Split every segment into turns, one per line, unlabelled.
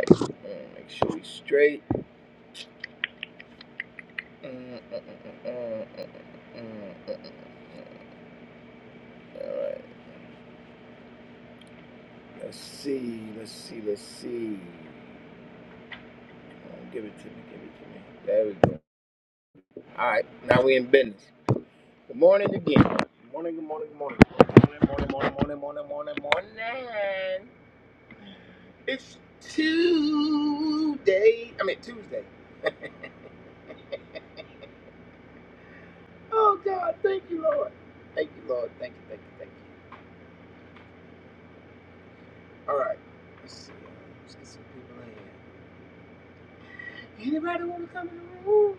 Alright, let's see. Come give it to me, give it to me. There we go. Alright, now we in business. Good morning again. Good morning, good morning, good morning. Good morning, morning, morning, morning, morning, morning, morning. It's Tuesday. I mean Tuesday. Oh God, thank you, Lord. Thank you, Lord. Thank you, thank you, thank you. Alright. Let's see. Let's get some people in here. Anybody wanna come in the room?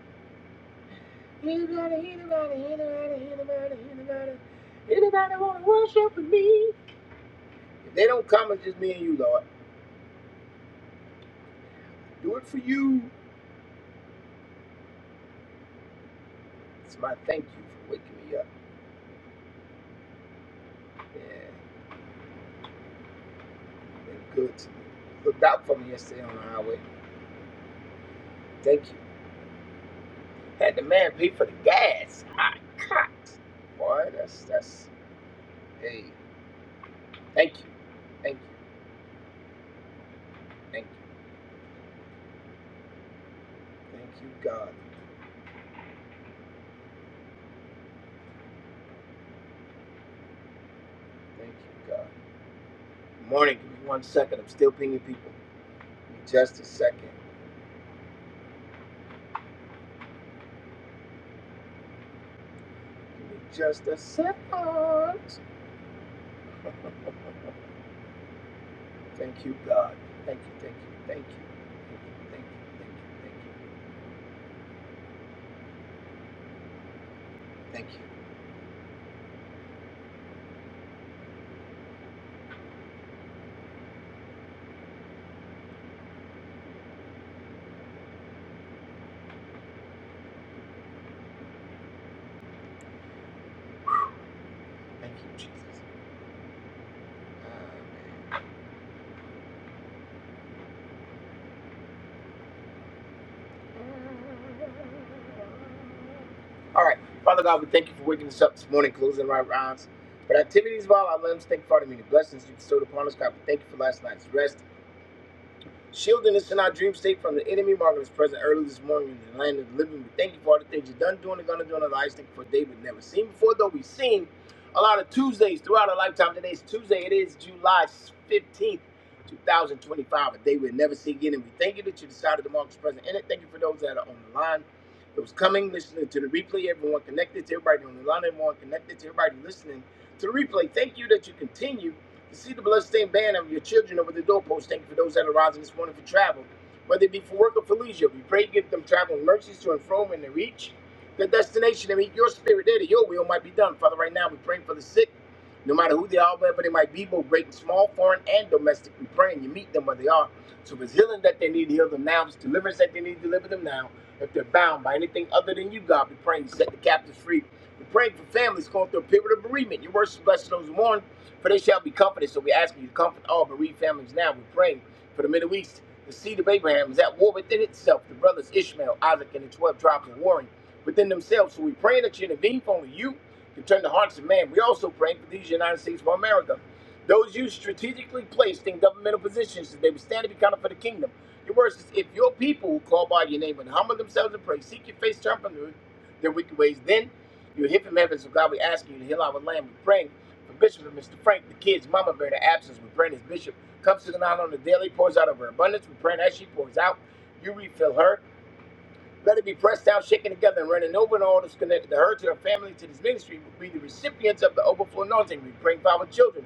Anybody, anybody, anybody, anybody, anybody, anybody want to worship with me? If they don't come, it's just me and you, Lord. Do it for you. It's my thank you for waking me up. Yeah, you've been good to me. Looked out for me yesterday on the highway. Thank you. Had the man pay for the gas. My God. Boy, that's, that's, hey, thank you. Thank you. Thank you. Thank you, God. Thank you, God. Good morning. Give me one second. I'm still pinging people. Give me just a second. Just a second. Thank you, God. Thank you, thank you, thank you. Thank you, thank you, thank you, thank you. Thank you, thank you, Jesus. Uh, all right. Father God, we thank you for waking us up this morning, closing our eyes. But activities of all our limbs, thank you for the many blessings you bestowed upon us, God. We thank you for last night's rest. Shielding us in our dream state from the enemy, marking us present early this morning in the land of the living. We thank you for all the things you've done, doing, and gonna do in our lives. Thank you for a day we've never seen before, though we've seen a lot of Tuesdays throughout our lifetime. Today's Tuesday, it is July 15th, 2025, a day we'll never see again. And we thank you that you decided to mark us present in it. Thank you for those that are on the line. Those coming, listening to the replay, everyone connected to everybody on the line, everyone connected to everybody listening to the replay. Thank you that you continue to see the bloodstained banner of your children over the doorpost, thank you for those that are rising this morning for travel. Whether it be for work or for leisure, we pray give them traveling mercies to and from and to reach their destination and meet your spirit there that your will might be done. Father, right now we pray for the sick, no matter who they are, wherever they might be, both great and small, foreign and domestic. We pray and you meet them where they are. So if it's healing that they need, heal them now. If it's deliverance that they need, deliver them now. If they're bound by anything other than you, God, we pray and set the captives free. we pray for families going through a period of bereavement. Your worship bless those who mourn for they shall be comforted. So we ask you to comfort all bereaved families now. We are praying for the Middle East. The seed of Abraham is at war within itself. The brothers Ishmael, Isaac, and the 12 tribes are warring within themselves. So we are praying that you intervene for only you can turn the hearts of man. We also pray for these United States of America. Those you strategically placed in governmental positions, that they would stand and be counted for the kingdom. Your word says, if your people who call by your name and humble themselves and pray, seek your face, turn from their wicked ways, then you'll hear from heaven. So God, we ask you to heal our land. We are praying. For Bishop and Mr. Frank, the kids, Mama Bear, the absence with Brandon's Bishop, comes to the night on the daily, pours out of her abundance. We pray that she pours out. You refill her. Let it be pressed down, shaken together, and running over, and all that's connected to her, to her family, to this ministry. will be the recipients of the overflow anointing. We bring forward children.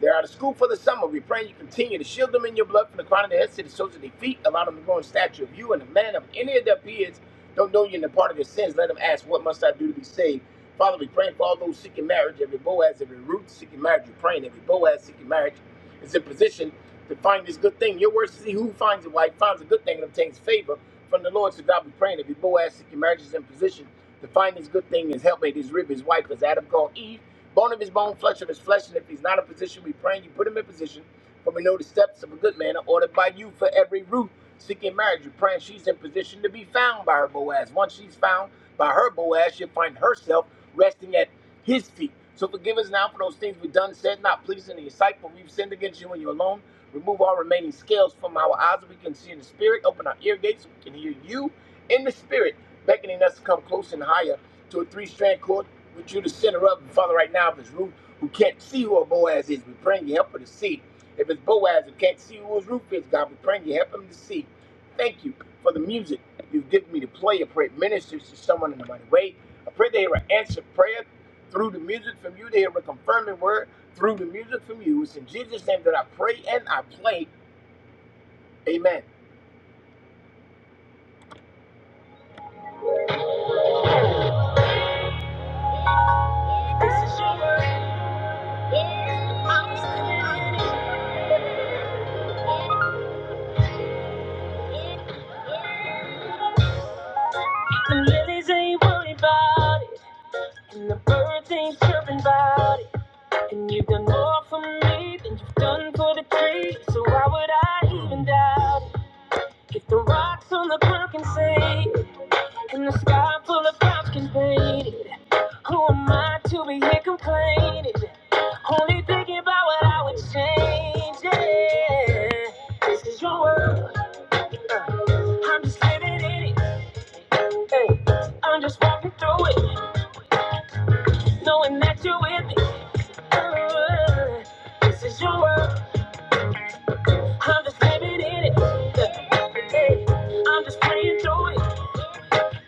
They're out of school for the summer. We pray you continue to shield them in your blood from the crown of their heads to the soles of their feet. Allow them to grow in stature of you and the man of any of their peers. Don't know you in the part of their sins. Let them ask, What must I do to be saved? Father, we pray for all those seeking marriage, every Boaz, every Ruth seeking marriage. We're praying every Boaz seeking marriage is in position to find this good thing. Your word says, He who finds a wife finds a good thing and obtains favor from the Lord. So God, we praying every Boaz seeking marriage is in position to find this good thing, his helpmate, his rib, his wife, as Adam called Eve. Bone of his bone, flesh of his flesh. And if he's not in position, we praying you put him in position. For we know the steps of a good man are ordered by you for every root. Seeking marriage, we are praying she's in position to be found by her Boaz. Once she's found by her Boaz, she'll find herself resting at his feet. So forgive us now for those things we've done, said, not pleasing in your sight, for we've sinned against you and you alone. Remove all remaining scales from our eyes that we can see in the spirit. Open our ear gates so we can hear you in the spirit, beckoning us to come close and higher to a three strand cord with you the center of up, Father, right now, if it's Ruth who can't see who her Boaz is, we pray you help her to see. If it's Boaz who can't see who his Ruth is, God, we pray you help him to see. Thank you for the music you've given me to play. I pray it ministers to someone in the mighty way. I pray they hear an answered prayer through the music from you. They hear a confirming word through the music from you. It's in Jesus' name that I pray and I play. Amen. This is your word. Yeah, I'm standing. Lilies ain't worried about it. And the birds ain't chirping about it. And you've done more for me than you've done for the tree. So why would I even doubt it? If the rocks on the ground can say, it, and the sky full of clouds can paint it, who am I to be here complaining? Only thinking about what I would change. Yeah. This is your world. Uh, I'm just living in it. Hey, I'm just walking through it, knowing that you're with me. Uh, this is your world. I'm just living in it. Hey, I'm just praying through it.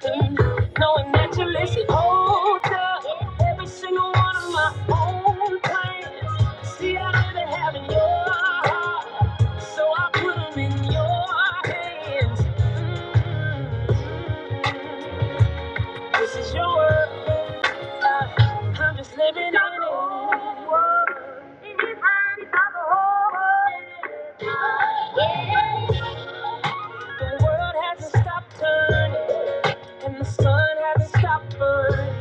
Mm, Knowing that you listen. Hold up. Every single one of my own plans. See, I never have in your heart. So I put 'em in your hands. Mm, This is your world. Uh, I'm just living in it. The world hasn't stopped turning, and the sun hasn't stopped burning.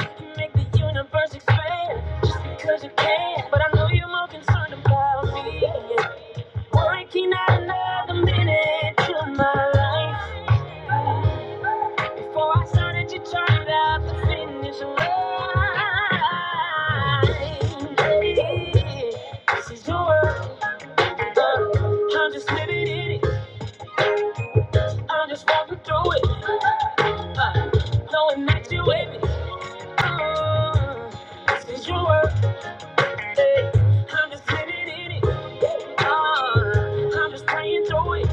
You make the universe expand just because you can. But I know you're more concerned about me. Working out another minute to my life. Before I started, you turned out the finish line. This is your world. uh, I'm just living in it. I'm just walking through it. Uh, knowing that you with me. Uh, this is your world. eh. I'm just living in it. Uh, I'm just praying through it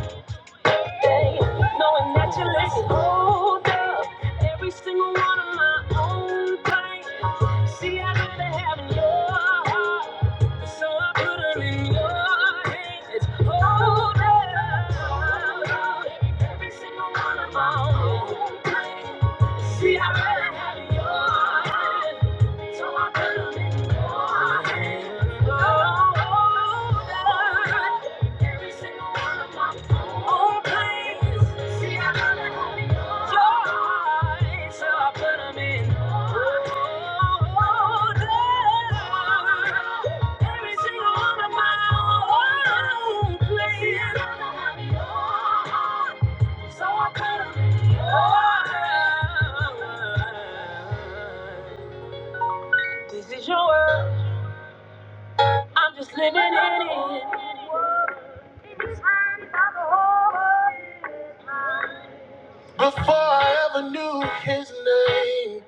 day, knowing that you listen. Hold up, every single one of my own things. See, I gotta have in your heart, so I put her in your hands. Hold up, every single one of my own things. See, I gotta have in your hands, so I put her in your hands. Oh, hold up. every single one of my all praise. See, I got that holy joy, so I put 'em in order. Every single one of my own place. See, I got that holy joy, so I put 'em in order. This is your world, I'm just living in it. This round, not the whole world is mine. Before I ever knew his name,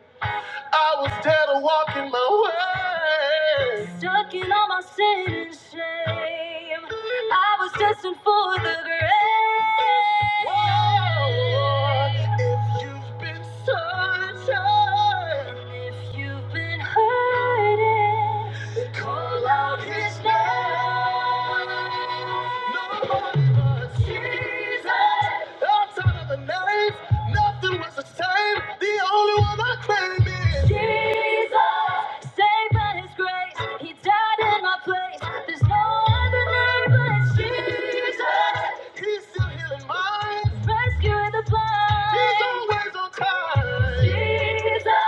I was dead and walking my way. Stuck in all my sin and shame. I was destined for the grave. Whoa, if you've been searching, if you've been hurting, then call out his name. No one but Jesus. I'm tired of the night. Nothing was the same. The only one I claim is Jesus, saved by His grace. He died in my place. There's no other name but Jesus. He's still healing minds, rescuing the blind. He's always on time. Jesus,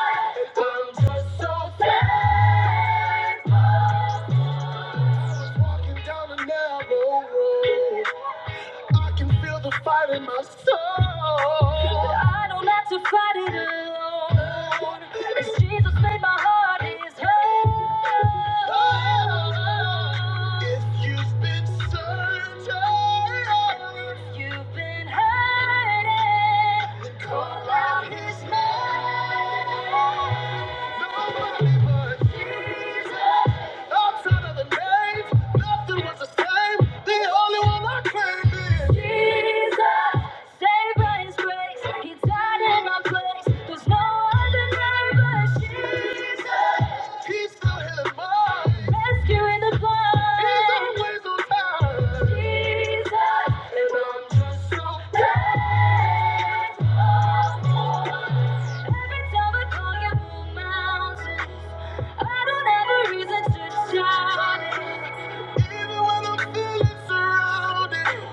I'm just so thankful. I was walking down a narrow road. I can feel the fight in my soul. But I don't have to fight it alone. As Jesus made my heart his home. If you've been searching, if you've been hurting, call there's no other name but Jesus. He's the blood. He's always on time. Jesus. And I'm just so thankful. Every time I call you mountains, I don't have a reason to shout Even when I'm feeling surrounded.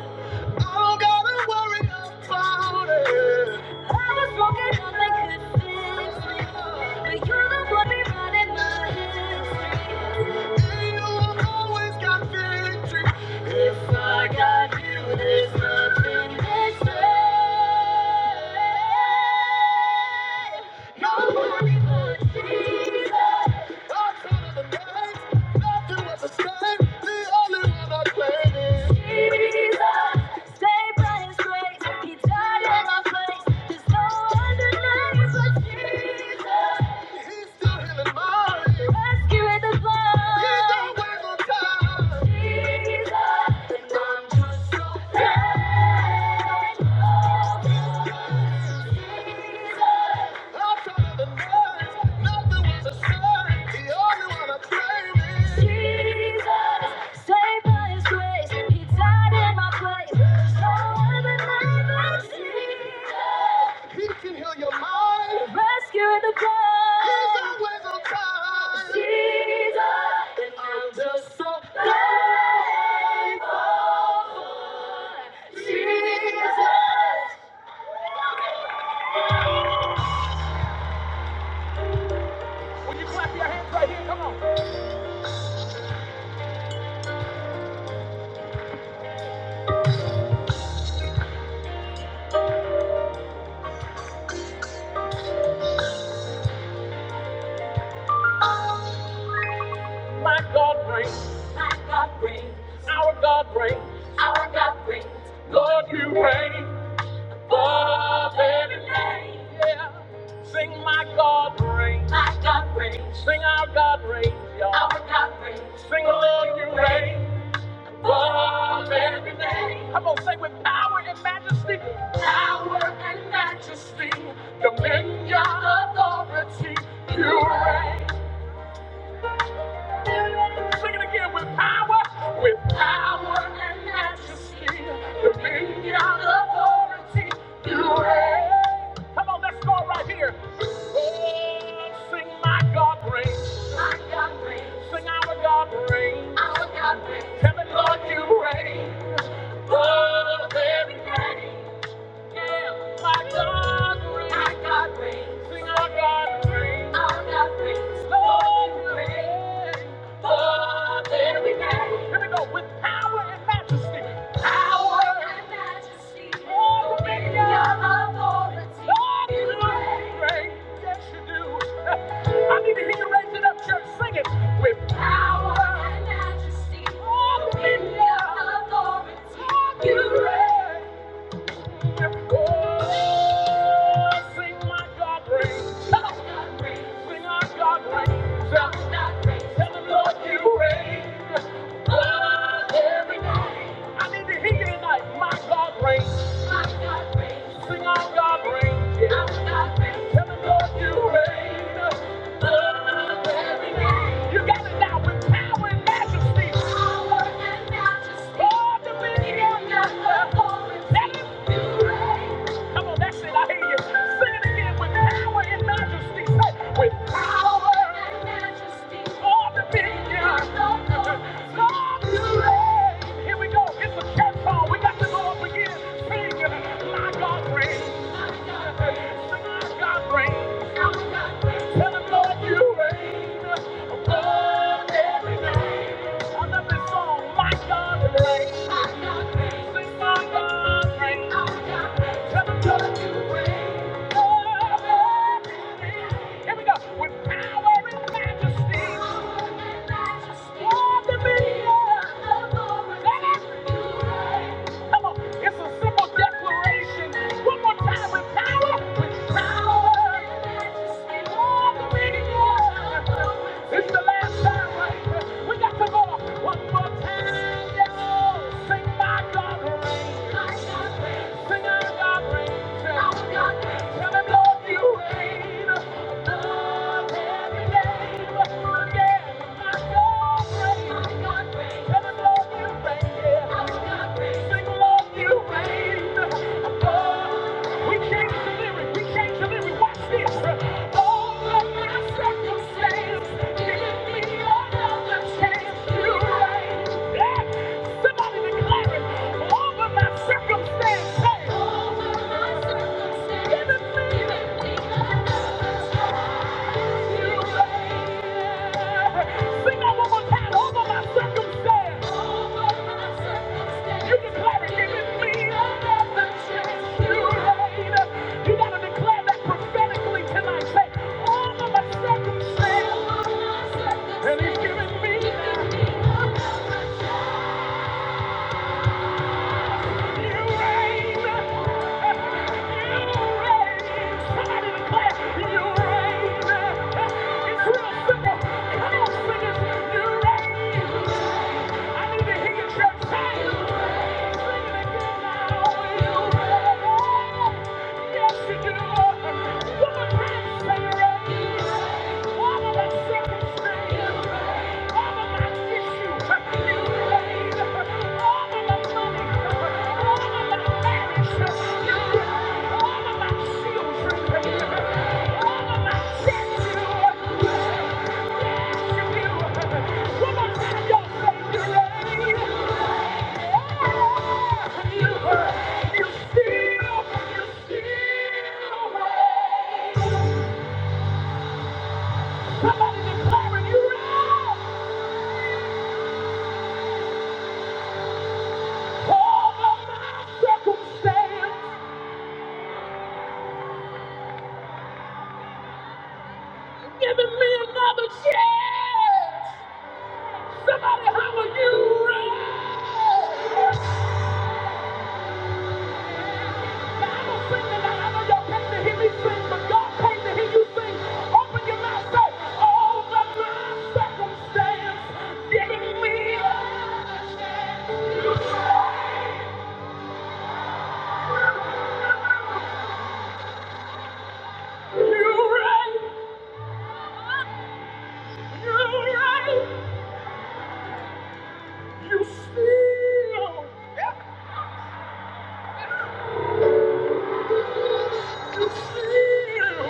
I don't gotta worry about it. I was broken, nothing could fix But you're the one rewriting my history. And you always got victory. If I got you, there's nothing missing. No worry but Jesus. Jesus, and I'm just so glad. He can heal your mind. He's always on time. Jesus reigns. My God reigns. Our Lord, you reign above every name. Sing my God reigns. My God reigns. Sing our God reigns, y'all. Our God reigns. Sing the Lord, you reign. Above every name. Come on, sing with power and majesty. Power and majesty. Dominion, authority. You reign. Sing it again with power. With power and majesty. Dominion, authority. You reign. Come on, let's go right here. Oh, sing my God reigns. My God reigns. Sing our God reigns. Our God reigns. Tell me, Lord, you reign. Oh, very with power and majesty, all dominion, authority, you reign. Sing on God reigns, yeah. Tell the Lord you reign. You got it now with power and majesty. Power and majesty. All dominion. Let it be reign. Come on, that's it. I hear you. Sing it again with power and majesty. Say, with power and majesty. All dominion. Lord, you reign. Here we go. It's a church song. We got to go up again. Sing, my God reigns. My God reigns. Tell him, Lord, you reign above every name. I love this song, My God reigns. My God reigns. Sing, My God reigns. My God reigns. Tell him, Lord, you reign above every name. Here we go. With power and majesty. Power and majesty. Oh, dominion. Let us do it Come on, it's a simple declaration. One more time with power, with power. All the way to God. It's the last time, right? We got to go one more time. Yes, sing my God. We change the lyric, we change the lyric, watch this. All of my circumstance, give me another chance to reign. Yeah. Somebody declare. And he's giving me. Yes, you do. One more say you reign. Somebody declaring you right! All of my circumstance, giving me another chance. Somebody holler you right. i don't sing tonight. I know y'all came to hear me sing, but God came to hear you sing. Open your mouth, say, all of my circumstance, giving me another chance. You right. You right. You right. You steal. You steal.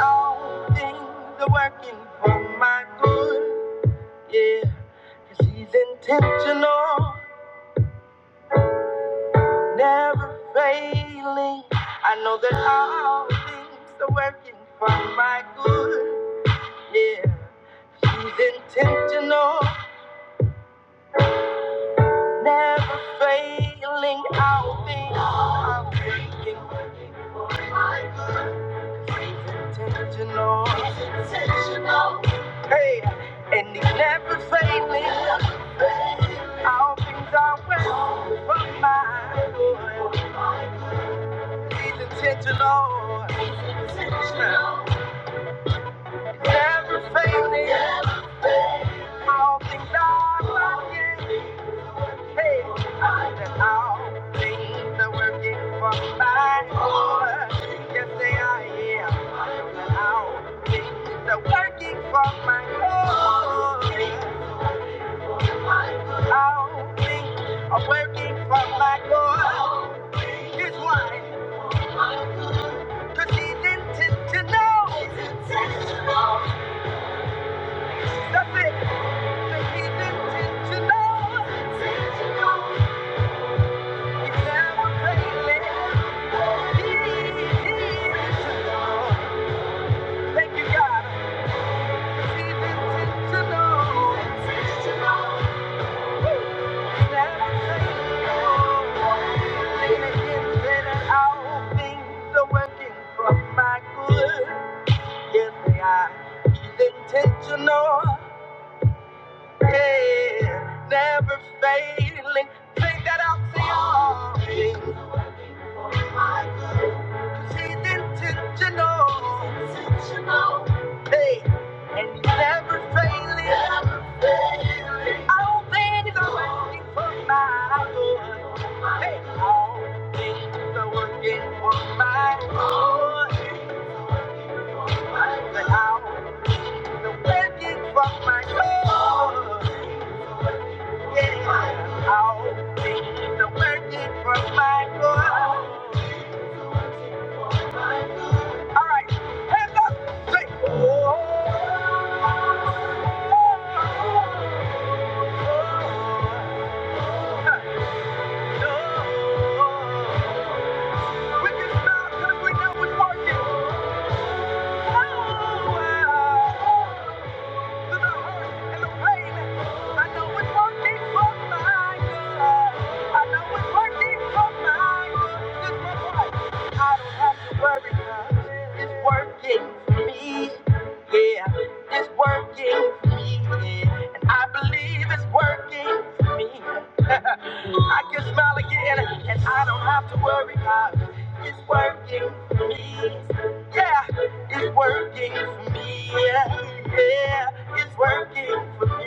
All things are working for my good. Yeah. 'Cause he's intentional, never failing. I know that all things are working for my good. Yeah. She's intentional, never failing. All things are working for Intentional. Hey, and he's never failing. All things are well from my Lord. He's intentional. He's never failing. All things are working. Hey, that all things are working for my good. Yes, they are, yeah. That all things are working for my good. All things are working for my good. Here's why. 'Cause he's intentional. He's intentional. That's it. 'Cause he's intentional. Thank you, God. Intentional. Woo. Intentional, yeah, never failing. Think that out to y'all. She's intentional. Hey, and he's never failing. Never failing. All things are working for my good. Hey, all things are working for my good. Say, all things are working for my good. Yeah, all things are working for my good. All right, hands up. Say, oh. We can smile 'cause we know it's working. Oh, wow. I can smile again, and I don't have to worry about it. It's working for me. Yeah. It's working for me. Yeah, yeah, it's working for me.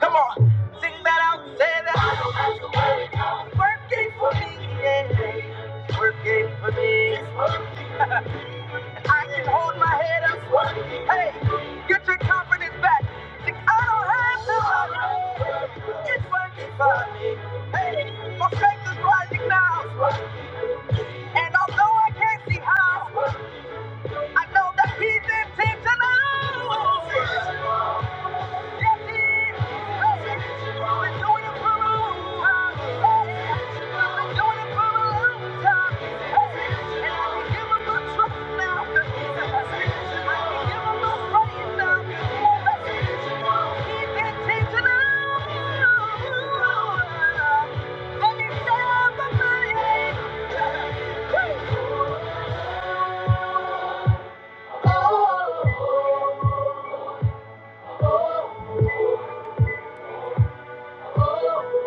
Come on, sing that out, say that. I don't have to worry, God. It's working for me. Yeah, it's working for me. It's working. I can hold my head up. It's working. Hey, get your confidence back. Sing, I don't have to worry. It's working for me. Hey, my faith is rising now. And although I can't see how. I know that he's intentional. Yes, he is. We've been doing it for a long time. We've been doing it for a long time. And I can give him my trust now. I can give him my praise now. He's intentional. And he's never lying. Oh. Yeah.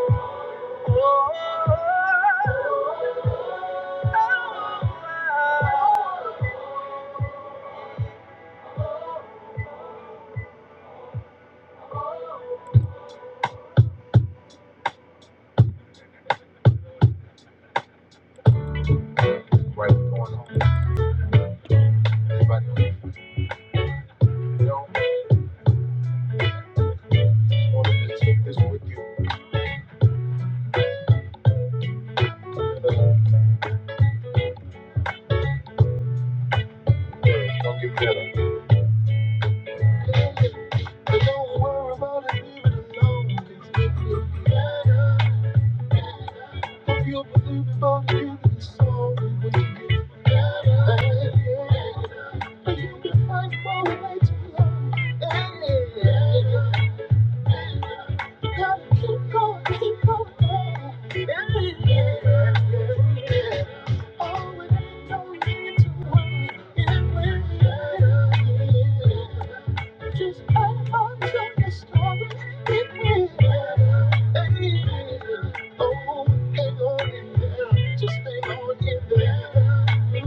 Just hold on to the story. It will get better. Hey, Oh, hang on in there. Just hang on in there.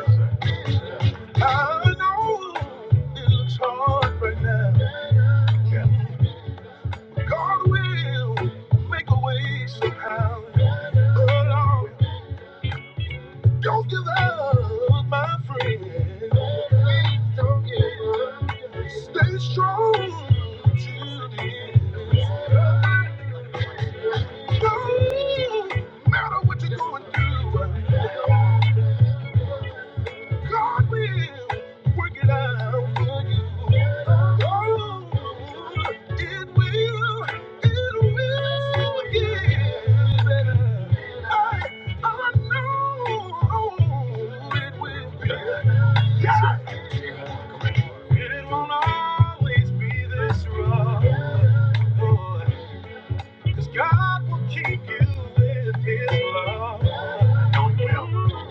Mm. I know it looks hard right now. God will make a way somehow. Oh, Lord, don't give up, my friend. Please don't give up. Stay strong till the end. No matter what you're going through, God will work it out for you. Oh, it will, it will get better. I, I know it will be. Yeah. It won't always be this rough. Boy, Cause God will keep you with his love. No, he will.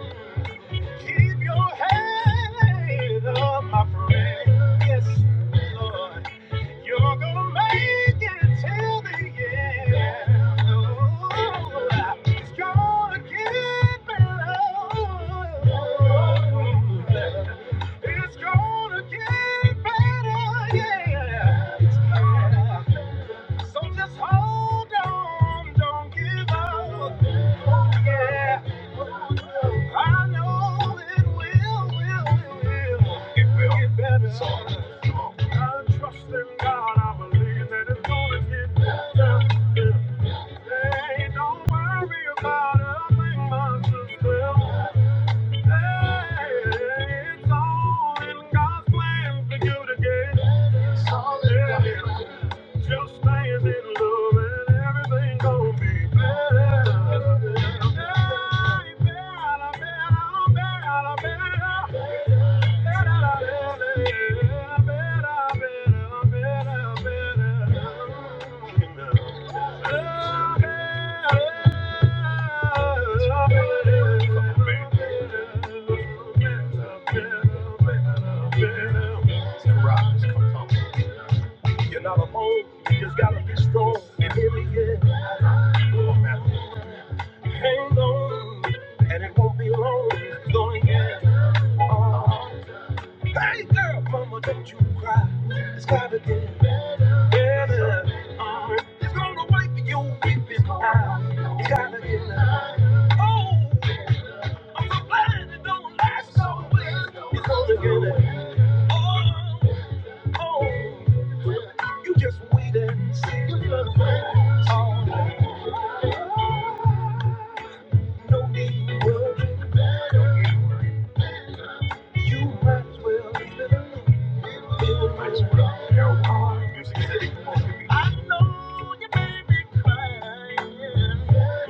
Keep your head up, my friend. Yes, Lord. You're gonna make it till the end. Oh, it's gonna get better. It's gonna get better, yeah. It's better. So just hold on, don't give up. Yeah. I know it will, will, will, will. It will get better. So, come on. I trust in God, I believe that it's gonna get better. Yeah. Hey, don't worry about a thing, my sister. It's all in God's plan for you to get. It's Just stand in love and everything gonna be better. Better, better, better, better. Tim Robbins, come talk to me. You're not alone. You just gotta be strong and hear me, yeah. Come on, man. Hang on, and it won't be long. Going, yeah. Hey girl, mama, don't you cry. It's gotta get better. Uh, it's gonna wipe your weeping eye. It's gotta get better. oh, blind and don't last so. It's gonna get better. oh, you just wait and see. Oh, no need to worry. You might as well leave it alone. You might as well. I know you made me cry.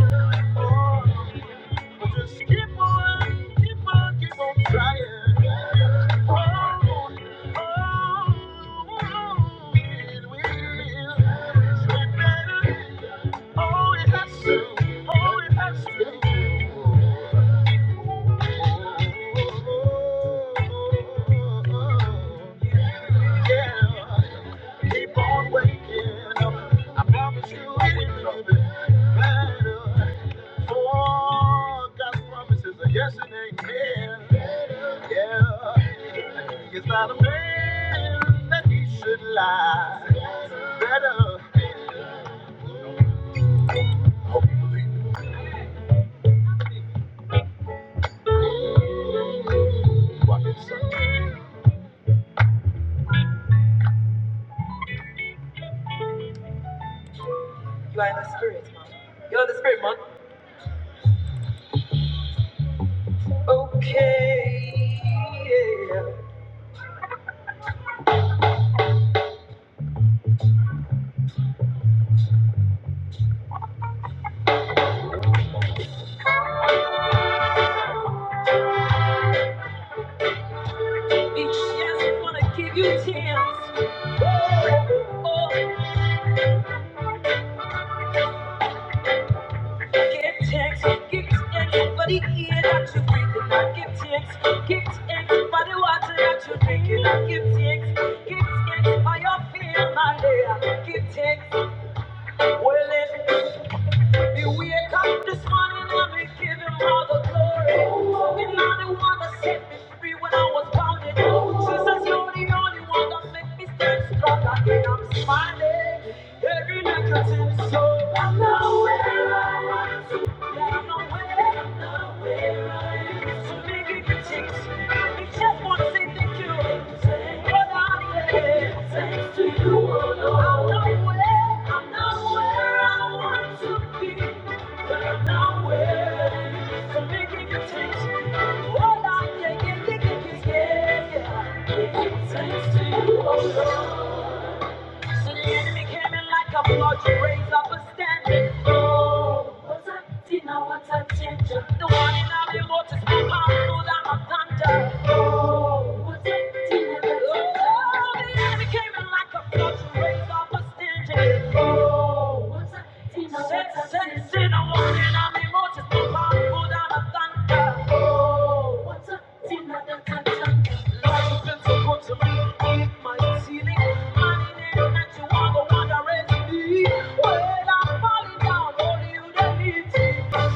You are in the spirit, man. You're in the spirit, man. Okay. Yeah. Each chance is gonna give you a chance. Oh, oh. Get text, get text, but he hear that you breathing. I get text, get text, but the water that you drinking. I get text, get text, by your feel my day. Get text, well it. Me wake up this morning and me give him all the glory. And now the one that set me free when I was bound. Jesus, you're the only one that make me stand strong again. I'm smiling every night 'cause it's so. I know where I want to. Thanks to you, oh And the enemy came in like a flood to raise up a standard. Oh, what's up? Tina, what a ginger. The one in every motor step out through the hot thunder. Oh, what's up? Tina, what a ginger. Oh, the enemy came in like a flood to raise up a standard. Well, I'm falling down. I want you to need me.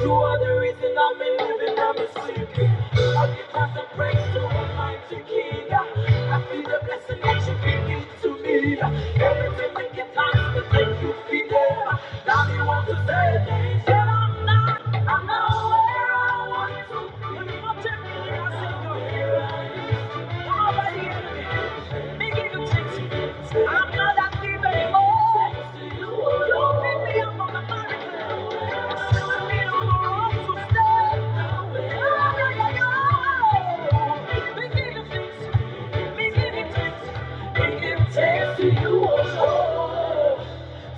You are the reason I'm living, I'm a sleeping. I give thanks and praise to Almighty King. I feel the blessing that you can give to me. Everything that you thanks to thank you for them. Now you want to say things that I'm not. I'm where I want to. When you reject me, I say, "No, here I am." I'm already in it. Begin to change me. I'm not active anymore. You you pick me up from the miracle. You're sending me on the road to stay. Yeah, yeah, yeah, yeah. Begin to fix me. Begin to change me. Begin to change me. You, oh,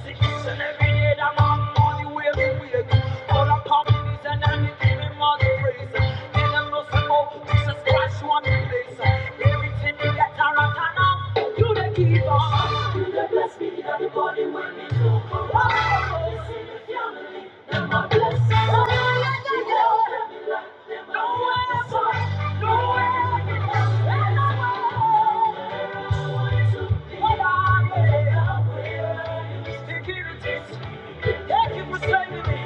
See, each and every day that man money where we wake. All our companies and everything must praise. They don't know say, oh, Jesus Christ place. Everything we get around and up, you the give us. You the bless me, everybody when we go. Thank you for saving me.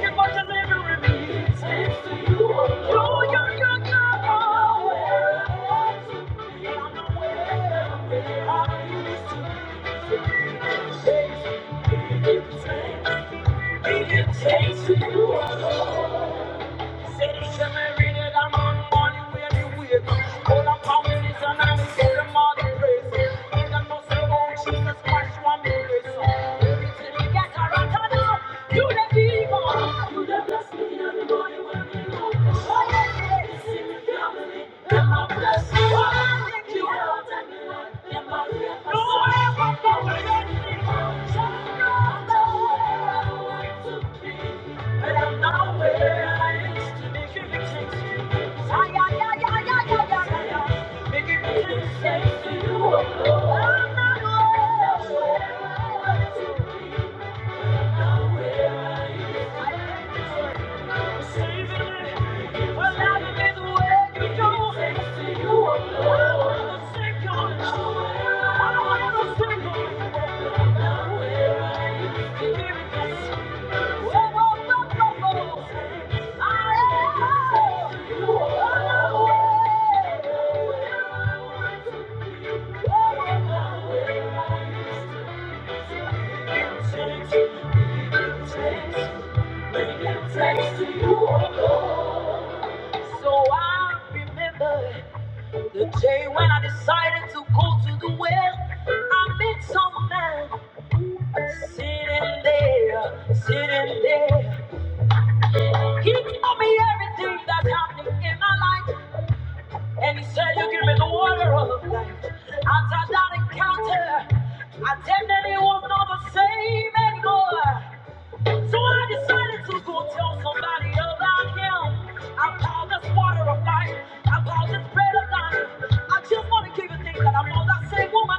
you for delivering me. Thanks to you, are your good Take to do all. Thank you. Thank you. So I remember the day when I decided to go to the well. I met some man sitting there, sitting there. He told me everything that's happening in my life. And he said, You give me the water of life. After that encounter, identity was not the same anymore. So I decided to go tell somebody about him. I call this water of life. I call this bread of life. I just want to give you things that I know that same woman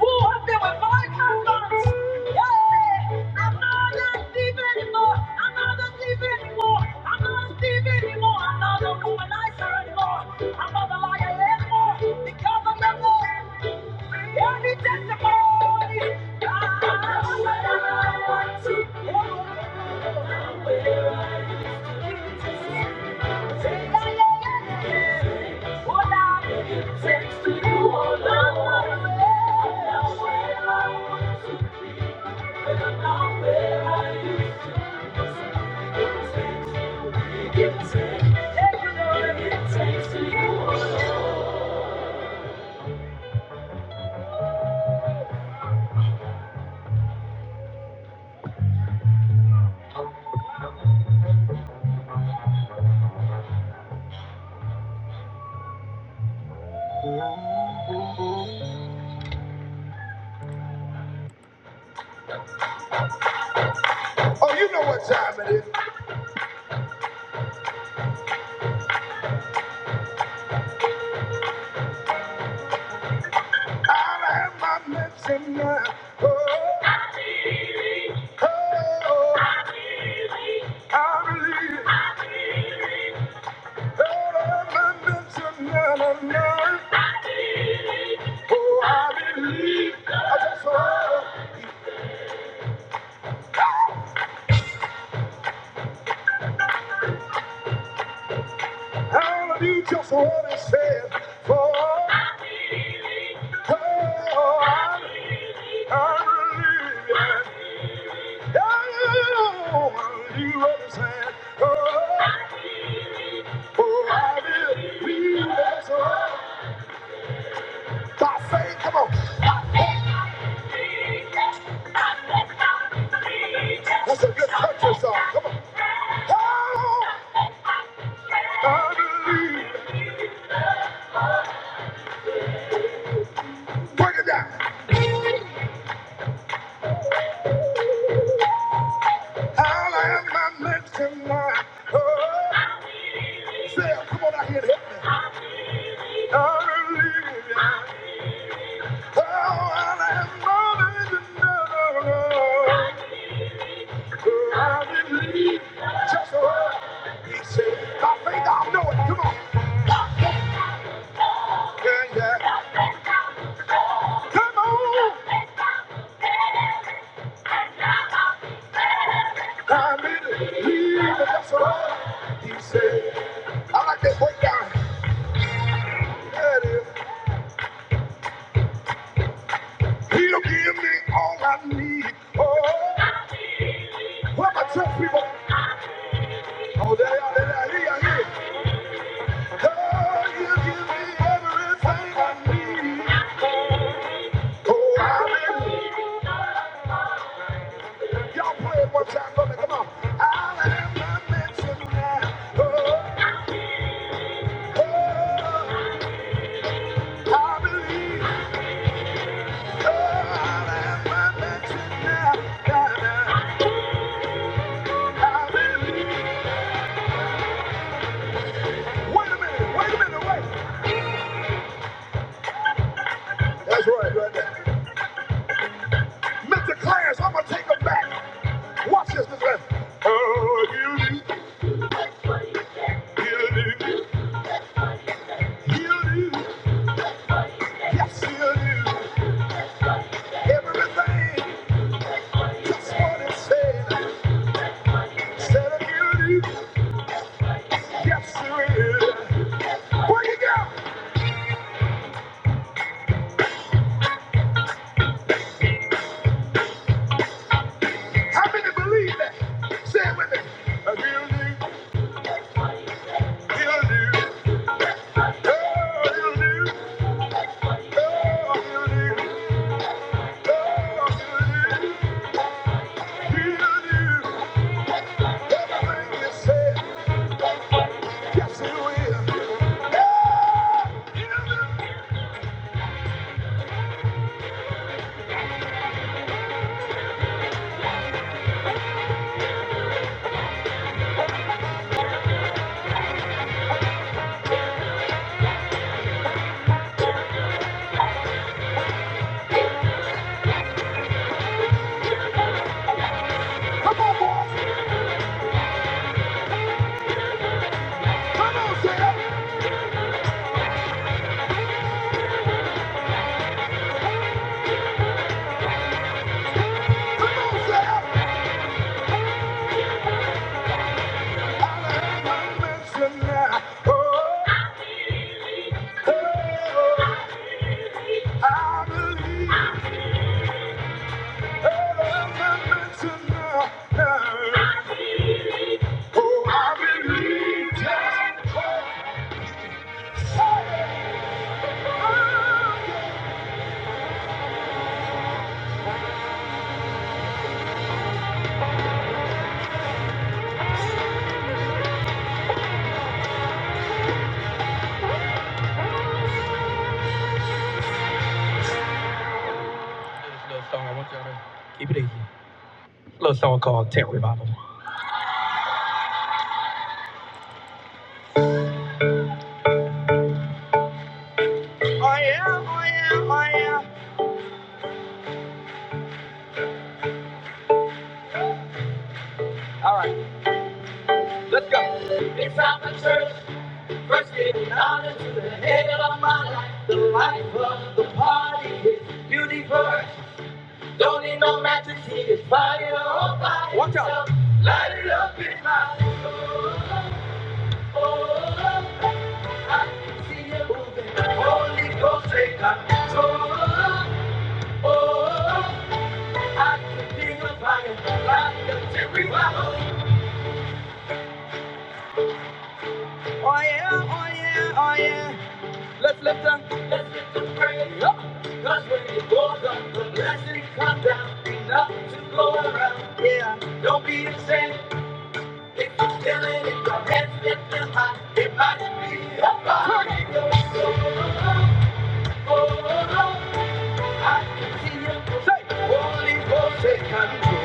who has been with five husbands. Yeah, I'm not that deep anymore. I'm not that deep anymore. I'm not that deep anymore. I'm not the womanizer anymore. I'm not the liar anymore because I'm the Lord. Oh, you know what time it is. I have my medicine now. Oh, oh, oh, I believe. Oh, I have my medicine now. Oh, I believe, I just want to, all of you just want to say it. For oh, I, I believe, yeah. Oh, you understand? Oh, oh, I believe, that's all. By faith, come on. That's a good country song. Come on. Oh, I believe in heaven. Oh, I believe, just what he said. By faith, I know it. Come on. Yeah, yeah. Come on, I made it. He was right. He said, I like that breakdown. There it is. He'll give me all I need. Oh, what my church people? Oh, there they are, there they are, here, here. Oh, he'll give me everything I need. Oh, I hallelujah. Y'all play it one time for me, come on. I'll have my mansion now. Oh, oh, I believe. Oh, I'll have my mansion now. Nah, nah. Wait a minute, wait a minute, wait. That's right, right there. Mr. Clarence, I'm gonna take him back. Watch this, Mr. Clarence. Oh, you do, you do, you do. Yes, you do. Everything, just what it said. Said it, you do. Yes, you do. Break it down. How many believe that? Say it with me. Oh, you do, you do. Oh, you do. Oh, you do. Oh, you do. Oh, terrible. Oh yeah, oh yeah, oh yeah, oh yeah, oh yeah, oh yeah, The- yeah.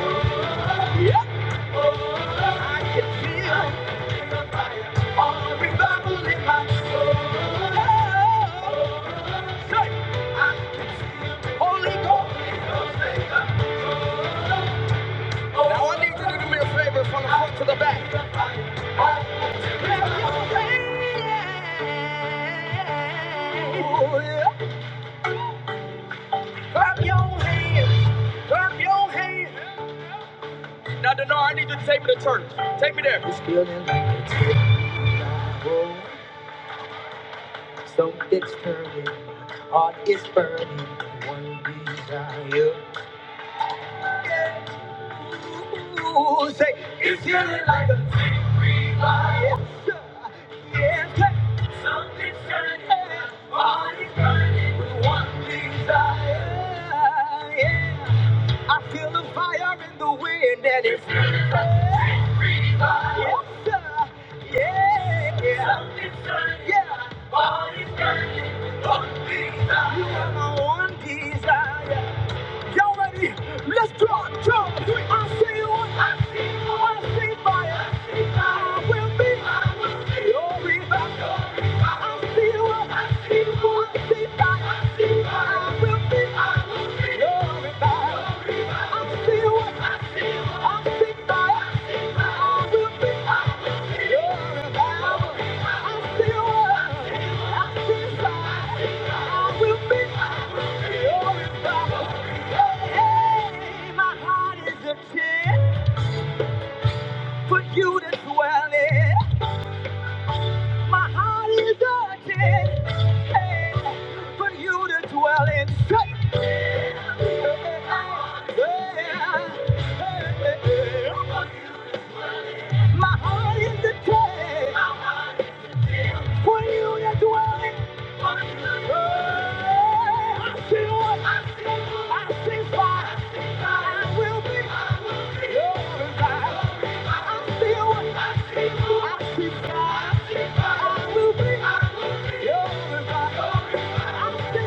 Say, Now I need you to do me a favor from the front to the back. Take me to church. Take me there. It's healing like Hey, my heart is a chair for you to dwell in. My heart is urgent hey, for you to dwell in. Say- My heart is a Where you are dwelling? I see what? I see fire. I will be glorified. I see what? I see fire. I will be glorified. I see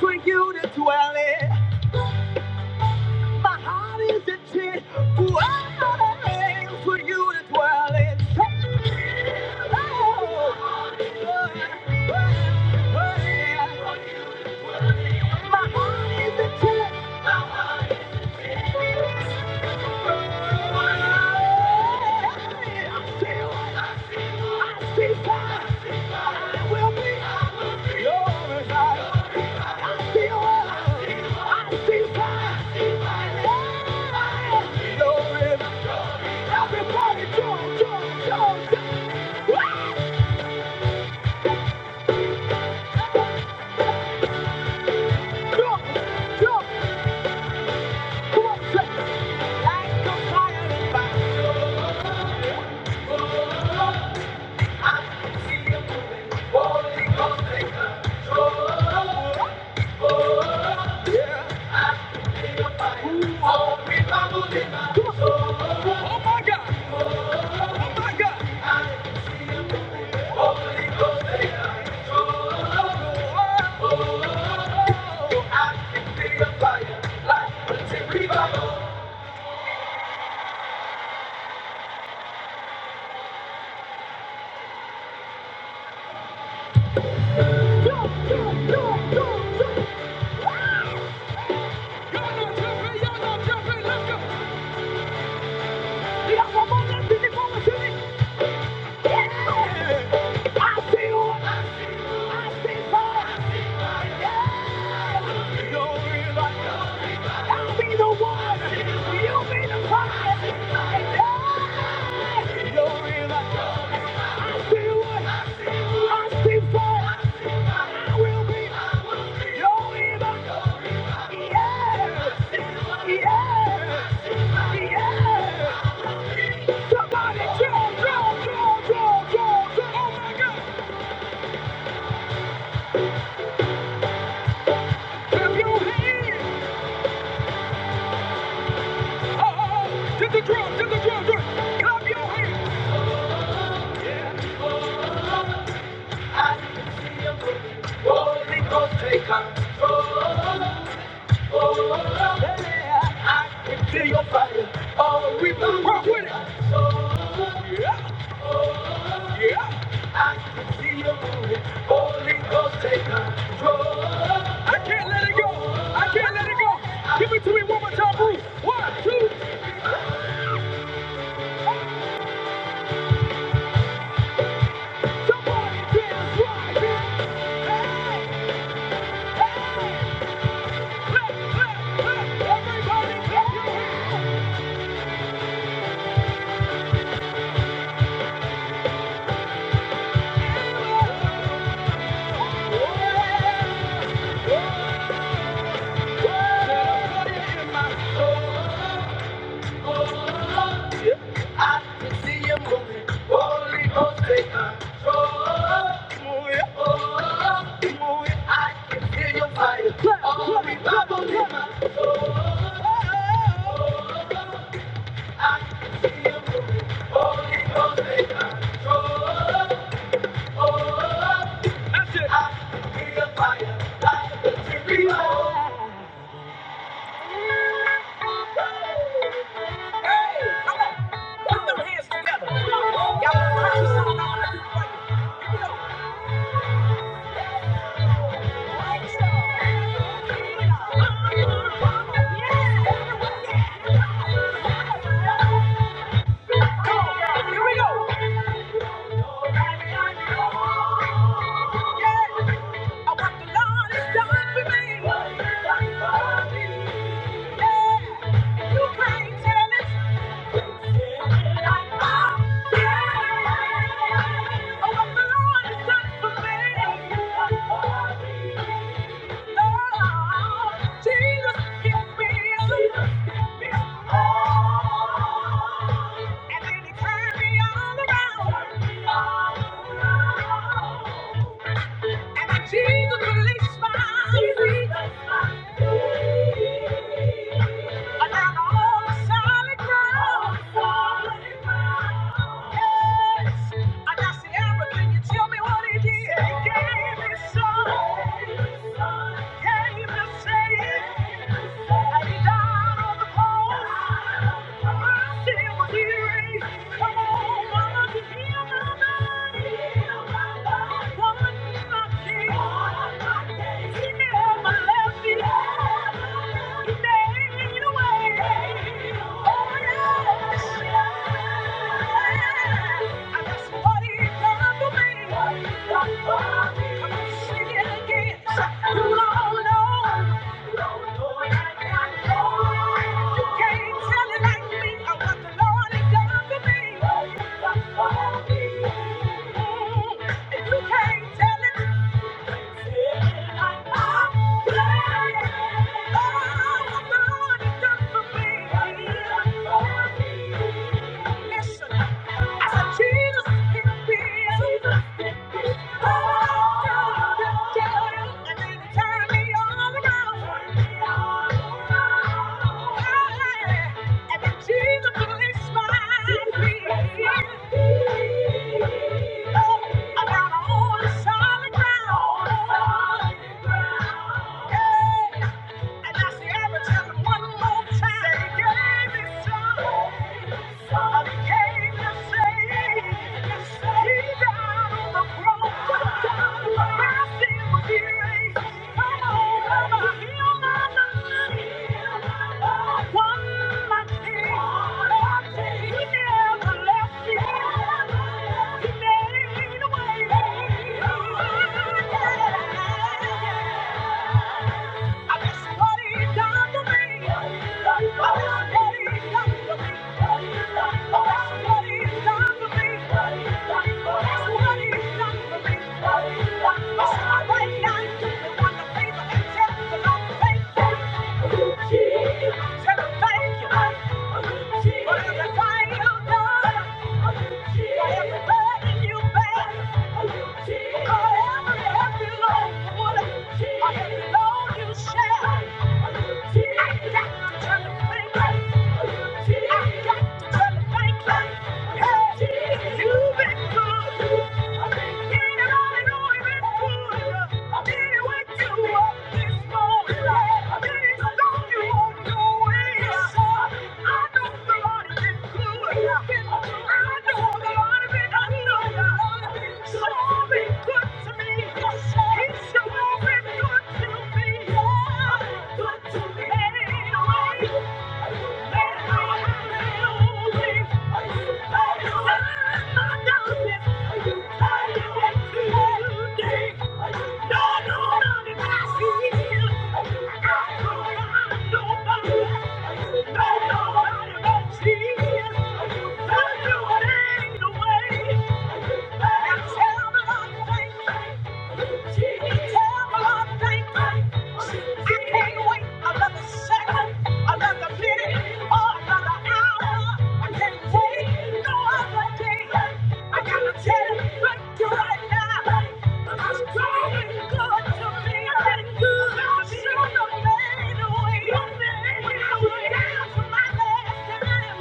for you to dwell in, my heart is a For you to dwell in, oh, oh, oh, oh. Everybody jump, jump, jump, jump. Woo! Jump, jump. Come on, say, like a fire in my soul. Oh my God! Oh my God! let's go! We got one more left in the ball, Somebody draw, draw, draw, draw, draw, draw, oh my God, if you hear. To the drum, to the drum, drum. Clap your hands. I can see your Holy Ghost, take up. Oh, yeah. I can feel your fire. Oh, we will rock with it. Oh, yeah, yeah. Holy Ghost, take control. I can't let it go. I can't let it go. Give it to me one more time, Bruce. One, two. Somebody dance right here. Hey, hey. Clap, clap, clap. Everybody clap your hands. Yeah. Come Here we go. And then he turned me all around. And Jesus released my Jesus. Around all the solid solid ground. Yes. I said, Amber, can you tell me what he did? He gave me son. Gave me saved. And he died on the cross. My sin was erased. Come on, mama, heal my body. Heal my body. One, Thank you. Turn me all around. Solid ground. And I say, "Ever tell one more time." Said he gave his I became the Savior. He died on the cross. My sin was Come on, come heal my body. One my king. He never left me. Thank you. You've been good. I've been getting on and on. You've been good. I've been what you Good to me. Thank you. Thank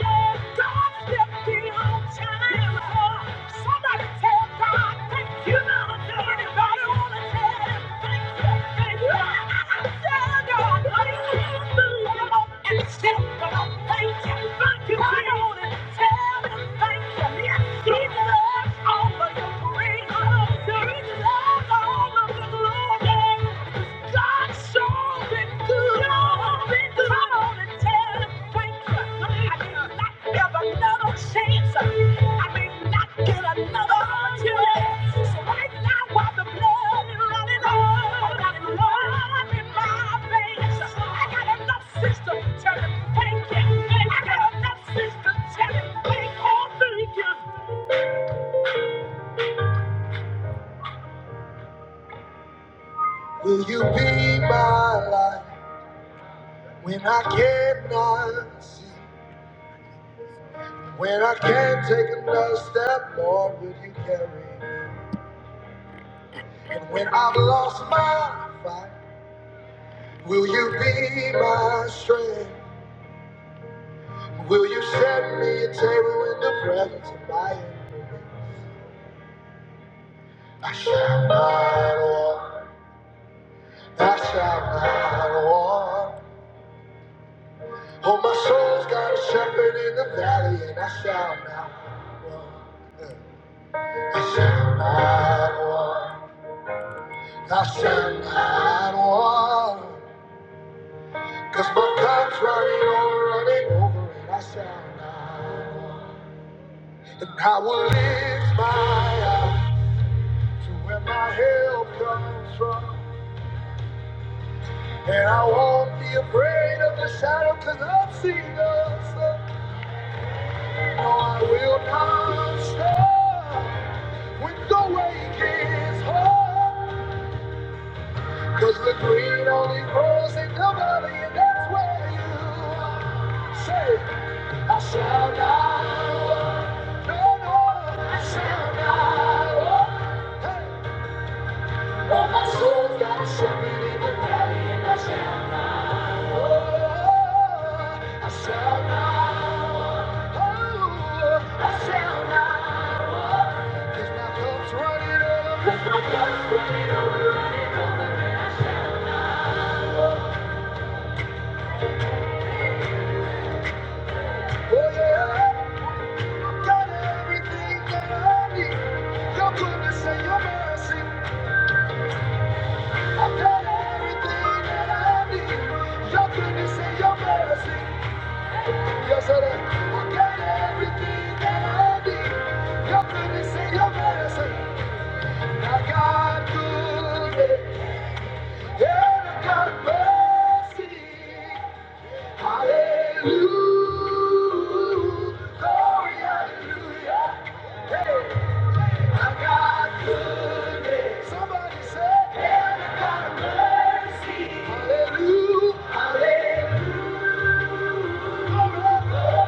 you. Thank you. So right Will you be my light when I cannot see? When I can't take another step, Lord, will you carry me? And when I've lost my fight, will you be my strength? Will you set me a table in the presence of my enemies? Cause my dry running over, and I will lift my eyes to where my help comes from. And I won't be afraid of the shadow, cause I've seen the sun. No, I will not stop. When the wait is hard, 'cause the green only grows in the valley, and that's where you are. Oh, my soul's got a shepherd in the valley, and I shall. Oh, I shall not. Oh, I shall not. 'Cause my cup's running. Oh, yeah. I've Got everything that I need. Your goodness and your mercy. I've got everything that I need. Your goodness and your mercy. Yes, sir. I got everything that I need. Your goodness and your mercy. I got good and I got mercy. Hallelujah. Glory, hallelujah. I got Somebody say, and I mercy. Hallelujah. Hallelujah.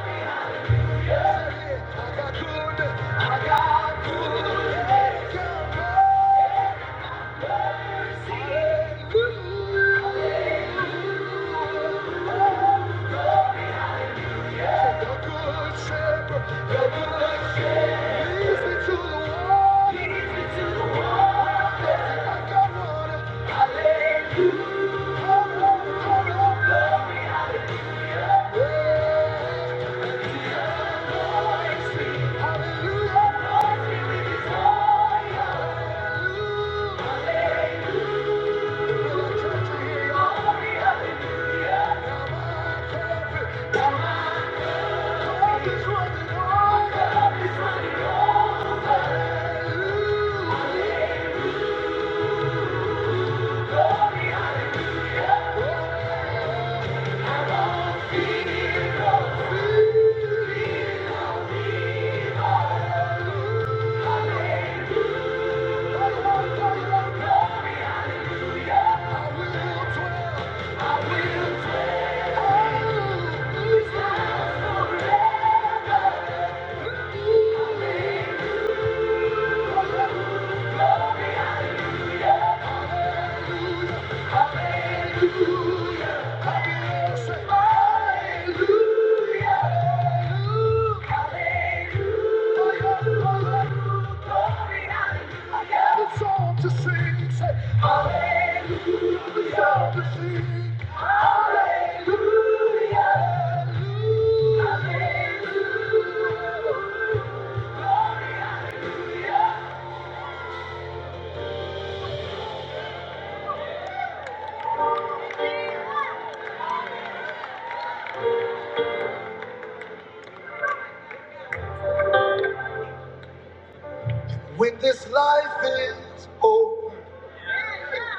When this life is over.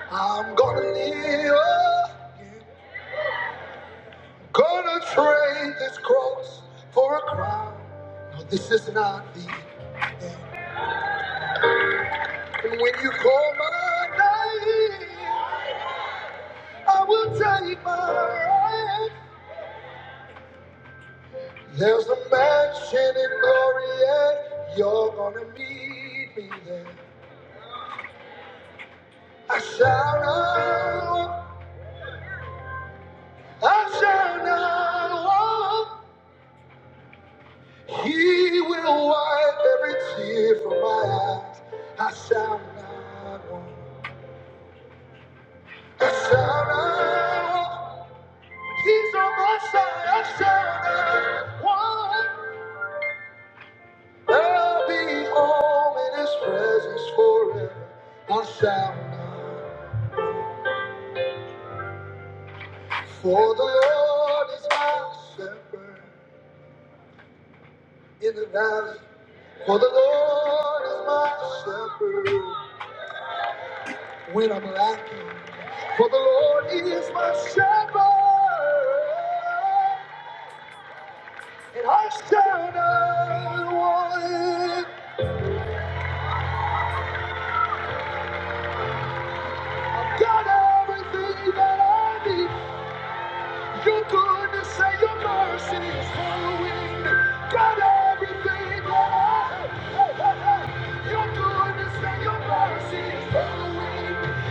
I'm gonna live, gonna trade this cross for a crown. No, this is not the. And when you call my name, I will take my right. There's a mansion in glory, and you're gonna meet me there. I shall not, walk, I shall not walk. He will wipe every tear from my eyes. I shall not want. I shall not want. He's on my side. I shall not want. I'll be home in His presence forever. I shall not. For the Lord is my shepherd in the valley. For the Lord is my shepherd when I'm lacking. For the Lord is my shepherd, and I shall not want. I've got everything that I need. Your goodness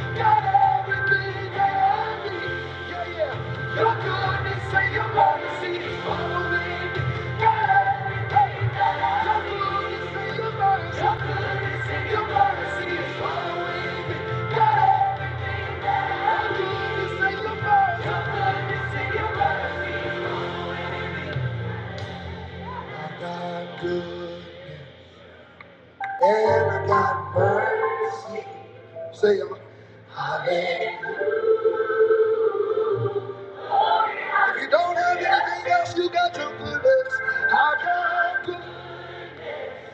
got everything that I need. Yeah, yeah. Your goodness and your mercy is following me. Got everything that I need. Your goodness and your mercy. Your goodness and your mercy is following me. Got everything. Your goodness and your mercy. I got good and I got mercy. Say, Hallelujah. If you don't have anything else, you got your goodness. I got good.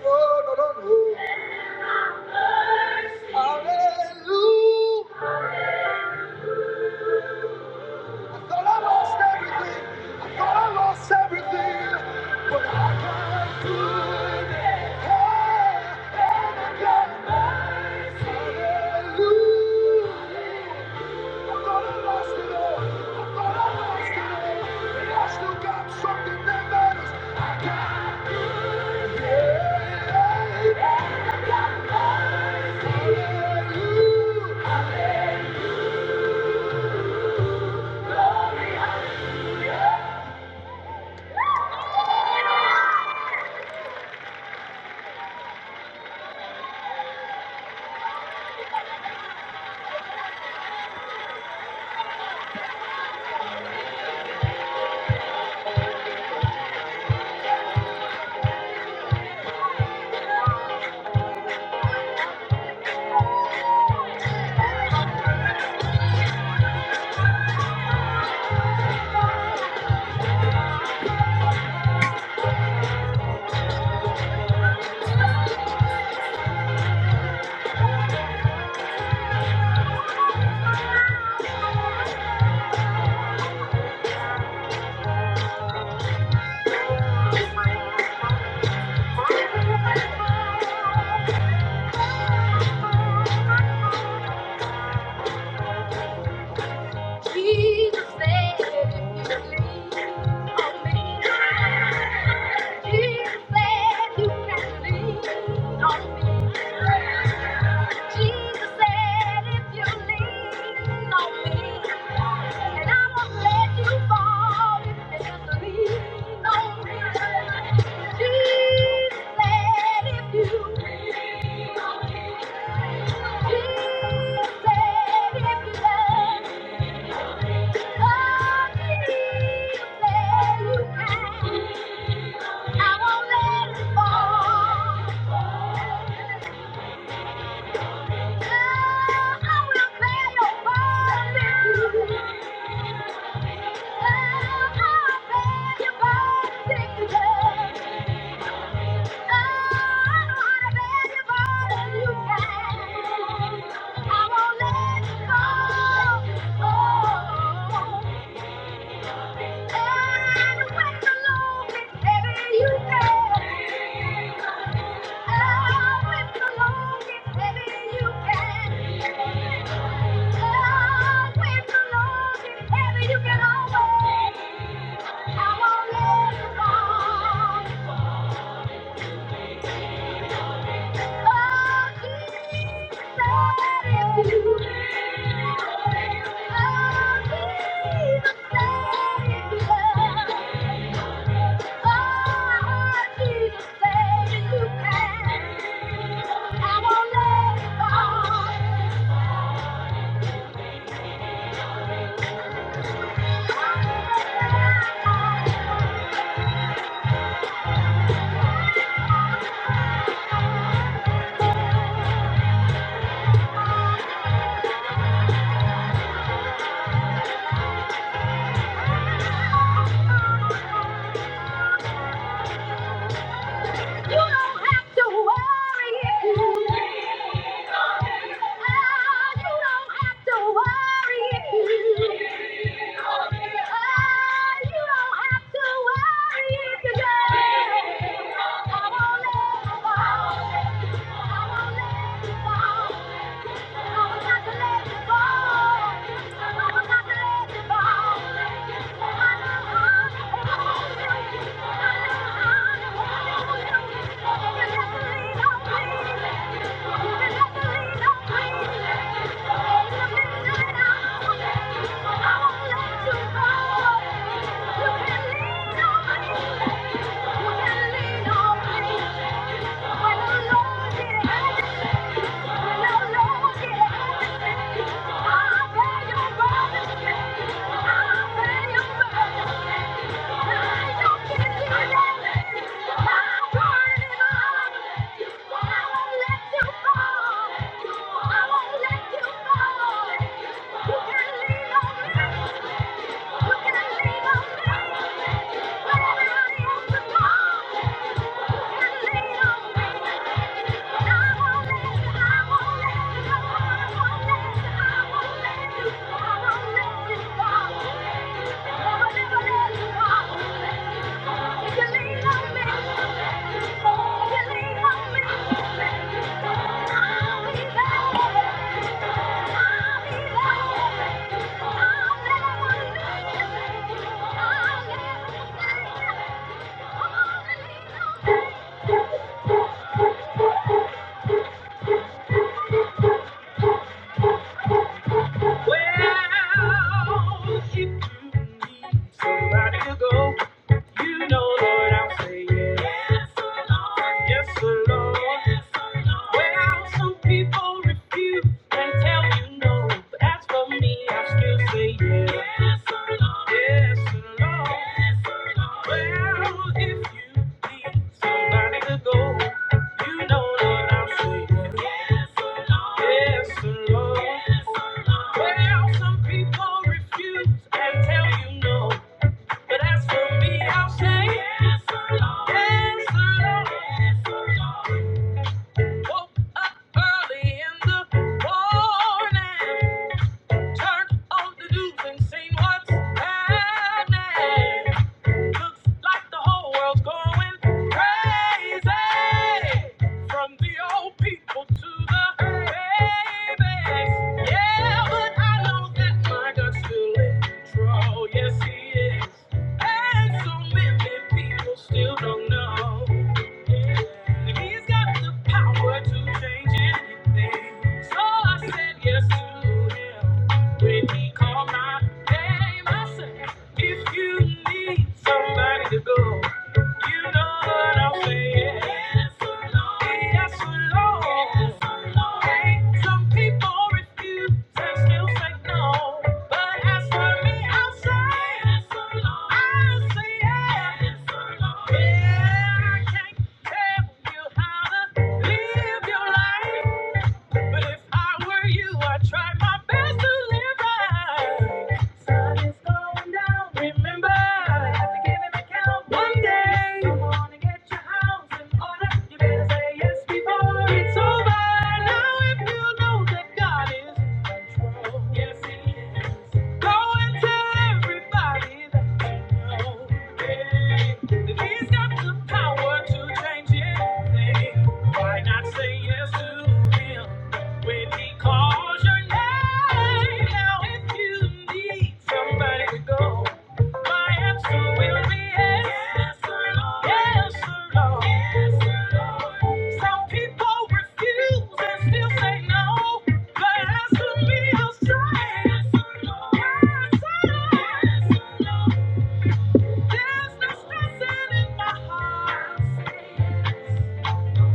Oh, no, no, no. Hallelujah. I thought I lost everything. I thought I lost everything. But I got good. and I got mercy. Hallelujah. Yeah. She said you didn't me. And I won't let you fall if you just lean on me. She said if you lean on me. She said if you love me, you can. I won't let it fall. I will pay your bond if you- Thank you. I won't let it go. You don't have to worry. Thank you. I won't Thank you. Thank you. When I say yes, yes, the Well, some people refuse and tell you no. But as for me, I still say yes. Yes, the Lord. Well, if you need somebody to go, you know that I say yes, the Lord. Well, some people refuse and tell you no. But as for me, I'll say, Yes, the Lord. Yes, the Lord. Woke up early in the morning. Turned on the news and seen what's happening. Looks like the whole world's going crazy. From the old people to the babies. Yeah, but I know that my God's still in control. Yes, He is. And so many people still don't know. Yeah. He's got the power to change anything. So I said yes to Him when He called my name. If you need somebody to go, you know what I'm saying. Yes, Lord. Hey, some people refuse and still say no. But as for me, I'll say, I'll say yes. Yeah, I can't tell you how to live your life. But if I were you, I'd try my best to live right. Sun is going down, remember. I have to give an account one day. Don't wanna get your house in order. You better say yes before it's over. Now if you know that God is in control, yes he is. Go and tell everybody that you know. Hey, that he's got the power to change anything. Why not say yes to him? When he calls your name, now if you need somebody to go, my answer will be yes, yes, sir, Lord. Yes, sir, Lord. Yes, sir, Lord. Some people refuse and still say no, but as for me, I'll say yes, sir, Lord. Yes, sir, Lord. Yes, sir, Lord. There's no stressing in my heart.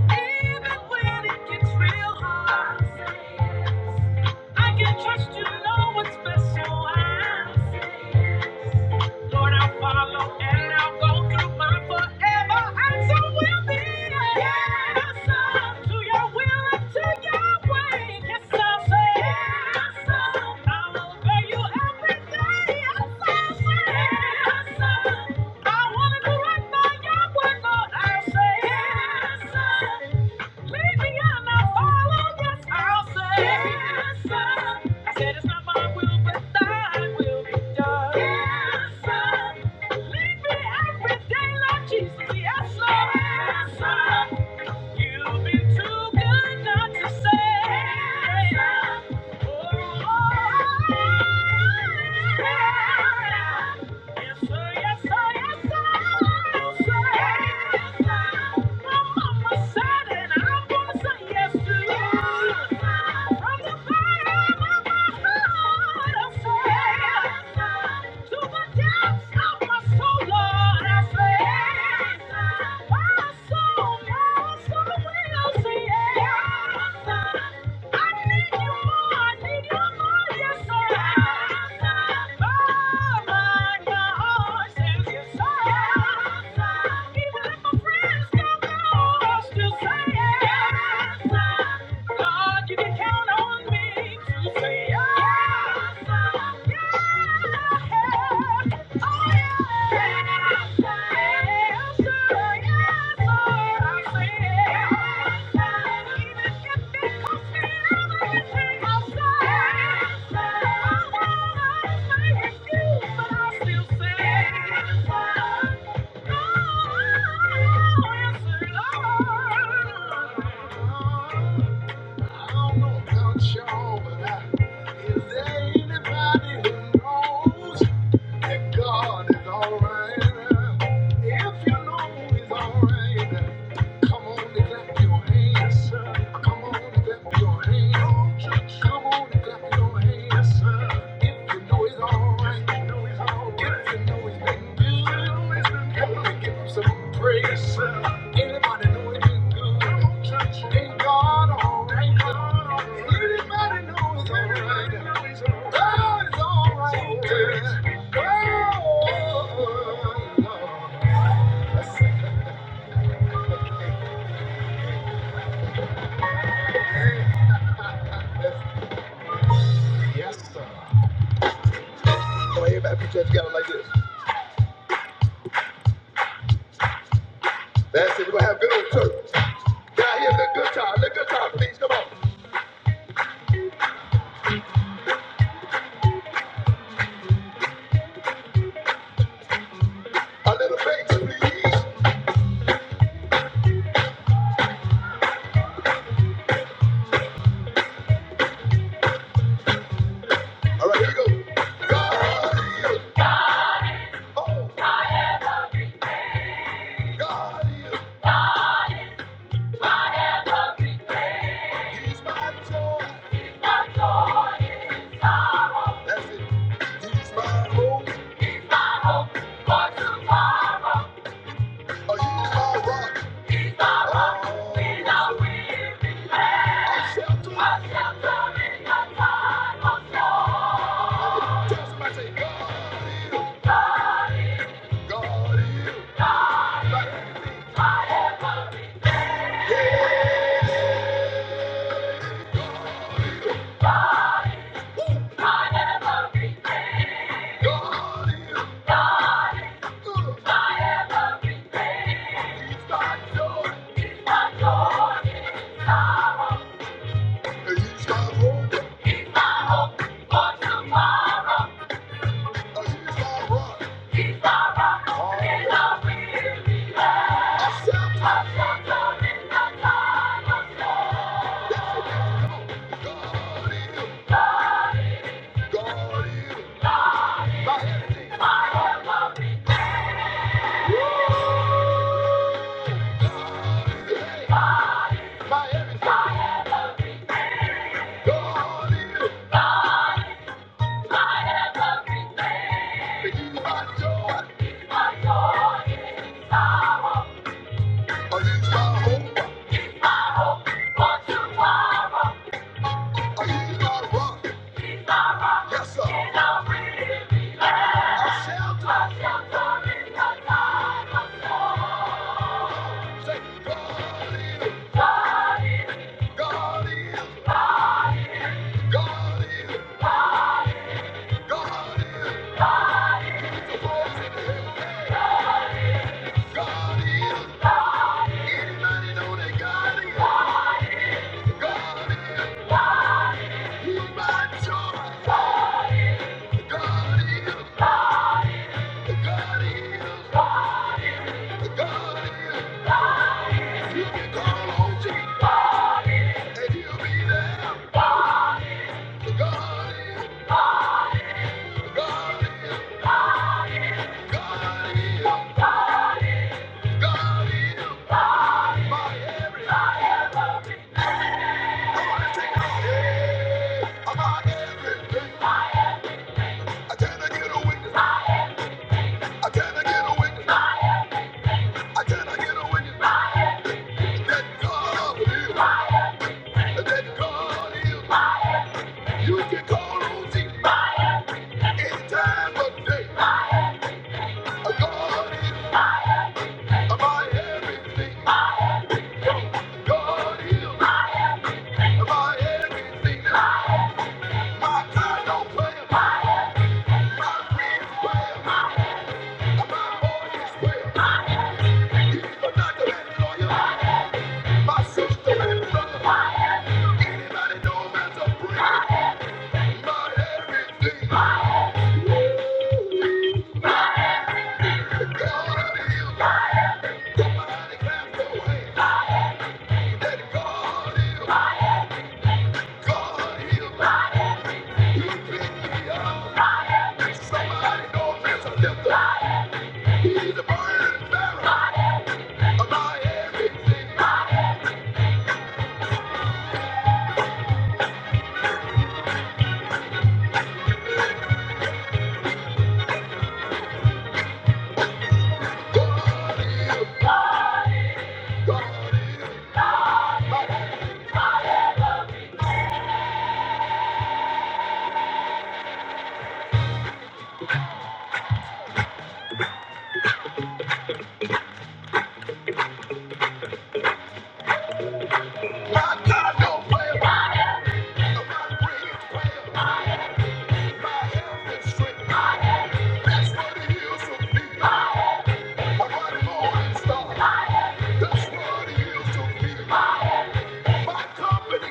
Even when it gets real hard, I say yes. I can trust you know what's special. I say yes. Lord, I'll follow and I'll go through my forever. I so will be. a Yes, uh, to your will and to your way. Yes, I'll say yes. uh, I'll obey you every day. Yes, I'll say yes. uh, I wanna do right by your word, Lord. I'll say yes, sir. Lead me and I'll follow. Yes, I'll say yes, sir. I said it's not my will, but Thine will be done. Yes, sir. Lead me every day, Lord Jesus. Yes, Lord. Yes, sir. You've been too good not to say yes, sir. Oh, oh, oh, yeah. Even Yeah is there anybody who knows that God is alright? If you know He's alright, come on and clap your hands, Come on and clap your hands. Come on and clap your hands, If you know He's alright, if you know He's been good, help give Him some praise. Anybody know it is good? Church ain't God alright. Anybody know it's alright. God is alright. Oh, yes, sir. Come on, everybody, put your hands together like this. That's it. We're gonna have good old church. Down here, let good time, let good time, please. Come on, here we go. That's it. He's my rock. Oh, you my rock. Oh, I shall do it. Tell somebody, say, God is. God is, and he's my hope, he's my rock. God is, he's my hope, Yes, say, God is, God is, God is, God is, God is. Anybody know that God is? God is, my joy. God is, God is, God is. You can call on Jesus, and he'll be there. God is, God is. You can call on the man day. my everything. God is my everything. I am always where I am. Anybody know that's a prayer? My everything.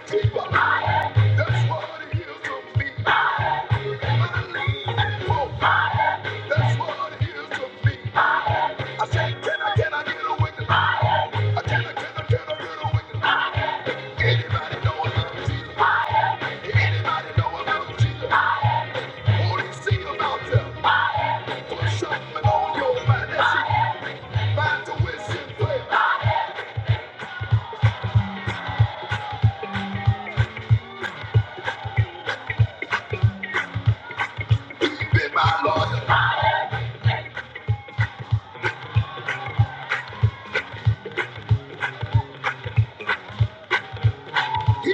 Keep up. That's what it is to be. I lean and hope. That's what it is to me. I said, can I, can I get a witness? I can, I can, I can, I get a witness. Anybody know about Jesus? Anybody know about Jesus? All they see about them was something on your mind. That's it. Mind to wish and pray.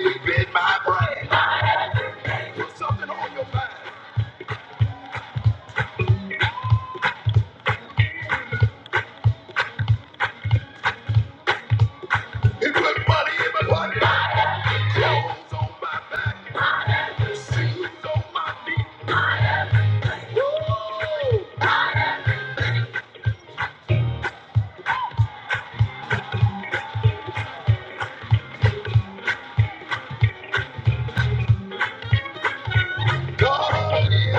We've been God is.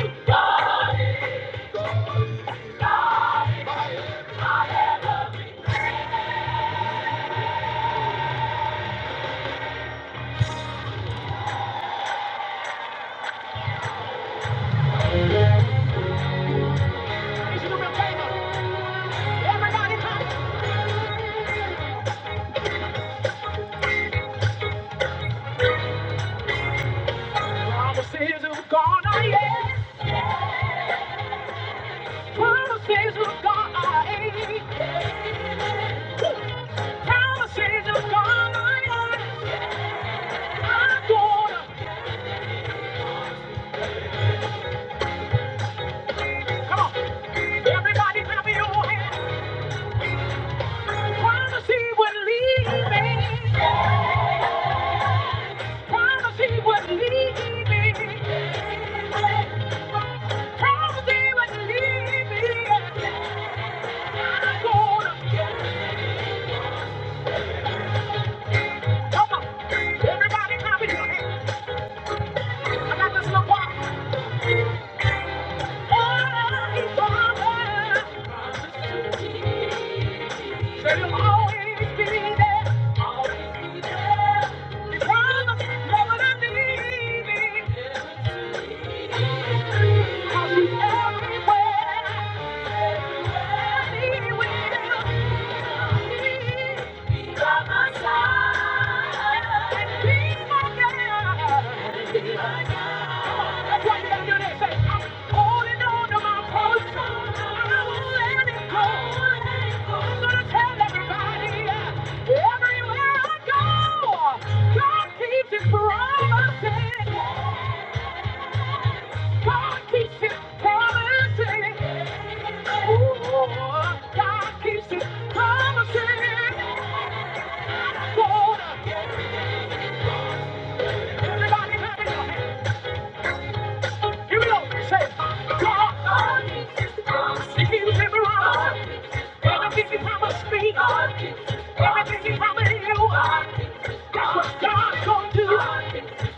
Everybody come. Promises of God I am. Promises of God I am. Promises of God I am. I'm gonna. Come on. Everybody clap your hands. Promise he would leave me. Promise he would leave me. Promise he would leave me. I'm gonna. Come on. Everybody clap your hands. I got this little part. Oh, he promised. Said he'll always be there. Always be there. He promised never to leave me. Everywhere I go, God keeps his promises. God keeps his promises. Ooh, God keeps his promises. Lord, everybody have it. up. Give it up. Say, God, if you never run, everything you promised me, everything you promised you, that's what God's gonna do.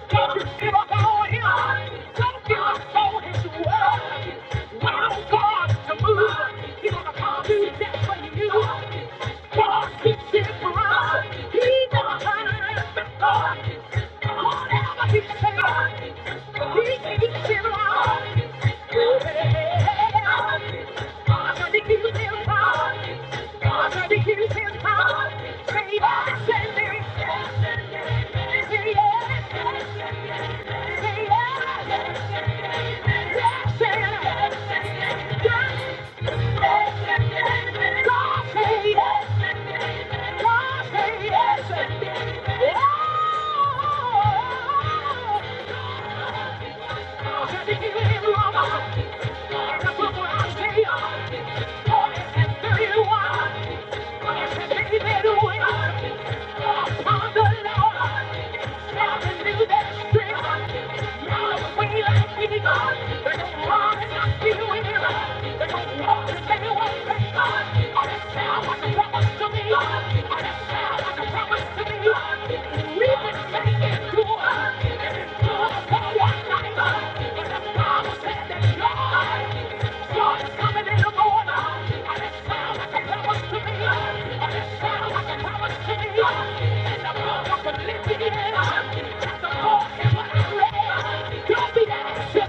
Don't give up on Him. Don't give up on His word. Allow God to He's gonna come do that for you. God keeps His promise. He never turns back. Whatever He says. Yes, Yes. Thank you. I it up. That's the Lord and what I read. Anybody go stay with me?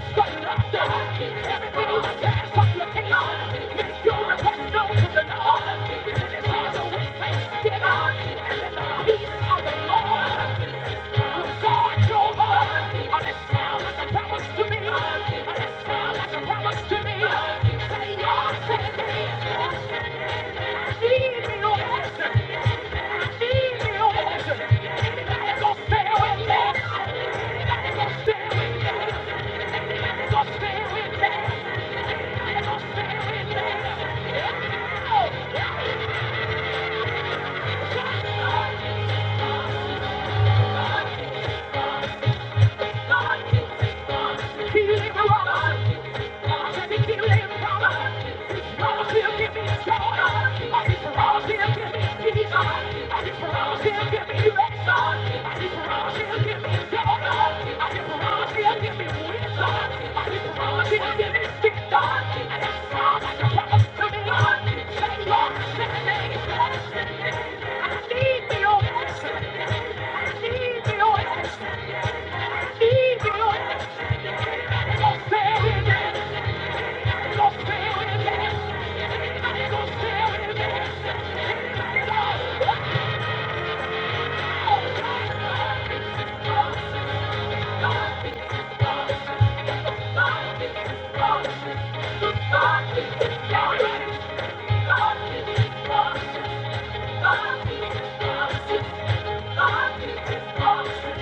Anybody go stay with me? Thank you. I need your answer. I need your answer. I need your answer. Thank you.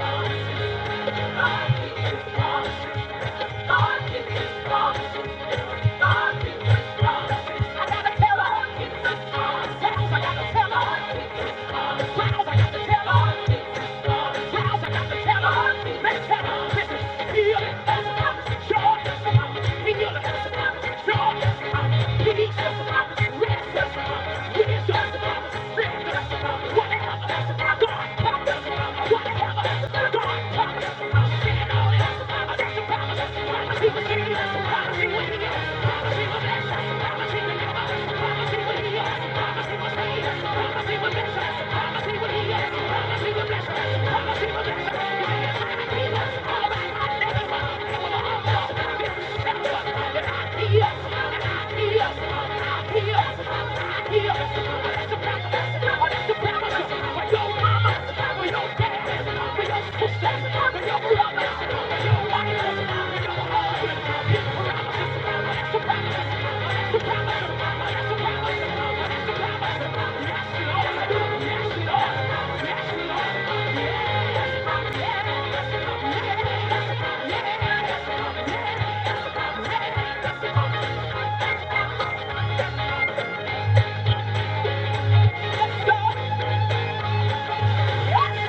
Thank you. What the Whatever. Yes. I'm not here. Yes, Lord. Yes, Lord.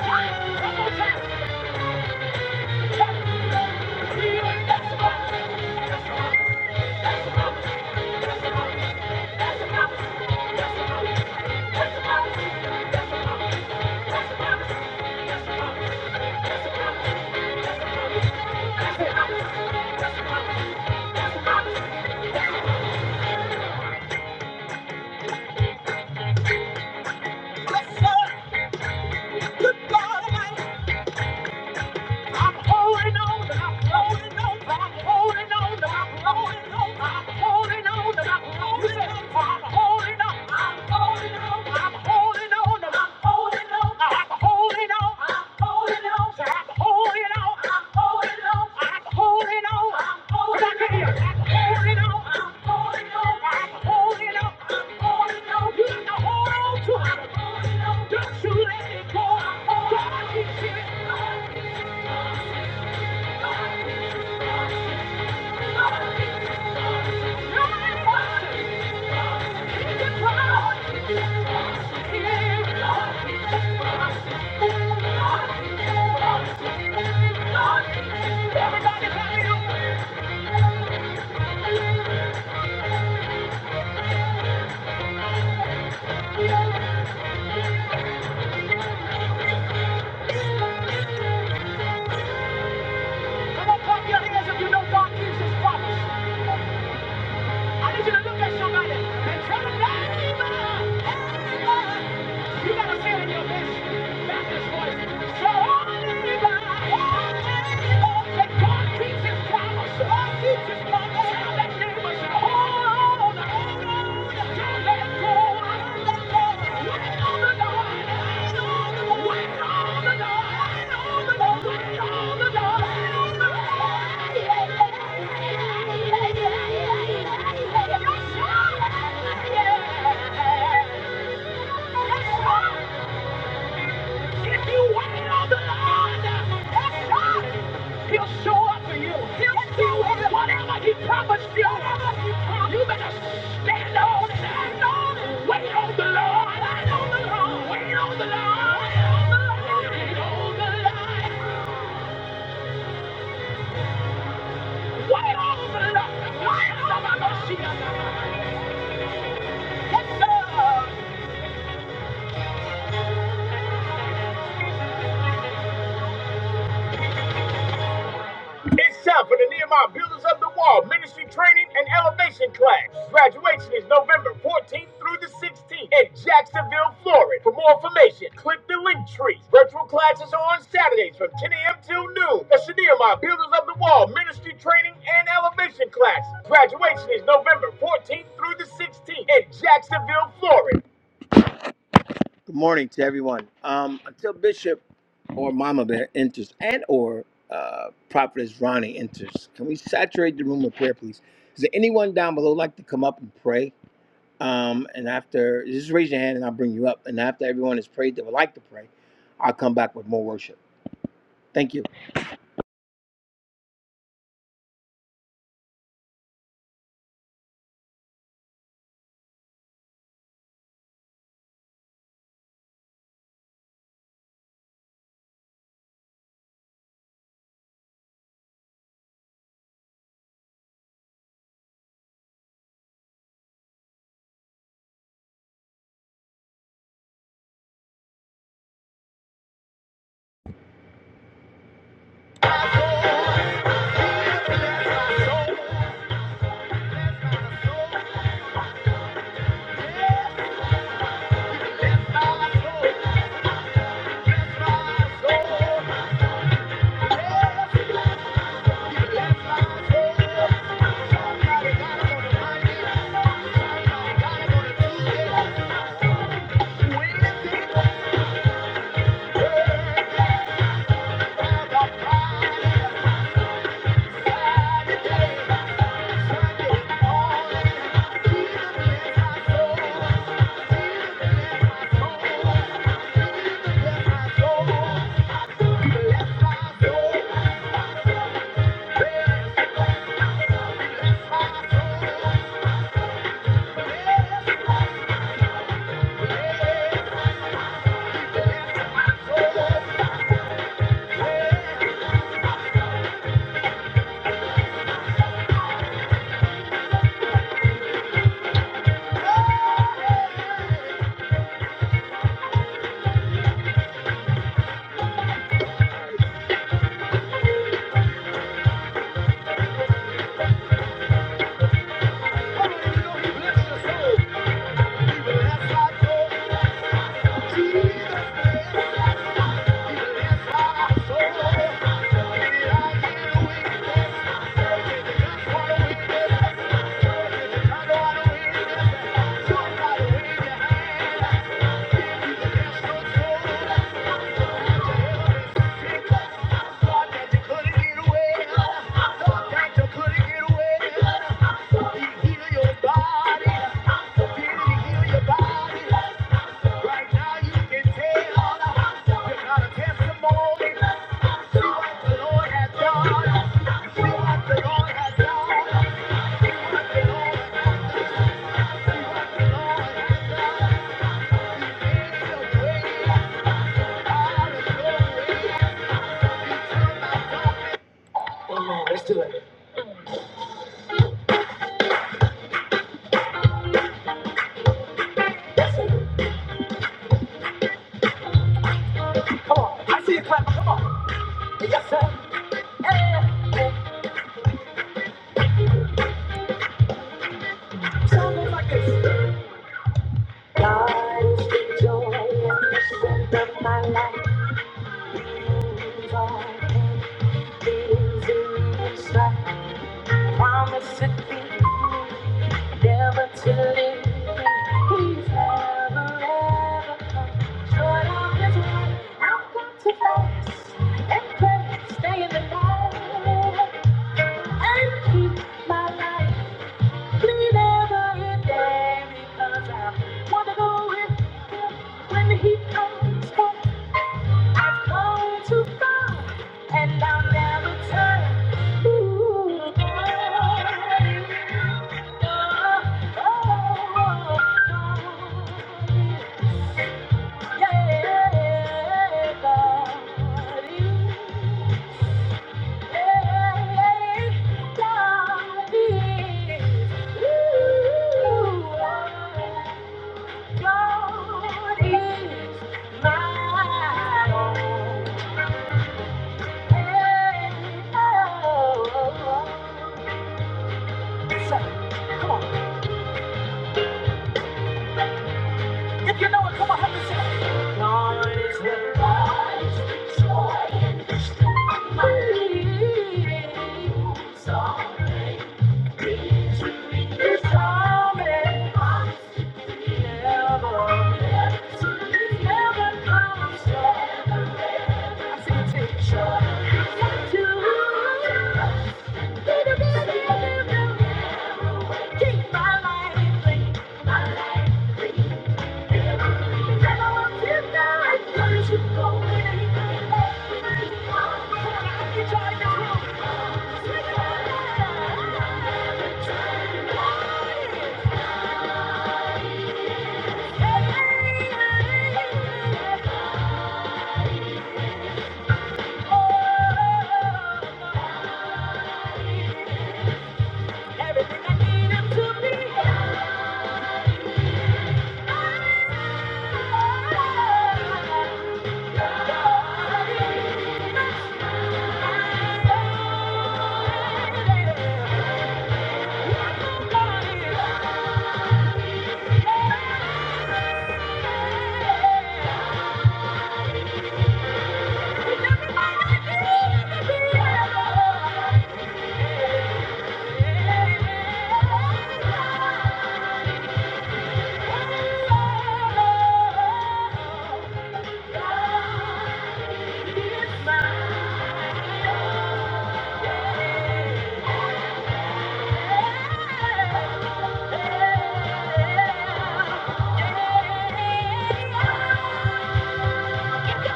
One more time. That's a promise. That's a promise. That's a promise. I'm holding on, I'm holding on, I'm holding on, I'm holding on, I'm holding on, I'm holding on, I'm holding on, I'm holding on, I'm holding on, I'm holding on, I'm holding on, I'm holding on, I'm holding on, I'm holding on, I'm holding on, I'm holding on, I'm holding on, I'm holding on, I'm holding on, I'm holding on, you got to hold on to it. Don't you let it go. God, he's here. Everybody, clap it up. Come on, clap your hands if you know God keeps his promise. I need you to look at somebody and tell them, "Thank you, you, gotta say it in your best Baptist voice. So oh, that God keeps his promise. God keeps his promise. Tell that neighbor, say, "Hold on." hold on. Yeah. If you wait on the Lord, that's God. He'll show up for you. He'll if you show up. Whatever He promised you, Whatever he promised. you better stand on it. Stand on it. Wait on the Lord. Wait on the Lord. Wait on the Lord. Wait on the Lord. Wait on the Lord. Wait on the Lord. Wait on the Lord. Yes, sir. It's time for the Nehemiah Builders of the Wall Ministry Training and Elevation Class. Graduation is November 14th through the 16th in Jacksonville, Florida. For more information, click the link tree. Virtual classes are on Saturdays from 10 a.m. till noon. That's the Nehemiah Builders of the Wall Ministry Training and Elevation Class. Graduation is November 14th through the 16th in Jacksonville, Florida. Good morning to everyone. Um, until Bishop or Mama Bear enters and or uh, Prophetess Ronnie enters, can we saturate the room with prayer, please? Is there anyone down below like to come up and pray? Um, and after, just raise your hand and I'll bring you up. And after everyone has prayed that would like to pray, I'll come back with more worship. Thank you. Yeah. Thank you. Let's do it. Come on. I see you clap. Come on. Yes, sir. Song goes like God is the joy and the strength of my life. He's all things in his sight. Promise to keep never to leave He's never, ever come short I've got to fast and pray, stay in the light. Please never a day because wanna go with him when he comes I've come too far and I'll never turn. Ooh, oh, oh, oh, oh, yeah, God is. If you know it, come on, help me sing Keep my life clean, my life clean. Everything I need him to be. Thank you. He is my Yeah.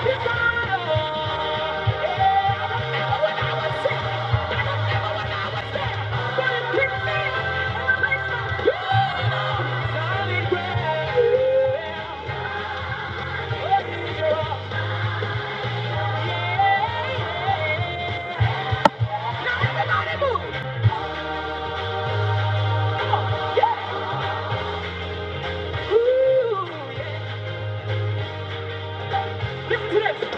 Now everybody move! Yeah! Ooh, yeah! Listen to this!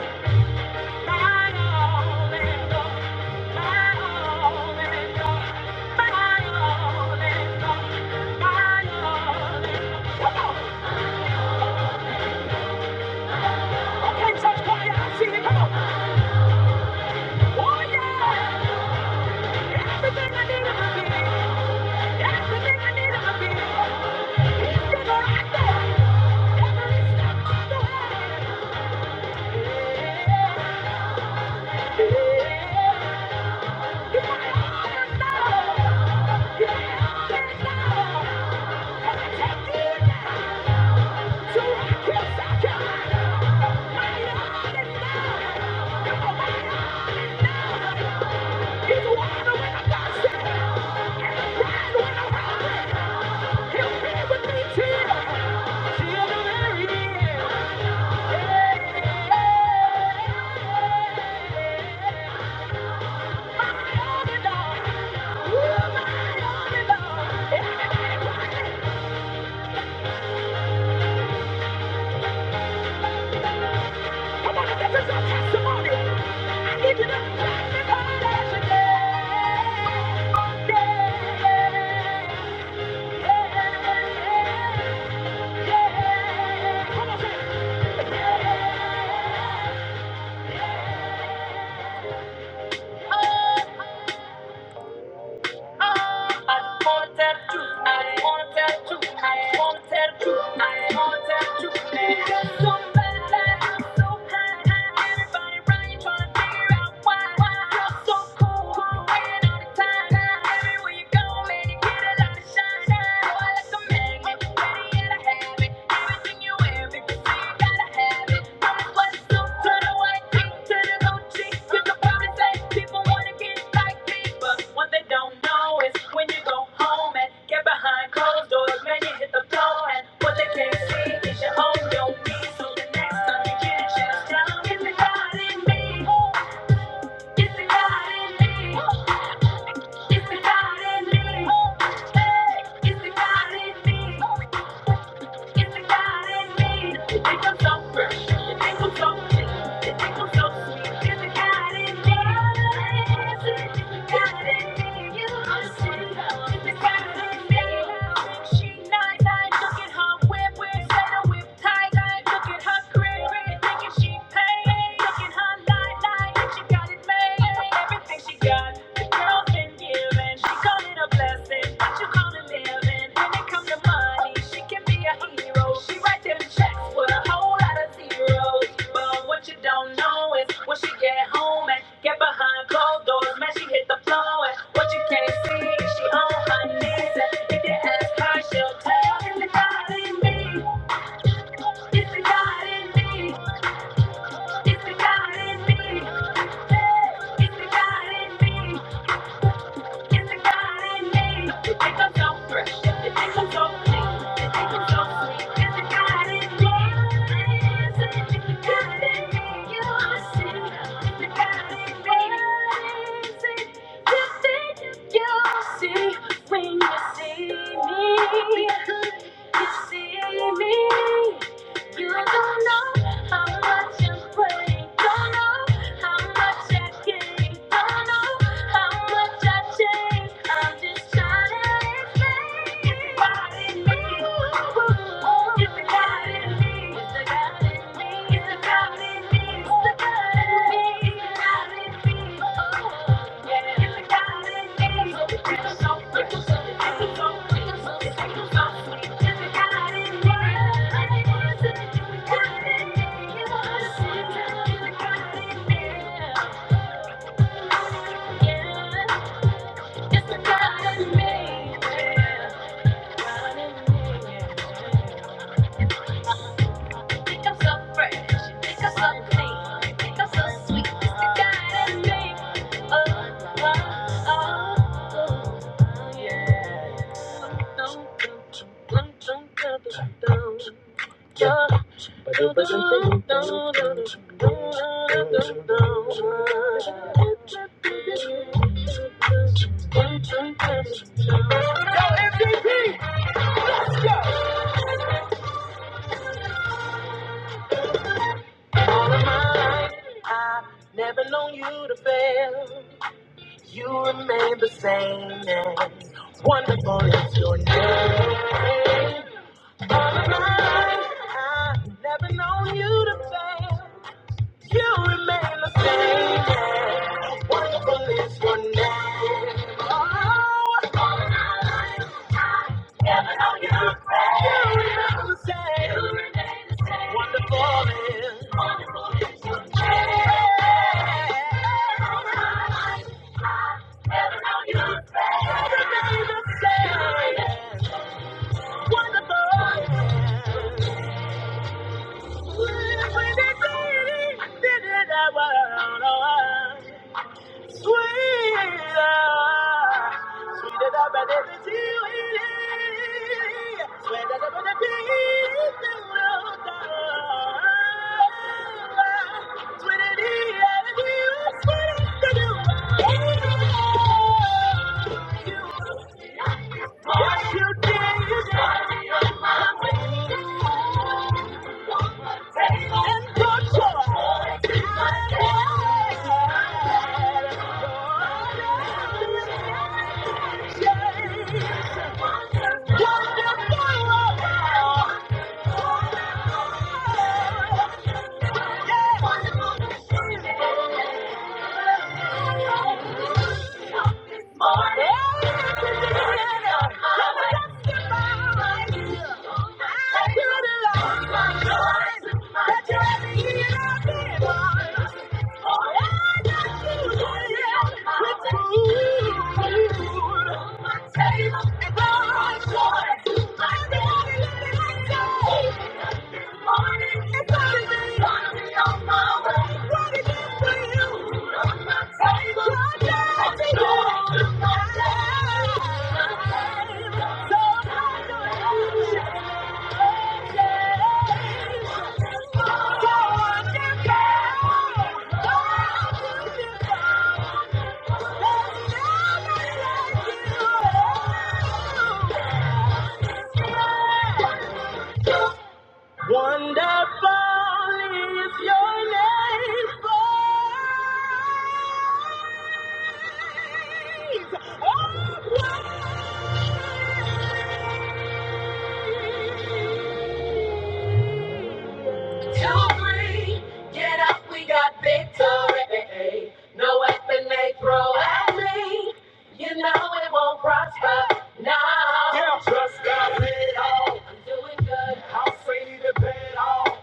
Yeah. Yeah. Come on, this is your testimony. I give you to magnify that today. Yeah, yeah, yeah. yeah, yeah, yeah, yeah, yeah, yeah, yeah. Come on, say it. oh. I wanted to, I wanted to, I wanted to, I wanted to be so bad that I'm so high. Everybody trying to figure out why. You're so cool, i waiting all the time. Everywhere you go, man, you get a lot of shine. So I like a magnet, ready and I have it. It's the God in me. Hey, it's the in me. She got it made. Everything she got. It's the God in me. It's the God in me. See when you see me, you see me. You don't know how much I'm praying. Don't know how much I gave. Don't know how much I changed. I'm just trying to explain. Everybody, me. Everybody, me. With the guy it's a God in me. Yeah. God in me. Yeah. Pick up so fresh, pick up so clean, pick up so sweet. It's the God in Oh, oh, oh, yeah. All of my wonderful is your name. All of mine, I've never known you to fail. You remain the same. yeah. Wonderful is your name. Oh, yeah. you remain the same. Wonderful is your name. when they say I did it, I was Sweet, Two, three, get up, we got victory. No weapon they throw at me, you know it won't prosper. now. I'm doing good. i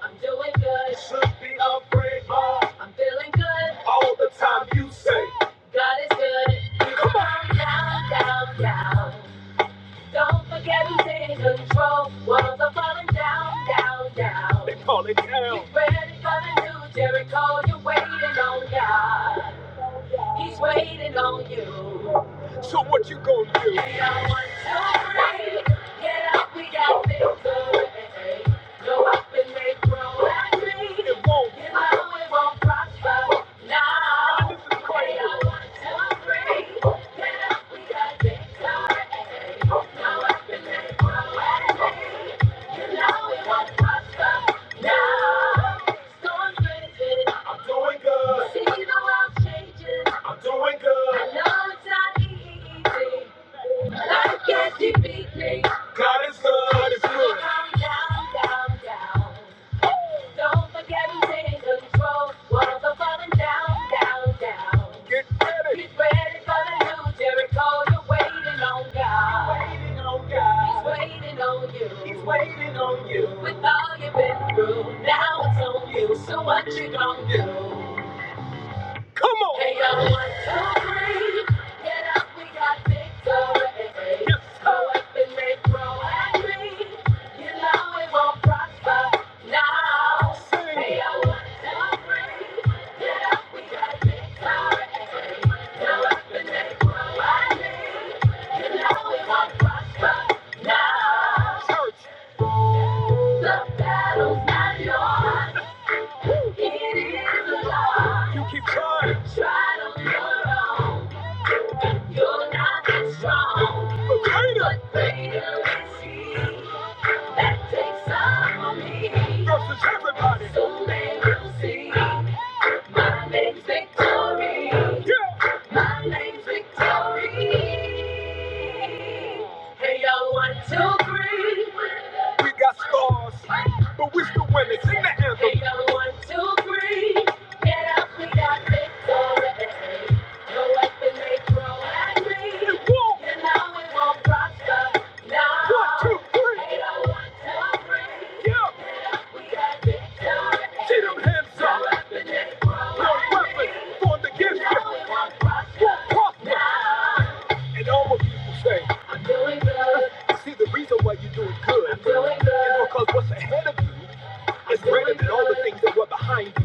am doing good. Should be upgrade ball. I'm feeling good. All the time you say. God is good. Come on. Down, down, down. Don't forget who's in control. Walls are falling down, down, down. They call it down. Get ready for the new Jericho. You're waiting on God. He's waiting on you. So what you gonna do? We are one, two, three. Get up, we got victory. Go up and make progress. It won't. You know it won't prosper. Now. This is crazy. We are one, two, three. Get up, we got victory. Go up and make progress. You know it won't prosper. Now. Storms raging. See the world changing. I know easy. Life can't defeat me. God Down, down, down, Don't forget who's in control. What falling down, down, down? Get ready for the new Jericho. you waiting on God. He's waiting on you. With all you've been through, now it's on you. So what you gonna do? Hey, yo, one, two, three. Get up, we got victory. Yes. Go up and make grow angry. You know it won't prosper now. Sing. Hey, yo, one, two, three. Get up, we got victory. Go up and make grow angry. You know it won't prosper now. The battle's not yours. You keep trying. Try to hold on. You're not that strong. Okay. But greater is he that takes up on me. Versus everybody. Soon they will see. My name's Victory. Yeah. My name's Victory. Hey, yo, one, two, three. We got scars, but we still winning. Sing the anthem. Ain't no one, two, three. Get up, we got victory. No weapon they throw at me. It won't. And now it won't prosper. No. One, two, three. Ain't no one, two, three. Yeah. Get up, we got victory. See them hands up. No weapon they throw no at weapon me. formed against no, now. It won't prosper. Won't prosper. No. And all of people say, I'm doing good. See, the reason why you're doing good is because what's ahead of you is greater than all the things that were behind you.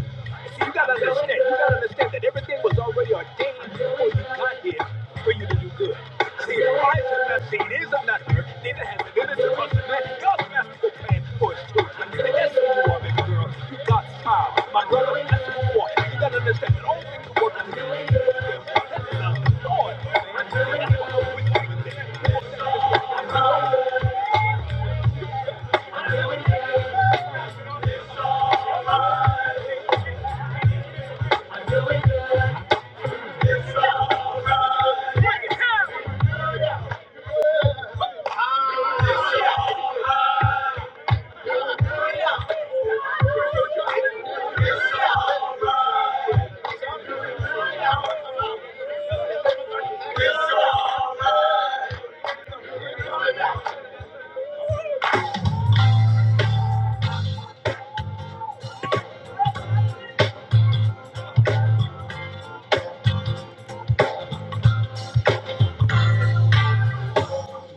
See, you gotta understand, you gotta understand that everything was already ordained before you got here for you to do good. See, if Christ has not seen, is not heard, neither has it entered into us, man. God's masterful plan for his children. See, that's who you are, baby girl. You God's child. My brother, that's who you are. You gotta understand that all things are working together. for good. That's the Lord, baby. One time.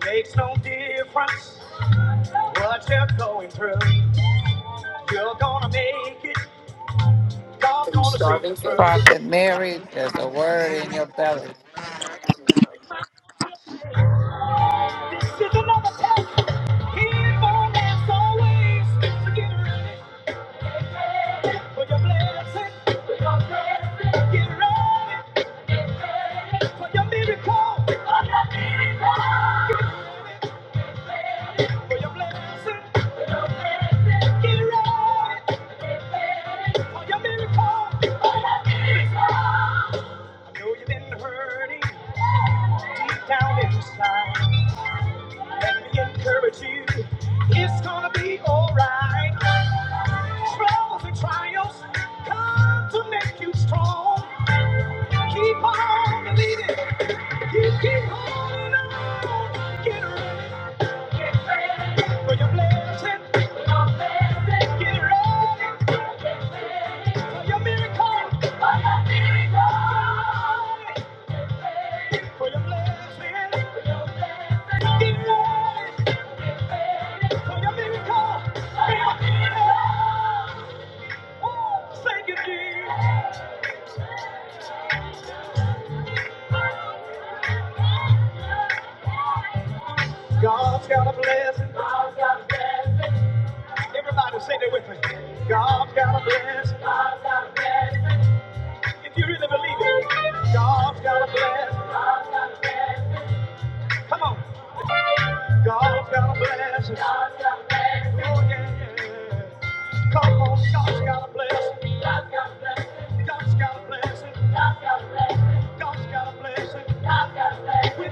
Makes no difference what you're going through. You're gonna make it. God's gonna see you through.
Prophet Mary, there's a word in your belly.
For your blessing, for your blessing, get ready. Get ready. For your miracle, for your miracle. For your blessing, for your blessing, Get ready for your miracle. I know you've been hurting. deep down inside. Let me encourage you. It's gonna be alright. Troubles and trials come to make you strong. Keep on believing. You keep holding on. Get ready for your blessing. Get ready for your miracle. Get ready For your blessing. Get ready God's got a blessing. God's got a blessing. Everybody say that with me. God's got a blessing. If you really believe it, God's got a blessing. Come on. God's got a blessing. God's got a blessing. Oh, yeah, yeah. Come on, God's got a blessing. God's got a blessing. God, has got a blessing. God, has we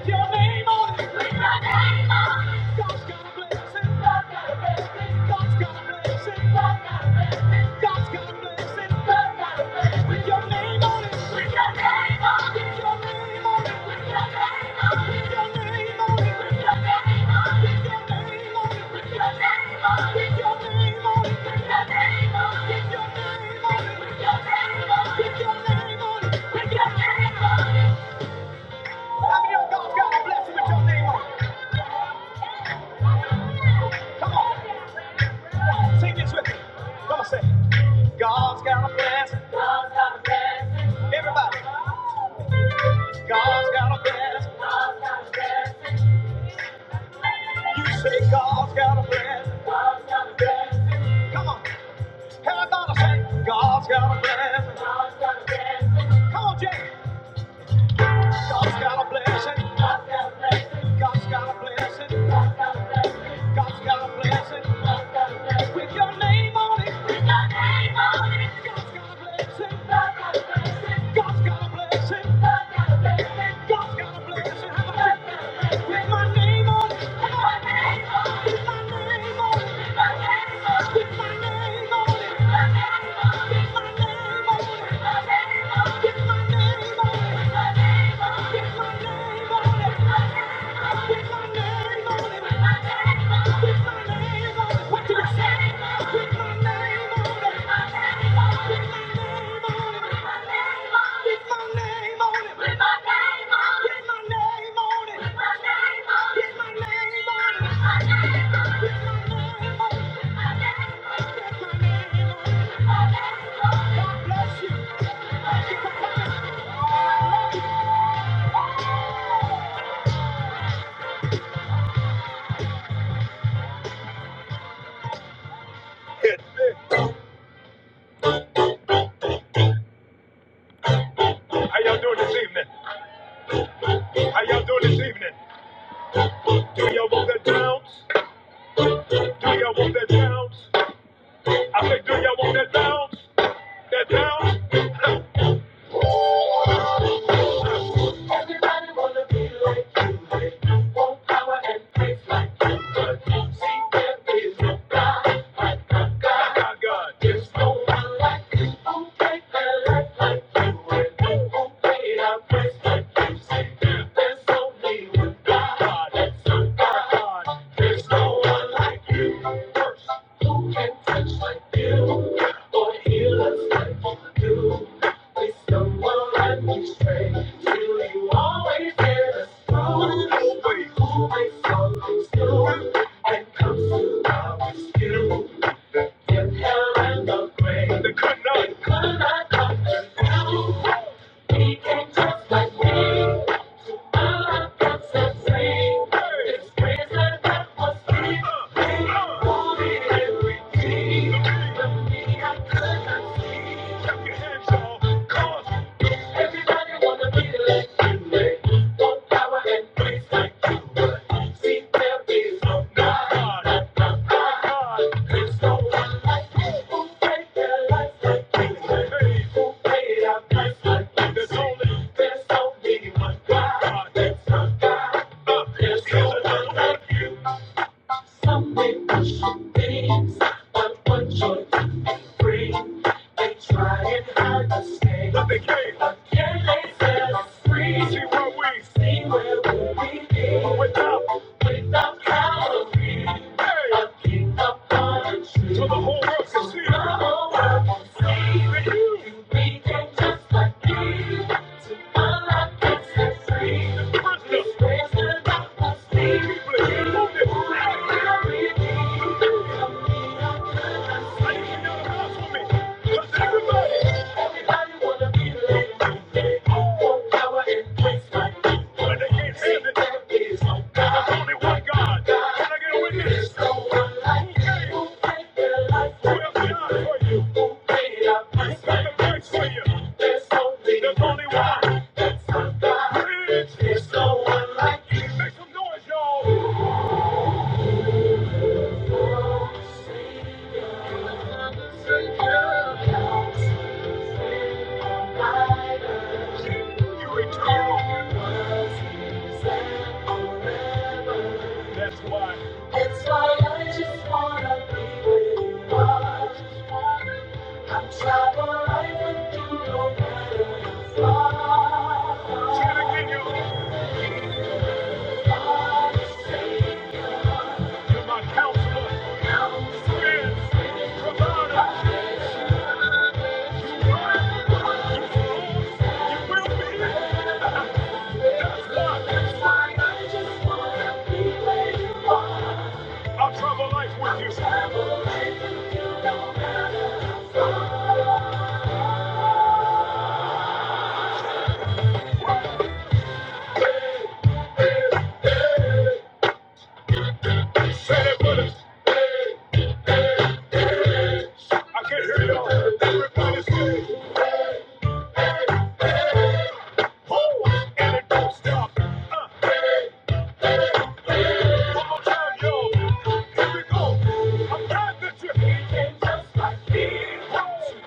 need more. God's got a blessing. Everybody. God's got a plan. You say God's got a plan. Come on. Everybody say God's got a plan. God's got a plan. Come on, Jay. God's got a blessing. God's got a blessing. God's got a blessing. God's got a blessing. God's got a blessing. God's got a blessing. With your name on it. With your name on it. God's got a blessing. God's got a blessing. God's got a blessing. God's got a blessing. God's got a blessing. Have a blessing. With my name on it. With my name on it. With my name on it. With my name on it. With my name on it. With my name on it. With my name on it. How y'all doing this evening? God. There's no one like us who can touch like you or heal us like you do. We stumble and we stray till you always get us through. Always, always something new and comes to our rescue. In hell and the grave, the good night, your hands, y'all. Cause my God. Without, without power, to the whole world to see. Thank you. That's why. That's why I just wanna be with you. I just wanna. I'm trapped for life with you, no matter how far. Try to get you. I say, You're my counselor, friend, provider. Life with you. I can't hear you. Everybody's say, whoo, and it don't stop. Uh, one more time, yo. Here we go. I'm glad that you. Everybody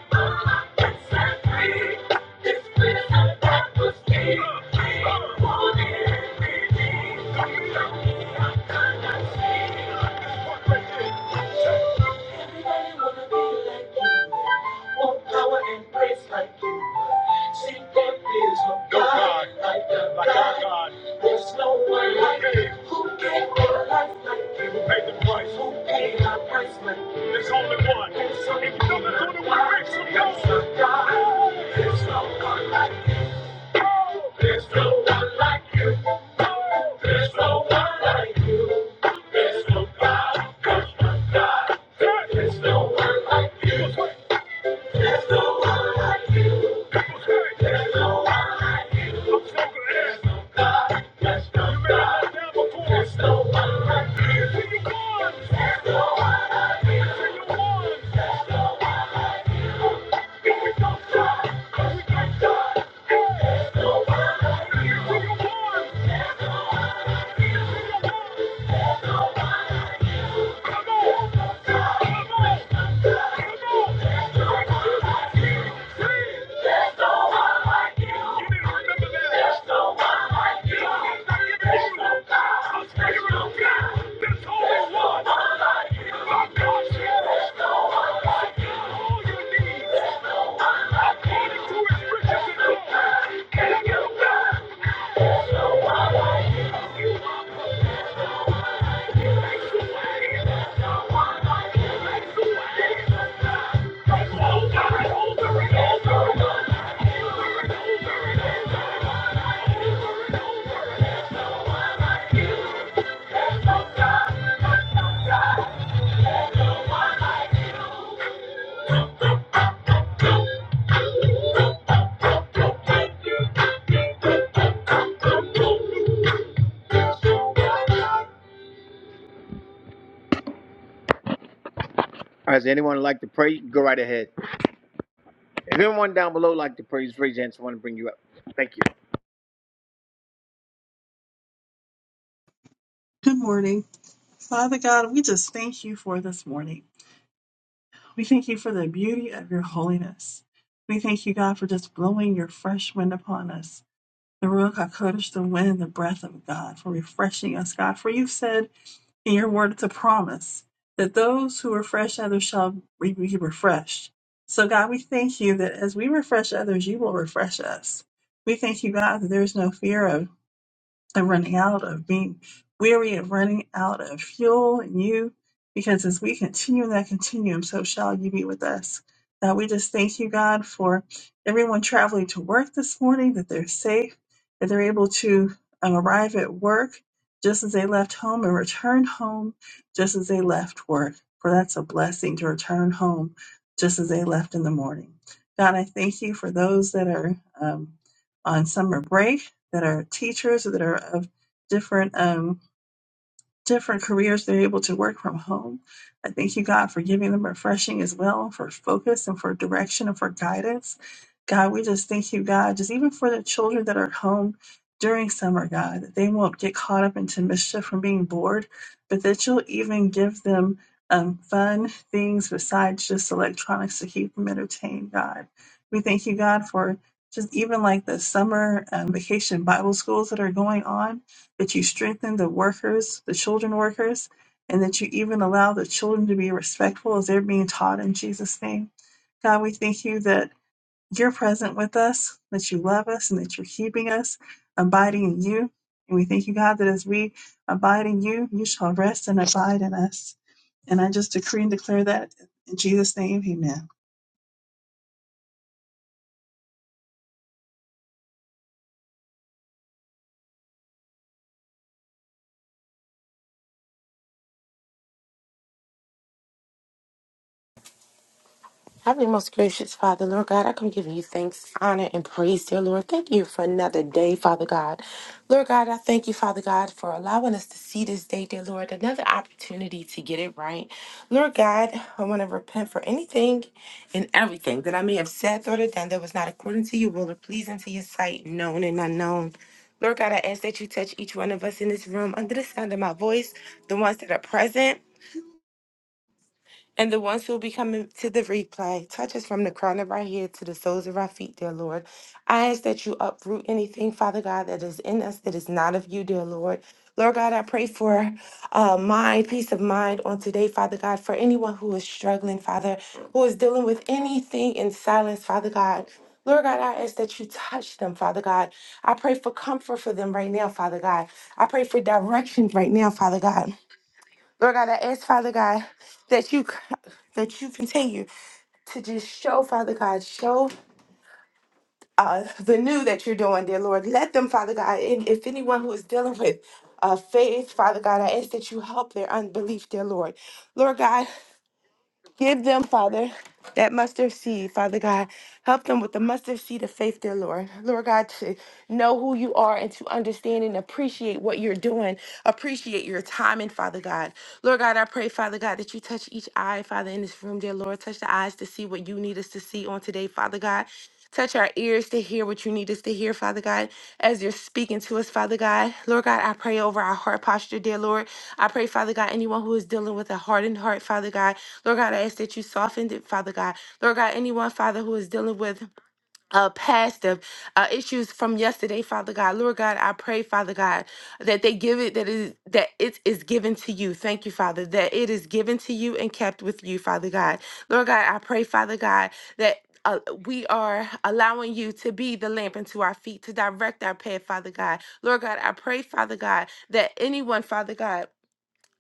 wanna be like you. Want power and praise like you. See, there is no No God, like our like God. There's no one like you. Who gave their life like Christ? Who paid our price like God? There's no if you the one you There's no God. There's no one like you. There's no one like you. There's no one like you. There's no God. There's no one. There's no God. All right, does anyone like to pray? Go right ahead. If anyone down below like to pray, just raise your hand. I want to bring you up. Thank you.
Good morning. Father God, we just thank you for this morning. We thank you for the beauty of your holiness. We thank you, God, for just blowing your fresh wind upon us. The Ruach HaKodesh, the wind, the breath of God, for refreshing us, God. For you've said in your word, it's a promise that those who refresh others shall be refreshed. So, God, we thank you that as we refresh others, you will refresh us. We thank you, God, that there's no fear of and running out of being weary of running out of fuel and you because as we continue in that continuum so shall you be with us uh, we just thank you god for everyone traveling to work this morning that they're safe that they're able to um, arrive at work just as they left home and return home just as they left work for that's a blessing to return home just as they left in the morning god i thank you for those that are um, on summer break that are teachers that are of different um, different careers they're able to work from home i thank you god for giving them refreshing as well for focus and for direction and for guidance god we just thank you god just even for the children that are home during summer god that they won't get caught up into mischief from being bored but that you'll even give them um, fun things besides just electronics to keep them entertained god we thank you god for just even like the summer um, vacation bible schools that are going on that you strengthen the workers, the children workers, and that you even allow the children to be respectful as they're being taught in Jesus' name. God, we thank you that you're present with us, that you love us, and that you're keeping us, abiding in you. And we thank you, God, that as we abide in you, you shall rest and abide in us. And I just decree and declare that in Jesus' name, amen.
Heavenly, most gracious Father, Lord God, I come giving you thanks, honor, and praise, dear Lord. Thank you for another day, Father God. Lord God, I thank you, Father God, for allowing us to see this day, dear Lord, another opportunity to get it right. Lord God, I want to repent for anything and everything that I may have said, thought, or done that was not according to your will or pleasing to your sight, known and unknown. Lord God, I ask that you touch each one of us in this room under the sound of my voice, the ones that are present and the ones who will be coming to the replay, touch us from the crown of our head to the soles of our feet, dear Lord. I ask that you uproot anything, Father God, that is in us that is not of you, dear Lord. Lord God, I pray for uh, mind, peace of mind on today, Father God, for anyone who is struggling, Father, who is dealing with anything in silence, Father God. Lord God, I ask that you touch them, Father God. I pray for comfort for them right now, Father God. I pray for direction right now, Father God. Lord God, I ask, Father God, that you that you continue to just show, Father God, show uh, the new that you're doing, dear Lord. Let them, Father God, and if anyone who is dealing with uh, faith, Father God, I ask that you help their unbelief, dear Lord. Lord God, Give them, Father, that mustard seed, Father God. Help them with the mustard seed of faith, dear Lord. Lord God, to know who you are and to understand and appreciate what you're doing. Appreciate your timing, Father God. Lord God, I pray, Father God, that you touch each eye, Father, in this room, dear Lord. Touch the eyes to see what you need us to see on today, Father God. Touch our ears to hear what you need us to hear, Father God, as you're speaking to us, Father God. Lord God, I pray over our heart posture, dear Lord. I pray, Father God, anyone who is dealing with a hardened heart, Father God. Lord God, I ask that you soften it, Father God. Lord God, anyone, Father, who is dealing with uh, past the uh, issues from yesterday, Father God. Lord God, I pray, Father God, that they give it that is that it is given to you. Thank you, Father, that it is given to you and kept with you, Father God. Lord God, I pray, Father God, that. Uh, we are allowing you to be the lamp unto our feet, to direct our path, Father God. Lord God, I pray, Father God, that anyone, Father God,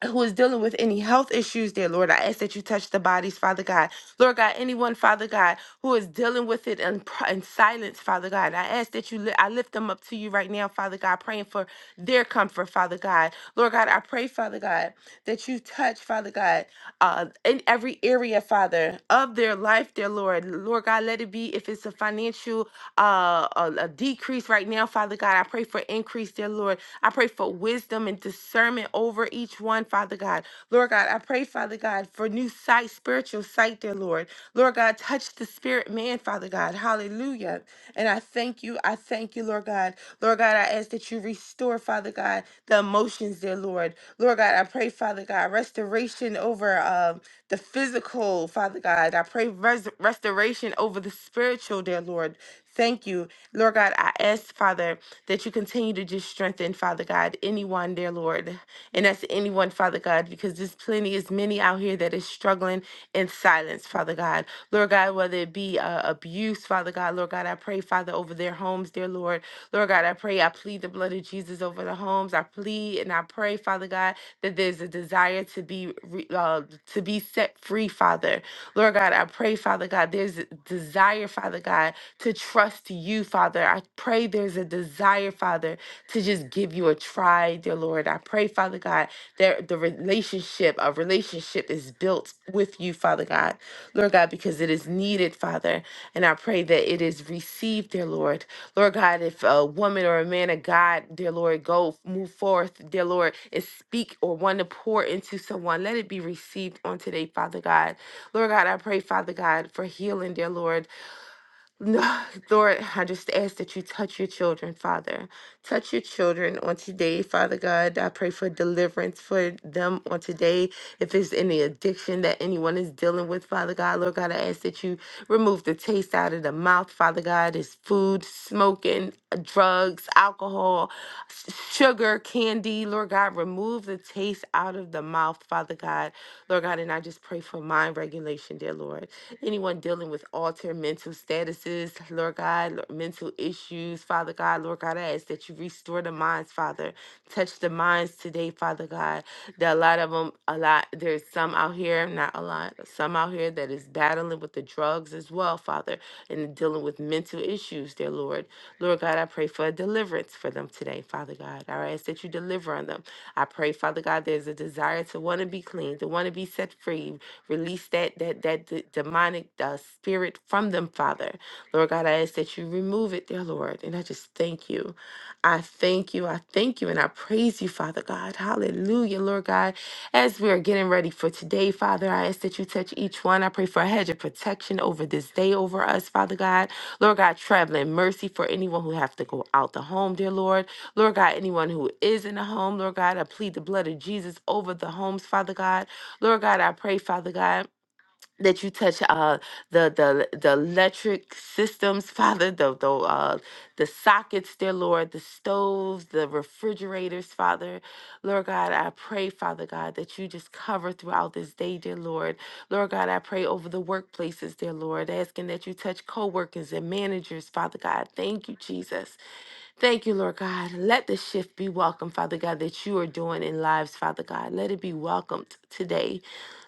who is dealing with any health issues, dear Lord, I ask that you touch the bodies, Father God. Lord God, anyone, Father God, who is dealing with it in, pr- in silence, Father God, I ask that you, li- I lift them up to you right now, Father God, praying for their comfort, Father God. Lord God, I pray, Father God, that you touch, Father God uh, in every area, Father, of their life, dear Lord. Lord God, let it be if it's a financial uh, a, a decrease right now, Father God. I pray for increase, dear Lord. I pray for wisdom and discernment over each one, Father God. Lord God, I pray, Father God, for new sight, spiritual sight, dear Lord. Lord God, touch the spirit man, Father God. Hallelujah. And I thank you. I thank you, Lord God. Lord God. Lord God, I ask that you restore, Father God, the emotions, dear Lord. Lord God, I pray, Father God, restoration over um, the physical, Father God. I pray res- restoration over the spiritual, dear Lord. Thank you. Lord God, I ask, Father, that you continue to just strengthen, Father God, anyone, dear Lord. And that's anyone, Father God, because there's plenty, as many out here that is struggling in silence, relationships, Father God. Lord God, whether it be uh, abuse, Father God, Lord God, I pray, Father, over their homes, dear Lord. Lord God, I pray, I plead the blood of Jesus over the homes. I plead and I pray, Father God, that there's a desire to be re- uh, to be set free, Father. Lord God, I pray, Father God, there's a desire, Father God, to trust you, Father. I pray there's a desire, Father, to just give you a try. I, dear Lord, I pray, Father God, that the relationship, a relationship is built with you, Father God, Lord God, because it is needed, Father. And I pray that it is received, dear Lord. Lord God, if a woman or a man of God, dear Lord, go move forth, dear Lord, and speak or want to pour into someone, let it be received on today, Father God. Lord God, I pray, Father God, for healing, dear Lord. No, Lord, I just ask that you touch your children, Father. Touch your children on today, Father God. I pray for deliverance for them on today. If it's any addiction that anyone is dealing with, Father God, Lord God, I ask that you remove the taste out of the mouth, Father God. It's food, smoking drugs, alcohol, s- sugar, candy. Lord God, remove the taste out of the mouth, Father God. Lord God, and I just pray for mind regulation, dear Lord. Anyone dealing with altered mental statuses, Lord God, lo- mental issues, Father God, Lord God, I ask that you restore the minds, Father. Touch the minds today, Father God. That a lot of them, a lot, there's some out here, not a lot, some out here that is battling with the drugs as well, Father, and dealing with mental issues, dear Lord. Lord God, I pray for a deliverance for them today, Father God. I ask that you deliver on them. I pray, Father God, there's a desire to want to be clean, to want to be set free. Release that that that d- demonic uh, spirit from them, Father. Lord God, I ask that you remove it, dear Lord. And I just thank you. I thank you. I thank you, and I praise you, Father God. Hallelujah, Lord God. As we are getting ready for today, Father, I ask that you touch each one. I pray for a hedge of protection over this day, over us, Father God. Lord God, traveling mercy for anyone who have to go out the home, dear Lord. Lord God, anyone who is in a home, Lord God, I plead the blood of Jesus over the homes, Father God. Lord God, I pray, Father God that you touch uh the the the electric systems father the the uh the sockets dear lord the stoves the refrigerators father lord god i pray father god that you just cover throughout this day dear lord lord god i pray over the workplaces dear lord asking that you touch co-workers and managers father god thank you jesus Thank you, Lord God. Let the shift be welcome, Father God, that you are doing in lives, Father God. Let it be welcomed today.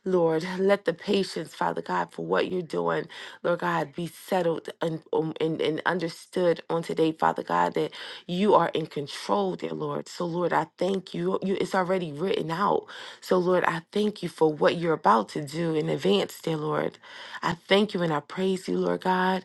Lord, let the patience, Father God, for what you're doing, Lord God, be settled and, um, and, and understood on today, Father God, that you are in control, dear Lord. So, Lord, I thank you. you. It's already written out. So, Lord, I thank you for what you're about to do in advance, dear Lord. I thank you and I praise you, Lord God.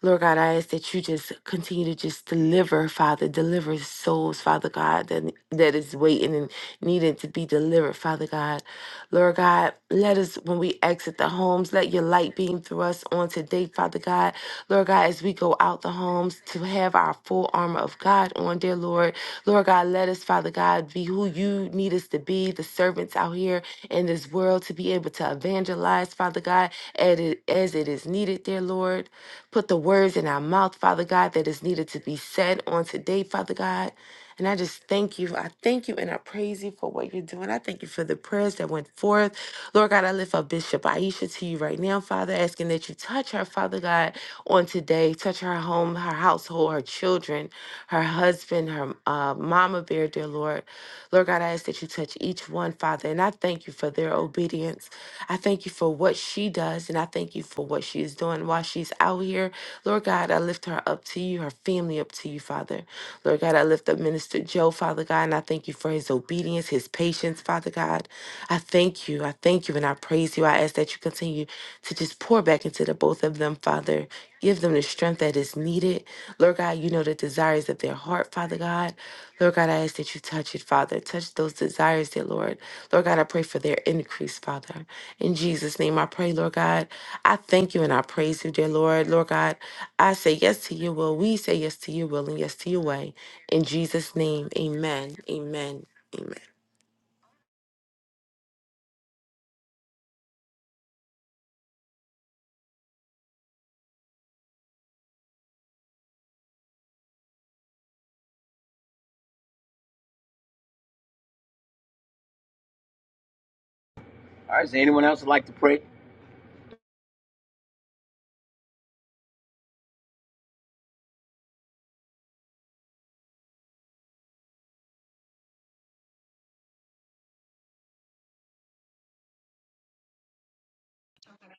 Lord God, I ask that you just continue to just deliver, Father, deliver souls, Father God, that, that is waiting and needing to be delivered, Father God. Lord God, let us, when we exit the homes, let your light beam through us on today, Father God. Lord God, as we go out the homes to have our full armor of God on, dear Lord. Lord God, let us, Father God, be who you need us to be, the servants out here in this world to be able to evangelize, Father God, as it, as it is needed, dear Lord. Put the words in our mouth, Father God, that is needed to be said on today, Father God. And I just thank you. I thank you and I praise you for what you're doing. I thank you for the prayers that went forth. Lord God, I lift up Bishop Aisha to you right now, Father, asking that you touch her, Father God, on today. Touch her home, her household, her children, her husband, her uh, mama bear, dear Lord. Lord God, I ask that you touch each one, Father. And I thank you for their obedience. I thank you for what she does. And I thank you for what she is doing while she's out here. Lord God, I lift her up to you, her family up to you, Father. Lord God, I lift lift up Minister Joe, Father God, and I thank you for his obedience, his patience, Father God. I thank you. I thank you and I praise you. I ask that you continue to just pour back into the both of them, Father. Give them the strength that is needed. Lord God, you know the desires of their heart, Father God. Lord God, I ask that you touch it, Father. Touch those desires, dear Lord. Lord God, I pray for their increase, Father. In Jesus' name, I pray, Lord God. I thank you and I praise you, dear Lord. Lord God, I say yes to your will. We say yes to your will and yes to your way. In Jesus' name, amen, amen, amen.
All right, is anyone else like to pray?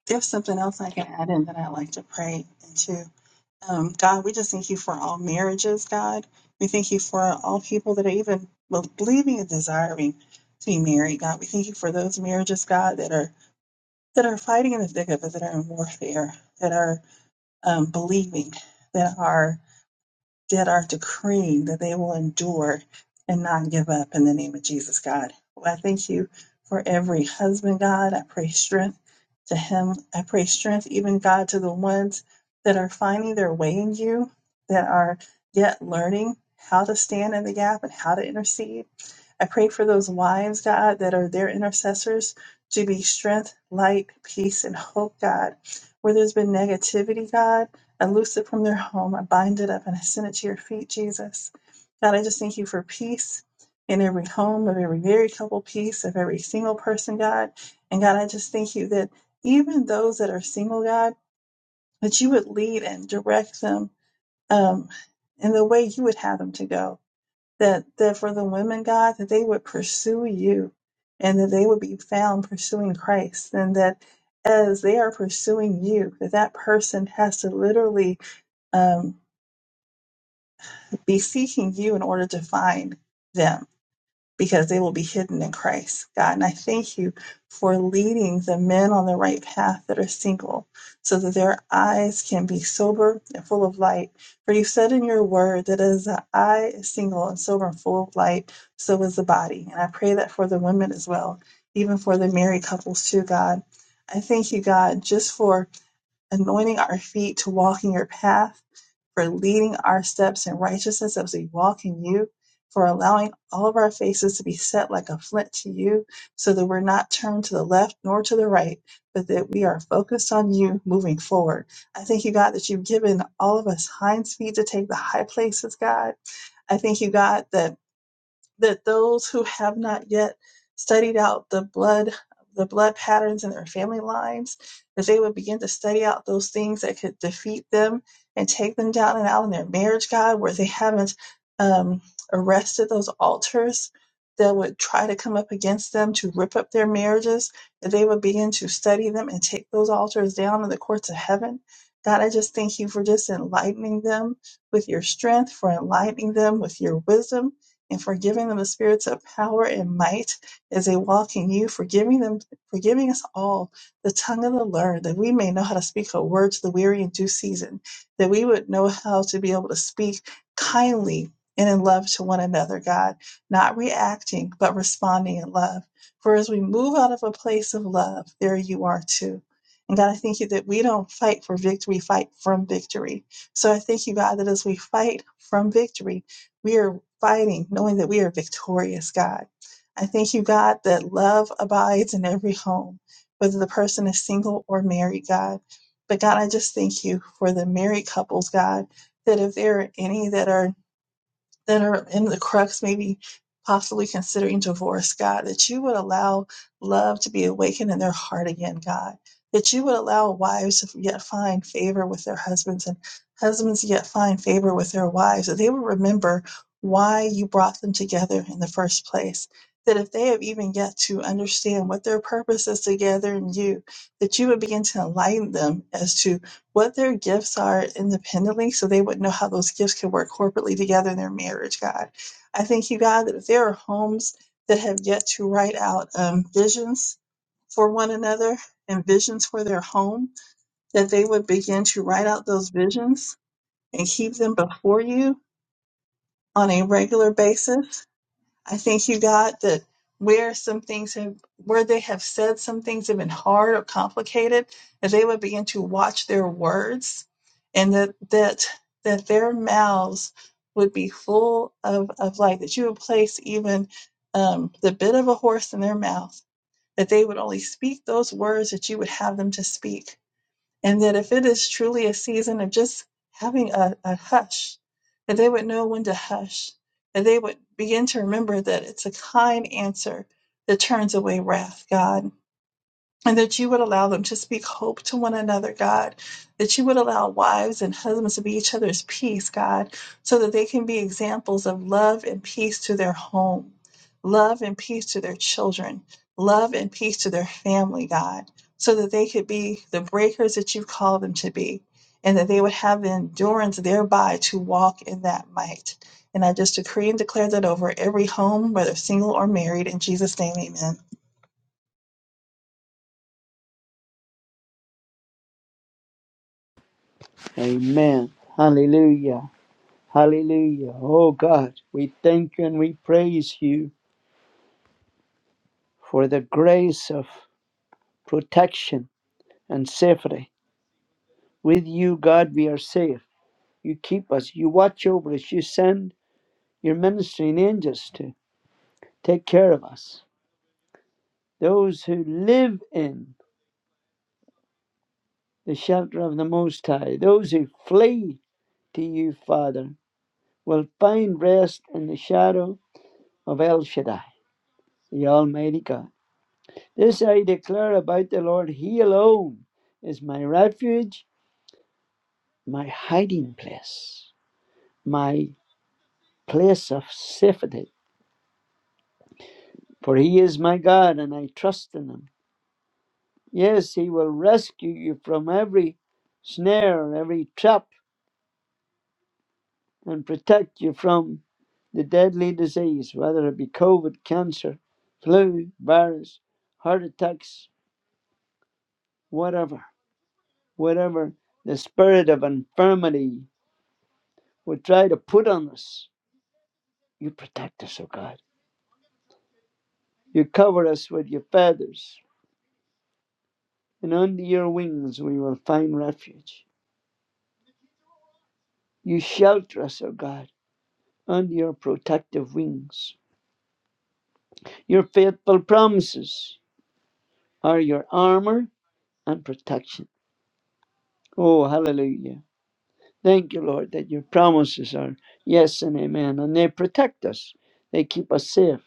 If something else I can add in that I'd like to pray into, Um, God, we just thank you for all marriages, God. We thank you for all people that are even believing and desiring to be married, God. We thank you for those marriages, God, that are that are fighting in the thick of it, that are in warfare, that are um, believing, that are that are decreeing that they will endure and not give up in the name of Jesus, God. Well, I thank you for every husband, God. I pray strength to him. I pray strength, even God, to the ones that are finding their way in you, that are yet learning how to stand in the gap and how to intercede. I pray for those wives, God, that are their intercessors to be strength, light, peace, and hope, God. Where there's been negativity, God. I loose it from their home. I bind it up and I send it to your feet, Jesus. God, I just thank you for peace in every home, of every married couple, peace of every single person, God. And God, I just thank you that even those that are single, God, that you would lead and direct them um, in the way you would have them to go. That, that for the women, God, that they would pursue you and that they would be found pursuing Christ. And that as they are pursuing you, that that person has to literally. um, be seeking you in order to find them because they will be hidden in Christ, God. And I thank you for leading the men on the right path that are single so that their eyes can be sober and full of light. For you said in your word that as the eye is single and sober and full of light, so is the body. And I pray that for the women as well, even for the married couples too, God. I thank you, God, just for anointing our feet to walk in your path for leading our steps in righteousness as we walk in you, for allowing all of our faces to be set like a flint to you, so that we're not turned to the left nor to the right, but that we are focused on you moving forward. I thank you, God, that you've given all of us hinds feet to take the high places, God. I thank you, God, that that those who have not yet studied out the blood the blood patterns in their family lines that they would begin to study out those things that could defeat them and take them down and out in their marriage god where they haven't um, arrested those altars that would try to come up against them to rip up their marriages that they would begin to study them and take those altars down in the courts of heaven god i just thank you for just enlightening them with your strength for enlightening them with your wisdom and for giving them the spirits of power and might as they walk in you, for giving them, for giving us all the tongue of the learned, that we may know how to speak a word to the weary in due season, that we would know how to be able to speak kindly and in love to one another, God, not reacting, but responding in love. For as we move out of a place of love, there you are too. And God, I thank you that we don't fight for victory, fight from victory. So I thank you, God, that as we fight from victory, we are fighting, knowing that we are victorious, God. I thank you, God, that love abides in every home, whether the person is single or married, God. But God, I just thank you for the married couples, God, that if there are any that are that are in the crux, maybe possibly considering divorce, God, that you would allow love to be awakened in their heart again, God, that you would allow wives to yet find favor with their husbands and husbands to yet find favor with their wives, that they would remember why you brought them together in the first place. That if they have even yet to understand what their purpose is together in you, that you would begin to enlighten them as to what their gifts are independently so they would know how those gifts can work corporately together in their marriage, God. I thank you, God, that if there are homes that have yet to write out um, visions for one another and visions for their home, that they would begin to write out those visions and keep them before you on a regular basis I thank you, God, that where some things have, where they have said some things have been hard or complicated, that they would begin to watch their words and that, that, that their mouths would be full of, of light, that you would place even um, the bit of a horse in their mouth, that they would only speak those words that you would have them to speak and that if it is truly a season of just having a, a hush, that they would know when to hush, that they would begin to remember that it's a kind answer that turns away wrath, God and that you would allow them to speak hope to one another, God. That you would allow wives and husbands to be each other's peace, God, so that they can be examples of love and peace to their home, love and peace to their children, love and peace to their family, God, so that they could be the breakers that you've called them to be, and that they would have the endurance thereby to walk in that might. And I just decree and declare that over every home, whether single or married, in Jesus' name, amen.
Amen. Hallelujah. Hallelujah. Oh God, we thank you and we praise you for the grace of protection and safety. With you, God, we are safe. You keep us. You watch over us. You send your ministering angels to take care of us. Those who live in the shelter of the Most High, those who flee to you, Father, will find rest in the shadow of El Shaddai, the Almighty God. This I declare about the Lord. He alone is my refuge, my hiding place, my place of safety. For he is my God, and I trust in him. Yes, he will rescue you from every snare, every trap, and protect you from the deadly disease, whether it be COVID, cancer, flu, virus, heart attacks, whatever, whatever the spirit of infirmity would try to put on us. You protect us, O God. You cover us with your feathers, and under your wings we will find refuge. You shelter us, O God, under your protective wings. Your faithful promises are your armor and protection. Oh, hallelujah. Thank you, Lord, that your promises are yes and amen, and they protect us. They keep us safe.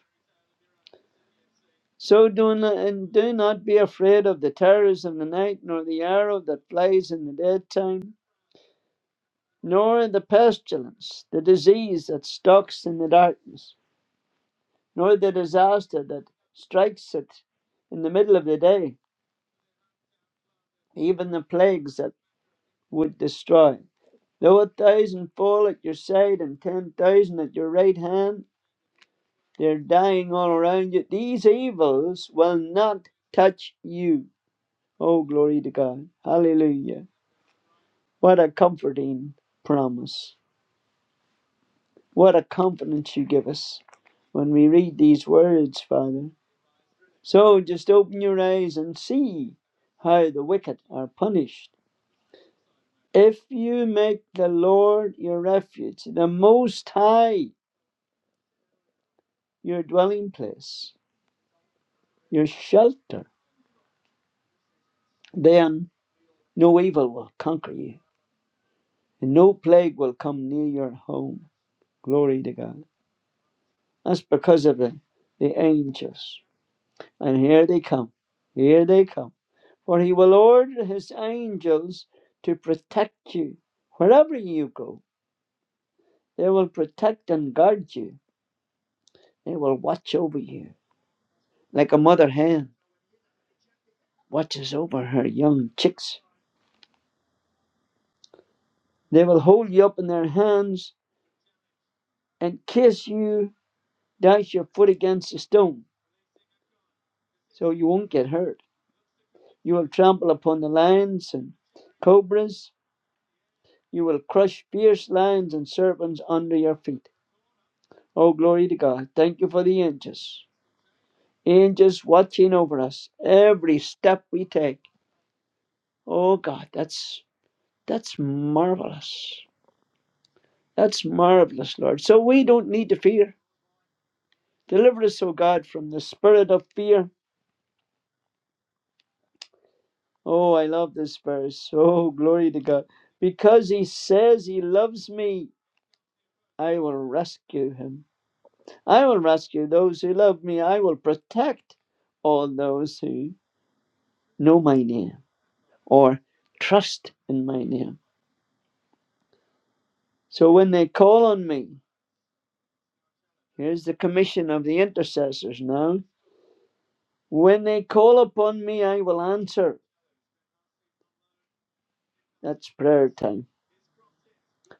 So do not, and do not be afraid of the terrors of the night, nor the arrow that flies in the daytime nor the pestilence, the disease that stalks in the darkness, nor the disaster that strikes it in the middle of the day, even the plagues that would destroy. Though a thousand fall at your side and ten thousand at your right hand, they're dying all around you. These evils will not touch you. Oh, glory to God. Hallelujah. What a comforting promise. What a confidence you give us when we read these words, Father. So just open your eyes and see how the wicked are punished. If you make the Lord your refuge, the Most High your dwelling place, your shelter, then no evil will conquer you, and no plague will come near your home. Glory to God. That's because of the, the angels. And here they come. Here they come. For he will order his angels to protect you. Wherever you go, they will protect and guard you. They will watch over you. Like a mother hen watches over her young chicks. They will hold you up in their hands in case you dash your foot against a stone so you won't get hurt. You will trample upon the lions and cobras. You will crush fierce lions and serpents under your feet. Oh, glory to God. Thank you for the angels. Angels watching over us every step we take. Oh God, that's that's marvelous. That's marvelous, Lord. So we don't need to fear. Deliver us, O God, from the spirit of fear. Oh, I love this verse. Oh, glory to God. Because he says he loves me, I will rescue him. I will rescue those who love me. I will protect all those who know my name. or trust in my name. So when they call on me, here's the commission of the intercessors now. When they call upon me, I will answer. That's prayer time.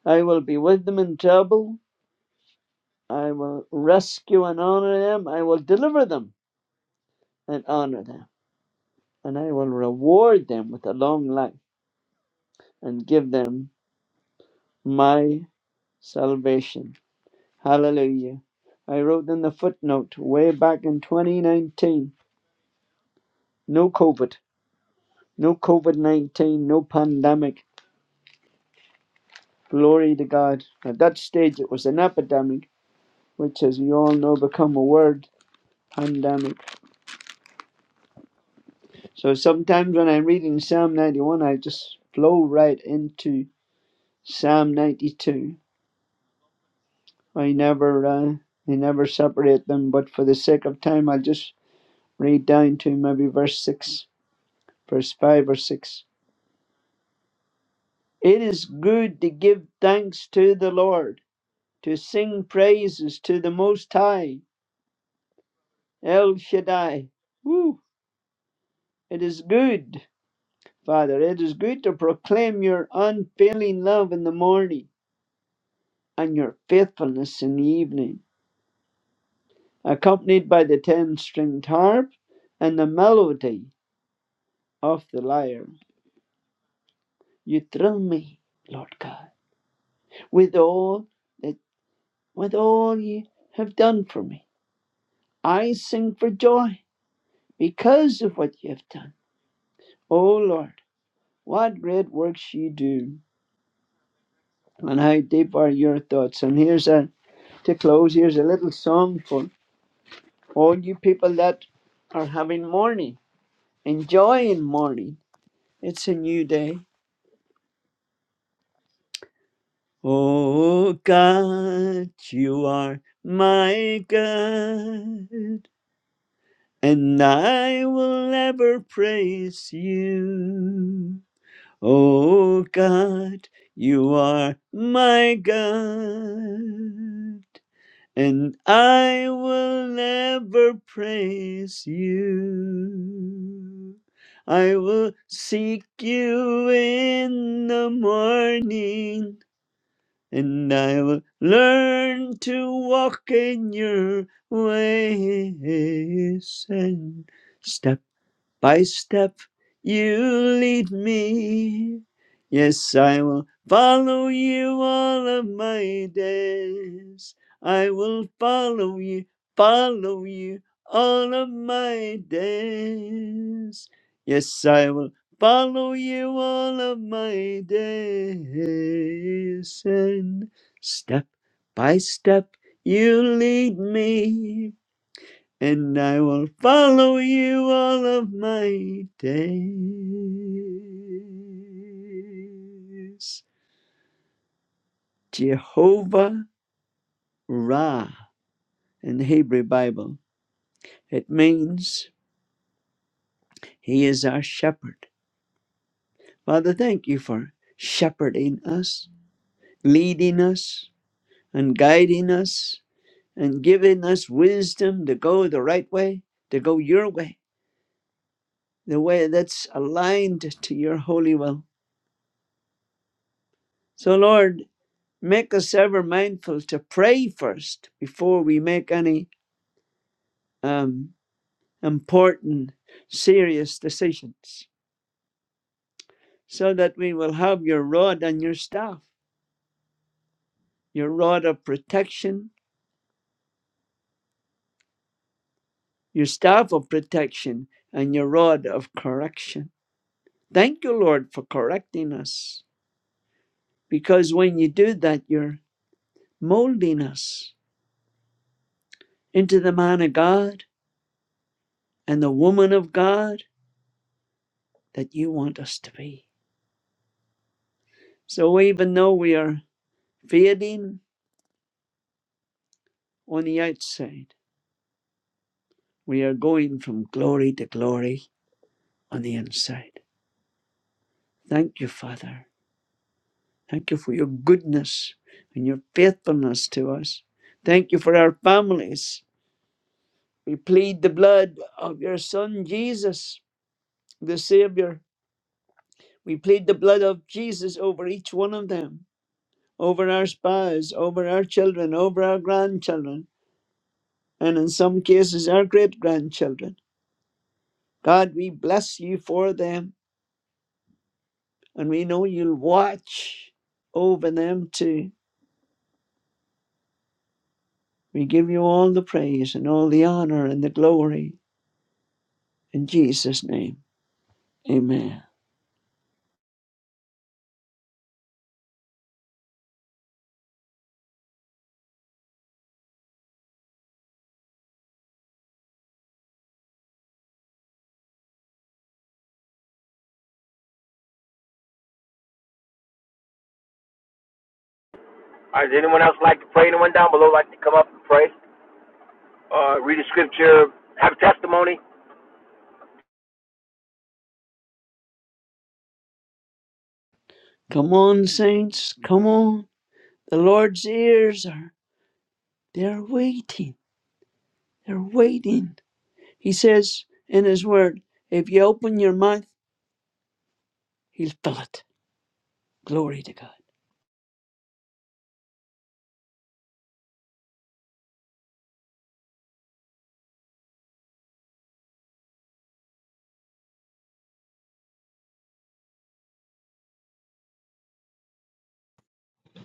I will be with them in trouble. I will rescue and honor them. I will deliver them and honor them. And I will reward them with a long life and give them my salvation. Hallelujah. I wrote in the footnote way back in 2019 no COVID No COVID 19, no pandemic. Glory to God. At that stage, it was an epidemic, which, as you all know, become a word pandemic. So sometimes when I'm reading Psalm 91, I just flow right into Psalm 92. I never, uh, I never separate them, but for the sake of time, I'll just read down to maybe verse 6, verse 5 or 6. It is good to give thanks to the Lord, to sing praises to the Most High El Shaddai. Woo. It is good, Father. It is good to proclaim your unfailing love in the morning and your faithfulness in the evening, accompanied by the ten stringed harp and the melody of the lyre. You thrill me, Lord God, with all that with all you have done for me. I sing for joy because of what you have done. O Lord, what great works you do. and how deep are your thoughts. And here's a to close. Here's a little song for all you people that are having morning, enjoying morning. It's a new day. Oh God, you are my God, and I will ever praise you. Oh God, you are my God. and I will never praise you. I will seek you in the morning, and I will learn to walk in your ways and stop by step you lead me. Yes, I will follow you all of my days. I will follow you, follow you all of my days. Yes, I will follow you all of my days. And step by step you lead me and I will follow you all of my days. Jehovah Ra in the Hebrew Bible. It means He is our shepherd. Father, thank you for shepherding us, leading us, and guiding us, and giving us wisdom to go the right way, to go your way, the way that's aligned to your holy will. So, Lord, make us ever mindful to pray first before we make any um, important, serious decisions, so that we will have your rod and your staff, your rod of protection, your staff of protection, and your rod of correction. Thank you, Lord, for correcting us, because when you do that, you're molding us into the man of God and the woman of God that you want us to be. So even though we are fading on the outside. We are going from glory to glory on the inside. Thank you, Father. Thank you for your goodness and your faithfulness to us. Thank you for our families. We plead the blood of your Son, Jesus, the Savior. We plead the blood of Jesus over each one of them, over our spouse, over our children, over our grandchildren, and in some cases, our great grandchildren. God, we bless you for them. And we know you'll watch over them too. We give you all the praise and all the honor and the glory in Jesus' name. Amen.
All right, does anyone else like to pray? Anyone down below like to come up and pray? Uh, read a scripture, have a testimony?
Come on, saints. Come on. The Lord's ears are they're waiting. They're waiting. He says in his word, if you open your mouth, he'll fill it. Glory to God.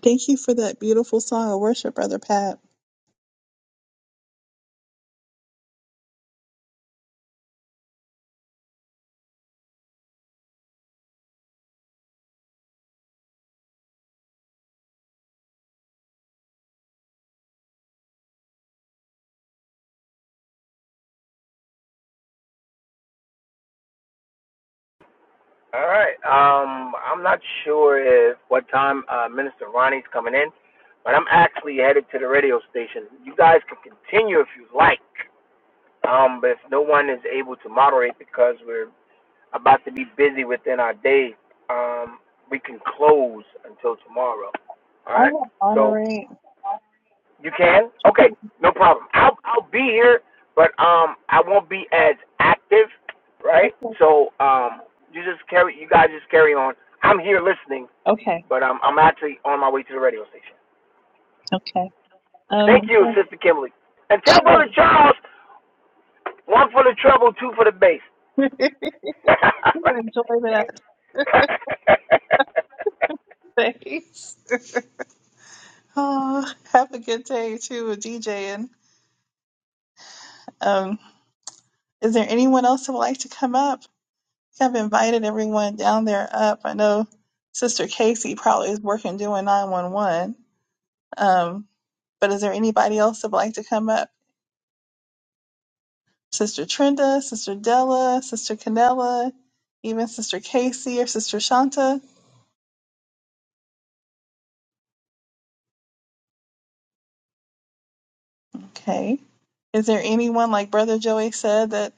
Thank you for that beautiful song of worship, Brother Pat.
All right. Um, I'm not sure if what time uh, Minister Ronnie's coming in, but I'm actually headed to the radio station. You guys can continue if you like, um, but if no one is able to moderate because we're about to be busy within our day, um, we can close until tomorrow. All right.
I'll
So.
honorate.
You can? Okay, no problem. I'll I'll be here, but um I won't be as active, right?
Okay.
So um you just carry you guys just carry on. I'm here listening,
Okay.
but um I'm actually on my way to the radio station.
Okay.
Thank
Um,
you, Sister Kimberly. And tell
sure.
Brother Charles, one for the trouble, two for the bass.
You'll Enjoy that. Thanks. Oh, have a good day too with DJing. Um, is there anyone else who would like to come up? I've invited everyone down there up. I know Sister Casey probably is working doing 911. Um, but is there anybody else that would like to come up? Sister Trenda, Sister Della, Sister Canella, even Sister Casey or Sister Shanta? Okay. Is there anyone, like Brother Joey said, that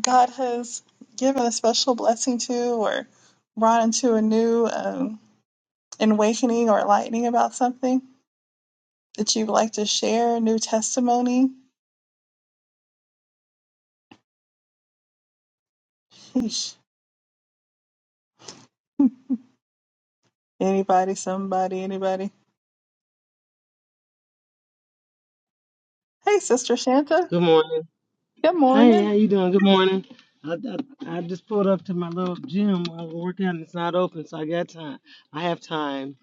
God has given a special blessing to or brought into a new um, awakening or enlightening about something that you'd like to share, new testimony? Sheesh. Anybody, somebody, anybody. Hey, Sister Shanta.
Good morning.
Good
Hey,
morning.
how you doing? Good morning. I, I, I just pulled up to my little gym. I was working out and it's not open, so I got time. I have time.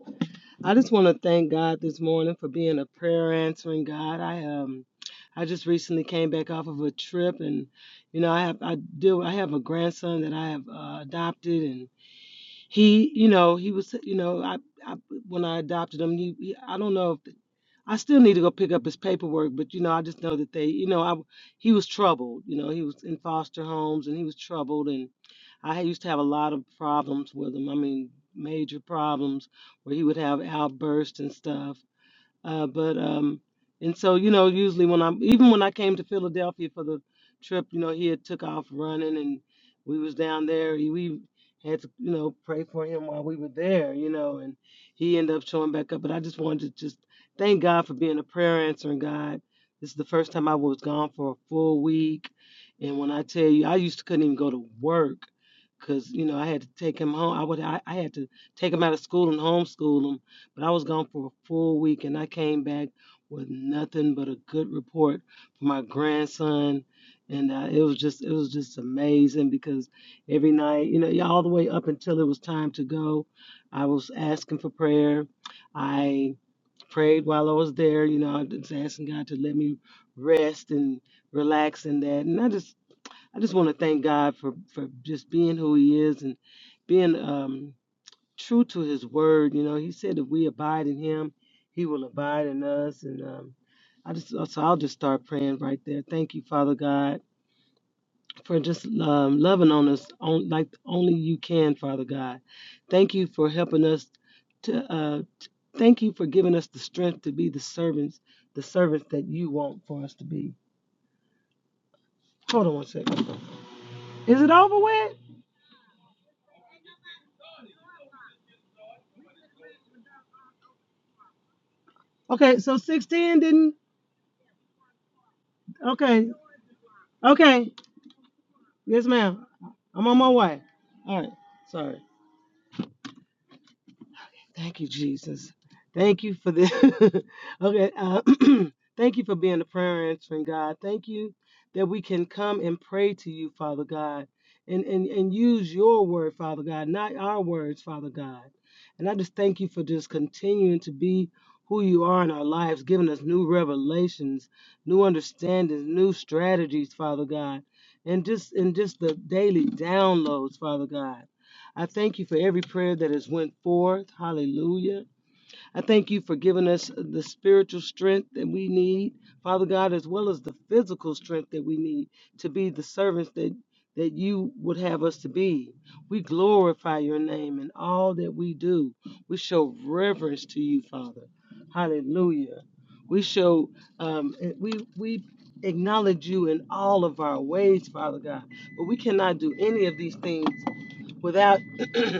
I just want to thank God this morning for being a prayer answering God. I um I just recently came back off of a trip and you know, I have I do I have a grandson that I have uh, adopted and he, you know, he was you know, I, I when I adopted him, he, he I don't know if I still need to go pick up his paperwork, but you know, I just know that they, you know, I w- he was troubled. You know, he was in foster homes and he was troubled, and I used to have a lot of problems with him. I mean, major problems where he would have outbursts and stuff. Uh, but um, and so you know, usually when I'm even when I came to Philadelphia for the trip, you know, he had took off running, and we was down there. He, we had to you know pray for him while we were there, you know, and he ended up showing back up. But I just wanted to just thank God for being a prayer answering God. This is the first time I was gone for a full week, and when I tell you, I used to couldn't even go to work. Cause you know I had to take him home. I would I, I had to take him out of school and homeschool him but I was gone for a full week and I came back with nothing but a good report for my grandson. And uh, it was just it was just amazing because every night, you know, yeah, all the way up until it was time to go, I was asking for prayer. I prayed while I was there, you know, I was asking God to let me rest and relax and that. And I just I just want to thank God for for just being who He is and being um true to his word. You know, he said if we abide in him, he will abide in us. And um, I just uh, so I'll just start praying right there. Thank you, Father God, for just um, loving on us on, like only you can, Father God. Thank you for helping us to. Uh, t- thank you for giving us the strength to be the servants, the servants that you want for us to be. Hold on one second. Is it over with? Okay, so 16 didn't. Okay, okay. Yes, ma'am. I'm on my way. All right. Sorry. Thank you, Jesus. Thank you for this. okay. Uh, thank you for being the prayer answering God. Thank you that we can come and pray to you, Father God, and, and, and use your word, Father God, not our words, Father God. And I just thank you for just continuing to be who you are in our lives, giving us new revelations, new understandings, new strategies, Father God, and just and just the daily downloads, Father God. I thank you for every prayer that has went forth. Hallelujah. I thank you for giving us the spiritual strength that we need, Father God, as well as the physical strength that we need to be the servants that that you would have us to be. We glorify your name in all that we do. We show reverence to you, Father. Hallelujah. We show um, eh, we we acknowledge you in all of our ways, Father God. But we cannot do any of these things without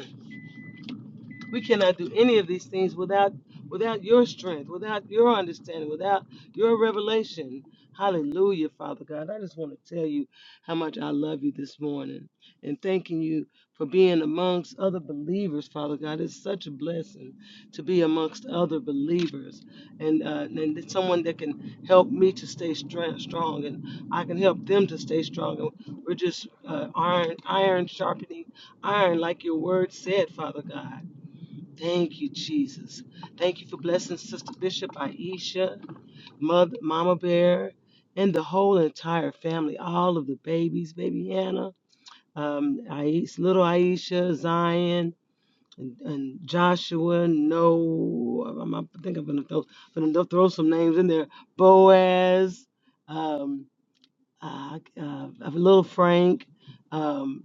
We cannot do any of these things without without your strength, without your understanding, without your revelation. Hallelujah, Father God. I just want to tell you how much I love you this morning and thanking you for being amongst other believers, Father God. It's such a blessing to be amongst other believers and uh, and it's someone that can help me to stay stra- strong and I can help them to stay strong. And we're just uh, iron iron sharpening iron, like your word said, Father God. Thank you, Jesus. Thank you for blessing Sister Bishop, Aisha, Mother, Mama Bear, and the whole entire family, all of the babies, baby Hannah, um, Aisha, little Aisha, Zion, and, and Joshua, Noah. I'm, I think I'm going to throw, gonna throw some names in there. Boaz, um, uh, uh, of little Frank. Um,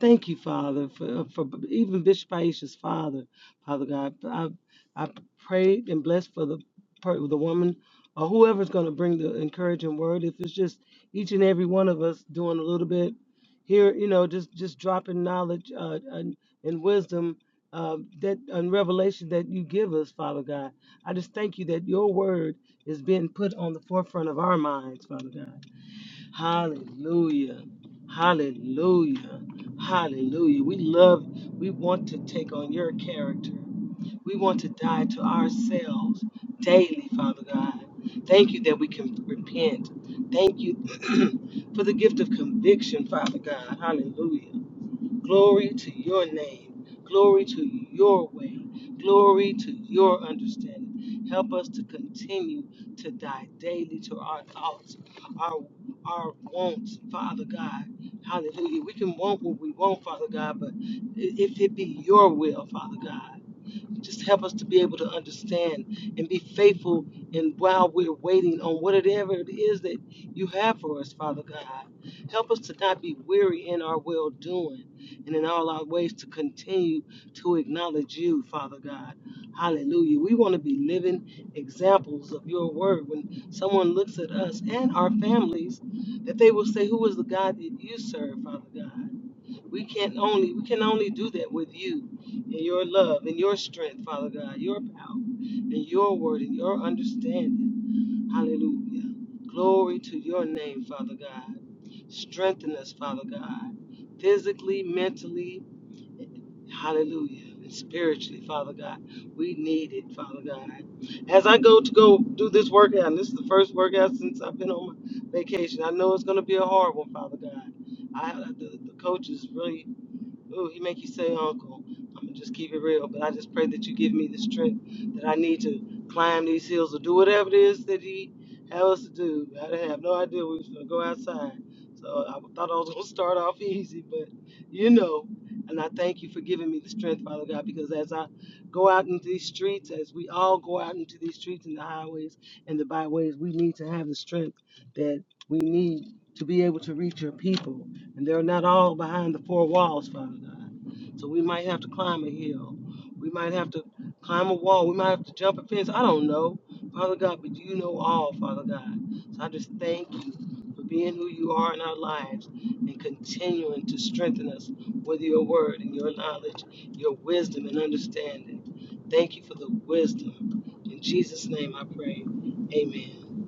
thank you, Father, for, for even Bishop Aisha's father, Father God. I, I prayed and blessed for the per- the woman or whoever's going to bring the encouraging word. If it's just each and every one of us doing a little bit here, you know, just just dropping knowledge uh, and, and wisdom. Uh, that and revelation that you give us, Father God, I just thank you that your word is being put on the forefront of our minds, Father God. Hallelujah. Hallelujah. Hallelujah. We love, we want to take on your character. We want to die to ourselves daily, Father God. Thank you that we can repent. Thank you for the gift of conviction, Father God. Hallelujah. Glory to your name. Glory to your way. Glory to your understanding. Help us to continue to die daily to our thoughts, our our wants, Father God. Hallelujah. We can want what we want, Father God, but i- if it be your will, Father God. Just help us to be able to understand and be faithful and while we're waiting on whatever it is that you have for us, Father God. Help us to not be weary in our well doing and in all our ways to continue to acknowledge you, Father God. Hallelujah. We want to be living examples of your word. When someone looks at us and our families, that they will say, Who is the God that you serve, Father God? We can only we can only do that with you and your love and your strength, Father God, your power and your word and your understanding. Hallelujah. Glory to your name, Father God. Strengthen us, Father God, physically, mentally, hallelujah, and spiritually, Father God. We need it, Father God. As I go to go do this workout, and this is the first workout since I've been on my vacation. I know it's going to be a hard one, Father God. I the, the coach is really Ooh, he make you say uncle. I'm gonna just keep it real, but I just pray that you give me the strength that I need to climb these hills or do whatever it is that he have us to do. I didn't have no idea we was gonna go outside, so I thought I was gonna start off easy, but you know. And I thank you for giving me the strength, Father God, because as I go out into these streets, as we all go out into these streets and the highways and the byways, we need to have the strength that we need to be able to reach your people. And they're not all behind the four walls, Father God. So we might have to climb a hill. We might have to climb a wall. We might have to jump a fence. I don't know, Father God, but you know all, Father God. So I just thank you for being who you are in our lives and continuing to strengthen us with your word and your knowledge, your wisdom and understanding. Thank you for the wisdom. In Jesus' name I pray. Amen.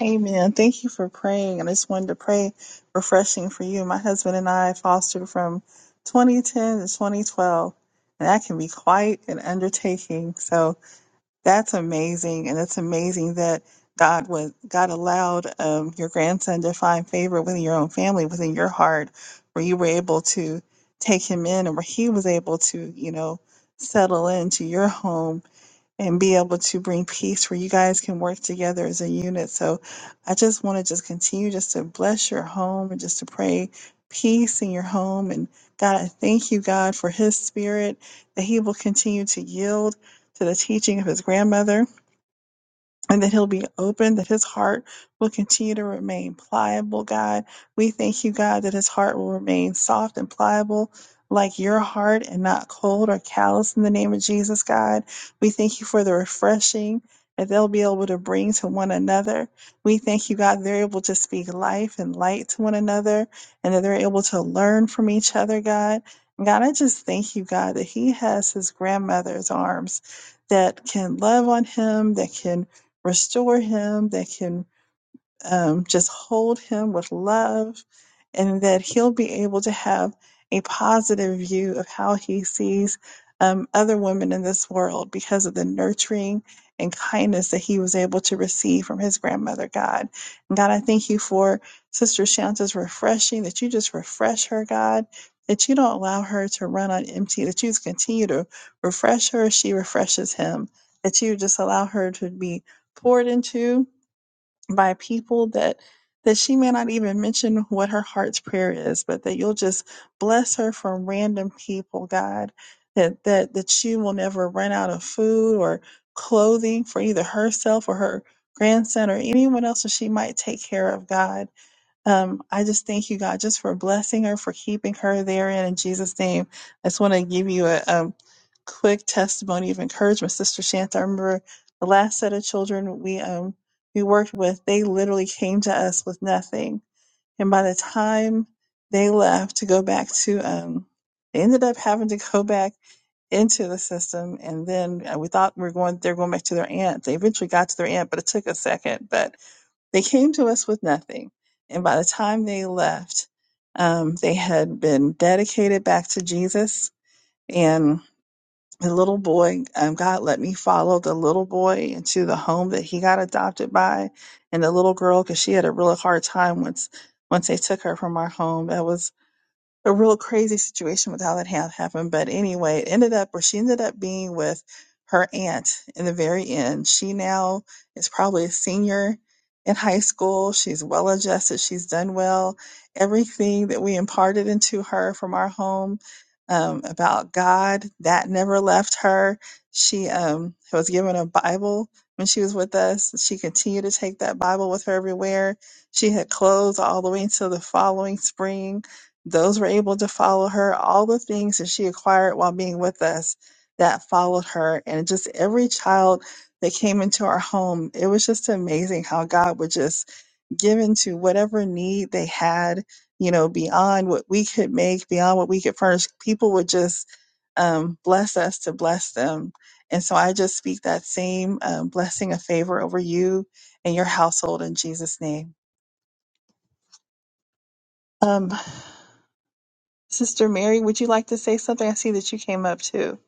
Amen. Thank you for praying. I just wanted to pray refreshing for you. My husband and I fostered from 2010 to 2012, and that can be quite an undertaking. So that's amazing, and it's amazing that God was God allowed um, your grandson to find favor within your own family, within your heart, where you were able to take him in, and where he was able to, you know, settle into your home and be able to bring peace where you guys can work together as a unit. So I just want to just continue just to bless your home and just to pray peace in your home. And God, I thank you, God, for his spirit that he will continue to yield to the teaching of his grandmother and that he'll be open, that his heart will continue to remain pliable, God. We thank you, God, that his heart will remain soft and pliable. Like your heart and not cold or callous in the name of Jesus, God. We thank you for the refreshing that they'll be able to bring to one another. We thank you, God, they're able to speak life and light to one another and that they're able to learn from each other, God. And God, I just thank you, God, that he has his grandmother's arms that can love on him, that can Restore him that can um, just hold him with love and that he'll be able to have a positive view of how he sees um, other women in this world because of the nurturing and kindness that he was able to receive from his grandmother, God. And God, I thank you for Sister Shanta's refreshing, that you just refresh her, God, that you don't allow her to run on empty, that you just continue to refresh her as she refreshes him, that you just allow her to be poured into by people that that she may not even mention what her heart's prayer is, but that you'll just bless her from random people, God, that that that she will never run out of food or clothing for either herself or her grandson or anyone else that she might take care of, God. Um, I just thank you, God, just for blessing her, for keeping her therein in Jesus' name. I just want to give you a um, quick testimony of encouragement, Sister Shanta. I remember the last set of children we um, we worked with; they literally came to us with nothing, and by the time they left to go back to, um, they ended up having to go back into the system and then uh, we thought we were going they're going back to their aunt they eventually got to their aunt but it took a second but they came to us with nothing. And by the time they left, um, they had been dedicated back to Jesus. And the little boy, um, God let me follow the little boy into the home that he got adopted by, and the little girl, because she had a really hard time once once they took her from our home. That was a real crazy situation with how that ha- happened. But anyway, it ended up where she ended up being with her aunt in the very end. She now is probably a senior in high school. She's well adjusted. She's done well. Everything that we imparted into her from our home um, about God, that never left her. She um, was given a Bible when she was with us. She continued to take that Bible with her everywhere. She had clothes all the way until the following spring those were able to follow her, all the things that she acquired while being with us that followed her. And just every child that came into our home, it was just amazing how God would just give into whatever need they had, you know, beyond what we could make, beyond what we could furnish. People would just um, bless us to bless them. And so I just speak that same um, blessing of favor over you and your household in Jesus' name. Um. Sister Mary, would you like to say something? I see that you came up too.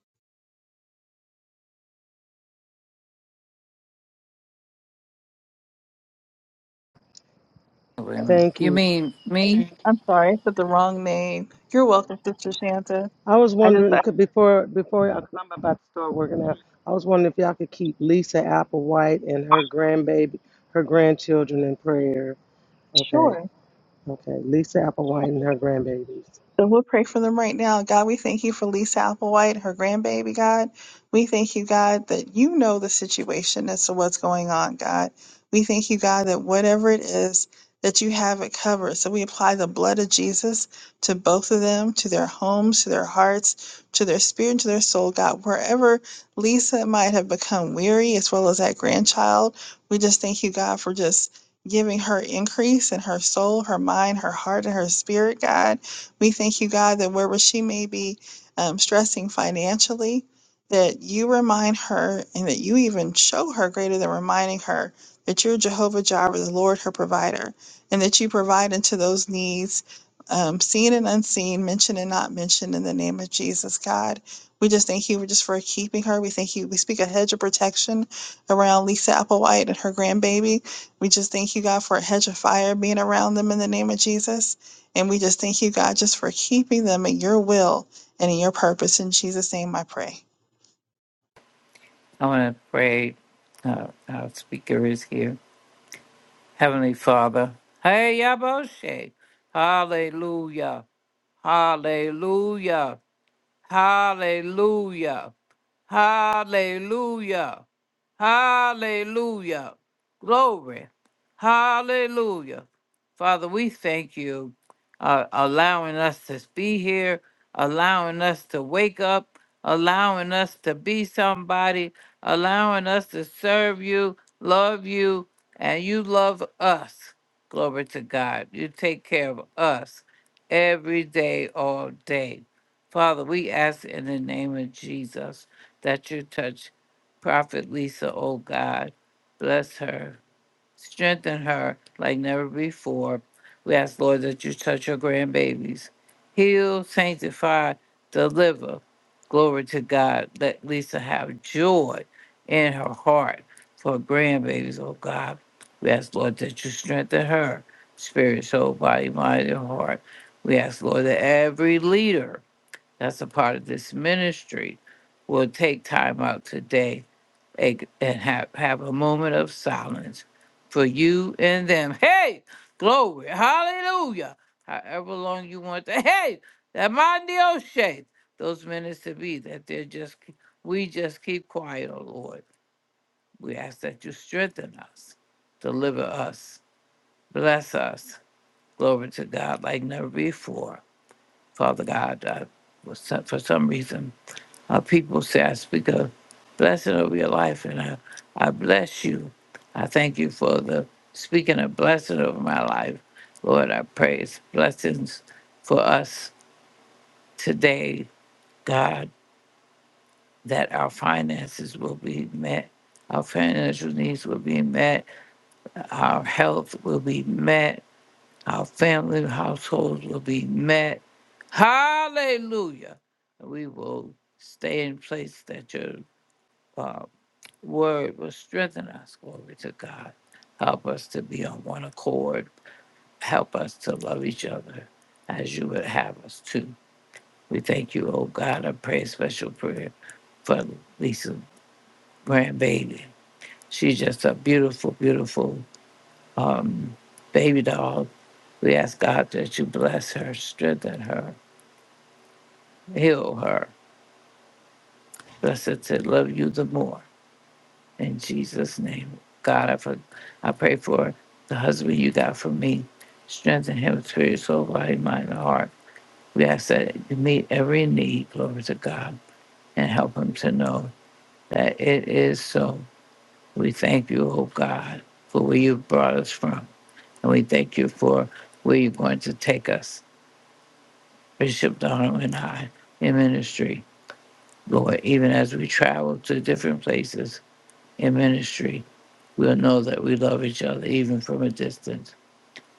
Wait a minute.
Thank
You
you.
mean me?
I'm sorry, I said the wrong name. You're welcome, Sister Shanta.
I was
I just,
wondering
I,
could before before you 'cause I'm about to start working out. I was wondering if y'all could keep Lisa Applewhite and her grandbaby, her grandchildren in prayer. Okay,
sure.
okay. Lisa Applewhite and her grandbabies.
So we'll pray for them right now. God, we thank you for Lisa Applewhite, her grandbaby, God. We thank you, God, that you know the situation as to what's going on, God. We thank you, God, that whatever it is, that you have it covered. So we apply the blood of Jesus to both of them, to their homes, to their hearts, to their spirit, and to their soul, God. Wherever Lisa might have become weary, as well as that grandchild, we just thank you, God, for just giving her increase in her soul, her mind, her heart, and her spirit, God. We thank you, God, that wherever she may be um, stressing financially, that you remind her and that you even show her greater than reminding her that you're Jehovah Jireh, the Lord, her provider, and that you provide into those needs, um, seen and unseen, mentioned and not mentioned, in the name of Jesus, God. We just thank you just for keeping her. We thank you. We speak a hedge of protection around Lisa Applewhite and her grandbaby. We just thank you, God, for a hedge of fire being around them in the name of Jesus. And we just thank you, God, just for keeping them in your will and in your purpose. In Jesus' name I pray.
I want to pray. Uh, our speaker is here. Heavenly Father. Hey, Yaboshe. Hallelujah. Hallelujah. Hallelujah. Hallelujah. Hallelujah. Glory. Hallelujah. Father, we thank you uh, allowing us to be here, allowing us to wake up, allowing us to be somebody, allowing us to serve you, love you, and you love us. Glory to God. You take care of us every day, all day. Father, we ask in the name of Jesus that you touch Prophet Lisa, oh God. Bless her, strengthen her like never before. We ask, Lord, that you touch her grandbabies. Heal, sanctify, deliver. Glory to God. Let Lisa have joy in her heart for her grandbabies, oh God. We ask, Lord, that you strengthen her spirit, soul, body, mind, and heart. We ask, Lord, that every leader that's a part of this ministry, will take time out today and and have, have a moment of silence for you and them. Hey, glory, hallelujah. However long you want to, hey, that mind the shape, those minutes to be that they're just, we just keep quiet, oh Lord. We ask that you strengthen us, deliver us, bless us. Glory to God like never before. Father God, I was, for some reason, uh, people say I speak a blessing over your life, and I, I bless you. I thank you for the speaking a blessing over my life. Lord, I praise blessings for us today, God, that our finances will be met, our financial needs will be met, our health will be met, our family households will be met. Hallelujah. We will stay in place that you're word will strengthen us. Glory to God. Help us to be on one accord. Help us to love each other as you would have us to. We thank you, oh God. I pray a special prayer for Lisa's grandbaby. She's just a beautiful, beautiful um, baby doll. We ask God that you bless her, strengthen her, heal her. Bless her to love you the more. In Jesus' name, God, I, for, I pray for the husband you got for me. Strengthen him, spirit, soul, body, mind, and heart. We ask that you meet every need, glory to God, and help him to know that it is so. We thank you, oh God, for where you brought us from. And we thank you for where you're going to take us, Bishop Donald and I, in ministry. Lord, even as we travel to different places in ministry, We'll know that we love each other even from a distance.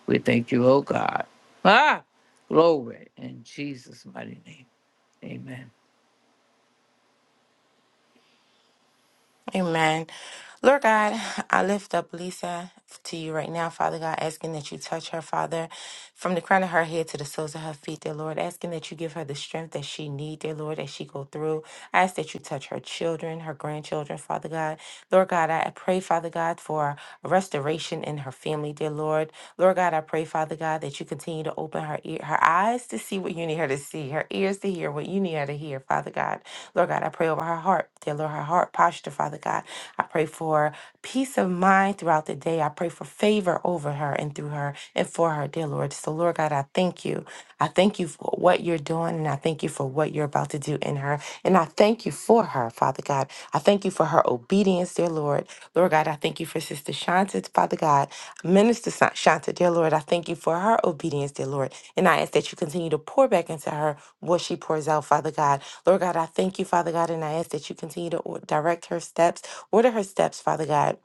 We thank you, oh God. Ah, glory in Jesus' mighty name. Amen.
Amen. Lord God, I lift up Lisa to you right now, Father God, asking that you touch her, Father, from the crown of her head to the soles of her feet, dear Lord, asking that you give her the strength that she need, dear Lord, as she go through. I ask that you touch her children, her grandchildren, Father God. Lord God, I pray, Father God, for restoration in her family, dear Lord. Lord God, I pray, Father God, that you continue to open her ear, her eyes to see what you need her to see, her ears to hear what you need her to hear, Father God. Lord God, I pray over her heart, dear Lord, her heart posture, Father God. I pray for peace of mind throughout the day. I pray for favor over her and through her and for her, dear Lord. So, Lord God, I thank you. I thank you for what you're doing and I thank you for what you're about to do in her. And I thank you for her, Father God. I thank you for her obedience, dear Lord. Lord God, I thank you for Sister Shanta, Father God. Minister Sa- Shanta, dear Lord, I thank you for her obedience, dear Lord. And I ask that you continue to pour back into her what she pours out, Father God. Lord God, I thank you, Father God, and I ask that you continue to or- direct her steps, order her steps, Father God.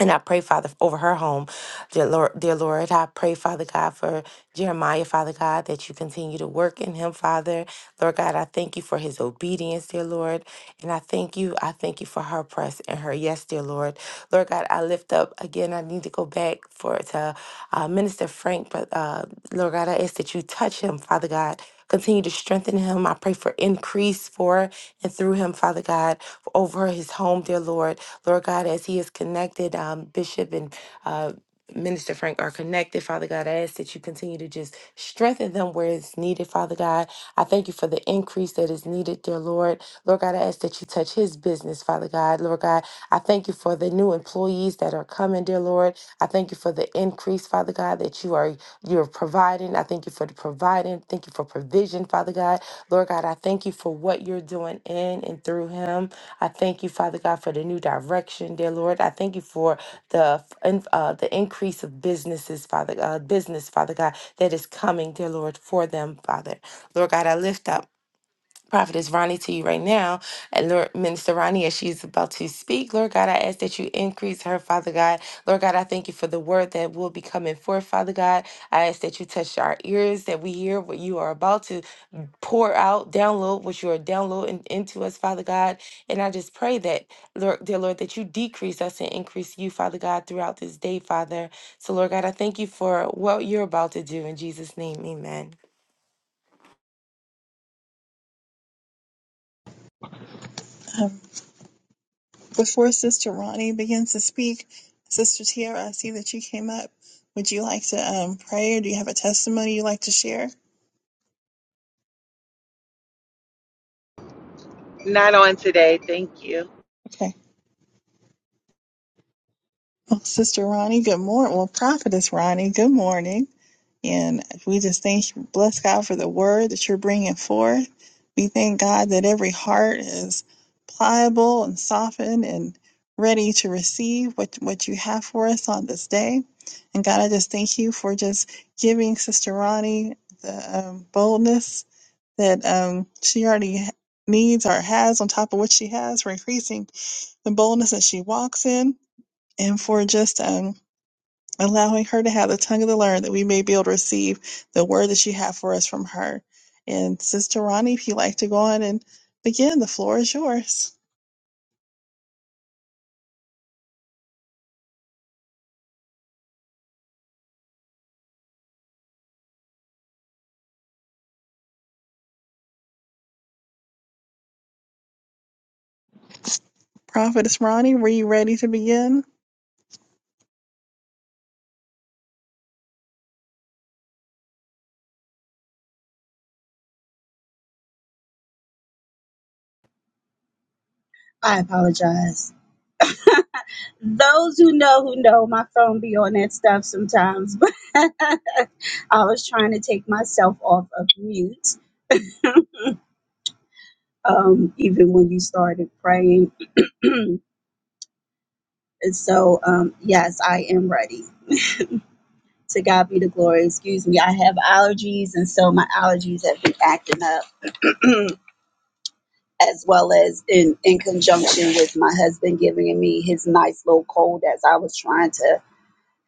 And I pray, Father, over her home, dear Lord, dear Lord. I pray, Father God, for Jeremiah, Father God, that you continue to work in him, Father. Lord God, I thank you for his obedience, dear Lord. And I thank you. I thank you for her press and her yes, dear Lord. Lord God, I lift up again. I need to go back for to uh, Minister Frank, but uh, Lord God, I ask that you touch him, Father God. Continue to strengthen him. I pray for increase for and through him, Father God, over his home, dear Lord. Lord God, as he is connected, um, Bishop and uh, Minister Frank are connected. Father God, I ask that you continue to just strengthen them where it's needed, Father God. I thank you for the increase that is needed, dear Lord. Lord God, I ask that you touch his business, Father God. Lord God, I thank you for the new employees that are coming, dear Lord. I thank you for the increase, Father God, that you are you're providing. I thank you for the providing. Thank you for provision, Father God. Lord God, I thank you for what you're doing in and through him. I thank you, Father God, for the new direction, dear Lord. I thank you for the f- in- uh, the increase of businesses, Father God, business, Father God, that is coming, dear Lord, for them, Father. Lord God, I lift up Prophetess Ronnie to you right now. And Lord, Minister Ronnie, as she's about to speak, Lord God, I ask that you increase her, Father God. Lord God, I thank you for the word that will be coming forth, Father God. I ask that you touch our ears, that we hear what you are about to pour out, download what you are downloading into us, Father God. And I just pray that, Lord, dear Lord, that you decrease us and increase you, Father God, throughout this day, Father. So, Lord God, I thank you for what you're about to do. In Jesus' name, amen.
Um, before Sister Ronnie begins to speak, Sister Tiara, I see that you came up. Would you like to um, pray or do you have a testimony you'd like to share?
Not on today. Thank you.
Okay. Well, Sister Ronnie, good morning. Well, Prophetess Ronnie, good morning. And we just thank you, bless God for the word that you're bringing forth. We thank God that every heart is pliable and softened and ready to receive what, what you have for us on this day. And God, I just thank you for just giving Sister Ronnie the um, boldness that um, she already needs or has on top of what she has for increasing the boldness that she walks in and for just um, allowing her to have the tongue of the learned that we may be able to receive the word that you have for us from her. And Sister Ronnie, if you'd like to go on and begin, the floor is yours. Prophetess Ronnie, were you ready to begin?
I apologize. Those who know who know my phone be on that stuff sometimes, but I was trying to take myself off of mute, um, even when you started praying. And so, um, yes, I am ready. To God be the glory. Excuse me. I have allergies, and so my allergies have been acting up, as well as in in conjunction with my husband giving me his nice little cold as I was trying to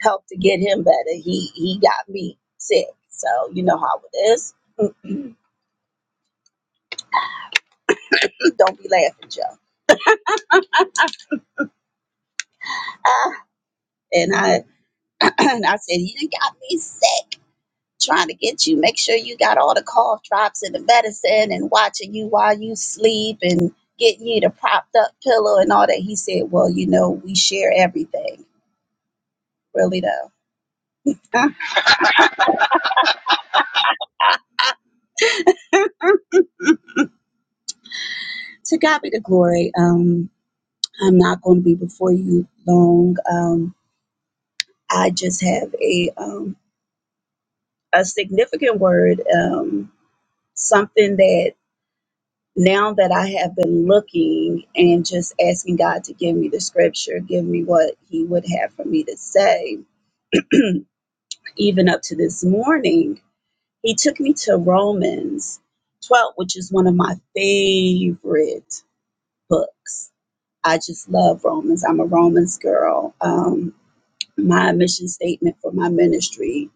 helped to get him better. He he got me sick. So you know how it is. Don't be laughing, Joe. Ah, and I and I said, You done got me sick trying to get you. Make sure you got all the cough drops and the medicine and watching you while you sleep and getting you the propped up pillow and all that. He said, Well, you know, we share everything. Really though. to God be the glory. Um I'm not gonna be before you long. Um I just have a um a significant word, um, something that now that I have been looking and just asking God to give me the scripture, give me what He would have for me to say, even up to this morning, He took me to Romans 12, which is one of my favorite books. I just love Romans. I'm a Romans girl. Um, my mission statement for my ministry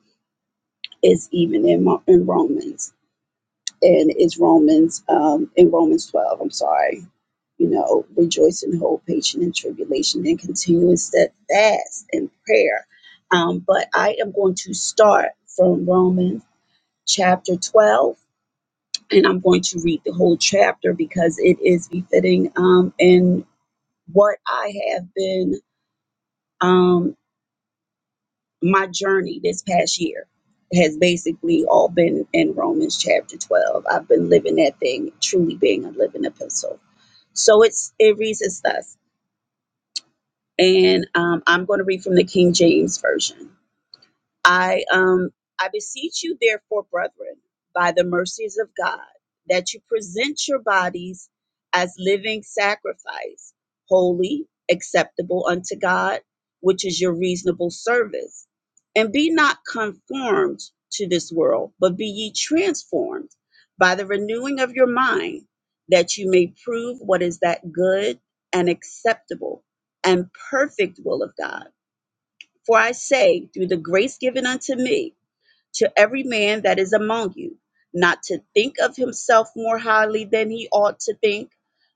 is even in, in Romans. and it's Romans, um, in Romans 12, I'm sorry, you know, rejoice in hope, patient in tribulation, and continue in steadfast in prayer. Um, but I am going to start from Romans chapter 12, and I'm going to read the whole chapter because it is befitting um, in what I have been, um, my journey this past year has basically all been in Romans chapter 12. I've been living that thing, truly being a living epistle. So it's it reads as thus, and um, I'm going to read from the King James version. I um I beseech you therefore, brethren, by the mercies of God, that you present your bodies as living sacrifice, holy, acceptable unto God, which is your reasonable service. And be not conformed to this world, but be ye transformed by the renewing of your mind, that you may prove what is that good and acceptable and perfect will of God. For I say, through the grace given unto me, to every man that is among you, not to think of himself more highly than he ought to think,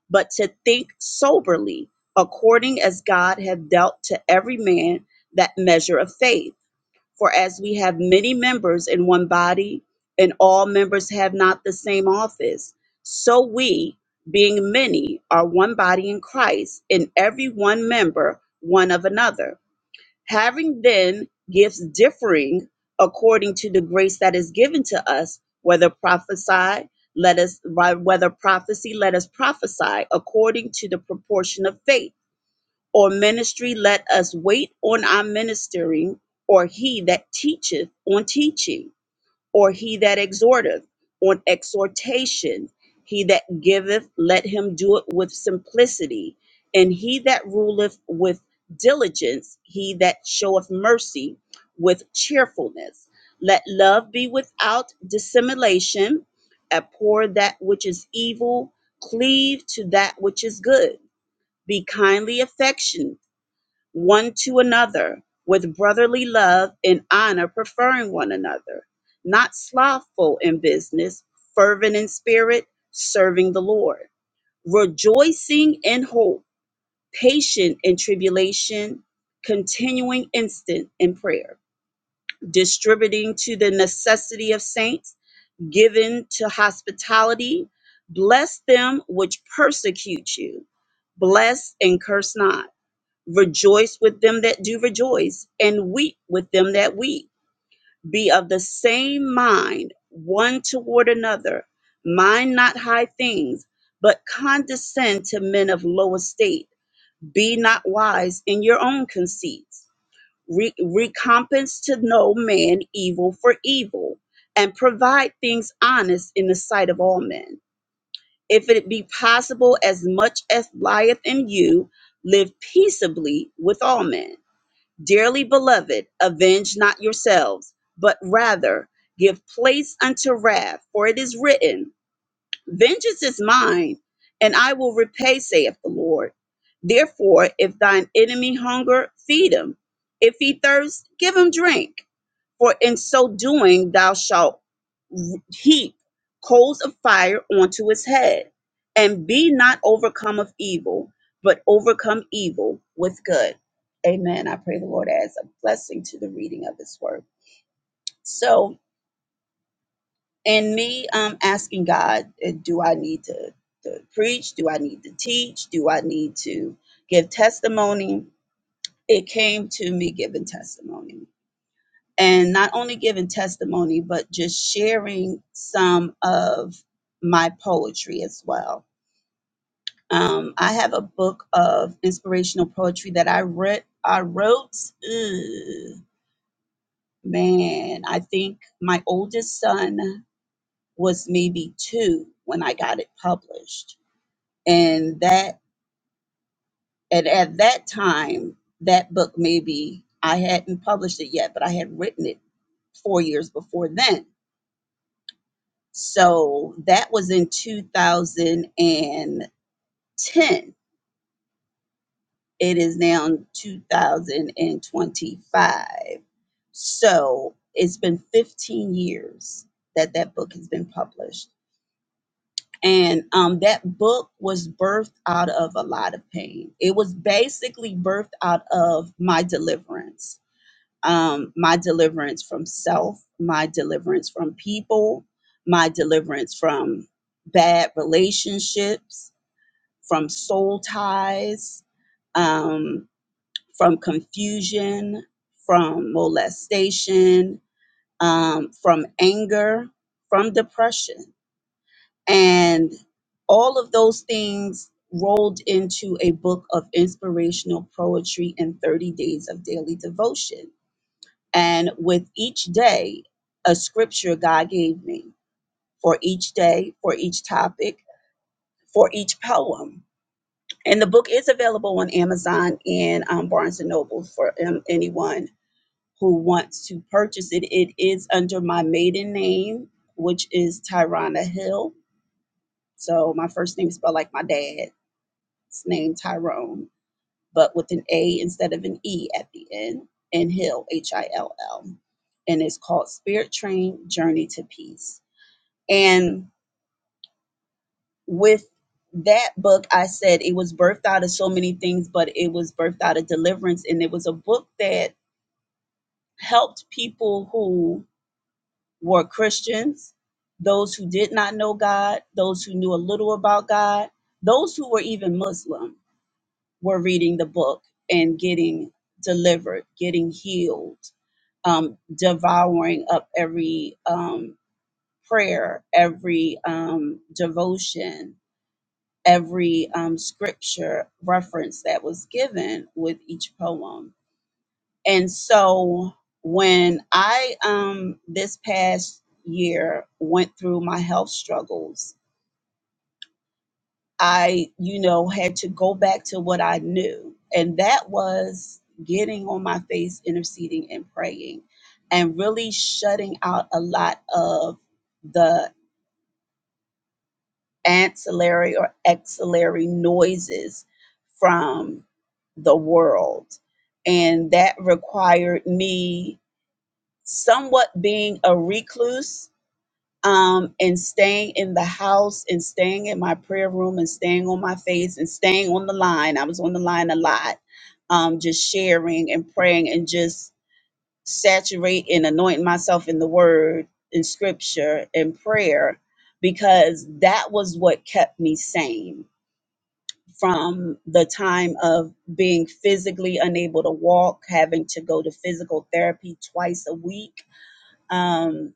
but to think soberly, according as God hath dealt to every man that measure of faith. For as we have many members in one body, and all members have not the same office, so we, being many, are one body in Christ, and every one member one of another. Having then gifts differing according to the grace that is given to us, whether prophesy, let us whether prophecy, let us prophesy according to the proportion of faith, or ministry, let us wait on our ministering, or he that teacheth on teaching or he that exhorteth on exhortation. He that giveth, let him do it with simplicity. And he that ruleth with diligence, he that showeth mercy with cheerfulness. Let love be without dissimulation, abhor that which is evil, cleave to that which is good. Be kindly affectioned one to another with brotherly love and honor, preferring one another, not slothful in business, fervent in spirit, serving the Lord, rejoicing in hope, patient in tribulation, continuing instant in prayer, distributing to the necessity of saints, given to hospitality. Bless them which persecute you, bless and curse not Rejoice with them that do rejoice, and weep with them that weep. Be of the same mind one toward another. Mind not high things, but condescend to men of low estate. Be not wise in your own conceits. Re- recompense to no man evil for evil, and provide things honest in the sight of all men. If it be possible, as much as lieth in you, live peaceably with all men. Dearly beloved, avenge not yourselves, but rather give place unto wrath, for it is written, Vengeance is mine, and I will repay, saith the Lord. Therefore, if thine enemy hunger, feed him. If he thirst, give him drink. For in so doing, thou shalt heap coals of fire onto his head. And be not overcome of evil, but overcome evil with good. Amen. I pray the Lord adds a blessing to the reading of his word. So, in me um, asking God, uh, do I need to, to preach? Do I need to teach? Do I need to give testimony? It came to me giving testimony. and not only giving testimony, but just sharing some of my poetry as well. Um, I have a book of inspirational poetry that I read. I wrote, ugh, man, I think my oldest son was maybe two when I got it published, and that and at that time that book maybe I hadn't published it yet, but I had written it four years before then So that was in 2010. It is now in 2025. So it's been 15 years that that book has been published. And um, that book was birthed out of a lot of pain. It was basically birthed out of my deliverance um, my deliverance from self, my deliverance from people, my deliverance from bad relationships, from soul ties, um, from confusion, from molestation, um, from anger, from depression. And all of those things rolled into a book of inspirational poetry and 30 days of daily devotion and with each day, a scripture God gave me for each day, for each topic, for each poem. And the book is available on Amazon and um, Barnes and Noble for um, anyone who wants to purchase it. It is under my maiden name, which is Tyrona Hill. So my first name is spelled like my dad's name, Tyrone. but with an A instead of an E at the end, and Hill, H I L L. And it's called Spirit Train Journey to Peace. And with that book, I said it was birthed out of so many things, but it was birthed out of deliverance. And it was a book that helped people who were Christians, those who did not know God, those who knew a little about God, those who were even Muslim were reading the book and getting delivered, getting healed um, devouring up every um, prayer, every um, devotion, every um, scripture reference that was given with each poem. And so when I, um, this past year, went through my health struggles, I, you know, had to go back to what I knew. And that was getting on my face, interceding and praying, and really shutting out a lot of the ancillary or axillary noises from the world. And that required me somewhat being a recluse um, and staying in the house and staying in my prayer room and staying on my face and staying on the line. I was on the line a lot, um, just sharing and praying and just saturate and anointing myself in the word, in scripture, and prayer, because that was what kept me sane from the time of being physically unable to walk, having to go to physical therapy twice a week. Um,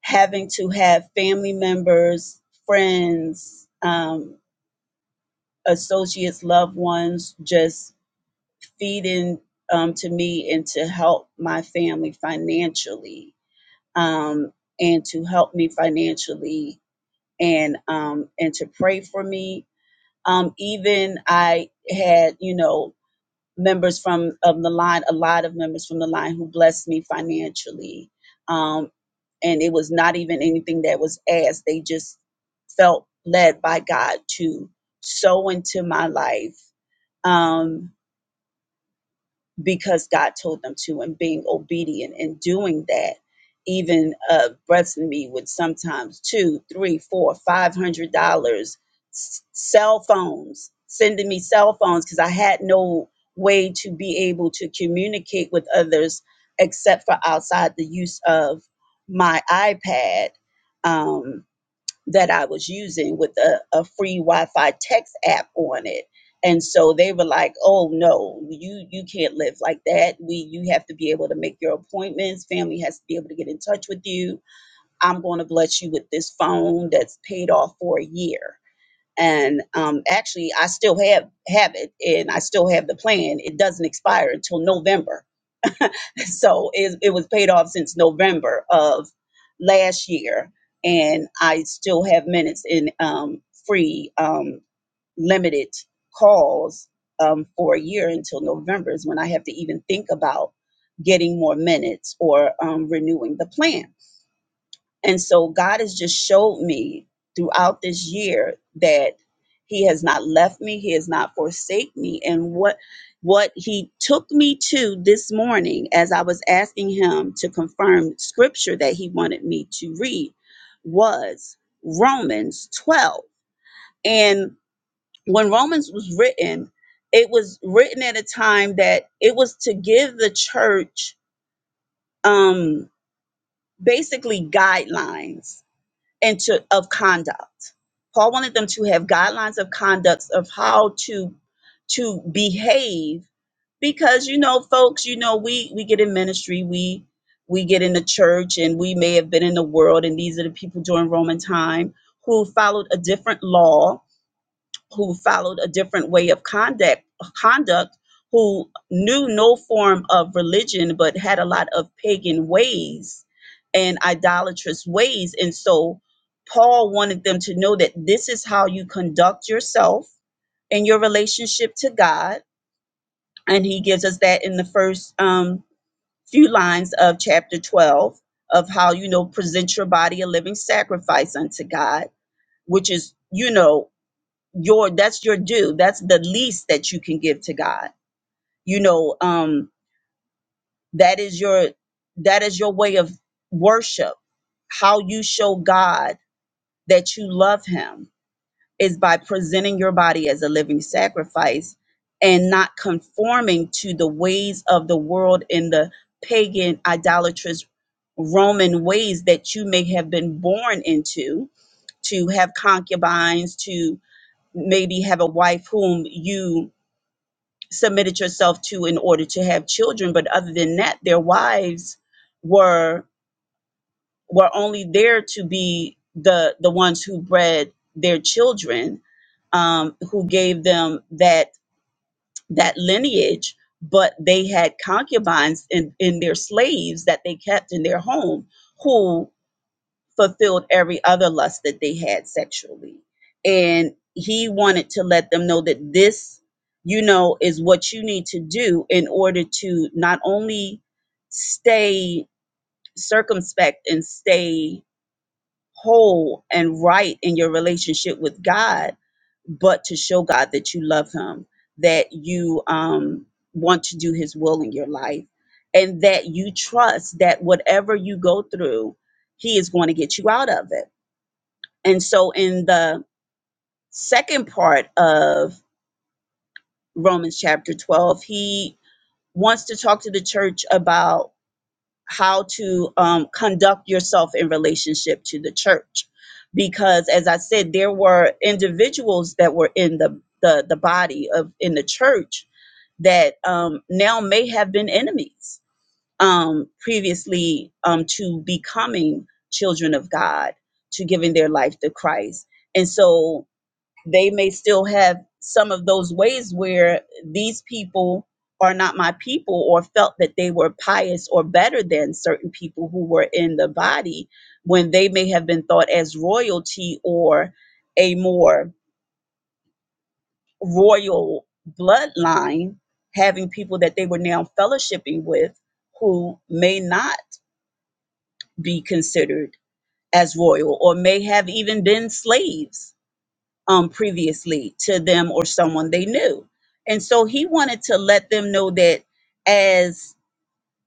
having to have family members, friends, um, associates, loved ones just feeding um, to me and to help my family financially um, and to help me financially and um, and to pray for me. Um, even I had, you know, members from of the line, a lot of members from the line who blessed me financially. Um, and it was not even anything that was asked. They just felt led by God to sow into my life. Um, because God told them to, and being obedient and doing that. Even uh, Brett's and me would sometimes two, three, four, five hundred dollars, s- cell phones, sending me cell phones because I had no way to be able to communicate with others except for outside the use of my iPad. Um, that I was using with a, a free Wi-Fi text app on it. And so they were like, "Oh no, you you can't live like that. We you have to be able to make your appointments. Family has to be able to get in touch with you. I'm going to bless you with this phone that's paid off for a year." And um, actually, I still have have it, and I still have the plan. It doesn't expire until November so it, it was paid off since November of last year, and I still have minutes in um, free um, limited calls um, for a year until November is when I have to even think about getting more minutes or um, renewing the plan. And so God has just showed me throughout this year that he has not left me, he has not forsake me and what what he took me to this morning as I was asking him to confirm scripture that he wanted me to read was Romans 12. And when Romans was written, it was written at a time that it was to give the church um basically guidelines and to, of conduct. Paul wanted them to have guidelines of conduct of how to to behave because you know folks you know we we get in ministry we we get in the church and we may have been in the world and these are the people during roman time who followed a different law who followed a different way of conduct conduct who knew no form of religion but had a lot of pagan ways and idolatrous ways and so Paul wanted them to know that this is how you conduct yourself in your relationship to God and he gives us that in the first um, few lines of chapter 12 of how you know present your body a living sacrifice unto God which is you know your that's your due that's the least that you can give to god you know um that is your that is your way of worship how you show god that you love him is by presenting your body as a living sacrifice and not conforming to the ways of the world and the pagan idolatrous roman ways that you may have been born into to have concubines to maybe have a wife whom you submitted yourself to in order to have children but other than that their wives were were only there to be the the ones who bred their children um who gave them that that lineage but they had concubines in in their slaves that they kept in their home who fulfilled every other lust that they had sexually. And he wanted to let them know that this, you know, is what you need to do in order to not only stay circumspect and stay whole and right in your relationship with God, but to show God that you love him, that you um want to do his will in your life and that you trust that whatever you go through, he is going to get you out of it and so in the second part of Romans chapter 12, he wants to talk to the church about how to um, conduct yourself in relationship to the church. Because as I said, there were individuals that were in the, the, the body of in the church that um, now may have been enemies um, previously um, to becoming children of God, to giving their life to Christ. And so they may still have some of those ways where these people are not my people or felt that they were pious or better than certain people who were in the body when they may have been thought as royalty or a more royal bloodline having people that they were now fellowshipping with who may not be considered as royal or may have even been slaves um, previously to them or someone they knew. And so he wanted to let them know that as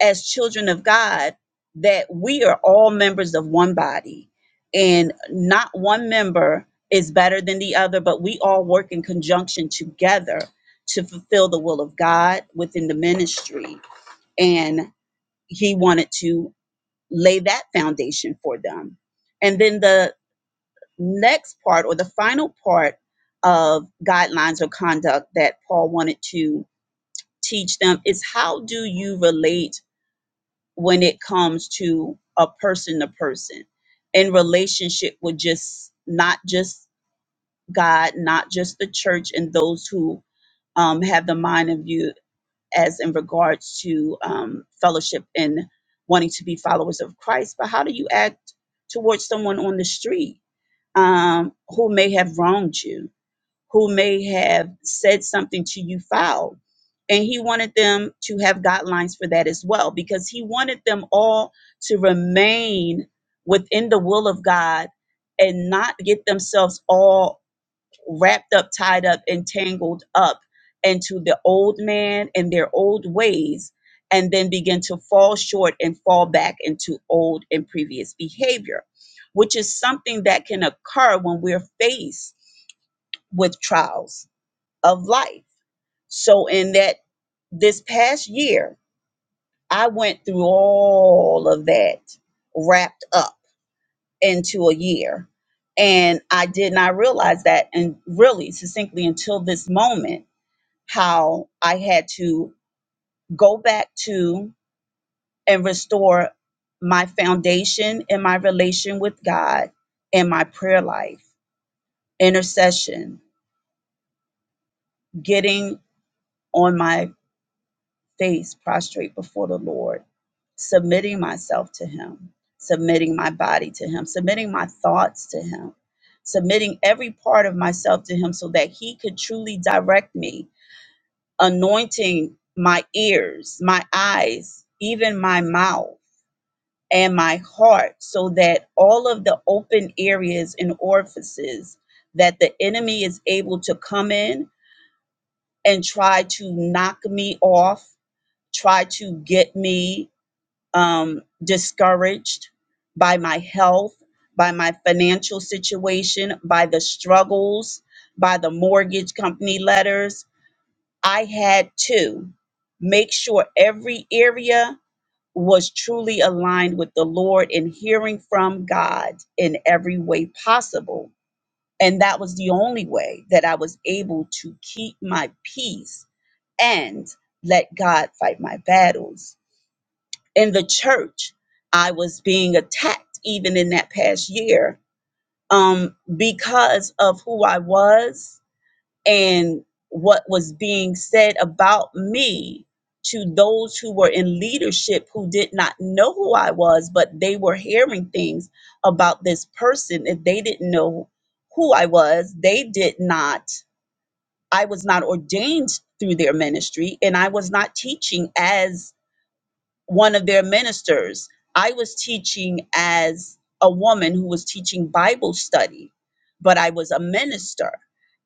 as children of God, that we are all members of one body, and not one member is better than the other, but we all work in conjunction together to fulfill the will of God within the ministry. And he wanted to lay that foundation for them. And then the next part or the final part of guidelines or conduct that Paul wanted to teach them is how do you relate when it comes to a person to person in relationship with just not just God, not just the church and those who um, have the mind of you as in regards to um, fellowship and wanting to be followers of Christ, but how do you act towards someone on the street um, who may have wronged you? who may have said something to you foul. And he wanted them to have guidelines for that as well, because he wanted them all to remain within the will of God and not get themselves all wrapped up, tied up, and tangled up into the old man and their old ways, and then begin to fall short and fall back into old and previous behavior, which is something that can occur when we're faced with trials of life. So, in that this past year, I went through all of that wrapped up into a year. And I did not realize that, and really succinctly until this moment, how I had to go back to and restore my foundation and my relation with God and my prayer life, intercession, getting on my face prostrate before the Lord, submitting myself to Him, submitting my body to Him, submitting my thoughts to Him, submitting every part of myself to Him so that He could truly direct me, anointing my ears, my eyes, even my mouth. And my heart, so that all of the open areas and orifices that the enemy is able to come in and try to knock me off, try to get me um, discouraged by my health, by my financial situation, by the struggles, by the mortgage company letters. I had to make sure every area was truly aligned with the Lord and hearing from God in every way possible. And that was the only way that I was able to keep my peace and let God fight my battles in the church i was being attacked even in that past year um because of who i was and what was being said about me to those who were in leadership who did not know who i was but they were hearing things about this person if they didn't know who i was they did not i was not ordained through their ministry and i was not teaching as one of their ministers. I was teaching as a woman who was teaching Bible study, but I was a minister.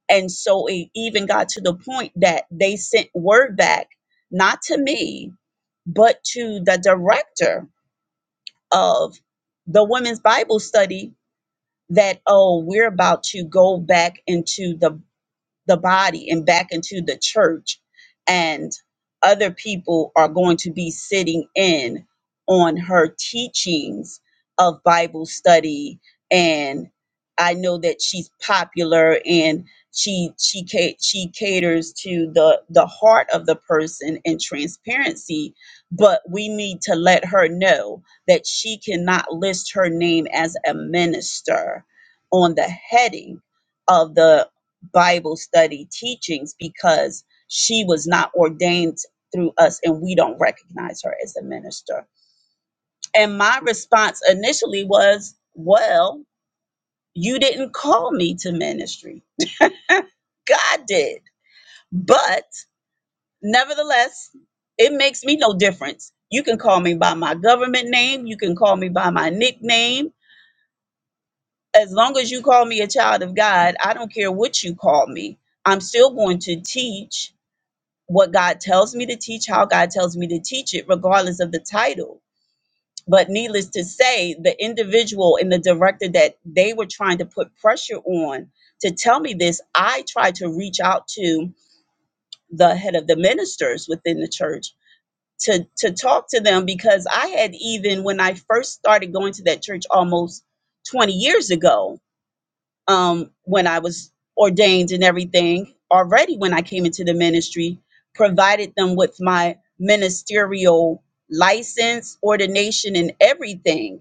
And so it even got to the point that they sent word back, not to me, but to the director of the women's Bible study that, oh, we're about to go back into the the body and back into the church and other people are going to be sitting in on her teachings of bible study and i know that she's popular and she she ca- she caters to the the heart of the person and transparency but we need to let her know that she cannot list her name as a minister on the heading of the Bible study teachings because she was not ordained through us and we don't recognize her as a minister. And my response initially was, Well, you didn't call me to ministry, God did. But nevertheless, it makes me no difference. You can call me by my government name, you can call me by my nickname. As long as you call me a child of God, I don't care what you call me. I'm still going to teach what God tells me to teach, how God tells me to teach it, regardless of the title. But needless to say, the individual and the director that they were trying to put pressure on to tell me this, I tried to reach out to the head of the ministers within the church to, to talk to them because I had even, when I first started going to that church almost 20 years ago, um, when I was ordained and everything, already when I came into the ministry, provided them with my ministerial license, ordination, and everything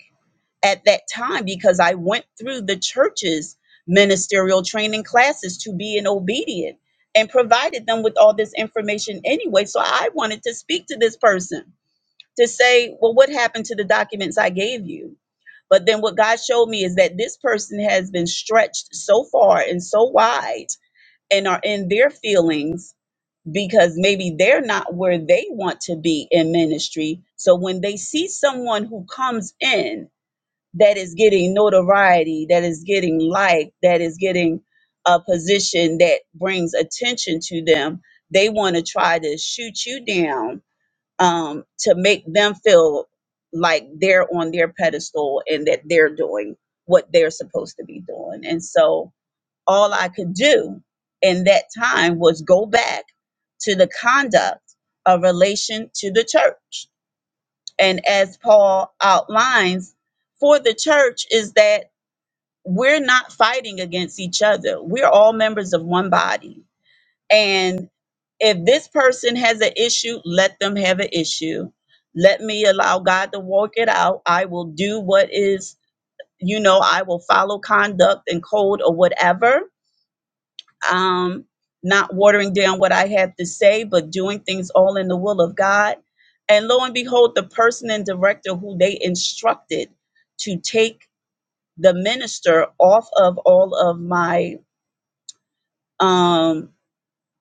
at that time because I went through the church's ministerial training classes to be an obedient and provided them with all this information anyway. So I wanted to speak to this person to say, well, what happened to the documents I gave you? But then what God showed me is that this person has been stretched so far and so wide and are in their feelings because maybe they're not where they want to be in ministry. So when they see someone who comes in that is getting notoriety, that is getting like, that is getting a position that brings attention to them, they want to try to shoot you down um, to make them feel like they're on their pedestal and that they're doing what they're supposed to be doing. And so all I could do in that time was go back to the conduct of relation to the church. And as Paul outlines for the church is that we're not fighting against each other. We're all members of one body and if this person has an issue, let them have an issue. Let me allow God to work it out. I will do what is, you know, I will follow conduct and code or whatever. Um, not watering down what I have to say, but doing things all in the will of God. And lo and behold, the person and director who they instructed to take the minister off of all of my um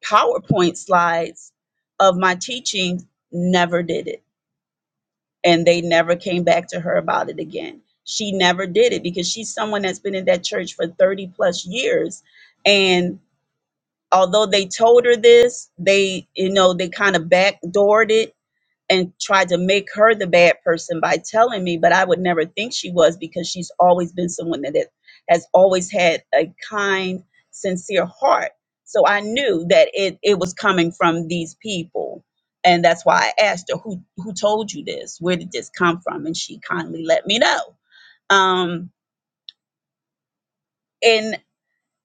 PowerPoint slides of my teaching, never did it. And they never came back to her about it again. She never did it because she's someone that's been in that church for 30 plus years. And although they told her this, they, you know, they kind of backdoored it and tried to make her the bad person by telling me, but I would never think she was because she's always been someone that it- has always had a kind, sincere heart. So I knew that it, it was coming from these people. And that's why I asked her, who, who told you this? Where did this come from? And she kindly let me know. Um, and,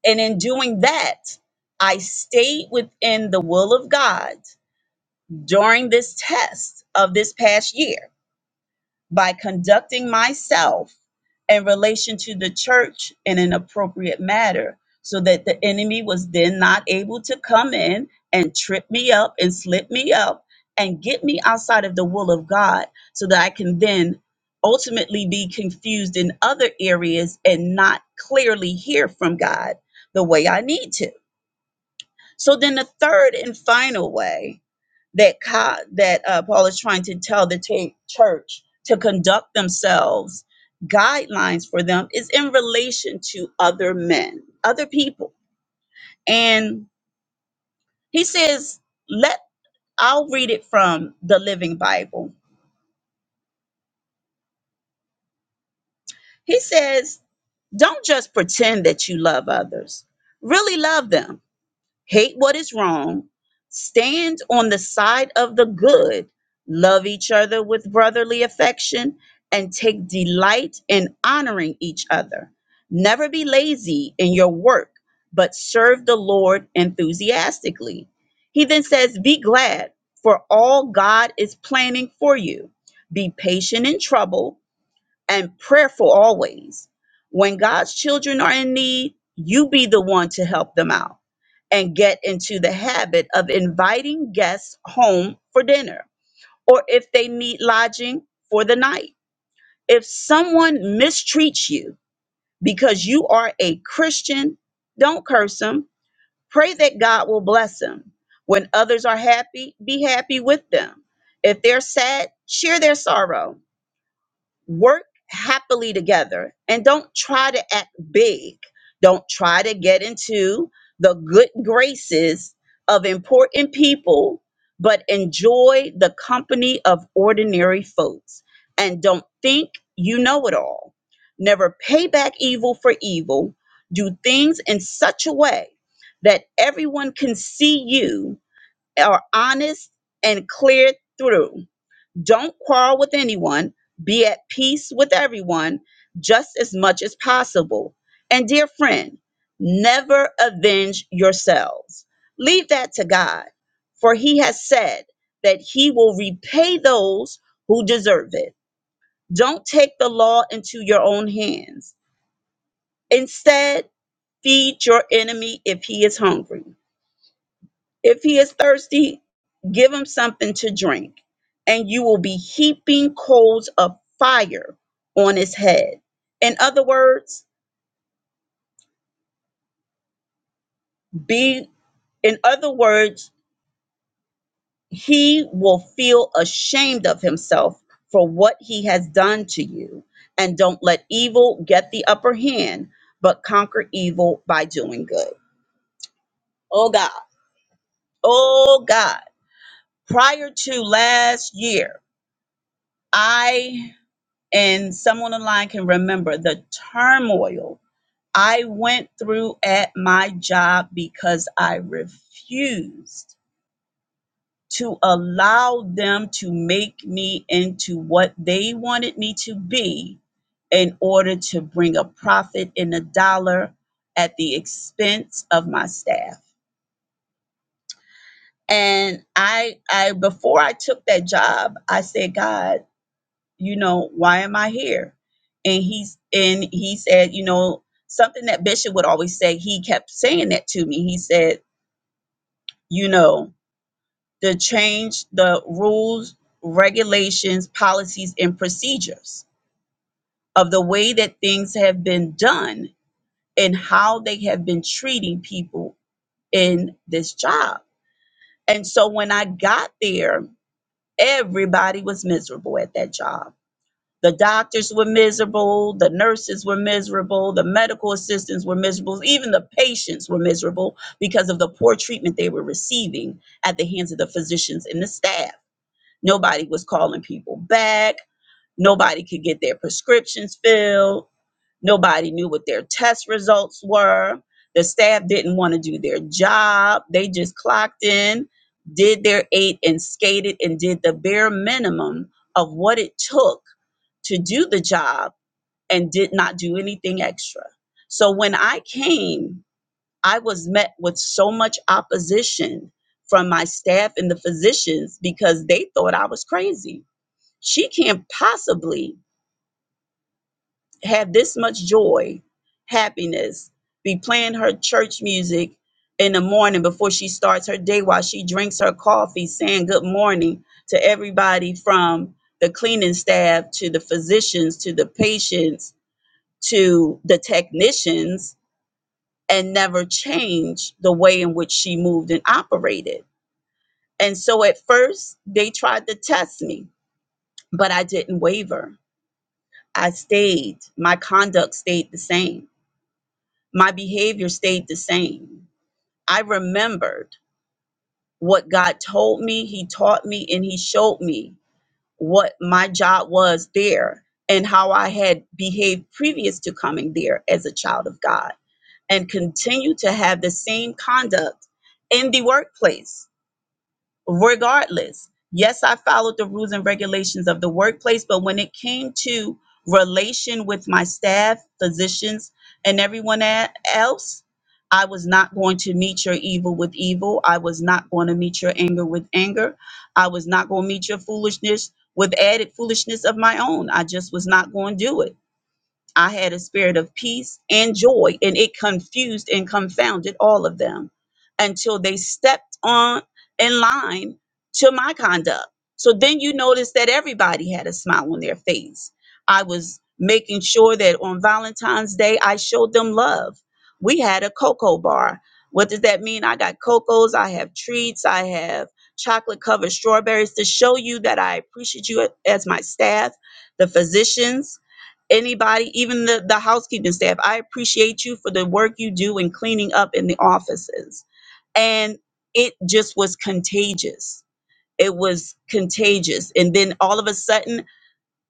and in doing that, I stayed within the will of God during this test of this past year by conducting myself in relation to the church in an appropriate manner so that the enemy was then not able to come in and trip me up and slip me up and get me outside of the will of God so that I can then ultimately be confused in other areas and not clearly hear from God the way I need to. So then the third and final way that co- that uh, Paul is trying to tell the ta- church to conduct themselves, guidelines for them is in relation to other men, other people, and he says, "Let I'll read it from the Living Bible." He says, "Don't just pretend that you love others; really love them." hate what is wrong, stand on the side of the good, love each other with brotherly affection, and take delight in honoring each other. Never be lazy in your work, but serve the Lord enthusiastically. He then says, Be glad, for all God is planning for you. Be patient in trouble and prayerful always. When God's children are in need, you be the one to help them out and get into the habit of inviting guests home for dinner or if they need lodging for the night. If someone mistreats you because you are a Christian, don't curse them. Pray that God will bless them. When others are happy, be happy with them. If they're sad, share their sorrow work happily together and don't try to act big. Don't try to get into the good graces of important people, but enjoy the company of ordinary folks. And don't think you know it all. Never pay back evil for evil. Do things in such a way that everyone can see you are honest and clear through. Don't quarrel with anyone. Be at peace with everyone just as much as possible. And dear friend, never avenge yourselves. Leave that to God, for he has said that he will repay those who deserve it. Don't take the law into your own hands. Instead, feed your enemy if he is hungry. If he is thirsty, give him something to drink, and you will be heaping coals of fire on his head. In other words, be in other words, he will feel ashamed of himself for what he has done to you. And don't let evil get the upper hand, but conquer evil by doing good. Oh God. Oh God. Prior to last year, I and someone online can remember the turmoil I went through at my job because I refused to allow them to make me into what they wanted me to be in order to bring a profit in a dollar at the expense of my staff. And I I before I took that job, I said, God, you know why am i here and he's and he said you know something that bishop would always say he kept saying that to me he said you know the change the rules regulations policies and procedures of the way that things have been done and how they have been treating people in this job and so when i got there everybody was miserable at that job The doctors were miserable. The nurses were miserable. The medical assistants were miserable. Even the patients were miserable because of the poor treatment they were receiving at the hands of the physicians and the staff. Nobody was calling people back. Nobody could get their prescriptions filled. Nobody knew what their test results were. The staff didn't want to do their job. They just clocked in, did their eight, and skated and did the bare minimum of what it took to do the job and did not do anything extra. So when I came, I was met with so much opposition from my staff and the physicians because they thought I was crazy. She can't possibly have this much joy, happiness, be playing her church music in the morning before she starts her day while she drinks her coffee, saying good morning to everybody from the cleaning staff to the physicians to the patients to the technicians and never changed the way in which she moved and operated. And so at first, they tried to test me, but I didn't waver. I stayed. My conduct stayed the same. My behavior stayed the same. I remembered what God told me, He taught me, and He showed me what my job was there and how I had behaved previous to coming there as a child of God. and continue to have the same conduct in the workplace, regardless. Yes, I followed the rules and regulations of the workplace, but when it came to relation with my staff, physicians, and everyone a- else, I was not going to meet your evil with evil. I was not going to meet your anger with anger. I was not going to meet your foolishness with added foolishness of my own. I just was not going to do it. I had a spirit of peace and joy, and it confused and confounded all of them until they stepped on in line to my conduct. So then you notice that everybody had a smile on their face. I was making sure that on Valentine's Day, I showed them love. We had a cocoa bar. What does that mean? I got cocos, I have treats, I have chocolate covered strawberries to show you that I appreciate you as my staff, the physicians, anybody, even the, the housekeeping staff. I appreciate you for the work you do in cleaning up in the offices. And it just was contagious. It was contagious. And then all of a sudden,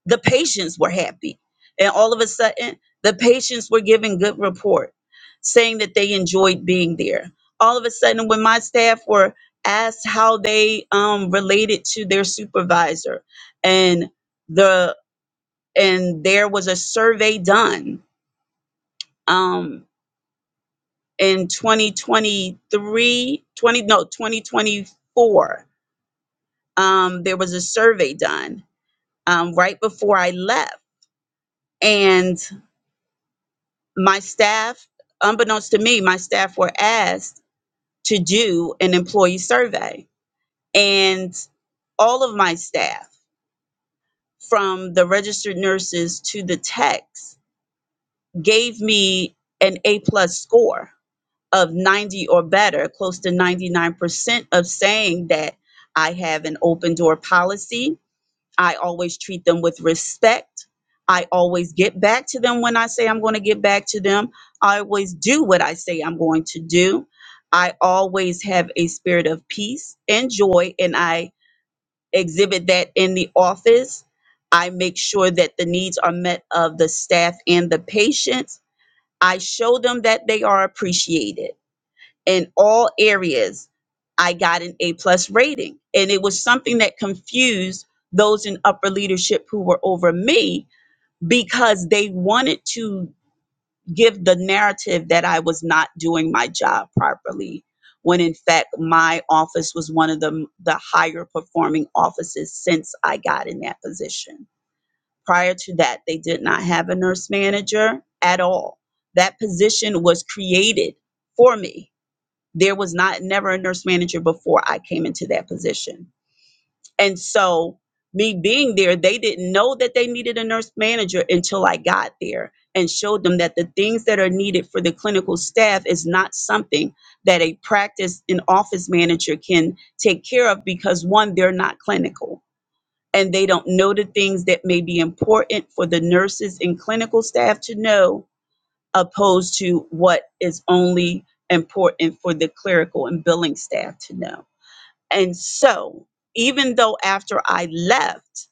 the patients were happy. And all of a sudden, the patients were giving good report, saying that they enjoyed being there. All of a sudden, when my staff were asked how they um, related to their supervisor and the and there was a survey done um, in 2023, 20, no, 2024, um, there was a survey done um, right before I left. And my staff, unbeknownst to me, my staff were asked to do an employee survey. And all of my staff, from the registered nurses to the techs, gave me an A plus score of 90 or better, close to 99% of saying that I have an open door policy. I always treat them with respect. I always get back to them when I say I'm going to get back to them. I always do what I say I'm going to do. I always have a spirit of peace and joy, and I exhibit that in the office. I make sure that the needs are met of the staff and the patients. I show them that they are appreciated in all areas i got an a plus rating and it was something that confused those in upper leadership who were over me because they wanted to give the narrative that i was not doing my job properly when in fact my office was one of the, the higher performing offices since i got in that position prior to that they did not have a nurse manager at all that position was created for me there was not never a nurse manager before I came into that position. And so me being there, they didn't know that they needed a nurse manager until I got there and showed them that the things that are needed for the clinical staff is not something that a practice and office manager can take care of because one, they're not clinical and they don't know the things that may be important for the nurses and clinical staff to know opposed to what is only important for the clerical and billing staff to know. And so, even though after I left,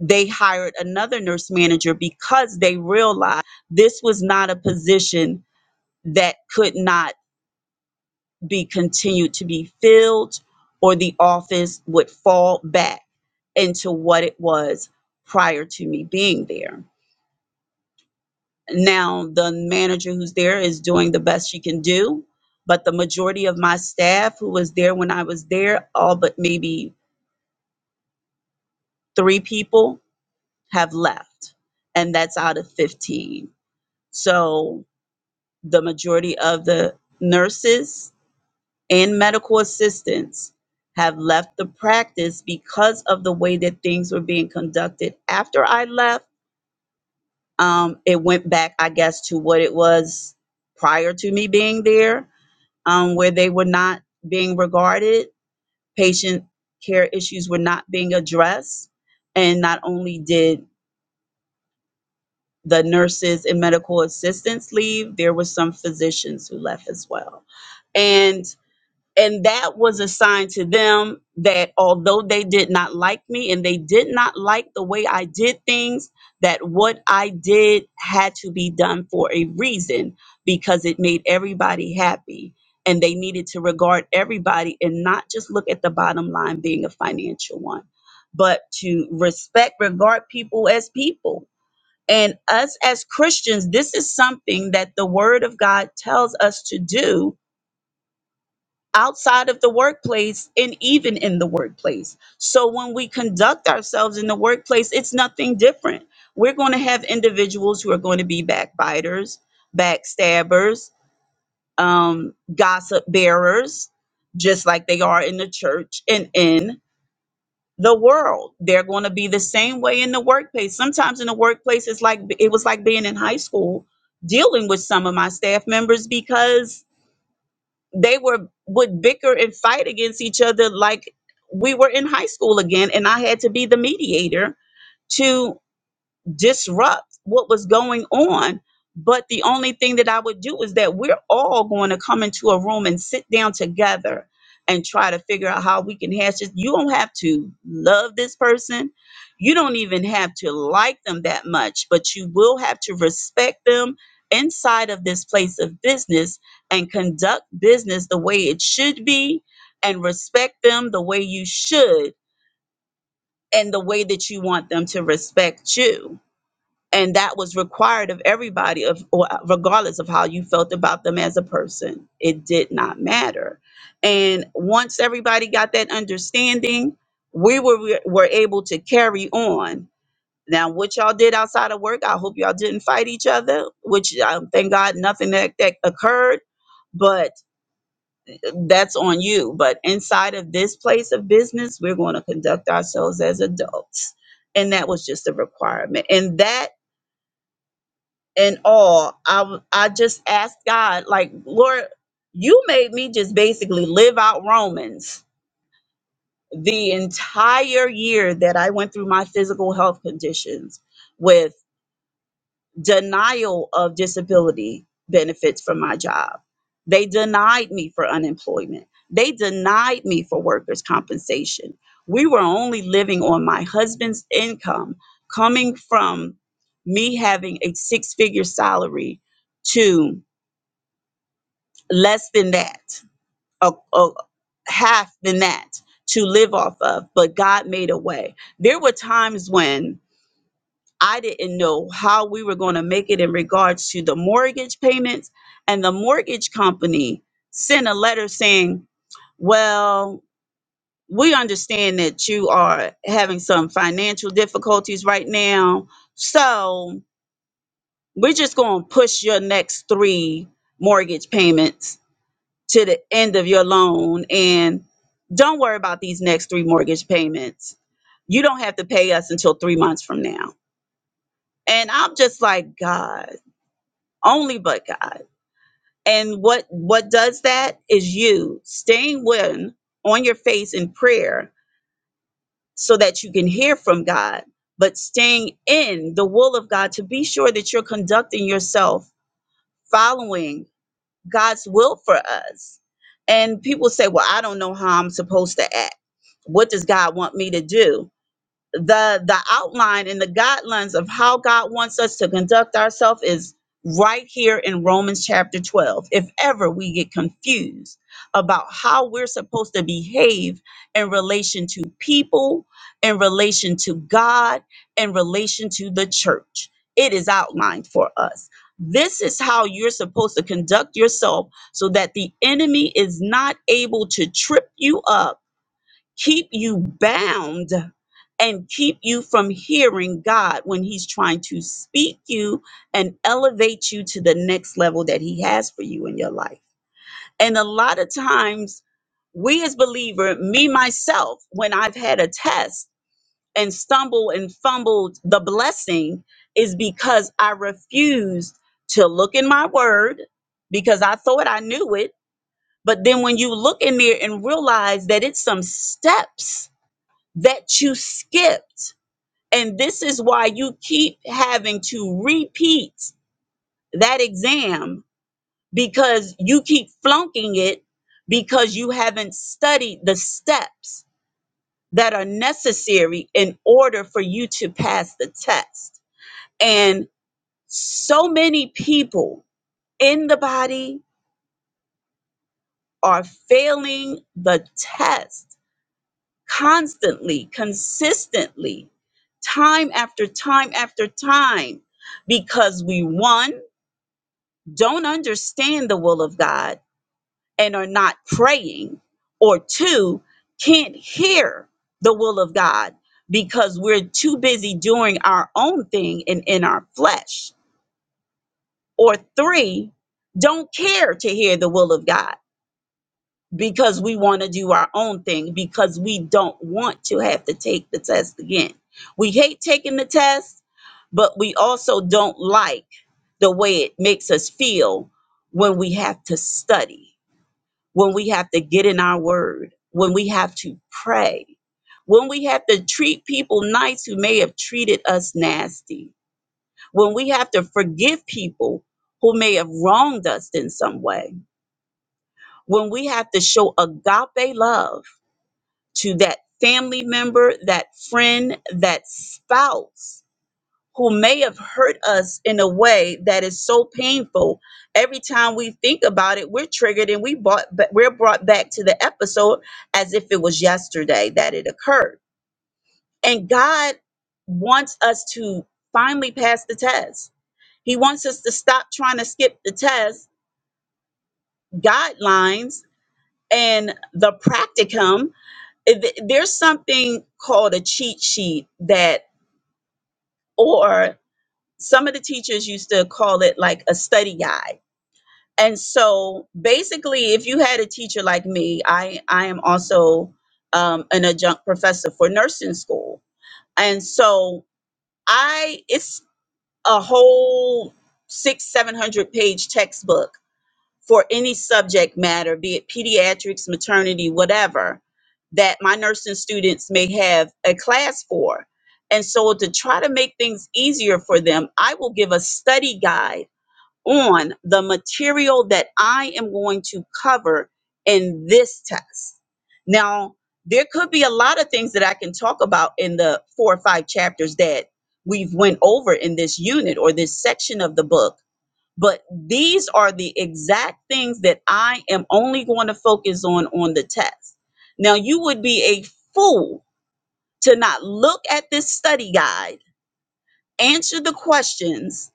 they hired another nurse manager because they realized this was not a position that could not be continued to be filled or the office would fall back into what it was prior to me being there. Now, the manager who's there is doing the best she can do, but the majority of my staff who was there when I was there, all but maybe three people have left, and that's out of 15. So, the majority of the nurses and medical assistants have left the practice because of the way that things were being conducted after I left. Um, it went back, I guess, to what it was prior to me being there um, where they were not being regarded, patient care issues were not being addressed. And not only did the nurses and medical assistants leave, there were some physicians who left as well. And and that was a sign to them that although they did not like me and they did not like the way I did things, that what I did had to be done for a reason because it made everybody happy. And they needed to regard everybody and not just look at the bottom line being a financial one, but to respect, regard people as people. And us as Christians, this is something that the Word of God tells us to do outside of the workplace and even in the workplace. So when we conduct ourselves in the workplace, it's nothing different. We're going to have individuals who are going to be backbiters, backstabbers, um, gossip bearers, just like they are in the church and in the world. They're going to be the same way in the workplace. Sometimes in the workplace, it's like it was like being in high school dealing with some of my staff members because they were would bicker and fight against each other like we were in high school again and i had to be the mediator to disrupt what was going on. But the only thing that I would do is that we're all going to come into a room and sit down together and try to figure out how we can hash it. You don't have to love this person. You don't even have to like them that much, but you will have to respect them inside of this place of business and conduct business the way it should be and respect them the way you should and the way that you want them to respect you and that was required of everybody of or regardless of how you felt about them as a person it did not matter and once everybody got that understanding we were were able to carry on now what y'all did outside of work i hope y'all didn't fight each other which um, thank god nothing that, that occurred but that's on you but inside of this place of business we're going to conduct ourselves as adults and that was just a requirement and that and all. I w- I just asked God, like, Lord, you made me just basically live out Romans the entire year that I went through my physical health conditions with denial of disability benefits from my job. They denied me for unemployment. They denied me for workers' compensation. We were only living on my husband's income coming from me having a six figure salary to less than that, a, a half than that to live off of, but God made a way. There were times when I didn't know how we were going to make it in regards to the mortgage payments, and the mortgage company sent a letter saying, Well, we understand that you are having some financial difficulties right now, so we're just going to push your next three mortgage payments to the end of your loan and don't worry about these next three mortgage payments. You don't have to pay us until three months from now. And I'm just like, God, only but God. And what what does that is you staying when on your face in prayer so that you can hear from God, but staying in the will of God to be sure that you're conducting yourself following God's will for us. And people say, Well, I don't know how I'm supposed to act what does God want me to do? The the outline and the guidelines of how God wants us to conduct ourselves is right here in Romans chapter 12. If ever we get confused about how we're supposed to behave in relation to people, in relation to God, in relation to the church, it is outlined for us. This is how you're supposed to conduct yourself so that the enemy is not able to trip you up keep you bound and keep you from hearing God when He's trying to speak you and elevate you to the next level that He has for you in your life. And a lot of times, we as believer, me myself, when I've had a test and stumble and fumbled the blessing, is because I refused to look in my word because I thought I knew it. But then when you look in there and realize that it's some steps that you skipped. And this is why you keep having to repeat that exam because you keep flunking it because you haven't studied the steps that are necessary in order for you to pass the test. And so many people in the body are failing the test constantly, consistently, time after time after time, because we, one, don't understand the will of God and are not praying, or two, can't hear the will of God because we're too busy doing our own thing and in our flesh, or three, don't care to hear the will of God because we want to do our own thing because we don't want to have to take the test again. We hate taking the test, but we also don't like the way it makes us feel when we have to study, when we have to get in our word, when we have to pray, when we have to treat people nice who may have treated us nasty, when we have to forgive people who may have wronged us in some way, when we have to show agape love to that family member, that friend, that spouse who may have hurt us in a way that is so painful. Every time we think about it, we're triggered and we brought we're brought back to the episode as if it was yesterday that it occurred. And God wants us to finally pass the test. He wants us to stop trying to skip the test guidelines and the practicum. Th- There's something called a cheat sheet that. or some of the teachers used to call it like a study guide. And so basically, if you had a teacher like me, I, I am also um, an adjunct professor for nursing school. And so I, it's a whole six, 700 page textbook for any subject matter, be it pediatrics, maternity, whatever, that my nursing students may have a class for. And so, to try to make things easier for them, I will give a study guide on the material that I am going to cover in this test. Now, there could be a lot of things that I can talk about in the four or five chapters that we've went over in this unit or this section of the book but these are the exact things that I am only going to focus on on the test. Now, you would be a fool to not look at this study guide, answer the questions,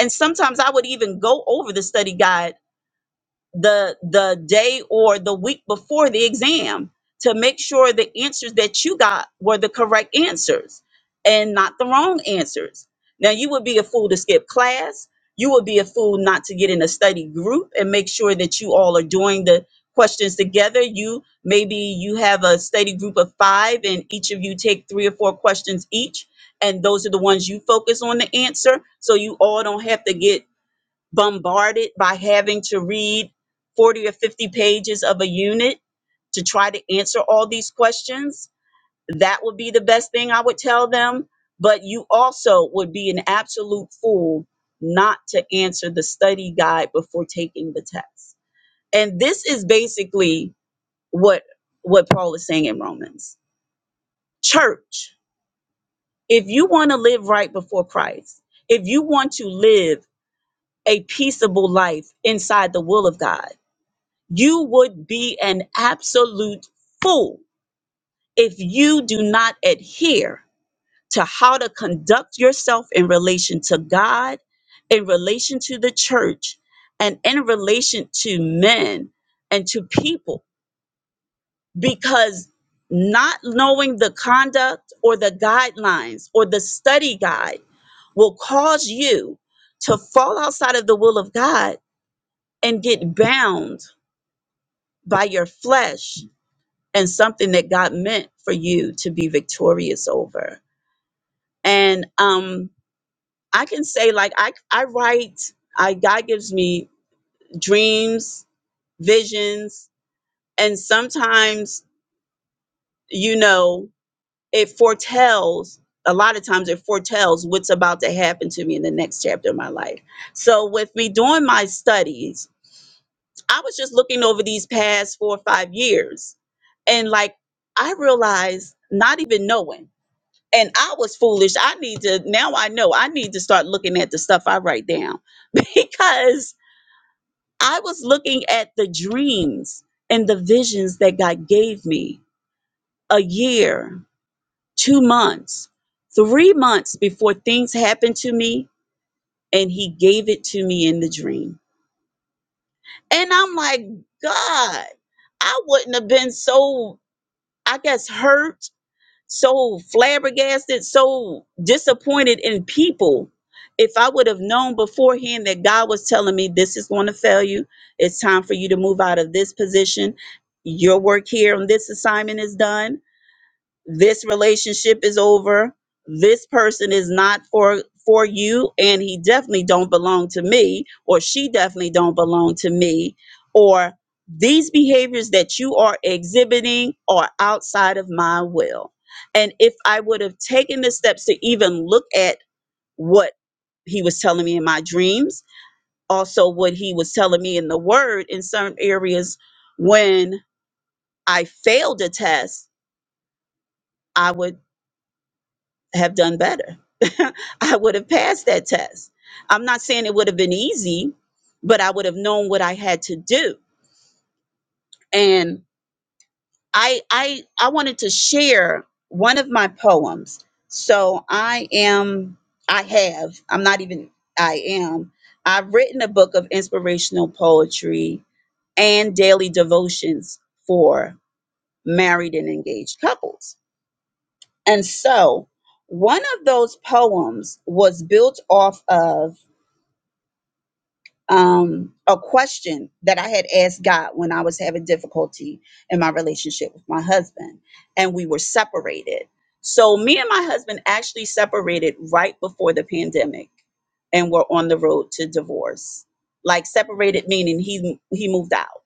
and sometimes I would even go over the study guide the the day or the week before the exam to make sure the answers that you got were the correct answers and not the wrong answers. Now you would be a fool to skip class. You would be a fool not to get in a study group and make sure that you all are doing the questions together. You maybe you have a study group of 5 and each of you take 3 or 4 questions each and those are the ones you focus on the answer so you all don't have to get bombarded by having to read 40 or 50 pages of a unit to try to answer all these questions. That would be the best thing I would tell them. But you also would be an absolute fool not to answer the study guide before taking the test. And this is basically what what Paul is saying in Romans. Church, if you want to live right before Christ, if you want to live a peaceable life inside the will of God, You would be an absolute fool if you do not adhere to how to conduct yourself in relation to God, in relation to the church, and in relation to men and to people. Because not knowing the conduct or the guidelines or the study guide will cause you to fall outside of the will of God and get bound by your flesh and something that God meant for you to be victorious over. And um, I can say, like, I, I write, I, God gives me dreams, visions, and sometimes, you know, it foretells, a lot of times it foretells what's about to happen to me in the next chapter of my life. So, with me doing my studies, I was just looking over these past four or five years, and like, I realized not even knowing. and I was foolish. I need to now I know I need to start looking at the stuff I write down because I was looking at the dreams and the visions that God gave me a year, 2 months, 3 months before things happened to me and he gave it to me in the dream. And I'm like, God, I wouldn't have been so I guess hurt so flabbergasted, so disappointed in people. If I would have known beforehand that God was telling me this is going to fail you, it's time for you to move out of this position, your work here on this assignment is done this relationship is over this person is not for for you and he definitely don't belong to me or she definitely don't belong to me or these behaviors that you are exhibiting are outside of my will and if i would have taken the steps to even look at what he was telling me in my dreams also what he was telling me in the word in certain areas when i failed a test i would have done better. I would have passed that test. I'm not saying it would have been easy, but I would have known what I had to do. And I I I wanted to share one of my poems. So I am I have I'm not even I am I've written a book of inspirational poetry and daily devotions for married and engaged couples. And so one of those poems was built off of um, a question that I had asked God when I was having difficulty in my relationship with my husband, and we were separated. So, me and my husband actually separated right before the pandemic and were on the road to divorce. Like, separated meaning he, he moved out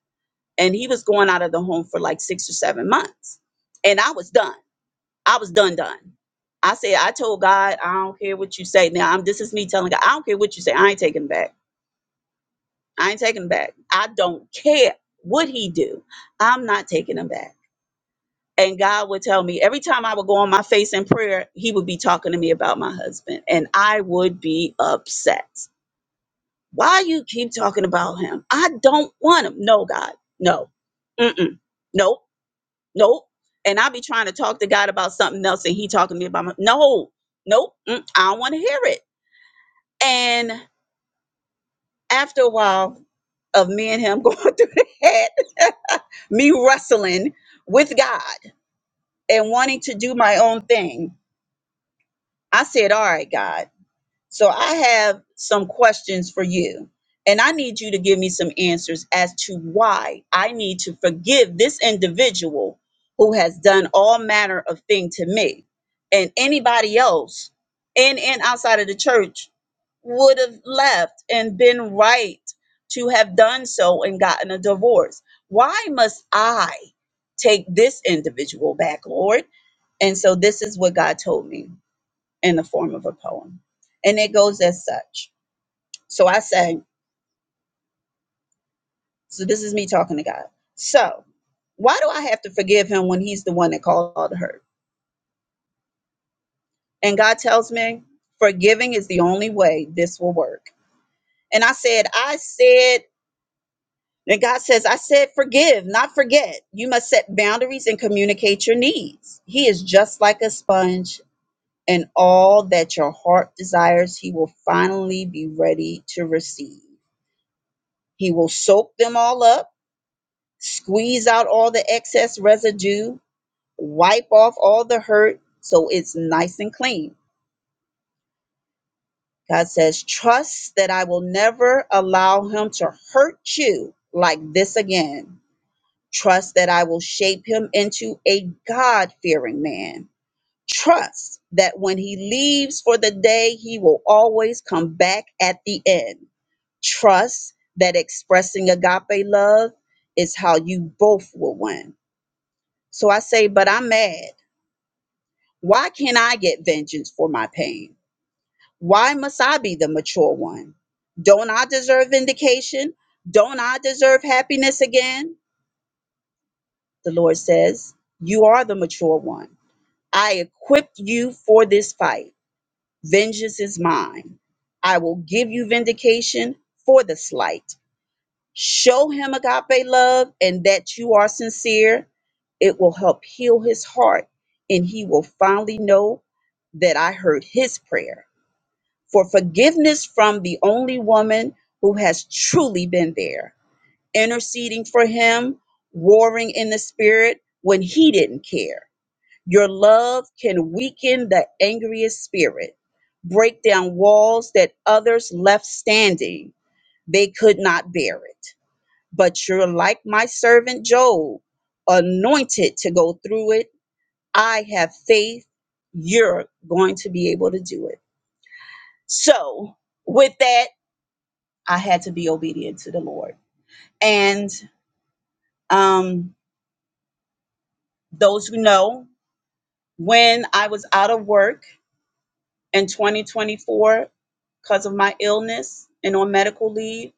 and he was going out of the home for like six or seven months. And I was done. I was done, done. I said, I told God, I don't care what you say. Now, I'm, this is me telling God, I don't care what you say. I ain't taking it back. I ain't taking him back. I don't care what he do. I'm not taking him back. And God would tell me every time I would go on my face in prayer, he would be talking to me about my husband. And I would be upset. Why you keep talking about him? I don't want him. No, God. No. Mm-mm. Nope. Nope. And i be trying to talk to God about something else and he talking to me about my no, nope. Mm, I don't want to hear it. And After a while of me and him going through that, me wrestling with God and wanting to do my own thing, I said, All right, God, so I have some questions for you. And I need you to give me some answers as to why I need to forgive this individual who has done all manner of thing to me and anybody else in and outside of the church would have left and been right to have done so and gotten a divorce. Why must I take this individual back, Lord? And so this is what God told me in the form of a poem. And it goes as such. So I say, so this is me talking to God. So why do I have to forgive him when he's the one that called her? And God tells me, forgiving is the only way this will work. And I said, I said, And God says, I said, forgive, not forget. You must set boundaries and communicate your needs. He is just like a sponge, and all that your heart desires, He will finally be ready to receive. He will soak them all up, squeeze out all the excess residue, wipe off all the hurt so it's nice and clean. God says, Trust that I will never allow Him to hurt you like this again. Trust that I will shape him into a God fearing man. Trust that when he leaves for the day, he will always come back at the end. Trust that expressing agape love is how you both will win. So I say, but I'm mad. Why can't I get vengeance for my pain? Why must I be the mature one? Don't I deserve vindication? Don't I deserve happiness again? The Lord says, You are the mature one. I equipped you for this fight. Vengeance is mine. I will give you vindication for the slight. Show him agape love and that you are sincere. It will help heal his heart, and he will finally know that I heard his prayer for forgiveness from the only woman who has truly been there, interceding for him, warring in the spirit when he didn't care your love can weaken the angriest spirit, break down walls that others left standing. They could not bear it. But you're like my servant Job, anointed to go through it. I have faith you're going to be able to do it. So, with that, I had to be obedient to the Lord. And um, those who know, when I was out of work, in 2024 because of my illness and on medical leave.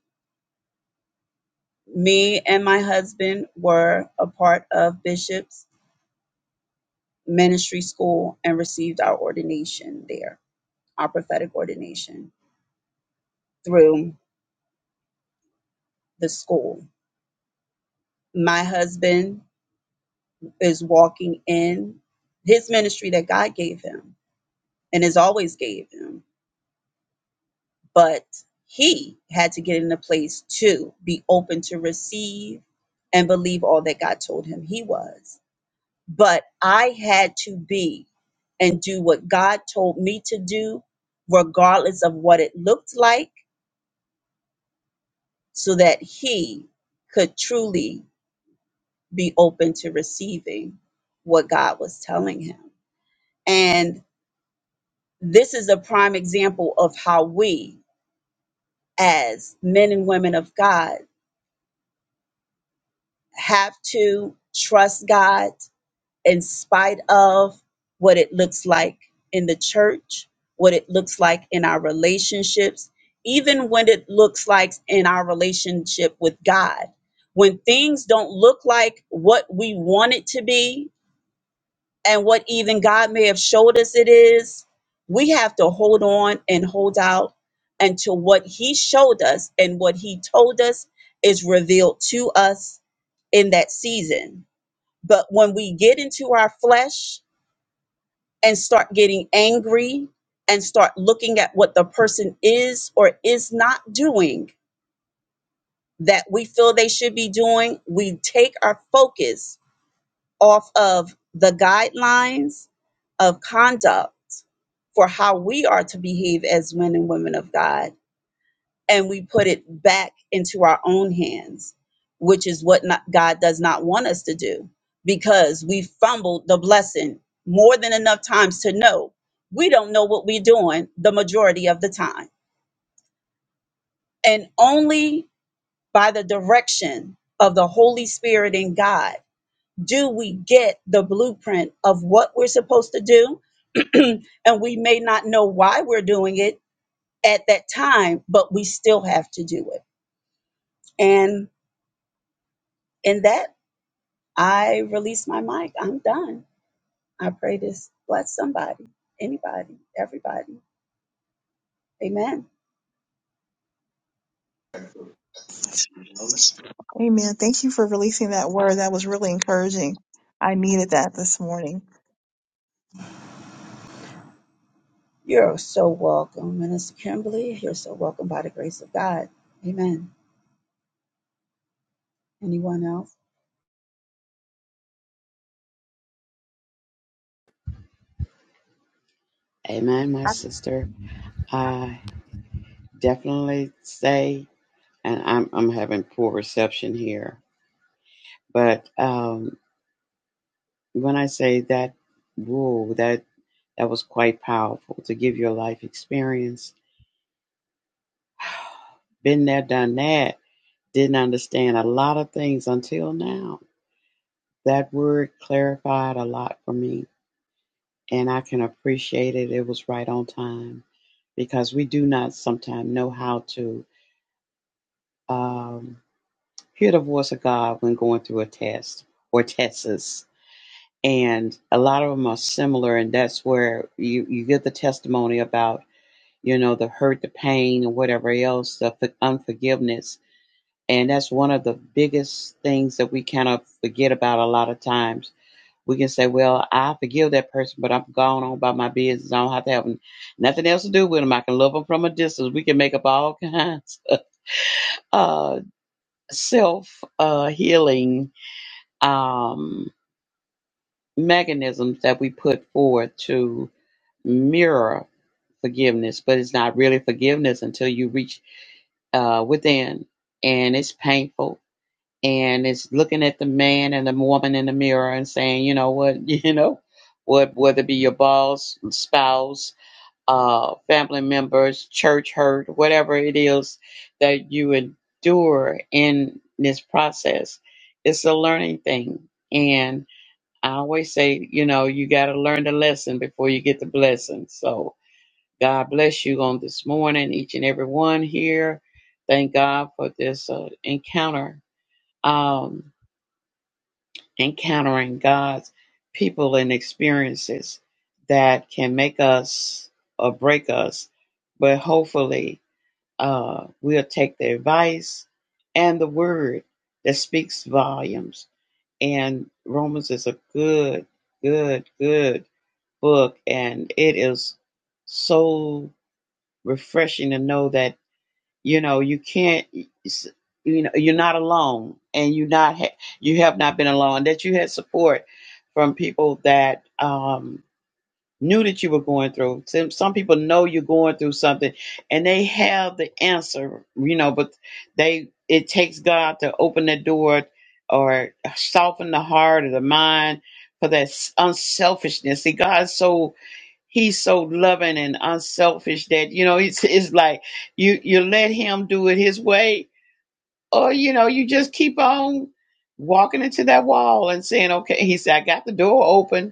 Me and my husband were a part of Bishop's ministry school and received our ordination there, our prophetic ordination through the school. My husband is walking in his ministry that God gave him and has always gave him, but he had to get in a place to be open to receive and believe all that God told him he was but I had to be and do what God told me to do, regardless of what it looked like, so that He could truly be open to receiving what God was telling him. And this is a prime example of how we, as men and women of God, have to trust God in spite of what it looks like in the church, what it looks like in our relationships, even when it looks like in our relationship with God. When things don't look like what we want it to be and what even God may have showed us it is, we have to hold on and hold out until what He showed us and what He told us is revealed to us in that season. But when we get into our flesh, and start getting angry and start looking at what the person is or is not doing that we feel they should be doing, we take our focus off of the guidelines of conduct for how we are to behave as men and women of God and we put it back into our own hands, which is what not, God does not want us to do because we fumbled the blessing more than enough times to know we don't know what we're doing the majority of the time. And only by the direction of the Holy Spirit and God do we get the blueprint of what we're supposed to do. and we may not know why we're doing it at that time, but we still have to do it. And in that, I release my mic. I'm done. I pray this bless somebody, anybody, everybody. Amen.
Amen. Thank you for releasing that word. That was really encouraging. I needed that this morning.
You're so welcome, Minister Kimberly. You're so welcome by the grace of God. Amen. Anyone else?
Amen, my sister. I definitely say, and I'm I'm having poor reception here, but um, when I say that rule, that that was quite powerful to give your life experience. Been there, done that. Didn't understand a lot of things until now. That word clarified a lot for me, and I can appreciate it. It was right on time because we do not sometimes know how to. Um, hear the voice of God when going through a test or tests. And a lot of them are similar, and that's where you, you get the testimony about, you know, the hurt, the pain, and whatever else, the f- unforgiveness. And that's one of the biggest things that we kind of forget about a lot of times. We can say, well, I forgive that person, but I'm gone on by my business. I don't have to have nothing else to do with them. I can love them from a distance. We can make up all kinds of uh, self uh, healing um, mechanisms that we put forward to mirror forgiveness, but it's not really forgiveness until you reach uh, within, and it's painful, and it's looking at the man and the woman in the mirror and saying, you know what, you know, what whether it be your boss, spouse, uh, family members, church hurt, whatever it is that you endure in this process, it's a learning thing, and I always say, you know, you got to learn the lesson before you get the blessing. So God bless you on this morning, each and every one here. Thank God for this uh, encounter, um, encountering God's people and experiences that can make us or break us. But hopefully, uh, we'll take the advice and the word that speaks volumes. And Romans is a good, good, good book and it is so refreshing to know that you know you can't you know you're not alone and you not ha- you have not been alone that you had support from people that um knew that you were going through some, some people know you're going through something and they have the answer you know but they it takes god to open the door or soften the heart or the mind for that s- unselfishness see god's so he's so loving and unselfish that you know it's it's like you you let him do it his way or you know you just keep on walking into that wall and saying okay he said i got the door open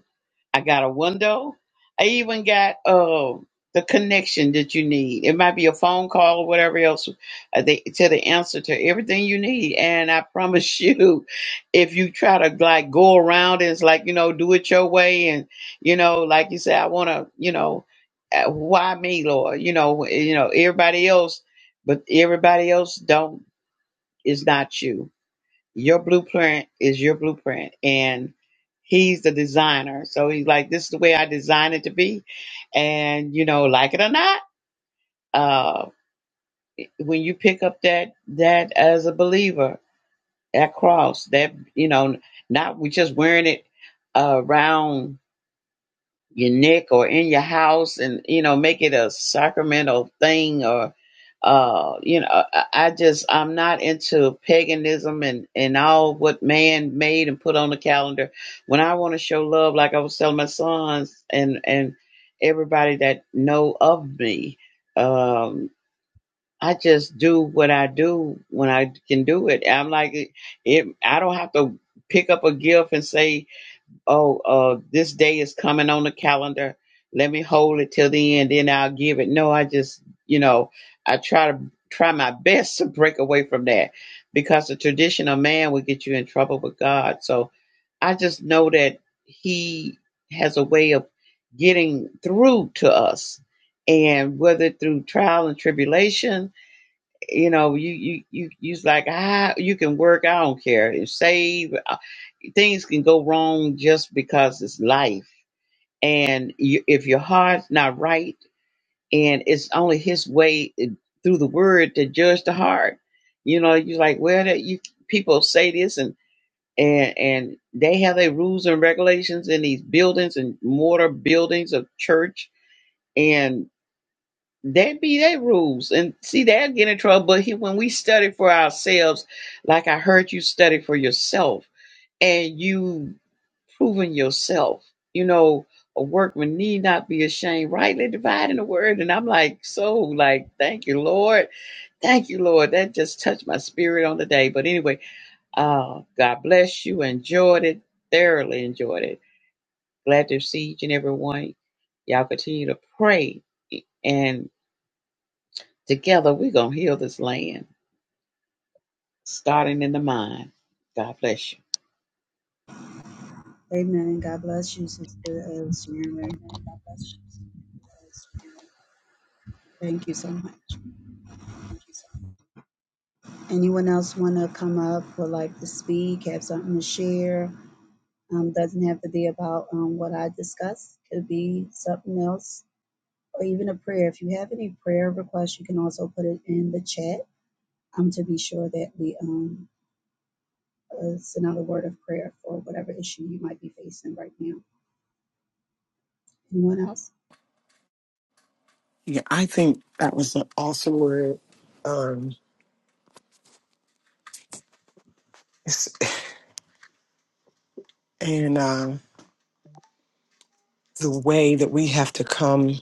I got a window. I even got uh, the connection that you need. It might be a phone call or whatever else uh, they, to the answer to everything you need. And I promise you, if you try to like go around and it's like, you know, do it your way. And, you know, like you say, I want to, you know, uh, why me, Lord? You know, you know, everybody else, but everybody else don't, is not you your blueprint is your blueprint, and he's the designer. So he's like, this is the way I designed it to be, and you know, like it or not, uh, when you pick up that that as a believer, that cross, that you know, not we just wearing it uh, around your neck or in your house and you know make it a sacramental thing or uh you know i I just i'm not into paganism and and all what man made and put on the calendar when i want to show love like i was telling my sons and and everybody that know of me um i just do what i do when i can do it i'm like it i don't have to pick up a gift and say oh, uh, this day is coming on the calendar. Let me hold it till the end, then I'll give it. No, I just, you know, I try to try my best to break away from that because the tradition of man will get you in trouble with God. So I just know that He has a way of getting through to us. And whether through trial and tribulation, you know, you you you you's like, ah, you can work. I don't care. Save things can go wrong just because it's life. And you, if your heart's not right, and it's only His way eh, through the Word to judge the heart, you know, you're like, well, that you people say this, and and and they have their rules and regulations in these buildings and mortar buildings of church, and that be their rules. And see, they'll get in trouble. But he, when we study for ourselves, like I heard you study for yourself and you proven yourself. You know, a workman need not be ashamed, rightly dividing the word. And I'm like, so like, thank you, Lord. Thank you, Lord. That just touched my spirit on the day. But anyway, uh, God bless you. Enjoyed it. Thoroughly enjoyed it. Glad to see each and every one. Y'all continue to pray. And together we're going to heal this land, starting in the mind. God bless you.
Amen. God bless you, Sister uh, Sharon. Thank you so much. Anyone else want to come up or like to speak, have something to share? Um, doesn't have to be about um, what I discussed. Could be something else or even a prayer. If you have any prayer requests, you can also put it in the chat um, to be sure that we um, uh, send out a word of prayer for whatever issue you might be facing right now. Anyone else?
Yeah, I think that was an awesome word. Um, it's- and uh, the way that we have to come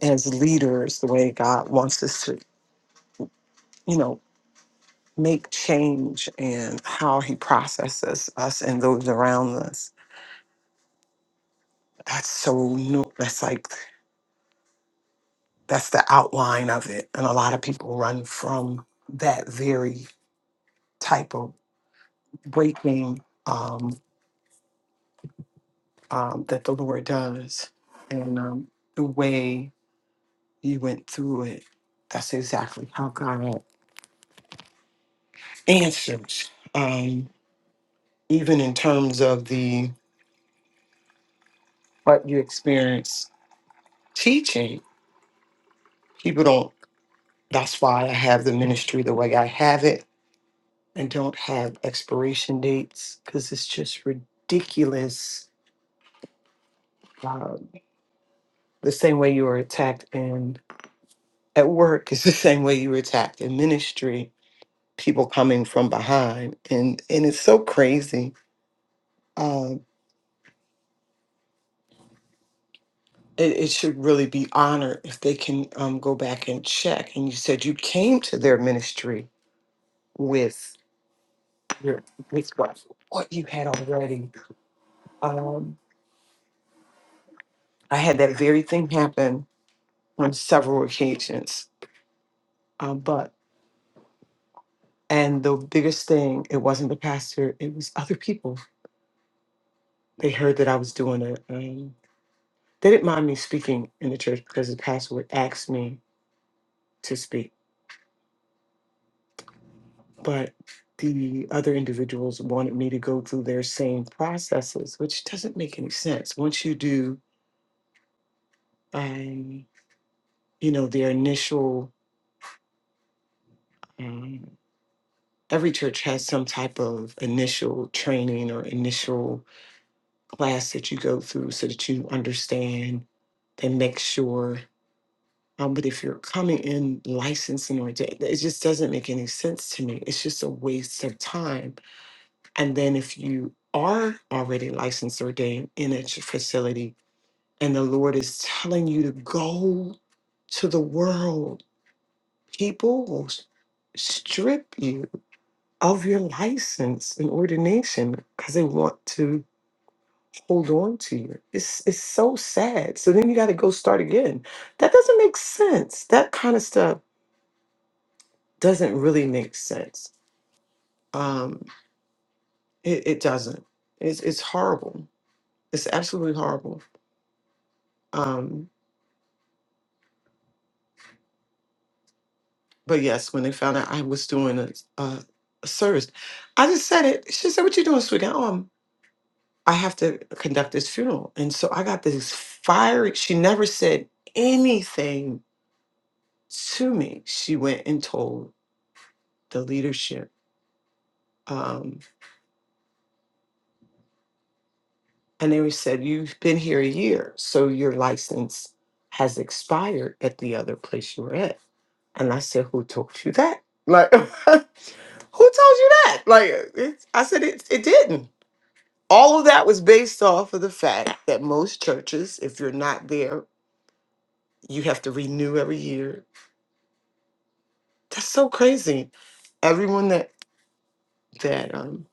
as leaders, the way God wants us to, you know, make change and how He processes us and those around us. That's so new. That's like, that's the outline of it. And a lot of people run from that very type of breaking um, um, that the Lord does. And um, the way you went through it. That's exactly how God answers. Um, even in terms of the what you experience teaching, people don't. That's why I have the ministry the way I have it, and don't have expiration dates because it's just ridiculous. Uh, the same way you were attacked in at work is the same way you were attacked in ministry. People coming from behind, and and it's so crazy Um, it, it should really be honored if they can um, go back and check. And you said you came to their ministry with your with what what you had already. Um, I had that very thing happen on several occasions, um, but and the biggest thing it wasn't the pastor; it was other people. They heard that I was doing it. Um, they didn't mind me speaking in the church because the pastor would ask me to speak but the other individuals wanted me to go through their same processes, which doesn't make any sense. Once you do, um, you know, their initial, um, every church has some type of initial training or initial class that you go through so that you understand and make sure. Um, but if you're coming in licensing or da- it just doesn't make any sense to me. It's just a waste of time And then if you are already licensed or ordained in a ch- facility and the Lord is telling you to go to the world, people will s- strip you of your license and ordination because they want to hold on to you. It's, it's so sad. So then you got to go start again. That doesn't make sense. That kind of stuff doesn't really make sense. Um, it, it doesn't. It's, it's horrible. It's absolutely horrible. Um, But yes, when they found out I was doing a, a, a service, I just said it. She said, "What you doing sweetie?" Oh, I'm, I have to conduct this funeral, and so I got this fiery. She never said anything to me. She went and told the leadership, um, and they said, "You've been here a year, so your license has expired at the other place you were at." And I said, "Who told you that?" Like, who told you that? Like, it, I said, it, it didn't. all of that was based off of the fact that most churches, if you're not there, you have to renew every year. That's so crazy. Everyone that that um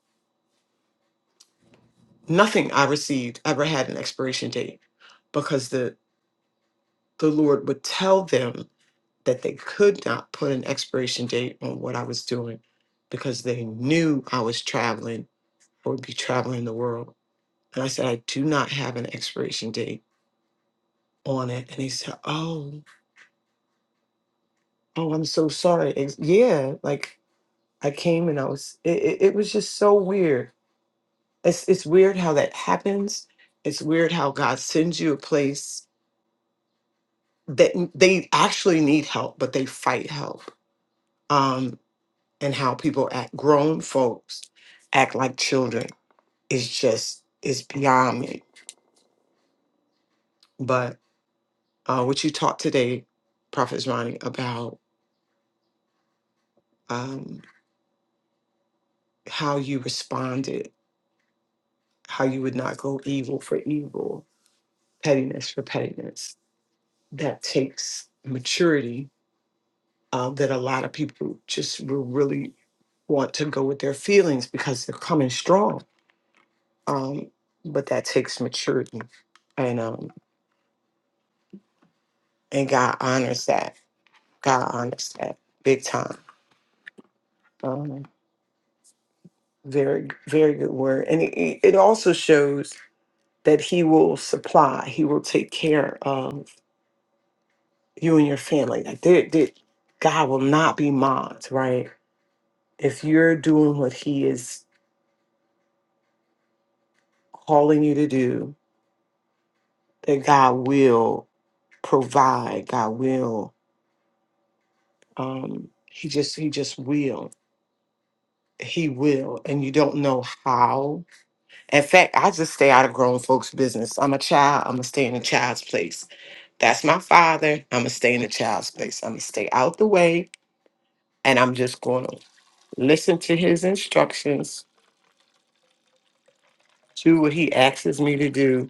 nothing I received ever had an expiration date because the the Lord would tell them that they could not put an expiration date on what I was doing because they knew I was traveling or would be traveling the world. And I said, I do not have an expiration date on it. And he said, Oh Oh, I'm so sorry. Ex- Yeah, like I came and I was. It, it, it was just so weird. It's it's weird how that happens. It's weird how God sends you a place that n- they actually need help, but they fight help. Um, and how people act, grown folks act like children is just is beyond me. But uh, what you taught today, Prophet Ronnie, about um, how you responded, how you would not go evil for evil pettiness for pettiness. That takes maturity uh, that a lot of people just will really want to go with their feelings because they're coming strong. Um, but that takes maturity, and um, and God honors that. God honors that big time. Um, very very good word, and it, it also shows that He will supply. He will take care of you and your family. Like there, there, God will not be mocked, right? if you're doing what he is calling you to do that god will provide god will um he just he just will he will and you don't know how in fact i just stay out of grown folks business i'm a child i'm gonna stay in a child's place that's my father i'm gonna stay in a child's place i'm gonna stay out the way and i'm just gonna listen to his instructions do what he asks me to do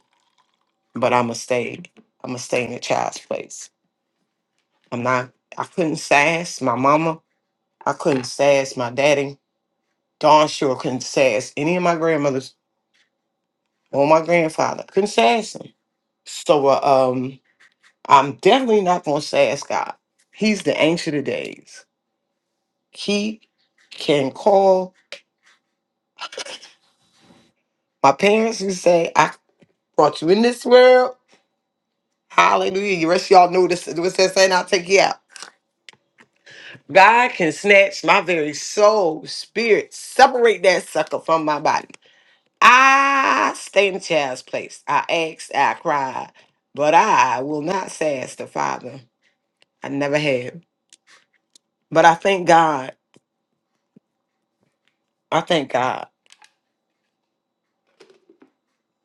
but i'm gonna stay i'm gonna stay in a child's place I'm not. I couldn't sass my mama. I couldn't sass my daddy. Darn sure couldn't sass any of my grandmothers or my grandfather. Couldn't sass him. So uh, um, I'm definitely not gonna sass God. He's the ancient of days. He can call my parents and say, "I brought you in this world." Hallelujah. You rest of y'all know this. What's that saying? I'll take you out. God can snatch my very soul, spirit, separate that sucker from my body. I stayed in child's place. I asked, I cried, but I will not sass the father. I never have. But I thank God. I thank God.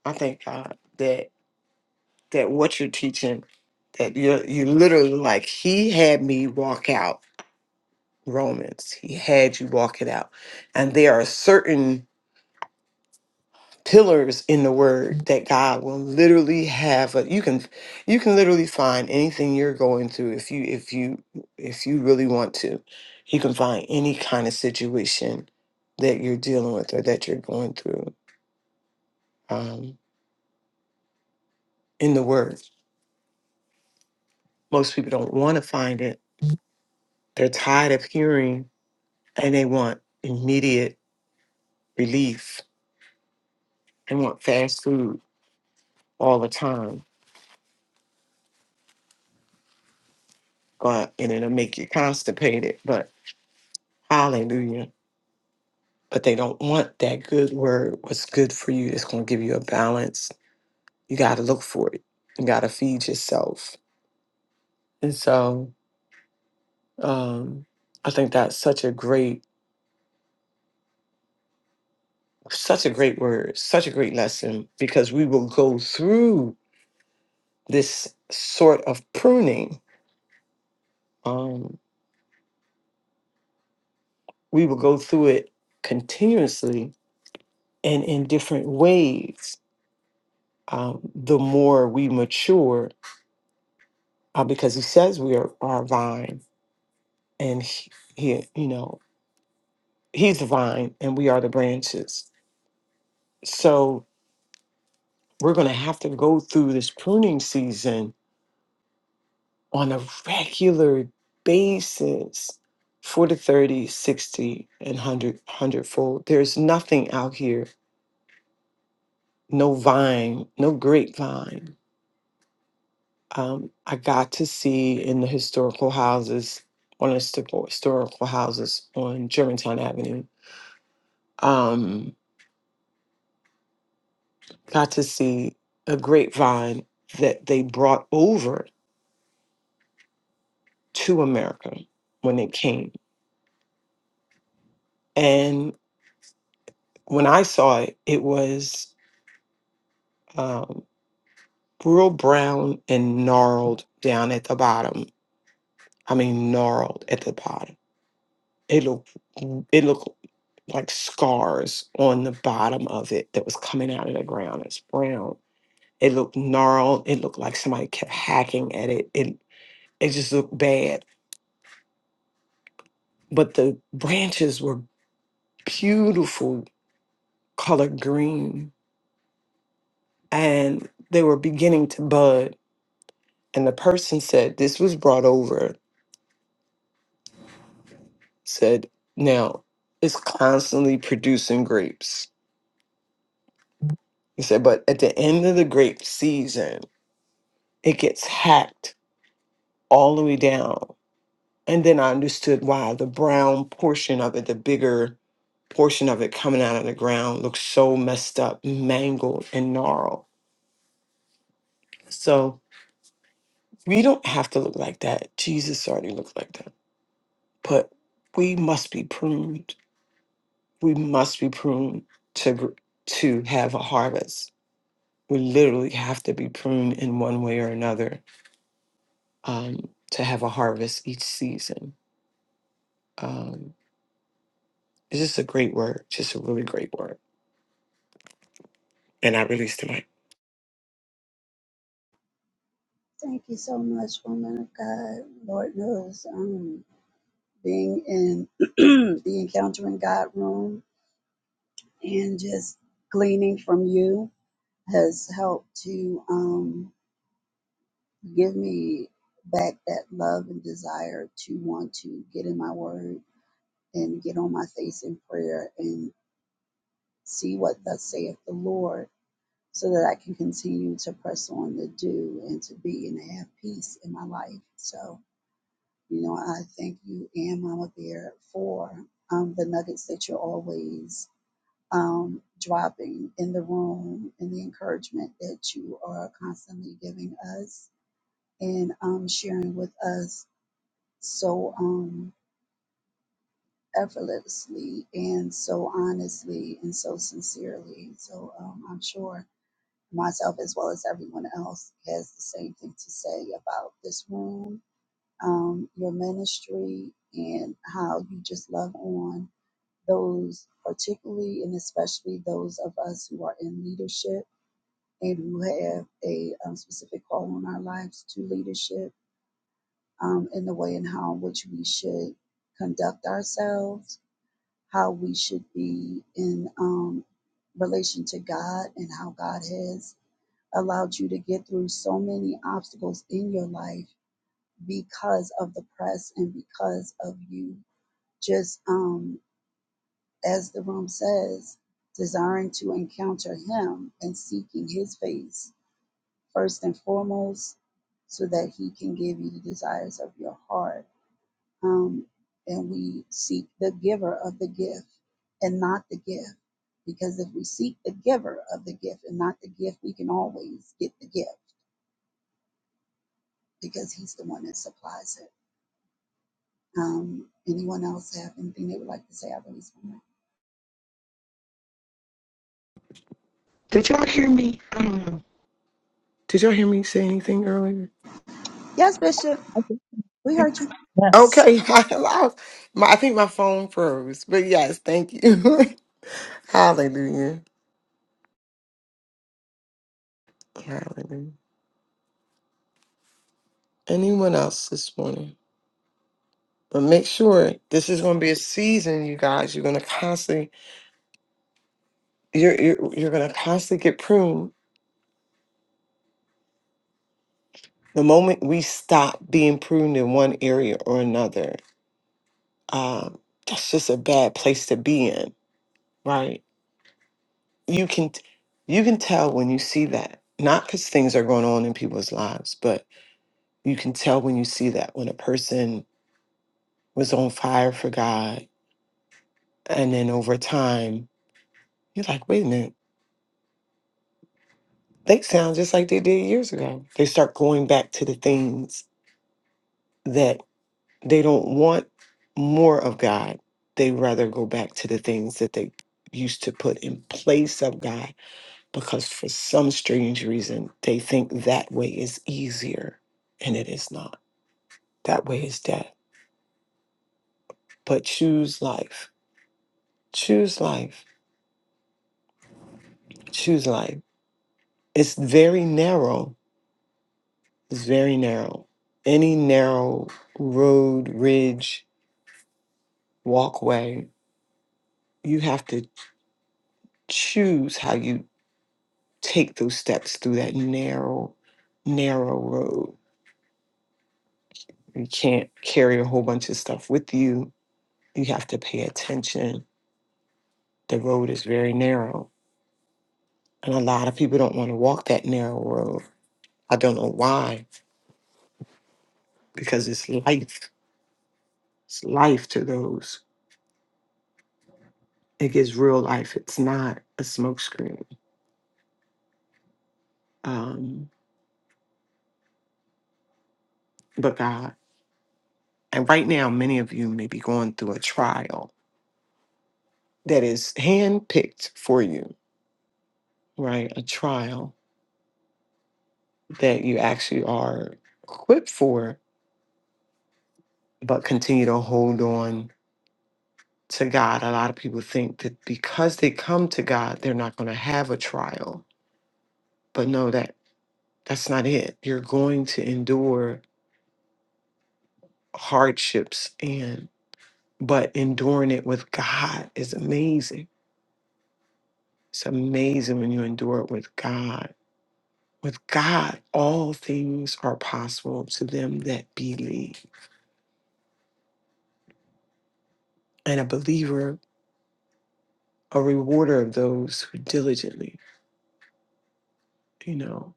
I thank God that that what you're teaching, that you you literally like he had me walk out Romans. He had you walk it out, and there are certain pillars in the word that God will literally have a, you can you can literally find anything you're going through if you if you if you really want to you can find any kind of situation that you're dealing with or that you're going through um, in the word most people don't want to find it they're tired of hearing and they want immediate relief they want fast food all the time but and it'll make you constipated but hallelujah but they don't want that good word. What's good for you is going to give you a balance. You got to look for it. You got to feed yourself. And so um, I think that's such a great, such a great word, such a great lesson because we will go through this sort of pruning. Um, we will go through it continuously and in different ways. Um, the more we mature, uh, because he says we are our vine, and he, he, you know He's the vine and we are the branches. So we're going to have to go through this pruning season on a regular basis forty, thirty, sixty, and 100, 100 fold. There's nothing out here, no vine, no grapevine. Um, I got to see in the historical houses, one of the histo- historical houses on Germantown Avenue, um, got to see a grapevine that they brought over to America when they came. And when I saw it, it was um, real brown and gnarled down at the bottom. I mean, gnarled at the bottom. It looked, it looked like scars on the bottom of it that was coming out of the ground. It's brown. It looked gnarled. It looked like somebody kept hacking at it. It, it just looked bad. But the branches were beautiful color green and they were beginning to bud. And the person said, This was brought over, said, Now it's constantly producing grapes. He said, But at the end of the grape season, it gets hacked all the way down. And then I understood why the brown portion of it, the bigger portion of it coming out of the ground, looks so messed up, mangled, and gnarled. So we don't have to look like that. Jesus already looked like that. But we must be pruned we must be pruned to to have a harvest. We literally have to be pruned in one way or another um, to have a harvest each season. Um, it's just a great word, just a really great word. And I released the mic.
Thank you so much, woman of God. Lord knows, um, being in the Encountering God room and just gleaning from you has helped to um, give me back that love and desire to want to get in my word and get on my face in prayer and see what thus saith the Lord so that I can continue to press on to do and to be and to have peace in my life. So, you know, I thank you and Mama Bear for um, the nuggets that you're always um, dropping in the room and the encouragement that you are constantly giving us and um, sharing with us so um, effortlessly and so honestly and so sincerely. So um, I'm sure myself as well as everyone else has the same thing to say about this room, um, your ministry, and how you just love on those, particularly and especially those of us who are in leadership and who have a um, specific call on our lives to leadership um, in the way in how in which we should conduct ourselves, how we should be in um, relation to God, and how God has allowed you to get through so many obstacles in your life because of the press and because of you just um as the room says desiring to encounter him and seeking his face first and foremost so that he can give you the desires of your heart um and we seek the giver of the gift and not the gift because if we seek the giver of the gift and not the gift we can always get the gift because he's the one that supplies it. Um, anyone else have anything they would like to say? I release my mic.
Did y'all hear me? I don't know. Did y'all hear me say anything earlier?
Yes, Bishop,
Okay.
we heard you.
Yes.
Okay, I, lost my, I think my phone froze, but yes, thank you. Hallelujah. Hallelujah. Anyone else this morning? But make sure this is going to be a season, you guys. You're going to constantly, you're you're, you're going to constantly get pruned. The moment we stop being pruned in one area or another, um, that's just a bad place to be in, right? You can you can tell when you see that, not because things are going on in people's lives, but you can tell when you see that when a person was on fire for God, and then over time, you're like, wait a minute they sound just like they did years ago. They start going back to the things that they don't want more of God. They rather go back to the things that they used to put in place of God because for some strange reason they think that way is easier and it is not. That way is death. But choose life. Choose life. Choose life. It's very narrow. It's very narrow. Any narrow road, ridge, walkway you have to choose how you take those steps through that narrow narrow road you can't carry a whole bunch of stuff with you you have to pay attention the road is very narrow and a lot of people don't want to walk that narrow road i don't know why because it's life it's life to those it gives real life it's not a smokescreen um but god and right now many of you may be going through a trial that is handpicked for you right, a trial that you actually are equipped for, but continue to hold on to God. A lot of people think that because they come to God, they're not going to have a trial. But no, that that's not it. You're going to endure hardships and but enduring it with God is amazing. It's amazing when you endure it with God. With God, all things are possible to them that believe. And a believer a rewarder of those who diligently, you know,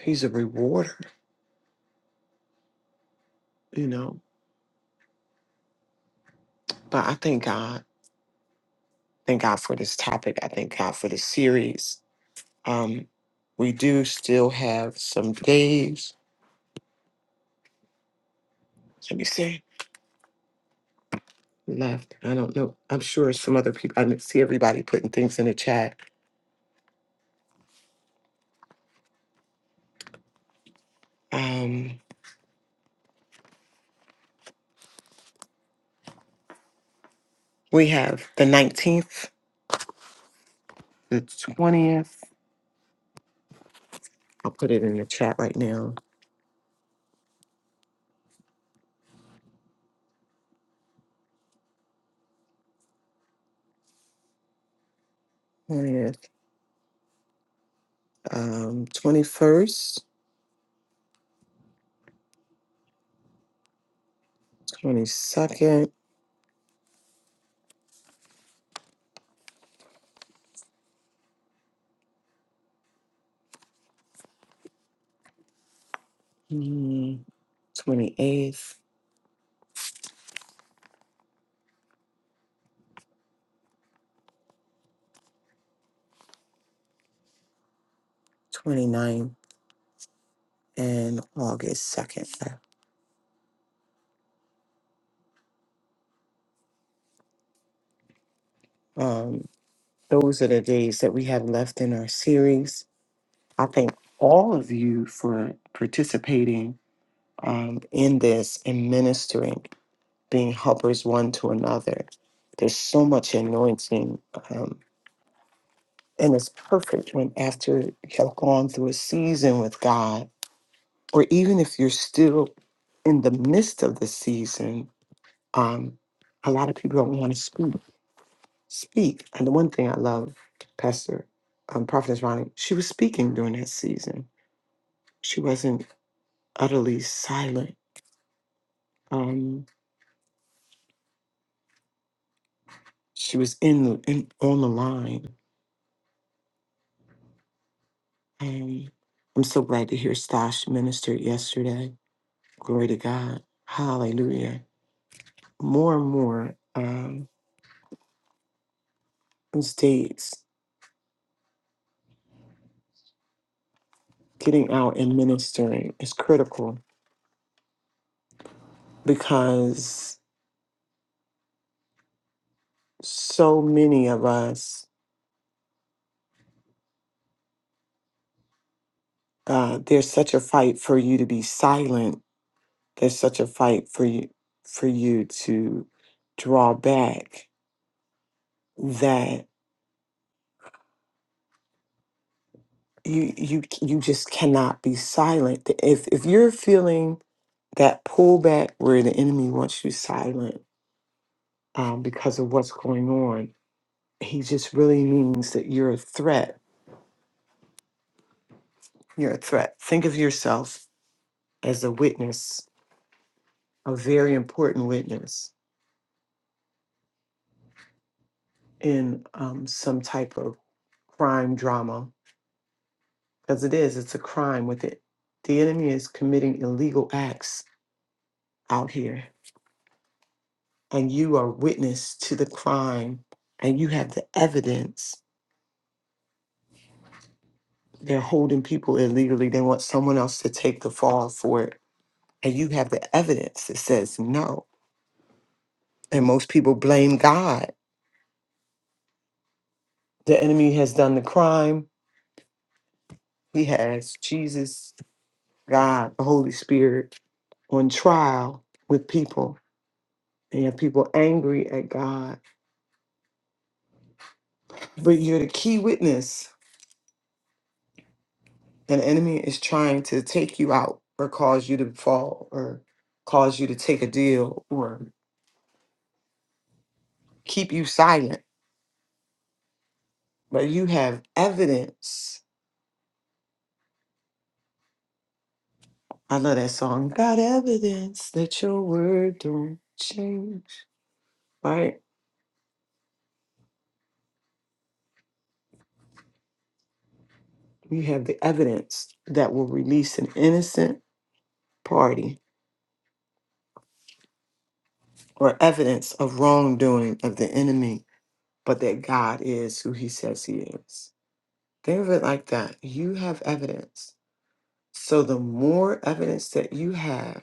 he's a rewarder, you know. But I thank God. Thank God for this topic. I thank God for this series. Um, we do still have some days, let me see, left. I don't know. I'm sure some other people, I didn't see everybody putting things in the chat. Um, we have the 19th, the 20th. I'll put it in the chat right now. 20th, um, 21st, 22nd. Mm, 28th, 29th, and August 2nd. Um, those are the days that we have left in our series. I thank all of you for participating um, in this and ministering, being helpers one to another. There's so much anointing, um, and it's perfect when after you have gone through a season with God, or even if you're still in the midst of the season, Um, a lot of people don't want to speak. Speak. And the one thing I love, Pastor um, Prophetess Ronnie, she was speaking during that season. She wasn't utterly silent. Um, she was in the in, on the line. Um, I'm so glad to hear Stash ministered yesterday. Glory to God. Hallelujah. More and more um, in states getting out and ministering is critical because so many of us uh, there's such a fight for you to be silent. There's such a fight for you for you to draw back that you you you just cannot be silent. If if you're feeling that pullback where the enemy wants you silent um, because of what's going on, he just really means that you're a threat. You're a threat. Think of yourself as a witness, a very important witness in um, some type of crime drama because it is, it's a crime with it. The enemy is committing illegal acts out here, and you are witness to the crime, and you have the evidence. They're holding people illegally. They want someone else to take the fall for it. And you have the evidence that says no. And most people blame God. The enemy has done the crime. He has Jesus, God, the Holy Spirit on trial with people. And you have people angry at God. But you're the key witness An enemy is trying to take you out or cause you to fall or cause you to take a deal or keep you silent. But you have evidence. I love that song. Got evidence that your word don't change. Right? You have the evidence that will release an innocent party or evidence of wrongdoing of the enemy, but that God is who he says he is. Think of it like that. You have evidence So the more evidence that you have,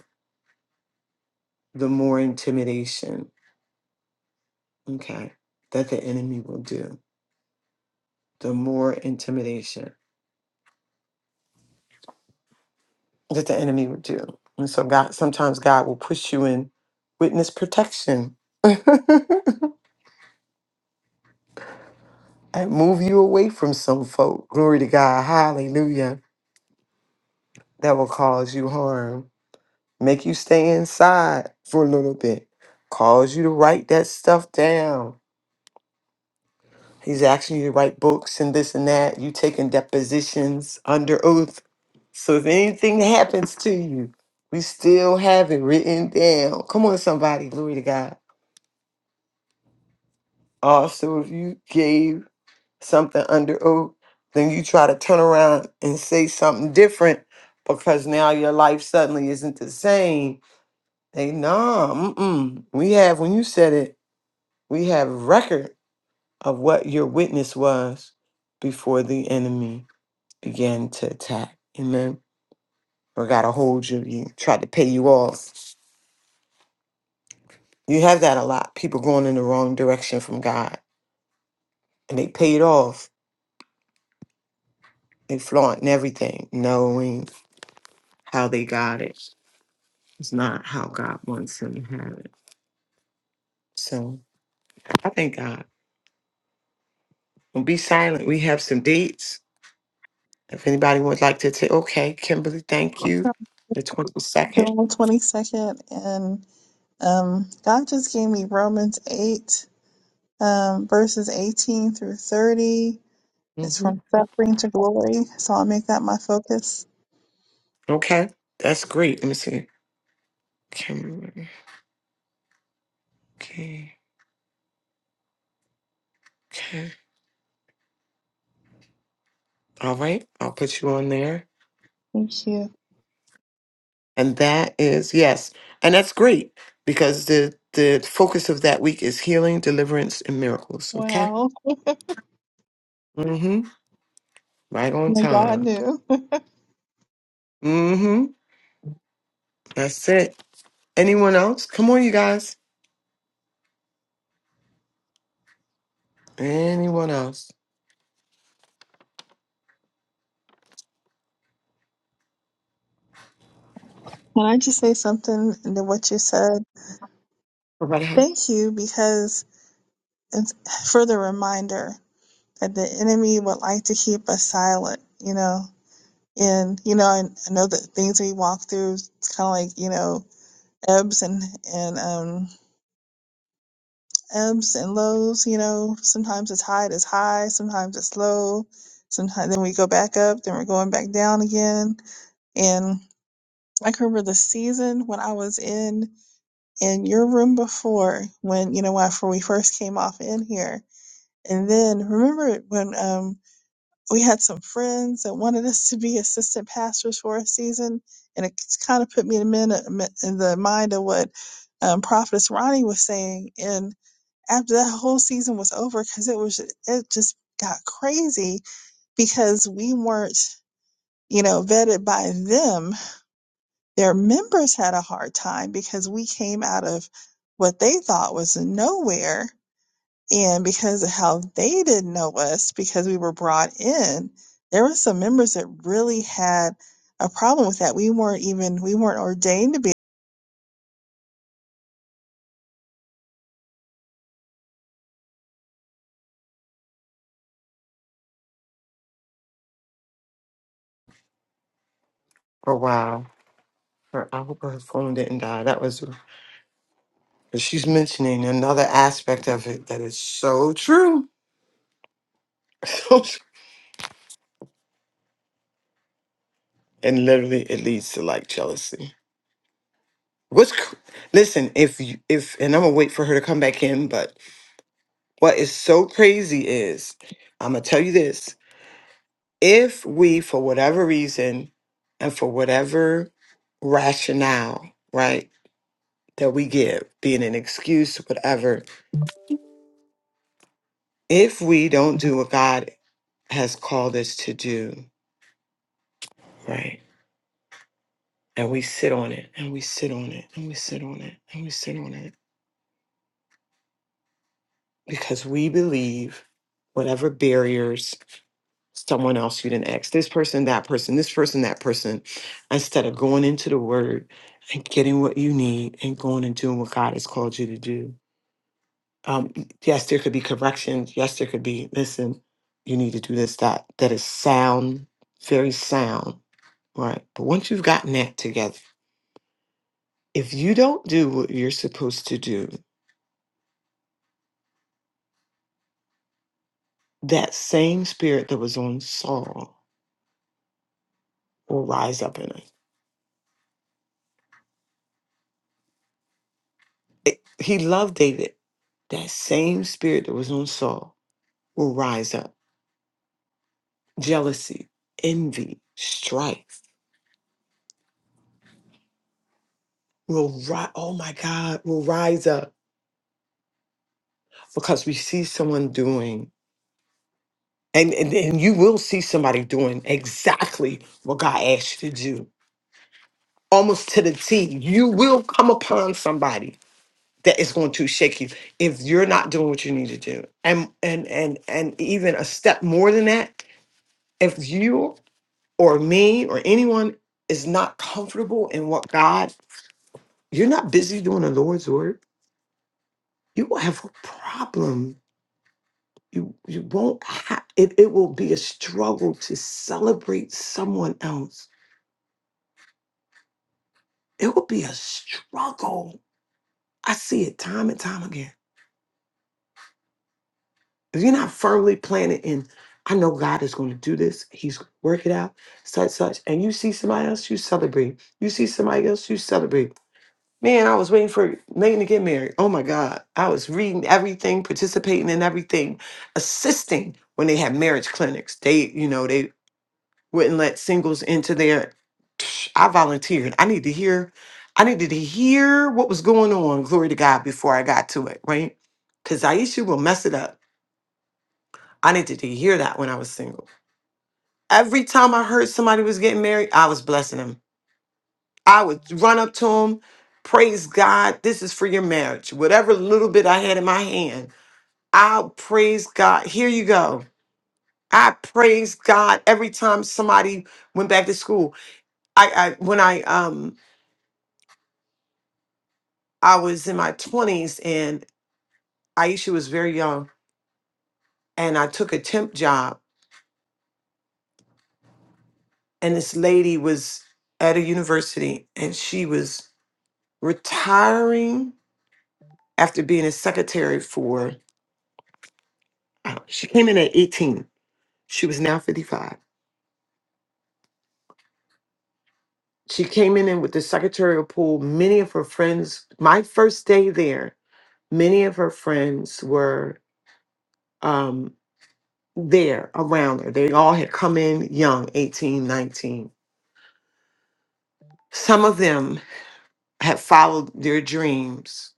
the more intimidation, okay, that the enemy will do. The more intimidation that the enemy will do. And so God sometimes God will push you in witness protection and move you away from some folk. Glory to God. Hallelujah. That will cause you harm. Make you stay inside for a little bit. Cause you to write that stuff down He's asking you to write books and this and that. You taking depositions under oath. So if anything happens to you, we still have it written down. Come on, somebody, glory to God. Also, if you gave something under oath, then you try to turn around and say something different because now your life suddenly isn't the same. They no. mm-mm. We have when you said it, we have record of what your witness was before the enemy. Began to attack. Amen. Or got a hold you, you tried to pay you off. You have that a lot. People going in the wrong direction from God. And they pay it off. They flaunting everything, knowing how they got it. It's not how God wants them to have it. So I thank God. Well, be silent. We have some dates. If anybody would like to take, okay, Kimberly, thank you. The 22nd.
July 22nd. And um, God just gave me Romans 8, um, verses 18 through 30. It's
Mm-hmm.
from suffering to glory. So I'll make that my focus.
Okay. That's great. Let me see. Kimberly. Okay. Okay. All right, I'll put you on there.
Thank you.
And that is yes, and that's great because the the focus of that week is healing, deliverance, and miracles. Okay.
Wow.
Mm-hmm. Right on
Only God
time.
knew. Can
Mm-hmm. That's it. Anyone else? Come on, you guys. Anyone else?
I just say something to what you said?
Everybody have?
Thank you because it's further reminder that the enemy would like to keep us silent, you know. And you know, I, I know that things we walk through kind of like, you know, ebbs and and um ebbs and lows, you know. Sometimes the tide is high, sometimes it's low, sometimes then we go back up, then we're going back down again. And I can remember the season when I was in in your room before when, you know, after we first came off in here. And then remember when um we had some friends that wanted us to be assistant pastors for a season, and it kind of put me in the, min- in the mind of what um, Prophetess Ronnie was saying. in after that whole season was over because it was it just got crazy because we weren't you know vetted by them their members had a hard time because we came out of what they thought was nowhere and because of how they didn't know us because we were brought in there were some members that really had a problem with that we weren't even we weren't ordained to be
Oh wow. Her, I hope her phone didn't die. That was. But she's mentioning another aspect of it that is so true. So true. and literally, it leads to like jealousy. What's cr- listen? If you, if and I'm gonna wait for her to come back in, but what is so crazy is I'm gonna tell you this: if we, for whatever reason, and for whatever rationale, right, that we give, being an excuse, whatever, if we don't do what God has called us to do, right, and we sit on it, and we sit on it, and we sit on it, and we sit on it, because we believe whatever barriers someone else you didn't ask this person that person this person that person instead of going into the word and getting what you need and going and doing what god has called you to do um, yes there could be corrections yes there could be listen you need to do this that that is sound very sound right but once you've gotten that together if you don't do what you're supposed to do that same spirit that was on saul will rise up in us It- He loved David. That same spirit that was on Saul will rise up. Jealousy, envy, strife will rise. Oh my God, will rise up because we see someone doing, and, and, and you will see somebody doing exactly what God asked you to do. Almost to the T, you will come upon somebody that is going to shake you if you're not doing what you need to do. And and and and even a step more than that, if you or me or anyone is not comfortable in what God, you're not busy doing the Lord's work, you will have a problem. You you won't have it, it will be a struggle to celebrate someone else. It will be a struggle. I see it time and time again. If you're not firmly planted in, I know God is going to do this, He's going to work it out, such, such. And you see somebody else, you celebrate. You see somebody else, you celebrate Man, I was waiting for Megan to get married. Oh my God. I was reading everything, participating in everything, assisting when they had marriage clinics. They, you know, they wouldn't let singles into their. I volunteered. I needed to hear, I needed to hear what was going on, glory to God, before I got to it, right? Because Aisha will mess it up. I needed to hear that when I was single. Every time I heard somebody was getting married, I was blessing them. I would run up to him, praise God, this is for your marriage. Whatever little bit I had in my hand, I praise God. Here you go. I praise God every time somebody went back to school. I, I when I um I was in my twenties and Aisha was very young and I took a temp job and this lady was at a university and she was retiring after being a secretary for I don't- she came in at 18. She was now 55 She came in and with the secretarial pool. Many of her friends, my first day there, many of her friends were um, there around her. They all had come in young, 18, 19. Some of them had followed their dreams.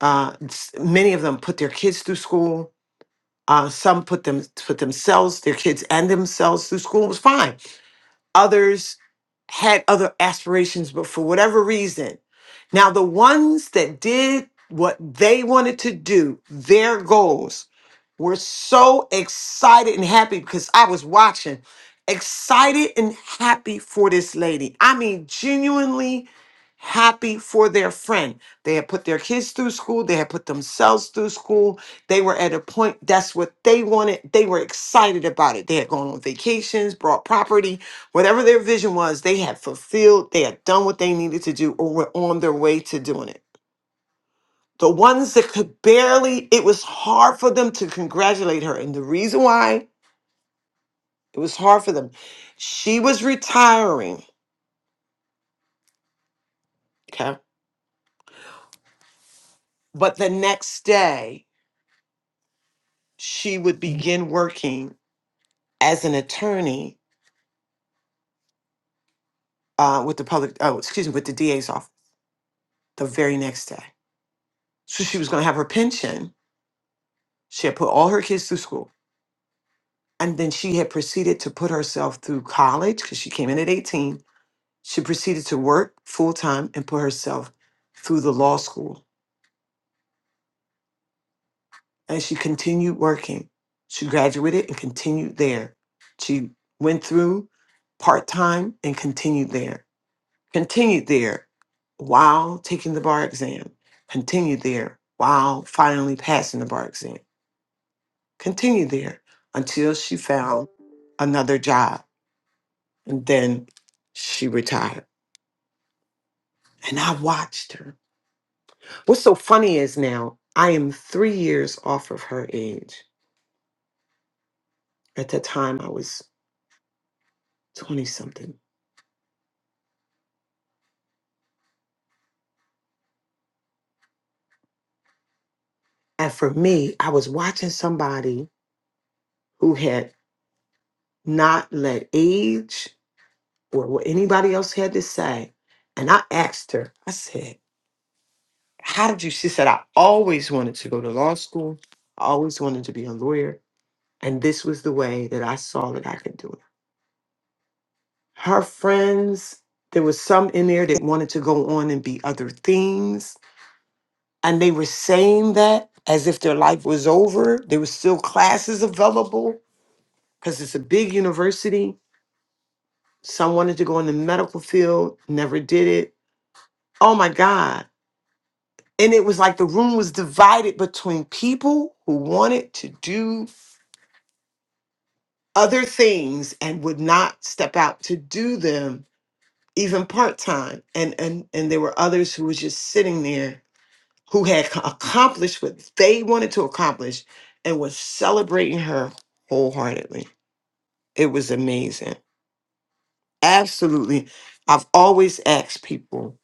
Uh, s- many of them put their kids through school. Uh, some put them put themselves, their kids and themselves through school. It was fine. Others had other aspirations, but for whatever reason, now the ones that did what they wanted to do, their goals, were so excited and happy because I was watching, excited and happy for this lady. I mean, genuinely happy for their friend. They had put their kids through school, they had put themselves through school. They were at a point that's what they wanted. They were excited about it. They had gone on vacations, bought property, whatever their vision was, they had fulfilled, they had done what they needed to do or were on their way to doing it the ones that could barely it was hard for them to congratulate her and the reason why it was hard for them she was retiring okay but the next day she would begin working as an attorney uh, with the public oh excuse me with the da's office the very next day so she was going to have her pension she had put all her kids through school and then she had proceeded to put herself through college because she came in at 18 She proceeded to work full time and put herself through the law school. And she continued working. She graduated and continued there. She went through part time and continued there. Continued there while taking the bar exam. Continued there while finally passing the bar exam. Continued there until she found another job. And then she retired. And I watched her. What's so funny is now I am three years off of her age. At the time, I was 20 something. And for me, I was watching somebody who had not let age or what anybody else had to say. And I asked her, I said, How did you? She said, I always wanted to go to law school. I always wanted to be a lawyer. And this was the way that I saw that I could do it. Her friends, there was some in there that wanted to go on and be other things and they were saying that as if their life was over. There were still classes available because it's a big university. Some wanted to go in the medical field, never did it. Oh my God. And it was like the room was divided between people who wanted to do other things and would not step out to do them even part time. And and and there were others who was just sitting there who had co- accomplished what they wanted to accomplish and was celebrating her wholeheartedly. It was amazing. Absolutely. I've always asked people,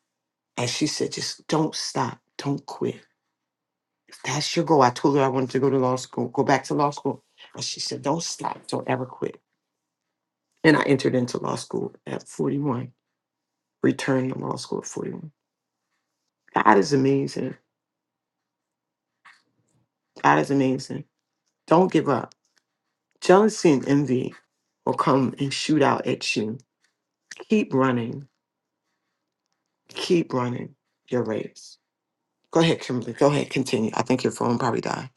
and she said, just don't stop, don't quit. If that's your goal. I told her I wanted to go to law school, go back to law school. And she said, don't stop, don't ever quit. And I entered into law school at 41, returned to law school at 41. God is amazing. God is amazing. Don't give up Jealousy and envy will come and shoot out at you. Keep running. Keep running your race. Go ahead, Kimberly. Go ahead. Continue. I think your phone probably died.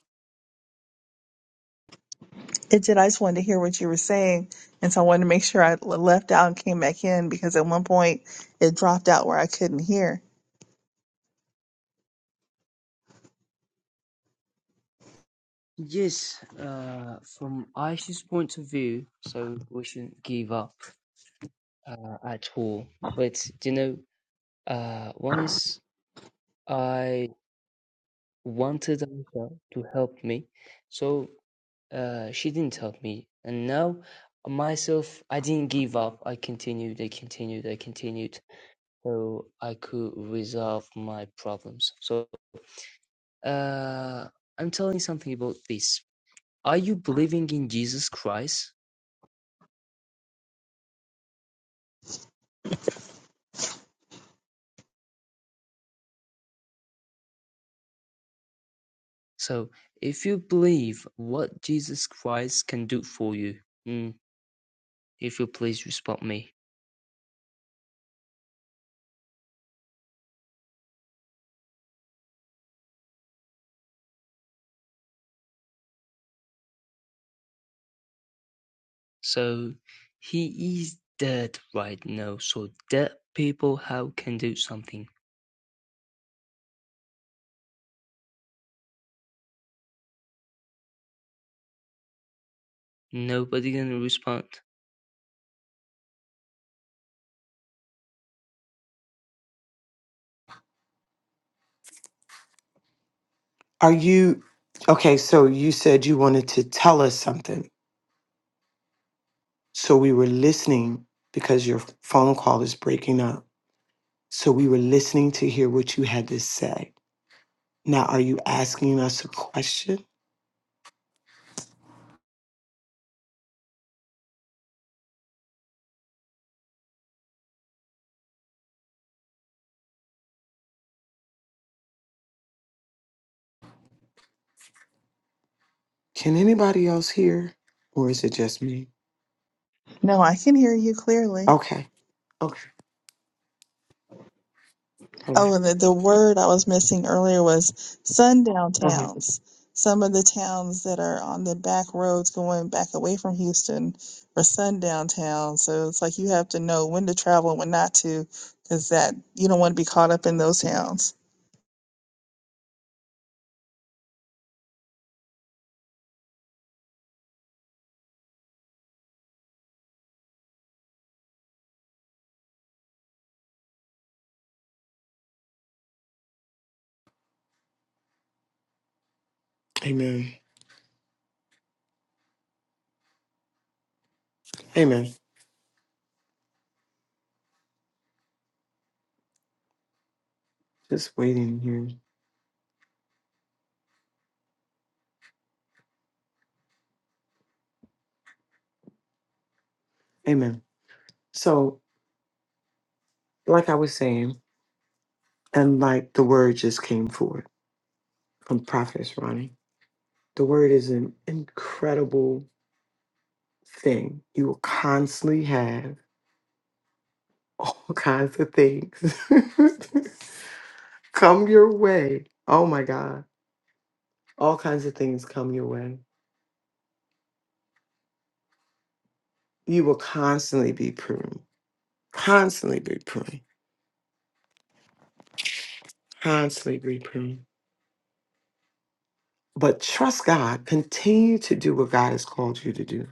It did. I just wanted to hear what you were saying. And so I wanted to make sure I l- left out and came back in because at one point it dropped out where I couldn't hear.
Yes, uh, from Aisha's point of view, so we shouldn't give up uh, at all. But you know, uh, once I wanted Aisha to help me, so uh, she didn't help me, and now myself, I didn't give up. I continued, I continued, I continued, so I could resolve my problems. So uh, I'm telling something about this. Are you believing in Jesus Christ? So, if you believe what Jesus Christ can do for you, mm, if you please respect me. So, he is dead right now. So, dead people how can do something? Nobody gonna respond.
Are you okay? So you said you wanted to tell us something. So we were listening because your phone call is breaking up. So we were listening to hear what you had to say. Now, are you asking us a question? Can anybody else hear? Or is it just me?
No, I can hear you clearly.
Okay. Okay. All
Oh,
right.
and the, the word I was missing earlier was sundown
All right.
towns. Some of the towns that are on the back roads going back away from Houston are sundown towns. So it's like you have to know when to travel and when not to because that you don't want to be caught up in those towns.
Amen. Amen. Just waiting here. Amen. So, like I was saying, and like the word just came forth from Prophetess Ronnie, the word is an incredible thing. You will constantly have all kinds of things come your way. Oh my God. All kinds of things come your way. You will constantly be pruned, constantly be pruned. Constantly repent. But trust God. Continue to do what God has called you to do.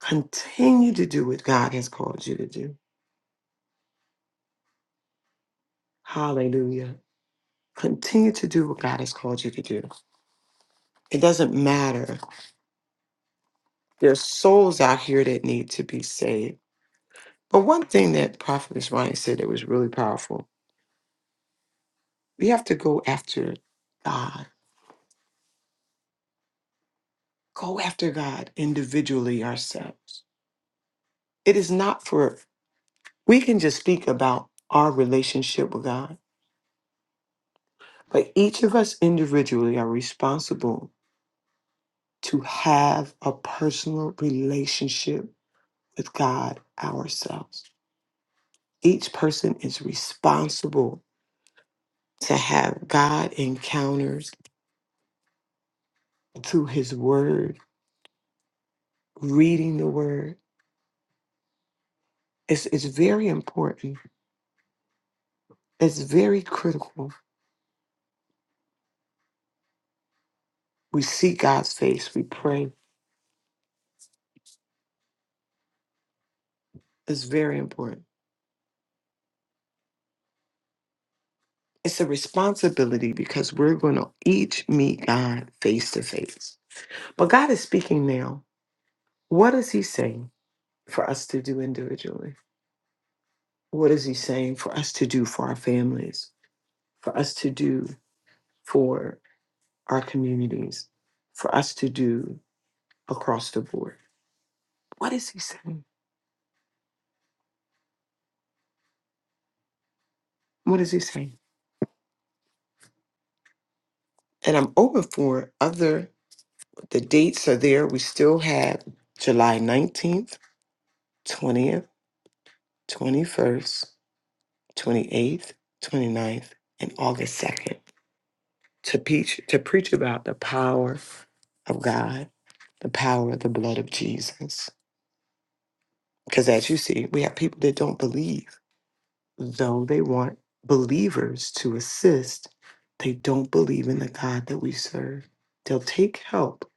Continue to do what God has called you to do. Hallelujah. Continue to do what God has called you to do. It doesn't matter. There's souls out here that need to be saved. But one thing that Prophet Ryan said that was really powerful, we have to go after God. Go after God individually ourselves. It is not for, we can just speak about our relationship with God But each of us individually are responsible to have a personal relationship with God ourselves. Each person is responsible to have God encounters through his word, reading the word. It's, it's very important. It's very critical. We see God's face, we pray. It's very important. It's a responsibility because we're going to each meet God face to face. But God is speaking now What is he saying for us to do individually? What is he saying for us to do for our families, for us to do for our communities, for us to do across the board? What is he saying? What is he saying? And I'm open for other, the dates are there. We still have July 19th, 20th, 21st, 28th, 29th, and August 2nd. to preach to preach about the power of God, the power of the blood of Jesus. Because as you see, we have people that don't believe, though they want believers to assist, they don't believe in the God that we serve. They'll take help,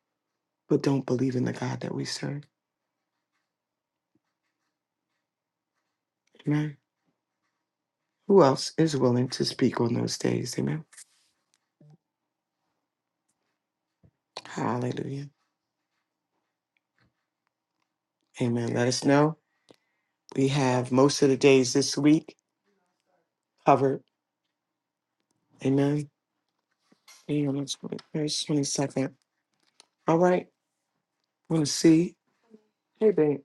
but don't believe in the God that we serve. Amen. Who else is willing to speak on those days? Amen. Hallelujah. Amen. Let us know. We have most of the days this week covered. Amen. Be on the 22nd. All right. Want to see? Hey, babe.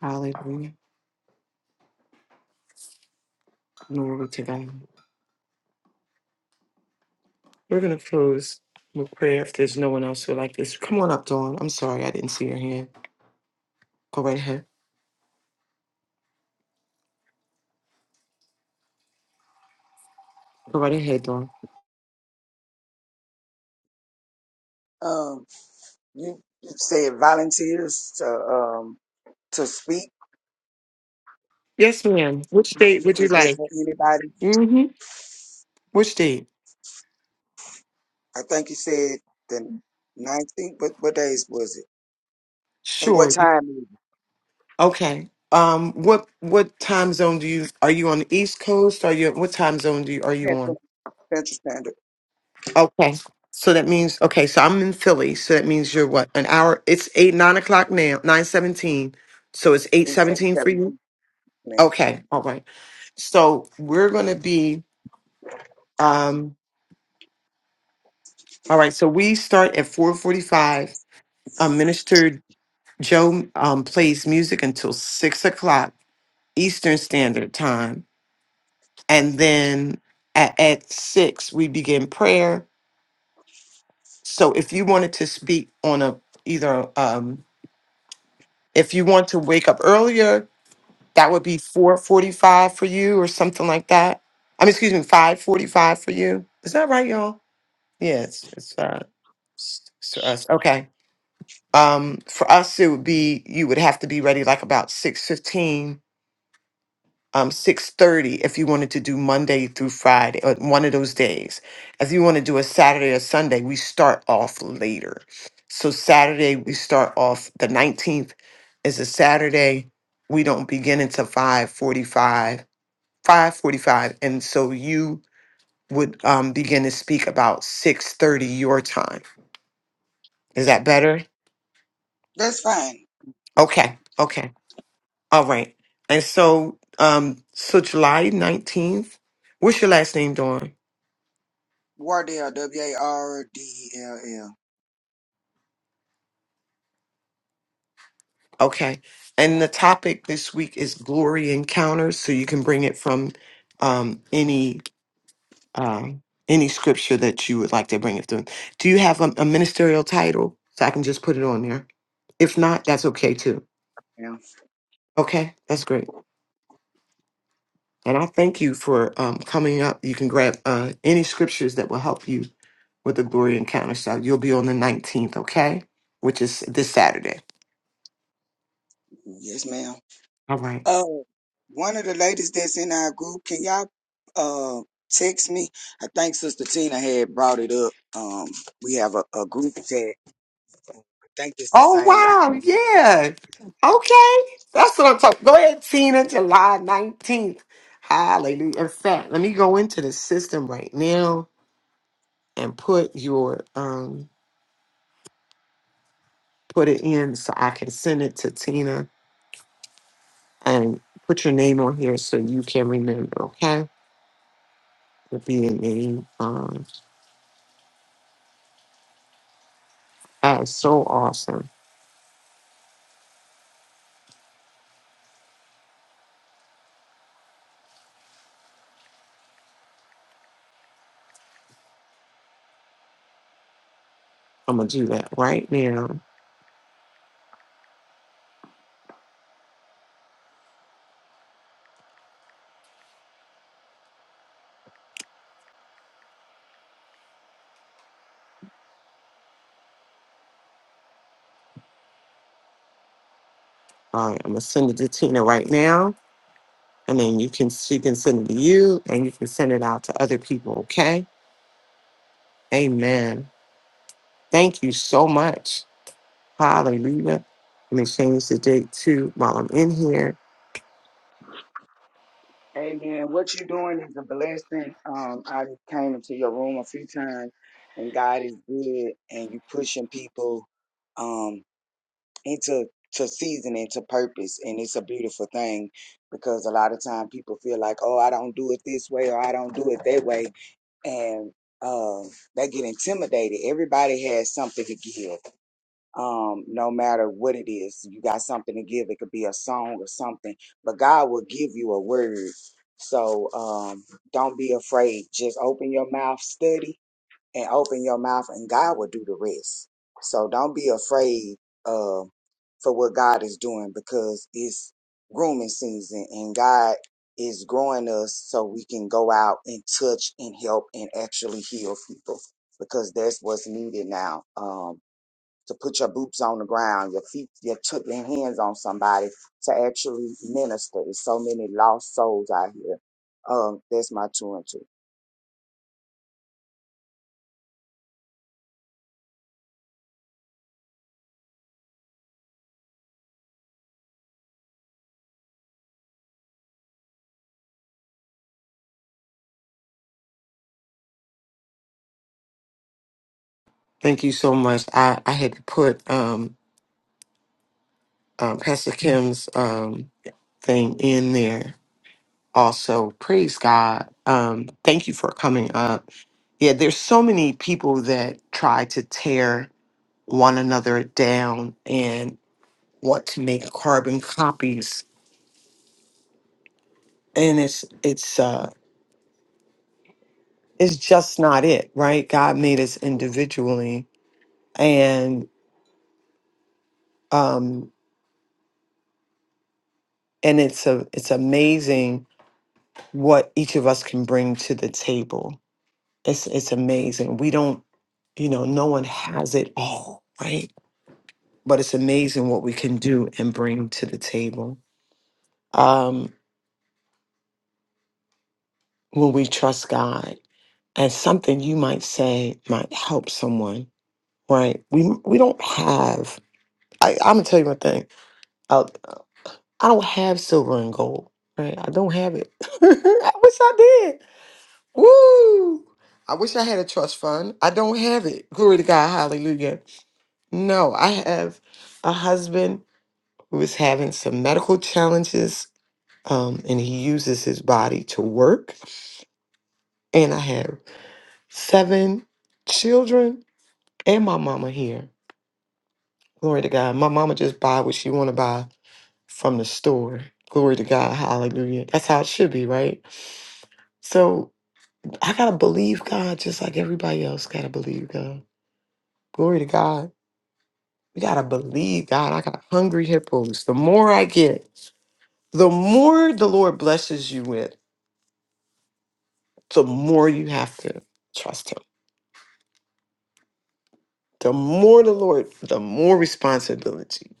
Hallelujah. Glory to God. We're going to close with prayer if there's no one else who like this. Come on up, Dawn. I'm sorry I didn't see your hand. Go right ahead. Go right ahead, Dawn.
Um, you you said volunteers to um to speak.
Yes, ma'am. Which date would you
Is that
like?
for anybody?
Mm-hmm. Which date?
I think you said the nineteenth. What what days was it? And what
Sure. You-
time is it?
Okay. Um, what what time zone do you are you on the East Coast? Are you what time zone do you are you on?
Central Central Standard
Okay. So that means okay. So I'm in Philly. So that means you're what an hour. It's eight nine o'clock now. Nine seventeen. So it's eight
is eight
seventeen for you.
seventeen now.
Okay. All right. So we're gonna be um. All right. So we start at four forty five. Um, Minister Joe um plays music until six o'clock Eastern Standard Time, and then at, at six we begin prayer. So if you wanted to speak on a either um If you want to wake up earlier, that would be 4:45 for you or something like that. I mean, excuse me, 5:45 for you. Is that right, y'all? Yeah, it's it's uh s- s- for us. Okay. Um for us it would be you would have to be ready like about 6:15 um, 6.30 if you wanted to do monday through friday or one of those days if you want to do a saturday or sunday we start off later so saturday we start off the 19th is a saturday we don't begin until 5.45 5.45 and so you would um, begin to speak about 6.30 your time is that better
That's fine.
okay okay all right and so um so july 19th what's your last name dawn
Wardell W A R D E L L.
Okay. And the topic this week is glory encounters, so you can bring it from um, any um, any scripture that you would like to bring it through. Do you have a, a ministerial title so I can just put it on there? If not, that's okay too.
Yeah.
Okay, that's great. And I thank you for um, coming up. You can grab uh, any scriptures that will help you with the glory encounter. So you'll be on the 19th, okay? Which is this Saturday.
Yes, ma'am.
All right.
Uh, one of the ladies that's in our group, can y'all uh text me? I think Sister Tina had brought it up. Um, we have a, a group chat Thank you,
Oh
Society.
wow, yeah. Okay. That's what I'm talking. Go ahead, Tina, July 19th. Hallelujah. In fact, let me go into the system right now and put your um put it in so I can send it to Tina and put your name on here so you can remember, okay? It'll be your name. Um that is so awesome. I'm gonna do that right now. All right, I'm gonna send it to Tina right now. And then you can she can send it to you and you can send it out to other people, okay? Amen. Thank you so much. Hallelujah. Let me change the date too while I'm in here.
Amen. What you're doing is a blessing. Um, I came into your room a few times, and God is good, and you pushing people um, into to season into purpose, and it's a beautiful thing because a lot of time people feel like, oh, I don't do it this way or I don't do it that way, and um, they get intimidated. Everybody has something to give. um, no matter what it is. You got something to give. It could be a song or something, but God will give you a word. So um, don't be afraid. Just open your mouth, study, and open your mouth, and God will do the rest. So don't be afraid uh, for what God is doing because it's grooming season, and God is growing us so we can go out and touch and help and actually heal people because that's what's needed now. Um, to put your boots on the ground, your feet, your, t- your hands on somebody to actually minister. There's so many lost souls out here. Um, that's my two and two.
Thank you so much. I, I had to put um, uh, Pastor Kim's um, thing in there also. Praise God. Um, thank you for coming up. Yeah, there's so many people that try to tear one another down and want to make carbon copies. And it's it's uh it's just not it, right? God made us individually and um and it's a it's amazing what each of us can bring to the table it's it's amazing we don't you know no one has it all right but it's amazing what we can do and bring to the table um when we trust god and something you might say might help someone right we we don't have I, i'm gonna tell you one thing I, I don't have silver and gold right i don't have it i wish i did Woo! I wish I had a trust fund. I don't have it. Glory to God. Hallelujah. No, I have a husband who is having some medical challenges um, and he uses his body to work. And I have seven children and my mama here. Glory to God. My mama just buy what she want to buy from the store. Glory to God. Hallelujah. That's how it should be, right? So I got to believe God just like everybody else got to believe God. Glory to God. We got to believe God. I got hungry hippos. The more I get, the more the Lord blesses you with, the more you have to trust Him. The more the Lord, the more responsibility.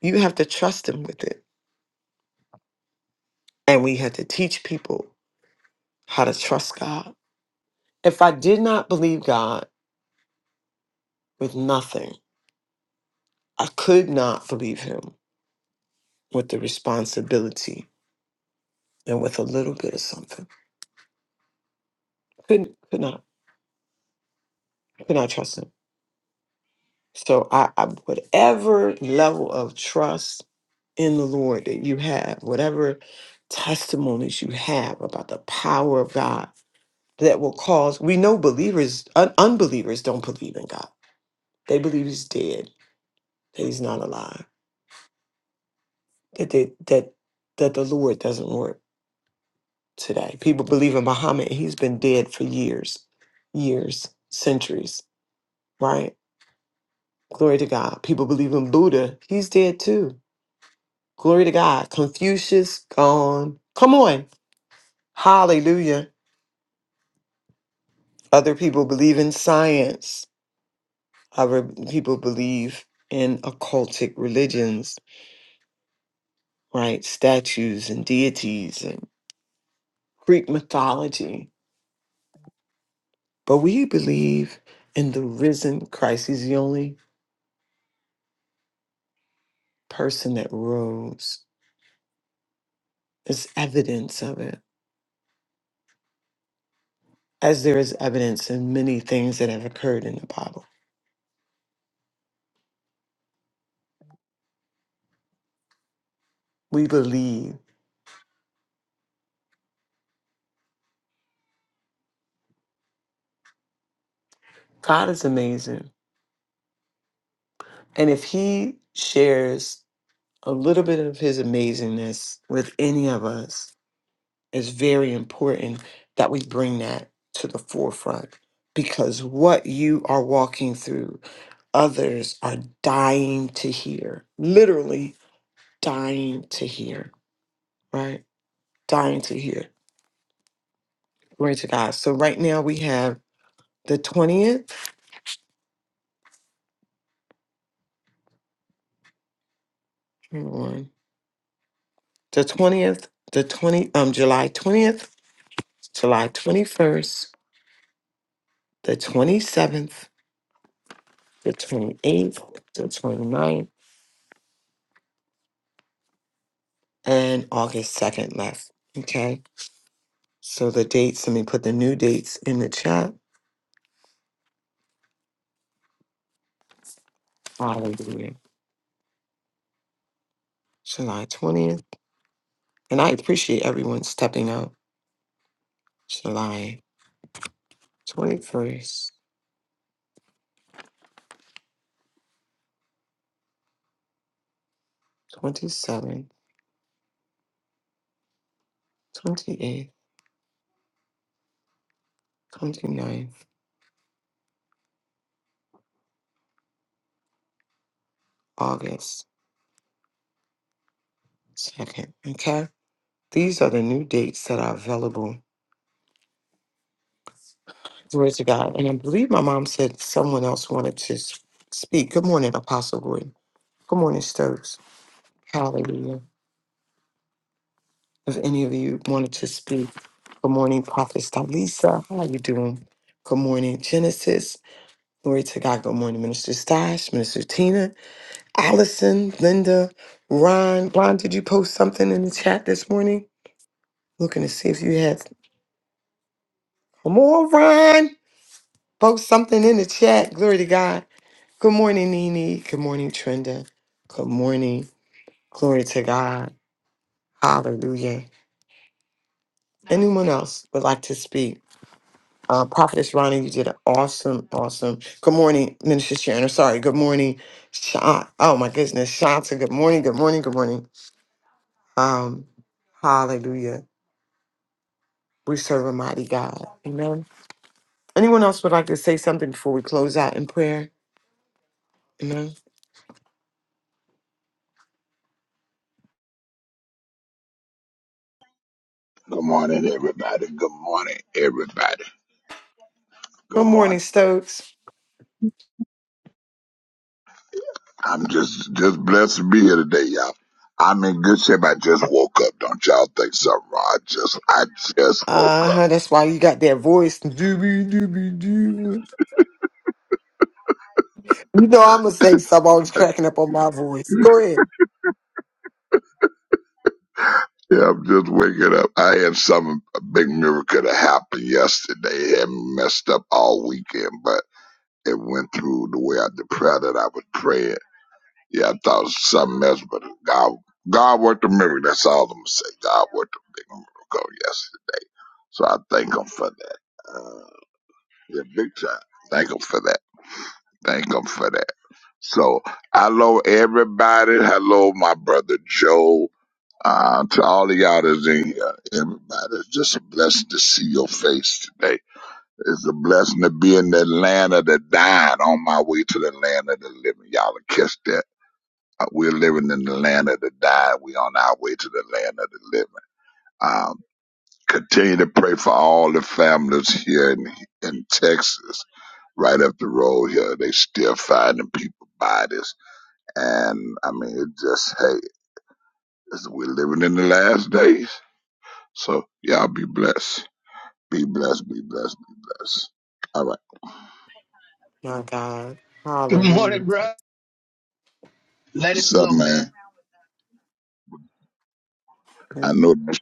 You have to trust Him with it. And we had to teach people how to trust God. If I did not believe God with nothing, I could not believe Him with the responsibility and with a little bit of something. Couldn't, could not, could not trust Him. So I, I whatever level of trust in the Lord that you have, whatever testimonies you have about the power of God that will cause we know believers un- unbelievers don't believe in God. They believe he's dead, that he's not alive, that they, that that the Lord doesn't work today. People believe in Muhammad, he's been dead for years, years, centuries, right? Glory to God. People believe in Buddha, he's dead too Glory to God. Confucius gone. Come on. Hallelujah. Other people believe in science. Other people believe in occultic religions, right? Statues and deities and Greek mythology. But we believe in the risen Christ. He's the only person that rose. There's evidence of it, as there is evidence in many things that have occurred in the Bible. We believe. God is amazing. And if he shares a little bit of his amazingness with any of us, it's very important that we bring that to the forefront because what you are walking through, others are dying to hear, literally dying to hear, right? Dying to hear. Glory to God. So right now we have the 20th, hold on, the 20th, the 20, um, July 20th, July 21st, the 27th, the 28th, the 29th, and August 2nd left. Okay. So the dates, let me put the new dates in the chat. Hallelujah. July 20th. And I appreciate everyone stepping up. July 21st, 27th, 28th, 29th, August 2nd. Okay. These are the new dates that are available. Glory to God. And I believe my mom said someone else wanted to s- speak. Good morning, Apostle Gordon. Good morning, Stokes. Hallelujah. If any of you wanted to speak, good morning, Prophet Stalisa. How are you doing? Good morning, Genesis. Glory to God. Good morning, Minister Stash, Minister Tina, Allison, Linda, Ron. Ron, did you post something in the chat this morning? Looking to see if you had. Come on, Ron. Post something in the chat. Glory to God. Good morning, Nene. Good morning, Trenda. Good morning. Glory to God. Hallelujah. Anyone else would like to speak? Uh, Prophetess Ronnie, you did an awesome, awesome. Good morning, Minister Sharon. Sorry, good morning, Sha. Oh my goodness, Shanta. Good morning, good morning, good morning. Um, hallelujah. We serve a mighty God. Amen. Anyone else would like to say something before we close out in prayer? Amen.
Good morning, everybody. Good morning, everybody. Good
Good morning,
morning.
Stokes.
I'm just just blessed to be here today, y'all. I'm in good shape. I just woke up. Don't y'all think something wrong? I just I just woke
Uh
up.
huh. That's why you got that voice. Doobie doobie doo. You know I'm gonna say something. I was cracking up on my voice. Go ahead.
Yeah, I'm just waking up. I had some a big miracle that happened yesterday. It had me messed up all weekend, but it went through the way I the prayer that I was praying. Yeah, I thought it was something else, but God God worked a miracle. That's all I'm gonna say. God worked a big miracle yesterday. So I thank him for that. Uh, yeah, big time. Thank him for that. Thank him for that. So hello everybody. Hello my brother Joe. Uh, to all of y'all that's in here, everybody, it's just a blessing to see your face today. It's a blessing to be in the land of the dying on my way to the land of the living. Y'all will catch that. Uh, We're living in the land of the dying. We on our way to the land of the living. Um. Continue to pray for all the families here in, in Texas, right up the road here. They still finding people bodies. And I mean, it just, hey, it's- we're living in the last days. So y'all be blessed. Be blessed, be blessed, be blessed. All right.
My God.
Good
Hallelujah.
morning, bro. Let it
What's up,
flow,
man?
man.
I know that's,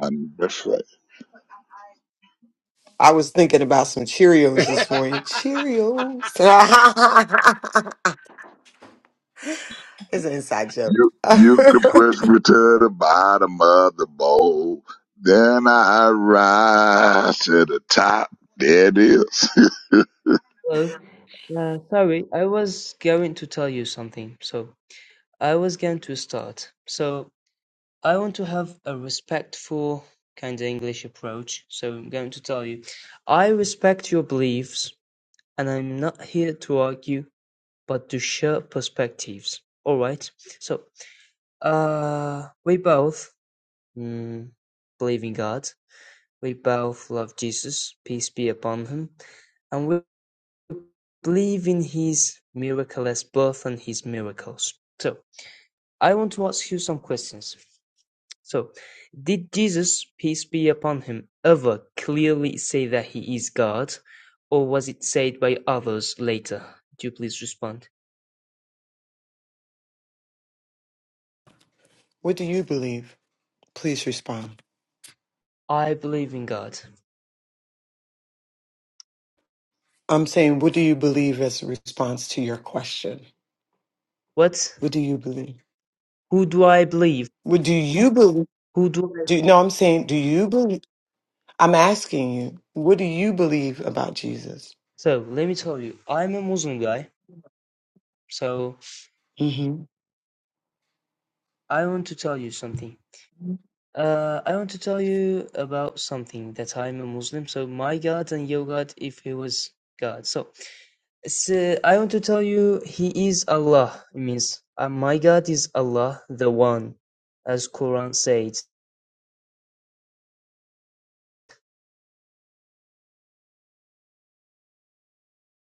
I know that's right.
I was thinking about some Cheerios this morning. Cheerios. it's an inside joke.
You, you can push me to the bottom of the bowl. Then I rise to the top. There it is.
Well, uh, sorry, I was going to tell you something. So, I was going to start. So, I want to have a respectful kind of English approach. So, I'm going to tell you, I respect your beliefs and I'm not here to argue, but to share perspectives. All right. So, uh, we both mm, believe in God. We both love Jesus, peace be upon him, and we believe in his miraculous birth and his miracles. So, I want to ask you some questions. So, did Jesus, peace be upon him, ever clearly say that he is God, or was it said by others later? Do you please respond?
what do you believe? Please respond.
I believe in God.
I'm saying, what do you believe as a response to your question?
What?
What do you believe?
Who do I believe?
What do you believe?
Who do I?
Do, no, I'm saying, do you believe? I'm asking you, what do you believe about Jesus?
So let me tell you, I'm a Muslim guy. So
hmm
I want to tell you something. Uh, I want to tell you about something that I'm a Muslim. So my God and your God, if he was God. So it's, uh, I want to tell you, he is Allah. It means uh, my God is Allah, the One, as Quran says.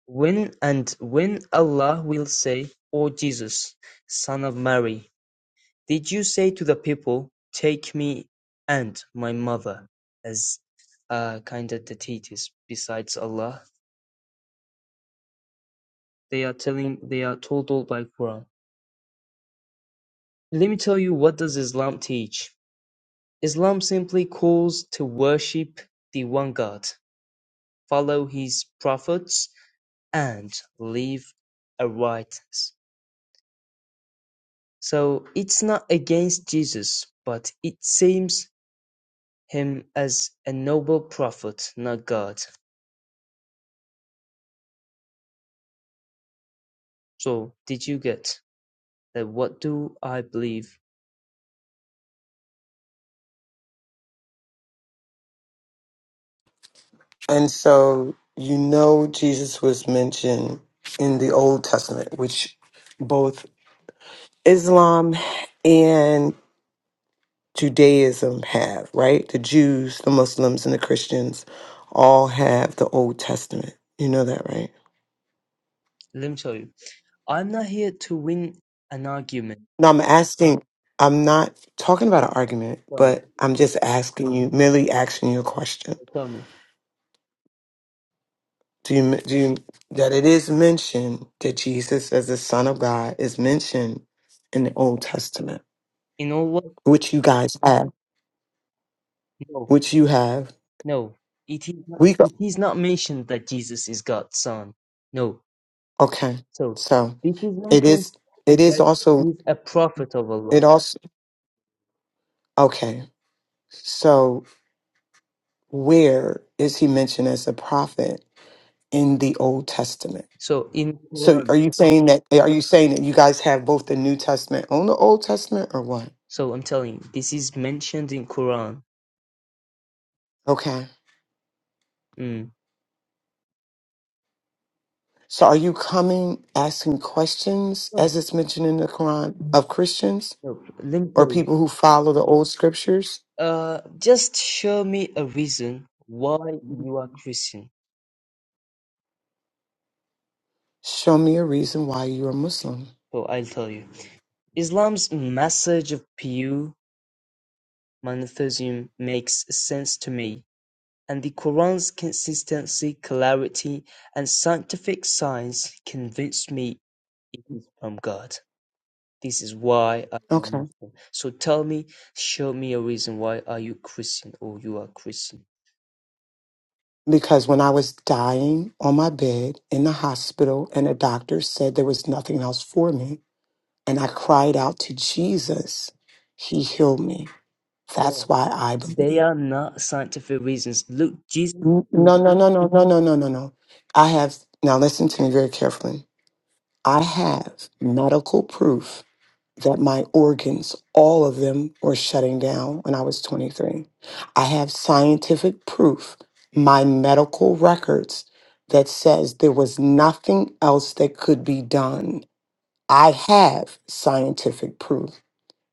When and when Allah will say, "O Jesus, Son of Mary." Did you say to the people, "Take me and my mother as uh, kind of the deities besides Allah? They are telling they are told all by Quran. Let me tell you what does Islam teach. Islam simply calls to worship the one God, follow his prophets and live a righteous. So it's not against Jesus, but it seems him as a noble prophet, not God. So, did you get that what do I believe?
And so, you know, Jesus was mentioned in the Old Testament, which both Islam and Judaism have, right? The Jews, the Muslims, and the Christians all have the Old Testament. You know that, right?
Let me tell you. I'm not here to win an argument.
No, I'm asking, I'm not talking about an argument,
Tell me.
but I'm just asking you, merely asking you a question.
Tell me.
Do you, do you, that it is mentioned that Jesus as the Son of God is mentioned in the Old Testament,
You know what?
which you guys have,
No.
which you have.
No. It is not,
We go,
it is not mentioned that Jesus is God's son. No.
okay.
So,
So
this is
it
mentioned
is, it is
that
also
he's a prophet of Allah.
It also okay. So where is he mentioned as a prophet in the Old Testament?
So, in
So are
Quran.
you saying that eh, are you saying that you guys have both the New Testament and the Old Testament or what?
So, I'm telling you, this is mentioned in Quran.
Okay.
Mm.
So are you coming asking questions
No.
as it's mentioned in the Quran of Christians
No. Let me
or
tell you.
people who follow the old scriptures?
Uh, just show me a reason why you are Christian.
Show me a reason why you are Muslim.
So I'll tell you. Islam's message of pure monotheism makes sense to me, and the Quran's consistency, clarity, and scientific science convince me it is from God. This is why I'm a
Okay.
Muslim. So tell me, show me a reason why are you Christian or you are Christian.
because when I was dying on my bed in the hospital and the doctor said there was nothing else for me and I cried out to Jesus, he healed me.
Yeah.
That's why I
They
believe.
are not scientific reasons. Look, Jesus
N- No, no, no, no, no, no, no, no, no. I have, now listen to me very carefully. I have medical proof that my organs, all of them, were shutting down when I was 23. I have scientific proof, my medical records, that says there was nothing else that could be done. I have scientific proof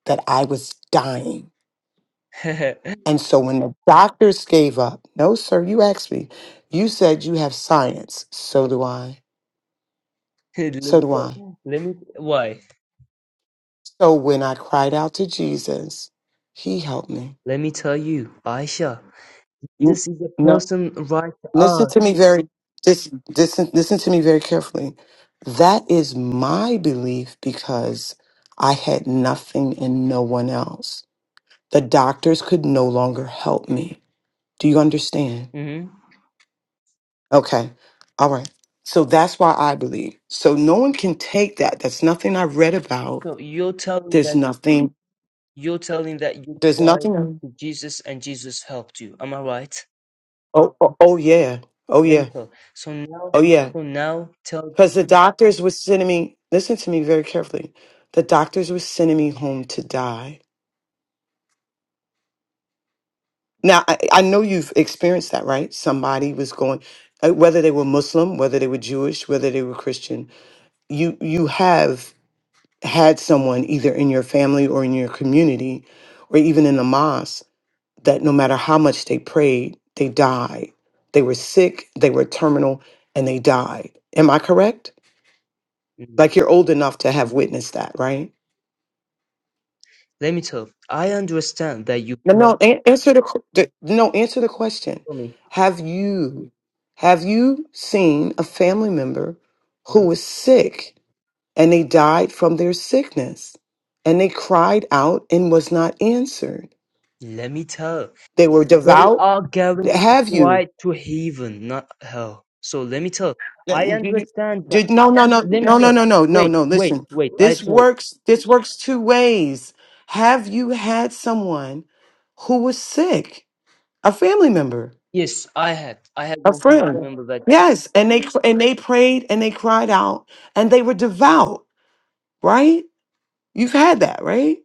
that I was dying.
is
And so when the doctors gave up, no, sir, you asked me, you said you have science. So do I.
let
So
me
do I.
tell, let me why?
So when I cried out to Jesus, he helped me.
Let me tell you, Aisha.
You,
This is a
no.
person right to
Listen
us.
to me very this listen listen to me very carefully. That is my belief because I had nothing and no one else. The doctors could no longer help me. Do you understand?
hmm
Okay. All right. So that's why I believe. So no one can take that. That's nothing I read about.
So you're telling
There's
that
nothing.
you're telling that you
There's
cried
nothing.
to Jesus and Jesus helped you. Am I right?
Oh, oh, oh yeah. Oh
Let me
yeah.
tell. So now,
Oh yeah.
so now tell.
Because the doctors were sending me, listen to me very carefully. The doctors were sending me home to die. Now, I, I know you've experienced that, right? Somebody was going, uh, whether they were Muslim, whether they were Jewish, whether they were Christian, you, you have had someone either in your family or in your community or even in the mosque that no matter how much they prayed, they died. They were sick, they were terminal, and they died. Am I correct?
mm,
Like you're old enough to have witnessed that, right?
Let me tell. I understand that you
No, no,
fell
an- answer the, qu- the no, answer the question.
for me.
Have you have you seen a family member who
Right?
was sick and they died from their sickness and they cried out and was not answered?
Let me tell.
They were
They
devout.
are going
Have you?
right to heaven, not hell. So let me tell. I
Did, did
understand.
did- no, no, no,
Let me
no, no,
tell.
no, no, no,
Wait,
no.
wait,
Listen,
wait. I
this
tell.
works. This works two ways. Have you had someone who was sick, a family member?
Yes, I had. I had
a
one family
friend.
member that.
Yes, and they and they prayed and they cried out and they were devout, right? You've had that, right?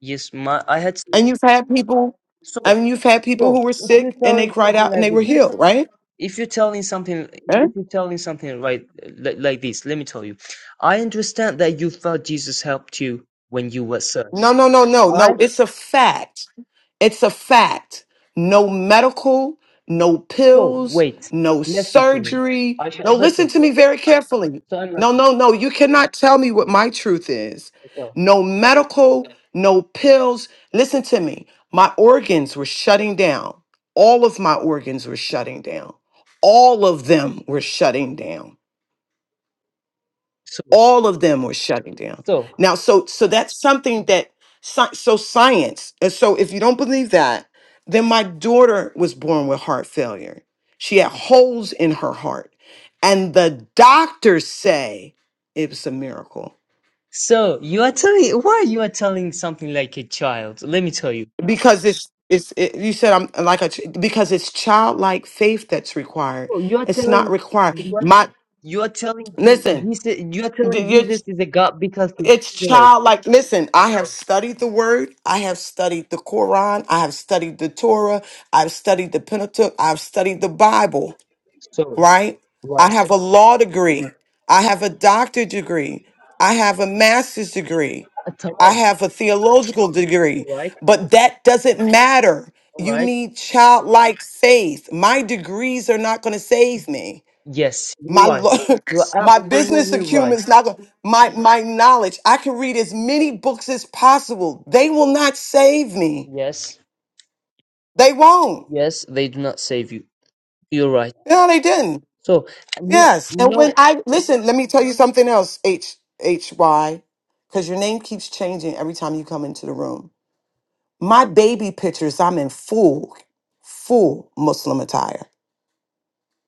Yes, my. I had.
And
some-
you've had people, I
So,
mean, you've had people who
so
were
if you're
sick and they
telling
cried
something
out and
like
they were
this,
healed, right?
if you're telling something,
Eh?
if you're telling something right like, like this, let me tell you. I understand that you felt Jesus helped you when you were sick.
No, no, no, no,
I
no. It's a fact. It's a fact. No medical, no
so
pills,
wait.
no
Listen to me.
surgery.
I shall
No,
listen
listen
to.
to me very carefully.
So I'm
No,
listening.
no, no. You cannot tell me what my truth is.
to. So,
No medical, no pills. Listen to me. My organs were shutting down. All of my organs were shutting down. All of them were shutting down
so,
all of them were shutting down
so,
now so so that's something that sci- so science and so if you don't believe that then my daughter was born with heart failure she had holes in her heart and the doctors say it was a miracle
so you are telling. Why you are telling something like a child? Let me tell you.
because it's it's it, you said i'm like a ch- because it's childlike faith that's required
So you're
it's not
telling
required Mhm.
what
my
you're telling Je-
listen
Jesus you're telling Jesus is a God because he
It's
failed.
childlike. Listen, I have studied the word. I have studied the Quran. I have studied the Torah. I've studied the Pentateuch. I've studied the Bible,
So
right?
right.
I have a law degree. I have a doctorate degree. I have a master's degree.
Uh,
I
Tamam.
have a theological degree.
Right.
But that doesn't matter.
All
You
right.
need childlike faith. My degrees are not going to save me.
Yes, you're
My
right.
lo-
You're
my business
absolutely
acumen
right.
is not going. My my knowledge. I can read as many books as possible. They will not save me.
Yes.
They won't.
Yes, they do not save you. You're right.
No, they didn't.
So no
Yes. And when
no
I listen, let me tell you something else. H H Y, because your name keeps changing every time you come into the room. My baby pictures. I'm in full full Muslim attire.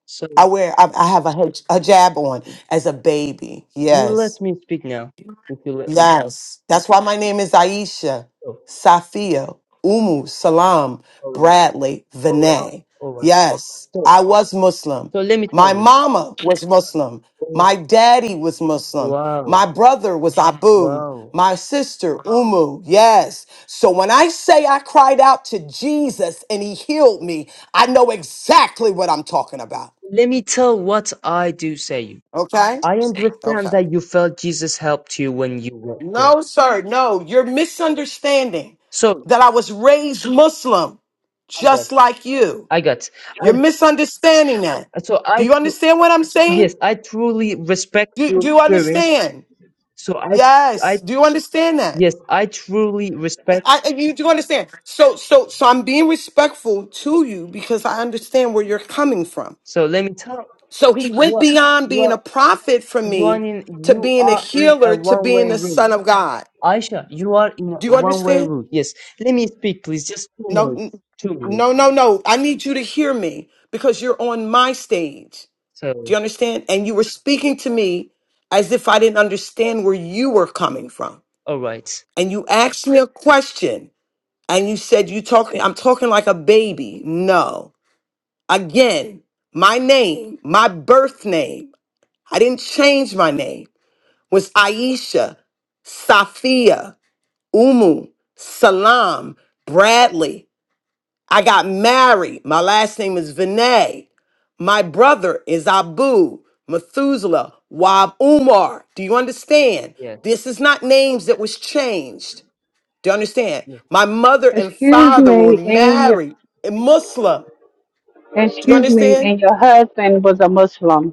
so
I wear. I, I have a hij- hijab on as a baby.
you
Yes.
let me speak now. If you let me.
Yes. That's why my name is Aisha,
So
Safia, Umu, Salam,
all right.
Bradley,
All right.
Vinay.
All right.
Yes,
So
I was Muslim.
so let me tell
My
you.
mama was Muslim.
Oh,
My daddy was Muslim. My
Wow.
brother was Abu.
Wow.
My sister, Umu. Yes. So when I say I cried out to Jesus and he healed me, I know exactly what I'm talking about.
Let me tell what I do say you.
Okay?
I understand
Okay.
that you felt Jesus helped you when you were sick.
No, sir. No, you're misunderstanding
So
that I was raised Muslim
I got,
just like you.
I got,
You're
and
misunderstanding that.
so
Do
I,
you
tru-
understand what I'm
yes,
saying?
I truly respect
Do,
your
do you
experience.
understand?
So I,
Yes.
I,
Do you understand that?
yes, I truly respect.
I, I- you do understand. So, so, so I'm being respectful to you because I understand where you're coming from.
So let me tell
So he went
you,
beyond being
you're,
a prophet for
you're
me
in,
to
you
being a
are in a
healer to
one-way
being the
route.
son of God.
Aisha, you are in a
Do you
one-way
understand?
route. Yes, let me speak, please. Just two
No, n-
minutes, two minutes.
no, no, no. I need you to hear me because you're on my stage. Do
So,
you understand? And you were speaking to me as if I didn't understand where you were coming from.
all right,
And you asked me a question and you said, You talking, I'm talking like a baby. No. Again, my name, my birth name, I didn't change my name, was Aisha, Safia, Umu, Salam, Bradley. I got married. My last name is Vinay. My brother is Abu, Methuselah, Wab Umar. Do you understand?
yes,
This is not names that was changed. Do you understand?
yes.
My mother and
Excuse
father were
me, and your
married and Muslim. Do you
excuse me,
understand?
and your husband was a Muslim.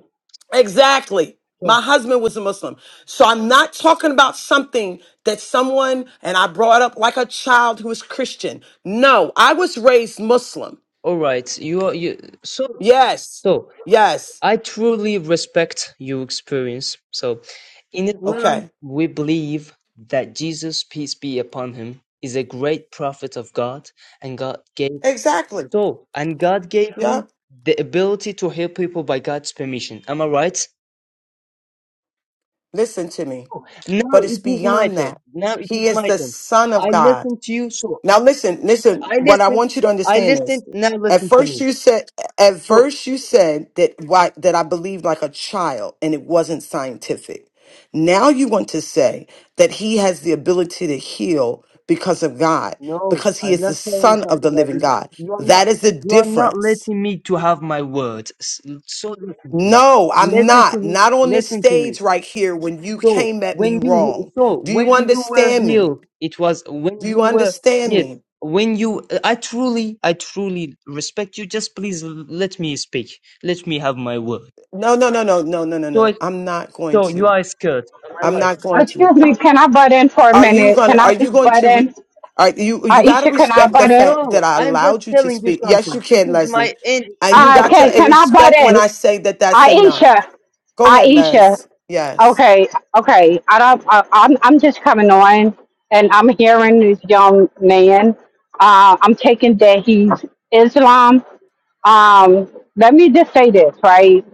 Exactly. My
So,
husband was a Muslim. So I'm not talking about something that someone and I brought up like a child who is Christian. No, I was raised Muslim.
all right, you are you. so
Yes.
So.
Yes.
I truly respect your experience. So, in Islam,
Okay.
we believe that Jesus, peace be upon him, is a great prophet of God, and God gave
Exactly.
so, and God gave him
Yep.
the ability to heal people by God's permission. Am I right?
Listen to me.
Oh, Now
But it's
it is my
beyond
turn.
that.
Now it is
He is
my
the
turn.
son of
I
God.
listen to you, so
Now listen, listen,
I
what I
listen.
want you to
I
understand
listened.
is
Now
at
listen to
first
me.
you said at
So.
first you said that why that I believed like a child and it wasn't scientific. Now you want to say that he has the ability to heal because of God,
No,
because he
I'm
is the
not telling
son of
something
the
like
living
this.
God.
You are not.
That is the
You are not
difference.
letting me to have my words. S- So listen to me.
No, I'm
Listen to
not.
me.
Not on this
Listen to me.
stage right here when you
So
came at me
when you he-
wrong.
so
Do
when
you
you were
understand me?
healed, it was when
Do you
you were
understand
yes.
me?
When you, uh, I truly, I truly respect you. Just please l- let me speak. Let me have my word.
No, no, no, no, no, no, no,
So, I-
no. I'm not going
so you
to.
are scared. Am I
I'm
right?
not going to.
Excuse me, can I butt in for a
Are you
minute?
going
Can
to
I
are you
just
going
butt
to re-
in?
are you you got to
Aisha, can I
respect the
butt in?
fact that
No,
I
I'm just
allowed you to
telling you
speak. Yes,
something.
you
It
can,
is my
Leslie. And
energy.
you
Uh,
got
can
to
can I butt
respect when
in?
I say that that's enough.
Aisha,
Go ahead,
Aisha.
Les. Yes.
Okay, okay. I don't. I, I'm I'm just coming on, and I'm hearing this young man. Uh, I'm taking that he's Islam. Um, let me just say this, right?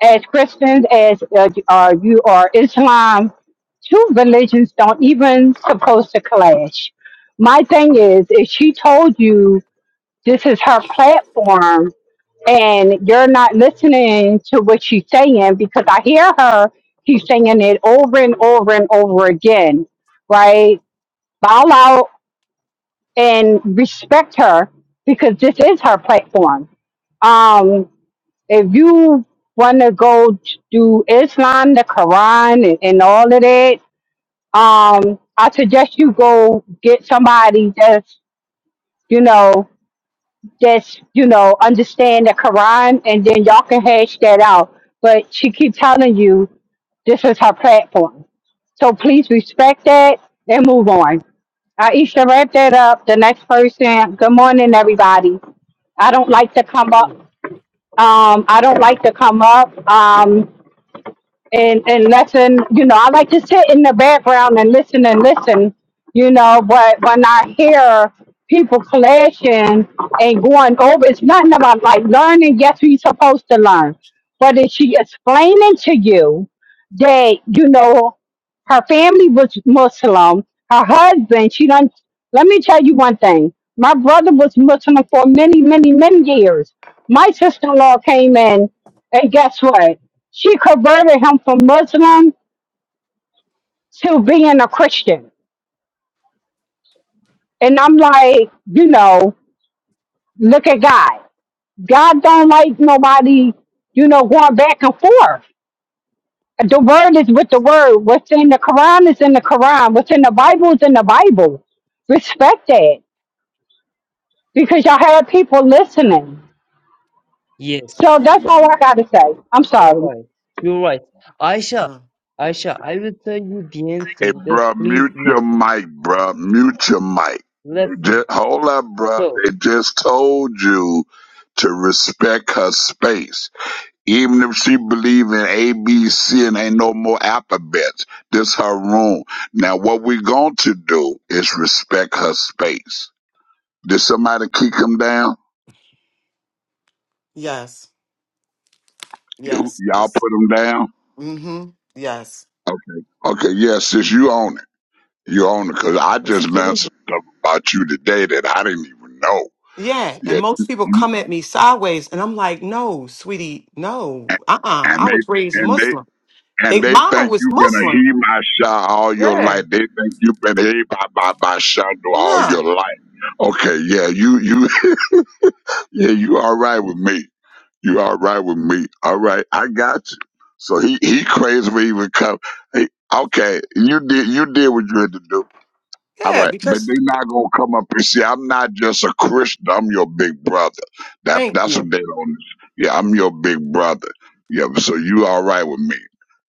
As Christians, as uh, uh, you are Islam, two religions don't even supposed to clash. My thing is, if she told you this is her platform, and you're not listening to what she's saying because I hear her. She's saying it over and over and over again, right? Bow out and respect her because this is her platform. Um, if you want to go do Islam, the Quran, and, and all of that, um, I suggest you go get somebody that's, you know, just you know understand the Quran, and then y'all can hash that out. But she keep telling you this is her platform, so please respect that and move on. Aisha, wrap that up. The next person. Good morning, everybody. I don't like to come up. Um, I don't like to come up. Um, and and listen, you know, I like to sit in the background and listen and listen, you know, but when I hear people clashing and going over, it's nothing about like learning, yes, we supposed to learn. But is she explaining to you that, you know, her family was Muslim, her husband, she done let me tell you one thing. My brother was Muslim for many, many, many years. My sister in law came in and guess what? she converted him from Muslim to being a Christian. And I'm like, you know, look at God. God don't like nobody, you know, going back and forth. The word is with the word. What's in the Quran is in the Quran. What's in the Bible is in the Bible. Respect that because y'all have people listening.
Yes.
So that's all I gotta say. I'm
You're
sorry.
right. You're right. Aisha,
No.
Aisha, I will tell you the end
Hey,
thing. Just
bruh,
please
mute your
listen.
mic, bruh. Mute your mic.
Listen.
Just, hold up, bruh.
So,
They just told you to respect her space. Even if she believe in A, B, C, and ain't no more alphabets, this her room. Now, what we going to do is respect her space. Did somebody kick him down?
Yes.
You-
Yes.
Y'all
Yes.
put him down?
Mhm. Yes.
Okay. Okay, yeah, sis, you own it. You own it, because I just learned some stuff about you today that I didn't even know.
Yeah, and
Yeah,
most people
You.
come at me sideways, and I'm like, no, sweetie, no,
and
uh, uh
and
I
they
was raised
and they
Muslim.
and
They,
they
mama
think
was
you've been a
Muslim.
he my shot all your
Yeah,
life. They think you've been a he by by by shadow all
no,
your life. Okay, yeah, you you yeah, you all right with me. You all right with me. All right, I got you. So he he crazy for even come. Hey, okay, you did you did what you had to do. All
yeah,
right, but
because
they're not gonna come up and see. I'm not just a Christian. I'm your big brother. That
thank
that's what
you.
they don't. Yeah, I'm your big brother. Yeah, so you all right with me?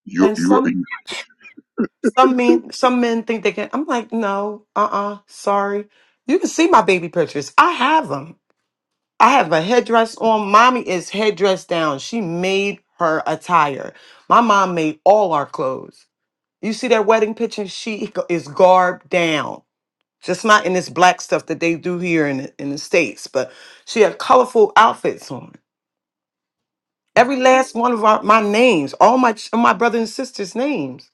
You
And
you
some, some men, some men think they can. I'm like, no, uh, uh sorry. You can see my baby pictures. I have them. I have a headdress on. Mommy is headdress down. She made her attire. My mom made all our clothes. You see that wedding picture? She is garbed down. just not in this black stuff that they do here in the, in the states but she had colorful outfits on every last one of our, my names all my ch- my brothers and sisters names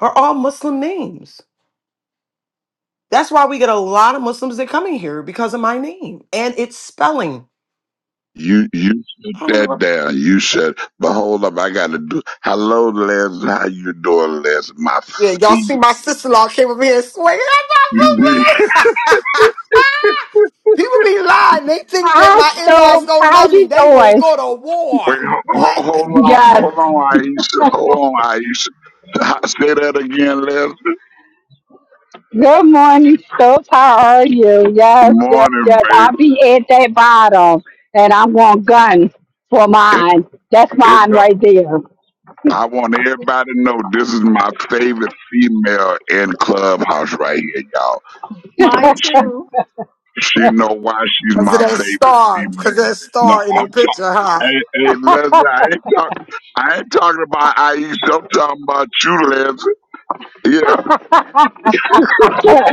are all muslim names that's why we get a lot of muslims that come in here because of my name and it's spelling
you you sit
i don't wanna
that
rep-
down. You said, but hold up, I gotta do. Hello, Les. How you doing, Les? My
yeah, y'all
feet.
see my sister-in-law came over here and swayed.
You did-
That's my boo-boo. People be lying. They think that
Hi,
my in-laws
Stove.
don't
How
love me.
you
They will
doing?
go to
Wait,
war.
hold,
What?
hold on,
Yes.
hold on, Aisha. Hold on, Aisha. Say that again, Les.
Good morning, Stokes. How are you?
Good
Yes, yes,
morning,
yes.
baby.
I'll be at that bottom and I'm going gun for
It,
mine. That's
it
mine right there.
I want everybody to know this is my favorite female in Clubhouse right here, y'all.
Mine
And she
too.
she know why she's
Because of
my
that
favorite
star,
female.
because that
No,
star in
I'm
the
talking.
picture, huh?
Hey, hey, Leslie, I ain't talk. I ain't talking about Aisha. I'm talking about you, Leslie. Yeah,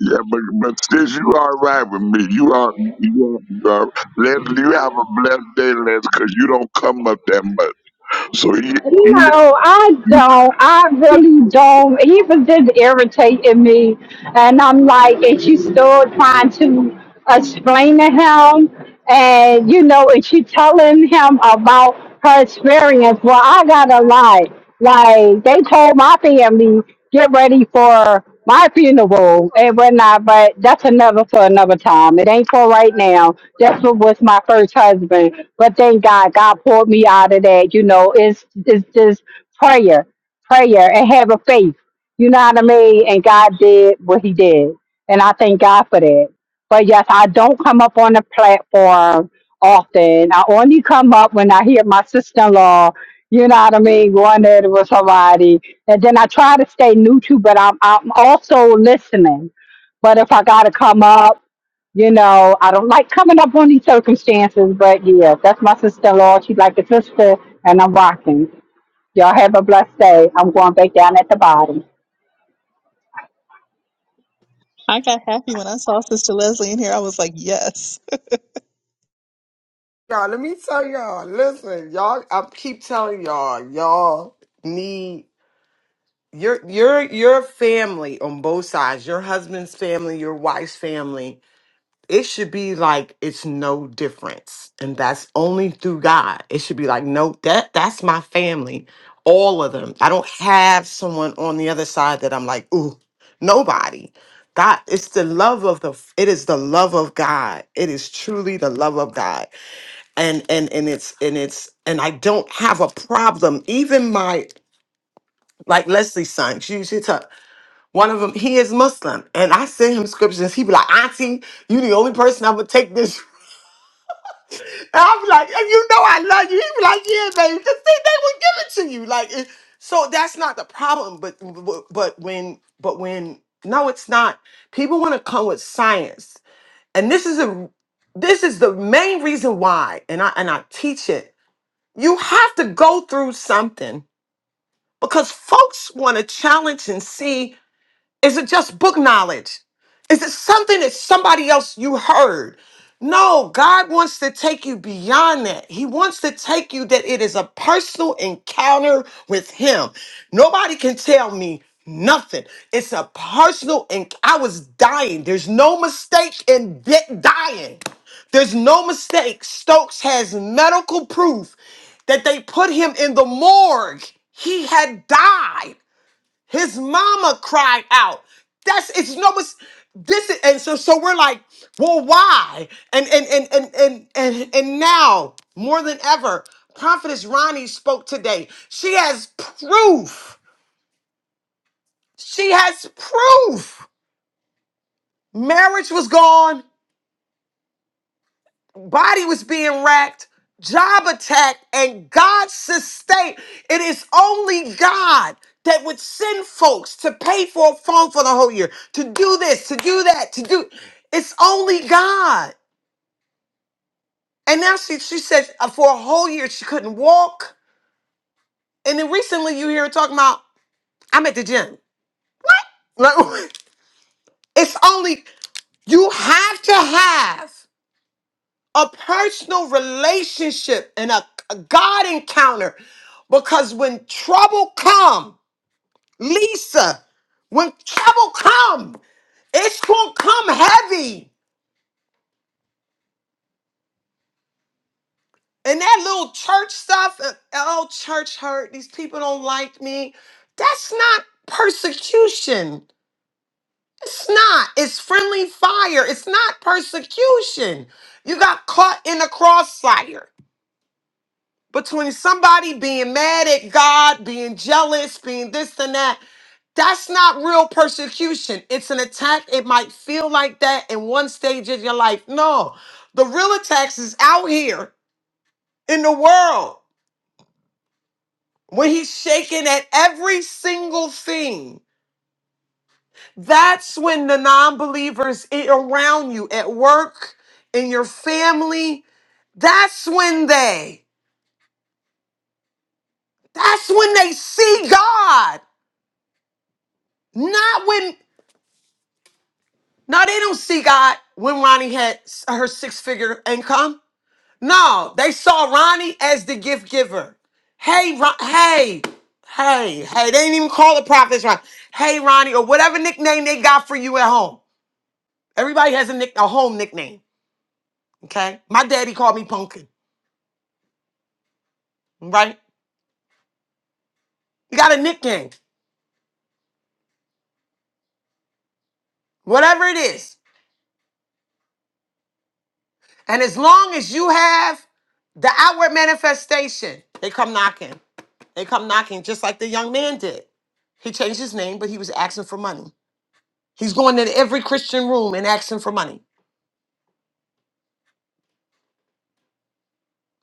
yeah, but but sis, you all right with me? You are you are, you are Leslie. You have a blessed day, Leslie, because you don't come up that much. So he, he
No, I don't. I really don't. He was just irritating me. And I'm like, and she's still trying to explain to him. And, you know, and she telling him about her experience. Well, I got to lie. Like, they told my family, get ready for my funeral and whatnot. But that's another for another time. It ain't for right now. That's what was my first husband. But thank God, God pulled me out of that. You know, it's it's just prayer, prayer, and having faith. You know what I mean? And God did what He did, and I thank God for that. But yes, I don't come up on the platform often. I only come up when I hear my sister-in-law. You know what I mean? Going at it with somebody, and then I try to stay neutral, but I'm I'm also listening. But if I gotta come up you know, I don't like coming up on these circumstances, but yeah, that's my sister in law. She's like a sister, and I'm rocking. Y'all have a blessed day. I'm going back down at the bottom.
I got happy when I saw Sister Leslie in here. I was like, yes,
Y'all, let me tell y'all, listen, y'all, I keep telling y'all, y'all need your your your family on both sides, your husband's family, your wife's family. it should be like it's no difference and that's only through god it should be like no that that's my family all of them i don't have someone on the other side that i'm like ooh nobody god it's the love of the it is the love of god it is truly the love of god and and and it's and it's and i don't have a problem even my like leslie's son she used to one of them he is muslim and i send him scriptures he be like auntie you the only person I would take this I'm like, and you know I love you. He be like, yeah, baby, because they, they would give it to you. Like, it, so that's not the problem. But, but but when but when no, it's not. People want to come with science, and this is a this is the main reason why. And I and I teach it. You have to go through something because folks want to challenge and see. Is it just book knowledge? Is it something that somebody else you heard? No, God wants to take you beyond that. He wants to take you that it is a personal encounter with Him. Nobody can tell me nothing. It's a personal, and I was dying. There's no mistake in di- dying. There's no mistake. Stokes has medical proof that they put him in the morgue. He had died. His mama cried out. That's it's no it's this is, and so so we're like, well, why? And and and and and and, and now more than ever, Prophetess Ronnie spoke today. She has proof. She has proof. Marriage was gone. body was being racked, job attacked, and God sustained. It is only God that would send folks to pay for a phone for the whole year, to do this, to do that, to do. It's only God. And now she, she said uh, for a whole year she couldn't walk. And then recently you hear her talking about, I'm at the gym. Like, it's only, you have to have. a personal relationship and a, a God encounter. Because when trouble come, Lisa, when trouble come, it's gonna come heavy. And that little church stuff, uh, oh, church hurt, these people don't like me. That's not persecution. It's not. It's friendly fire. It's not persecution. You got caught in a crossfire. between somebody being mad at God, being jealous, being this and that. That's not real persecution. It's an attack. It might feel like that in one stage of your life. No, the real attacks is out here in the world when he's shaking at every single thing. That's when the non believers around you at work, in your family, that's when they, that's when they see God. Not when Now they don't see God when Ronnie had s- her six figure income. No, they saw Ronnie as the gift giver. Hey, Ron- hey, hey, hey, they didn't even call the prophets Ronnie. Hey, Ronnie, or whatever nickname they got for you at home. Everybody has a nick, a home nickname. Okay, my daddy called me Pumpkin. Right? You got a nickname, whatever it is, and as long as you have the outward manifestation, they come knocking. They come knocking just like the young man did. He changed his name, but he was asking for money. He's going in every Christian room and asking for money.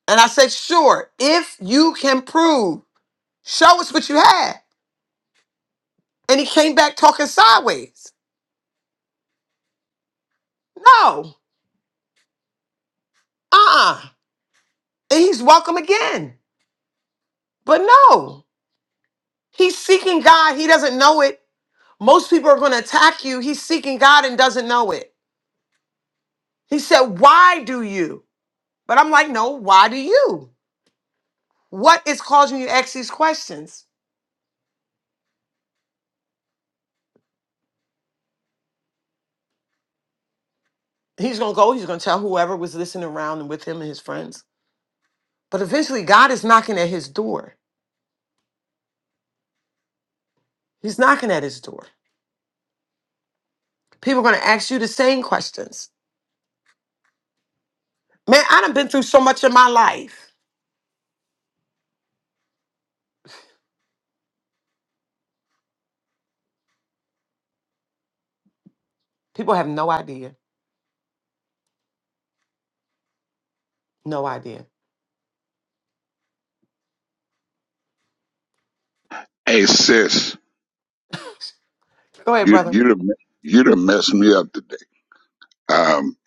And I said, sure, if you can prove, show us what you had. And he came back talking sideways. No, uh uh And he's welcome again. But no, he's seeking God. He doesn't know it. Most people are going to attack you. He's seeking God and doesn't know it. He said, Why do you? But I'm like, No, why do you? What is causing you to ask these questions? He's going to go, he's going to tell whoever was listening around with him and his friends. But eventually, God is knocking at his door. He's knocking at his door. People are going to ask you the same questions. Man, I done been through so much in my life. People have no idea. No idea.
hey sis,
Go ahead,
you
brother.
you done you done messed me up Um,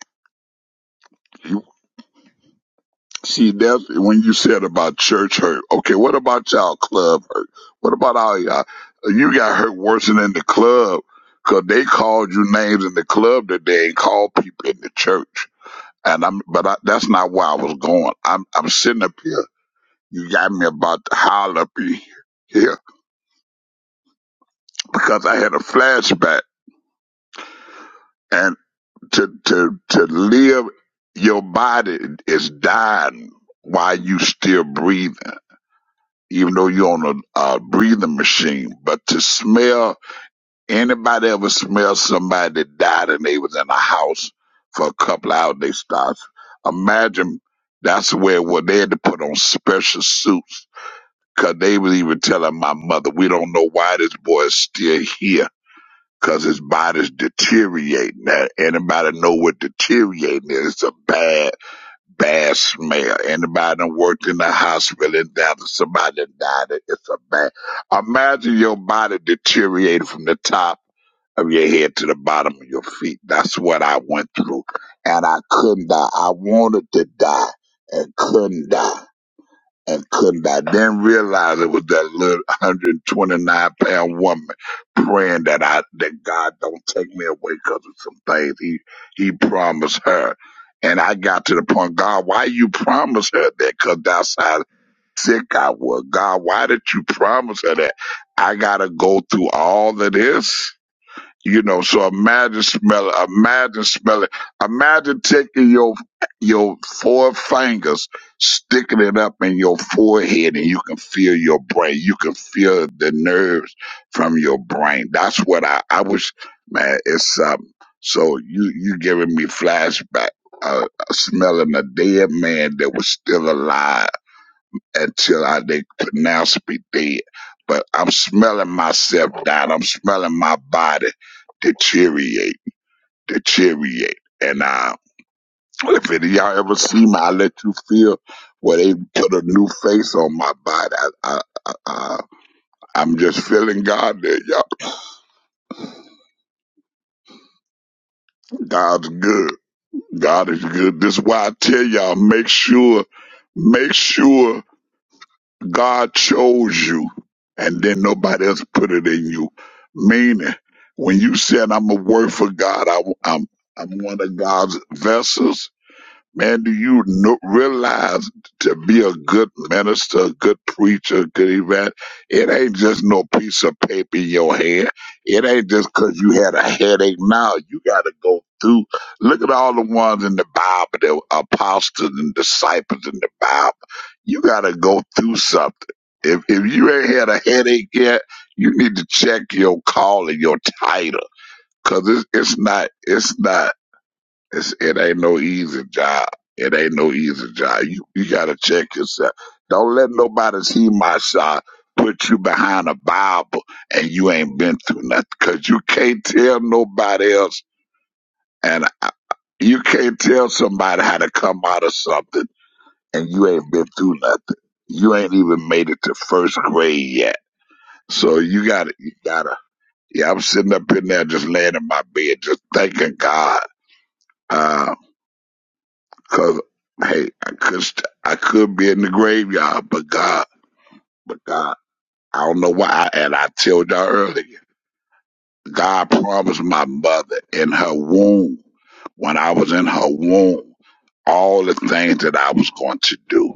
see, that's when you said about church hurt. Okay, what about y'all club hurt? What about all y'all? You got hurt worse than in the club, 'cause they called you names in the club that they ain't called people in the church. And I'm, but I, that's not where I was going. I'm, I'm sitting up here. You got me about to holler up in here because I had a flashback and to, to, to live your body is dying while you still breathing even though you're on a, a breathing machine, but to smell anybody ever smell somebody that died and they was in a house for a couple of hours, they start. Imagine that's where well, they had to put on special suits because they was even telling my mother, we don't know why this boy is still here because his body's deteriorating. Now, anybody know what deteriorating is? It's a bad Bad smell. Anybody that worked in the hospital and died, somebody died, it's a bad. Imagine your body deteriorating from the top of your head to the bottom of your feet. That's what I went through. And I couldn't die. I wanted to die and couldn't die and couldn't. I didn't realize it was that little 129 pound woman praying that I that God don't take me away because of some things He He promised her. And I got to the point, God, why you promise her that? Because that's how sick I was. God, why did you promise her that? I gotta go through all of this. You know, so imagine smelling, imagine smelling, imagine taking your your four fingers, sticking it up in your forehead, and you can feel your brain. You can feel the nerves from your brain. That's what I I was, man. It's um. So you you giving me flashback, uh, smelling a dead man that was still alive until I they pronounce me dead. But I'm smelling myself down. I'm smelling my body deteriorate, deteriorate. And uh, if any of y'all ever see me, I let you feel where they put a new face on my body. I, I, I, I, I'm just feeling God there, y'all. God's good. God is good. This is why I tell y'all, make sure, make sure God chose you, and then nobody else put it in you. Meaning, when you said, "I'm a work for God," I, am I'm I'm one of God's vessels. Man, do you know, realize to be a good minister, a good preacher, a good event, it ain't just no piece of paper in your hand. It ain't just 'cause you had a headache. Now you got to go through. Look at all the ones in the Bible, the apostles and disciples in the Bible. You got to go through something. If, if you ain't had a headache yet, you need to check your call and your title, 'cause it's, it's not, it's not. It's, it ain't no easy job. It ain't no easy job. You you gotta check yourself. Don't let nobody see my shot put you behind a Bible and you ain't been through nothing because you can't tell nobody else and I, you can't tell somebody how to come out of something and you ain't been through nothing. You ain't even made it to first grade yet. So you gotta, you gotta, yeah, I'm sitting up in there just laying in my bed, just thanking God. Uh, Cause hey, I could st- I could be in the graveyard, but God, but God, I don't know why. I, and I told y'all earlier, God promised my mother in her womb, when I was in her womb, all the things that I was going to do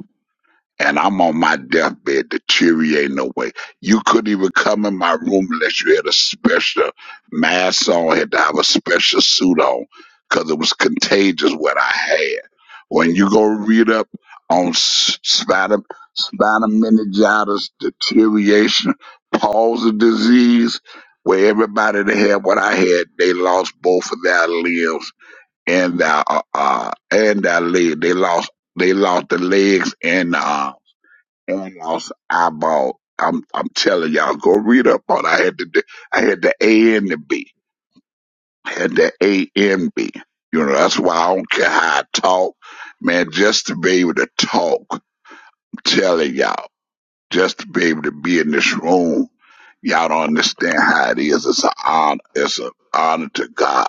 and I'm on my deathbed deteriorating away. You couldn't even come in my room unless you had a special mask on, had to have a special suit on, because it was contagious what I had. When you go read up on s- spina, spina meningitis deterioration, palsy disease, where everybody that had what I had, they lost both of their limbs and their uh, uh and their leg. They lost they lost the legs and the arm and lost eyeball. I'm I'm telling y'all, go read up on. it. I had to do, I had the A and the B, I had the A and B. You know that's why I don't care how I talk, man. Just to be able to talk, I'm telling y'all, just to be able to be in this room, y'all don't understand how it is. It's an honor. It's an honor to God.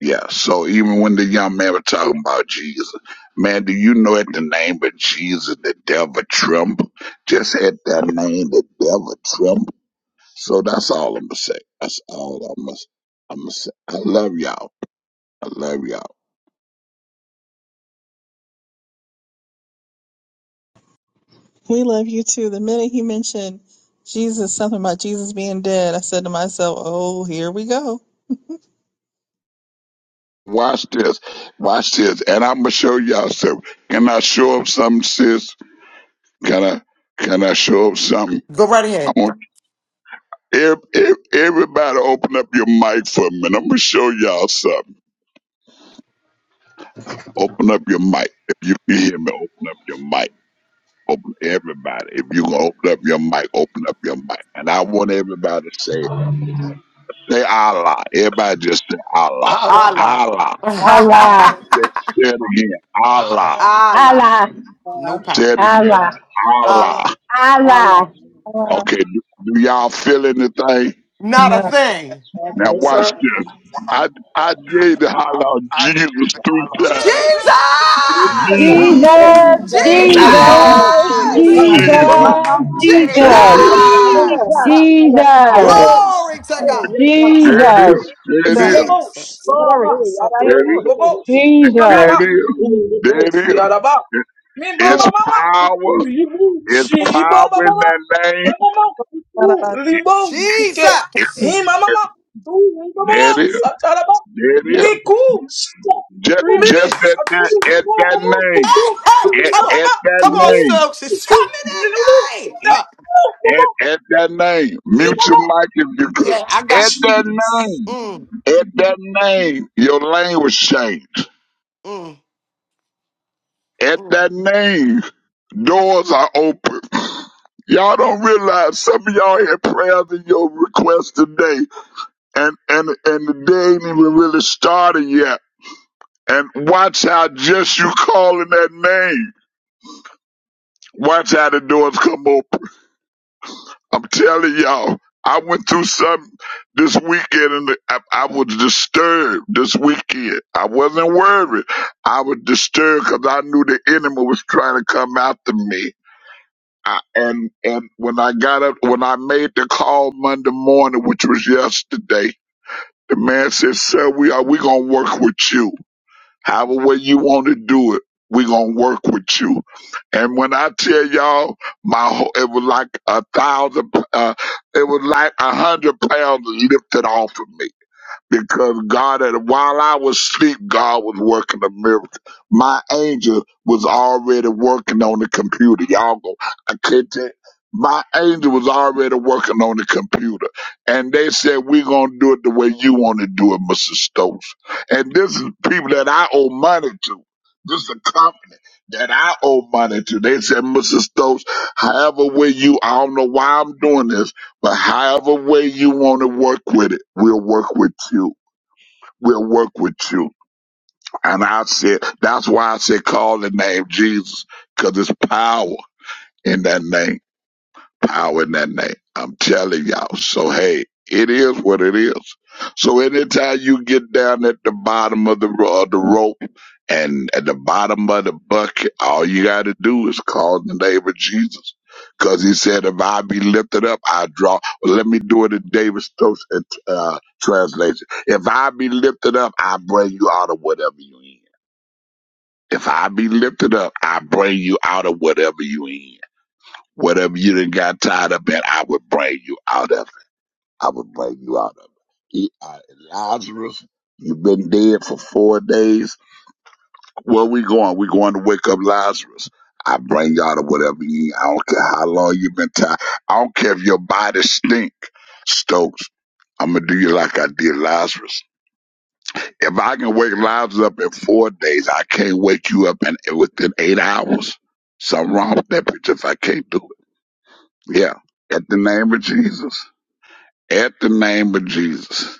Yeah, so even when the young man was talking about Jesus, man, do you know at the name of Jesus, the devil tremble? Just at that name, the devil tremble. So that's all I'm gonna say. That's all I'm gonna, I'm gonna say. I love y'all. I love y'all.
we love you too. The minute he mentioned Jesus, something about Jesus being dead, I said to myself, oh, here we go.
Watch this. Watch this. And I'm gonna show y'all something. Can I show up something, sis? Can I, can I show up something?
Go right
I
ahead.
want ev- ev- everybody open up your mic for a minute. I'm gonna show y'all something. Open up your mic. If you can hear me, open up your mic. Open everybody. If you gonna open up your mic, open up your mic. And I want everybody to say, say Allah. Everybody just say Allah.
Allah,
Allah.
Allah.
Allah,
Love,
Say, say it again. Allah.
Allah,
Allah.
Allah,
No
love,
Say
problem.
it again.
Allah,
Allah.
Allah.
Allah,
Allah.
Allah.
love,
Uh,
Okay, do, do y'all feel anything?
Not a
no.
thing.
love,
Now
No,
watch
sir.
this. I I gave the holler out
I
Jesus
give it
three
all
times.
Jesus!
Jesus.
Huh.
Jesus.
Jesus,
Jesus,
Jesus,
Jesus.
hallelujah,
Jesus,
Jesus,
it is
Jesus!
God,
Jesus.
that
Jesus,
it
My
Jesus.
Jesus!
is.
Jesus!
mama
There it
Jesus,
is.
Jesus!
was
Jesus, hallelujah.
Jesus,
Ribos,
Glory to
Hey,
God.
rebas,
There it
hallelujah,
is.
Jesus,
There it
The
is.
Hey,
ribobos,
Jesus.
glory.
yarabas, atre,
Thank
There it is.
ribobos,
hallelujah,
mi
There
Jesus.
it
mama,
is.
ribos,
There it is.
yaraba, mi mama
you.
It's
mama, kuku,
power.
ribu,
It's
shi, iba,
power
ba, ba,
in
ba,
that
mi
name.
mama, kuku,
It,
ribos, sike,
Jesus.
it,
mi mama,
it-
mama, du,
there it
ribobos,
is.
ataraba,
There it is.
niku, shita,
Just,
ribibi,
just at
satu,
that, at
ribo,
that
mama,
name.
kuku,
Hey, hey,
At,
come on.
at
ribaba,
that
Come on,
ribu,
name.
folks. It's
sike,
coming in
nilu,
that name.
sita,
Huh.
mama,
At, at that name. Mute your
mama,
mic if you could.
Yeah, I got
At that
Jesus.
you.
name.
Mm,
At that name, your language changed.
mm,
At
mm.
that name, doors are open. Y'all don't realize some of y'all had prayers in your request today, and and and the day ain't even really started yet. And watch how just you calling that name, watch how the doors come open. I'm telling y'all, I went through something this weekend, and I, I was disturbed this weekend. I wasn't worried. I was disturbed because I knew the enemy was trying to come after me I, and and when I got up, when I made the call Monday morning, which was yesterday, the man said, "Sir, we are we gonna work with you. However way you want to do it, we gonna work with you." And when I tell y'all, my whole, it was like a thousand, uh, it was like a hundred pounds lifted off of me because God, had, while I was asleep, God was working a miracle. My angel was already working on the computer. Y'all go, I can't tell. My angel was already working on the computer. And they said, we're going to do it the way you want to do it, Mr. Stokes. And this is people that I owe money to. This is a company that I owe money to. They said, Mr. Stokes, however way you, I don't know why I'm doing this but however way you want to work with it, we'll work with you. We'll work with you. And I said, that's why I said call the name Jesus, because there's power in that name power in that name. I'm telling y'all. So hey, it is what it is. So anytime you get down at the bottom of the ro- of the rope and at the bottom of the bucket, all you got to do is call the name of Jesus. Cause he said, if I be lifted up, I draw. Well, let me do it in David Stokes uh, uh, translation. If I be lifted up, I bring you out of whatever you in. If I be lifted up, I bring you out of whatever you in. Whatever you done got tied up at, I would bring you out of it. I would bring you out of it. He, uh, Lazarus, you've been dead for four days. Where we going? we going to wake up Lazarus. I bring you out of whatever you eat. I don't care how long you've been tied. I don't care if your body stink, Stokes. I'm gonna do you like I did Lazarus. If I can wake Lazarus up in four days, I can't wake you up in within eight hours. Something wrong with that bitch if I can't do it. Yeah. At the name of Jesus. At the name of Jesus.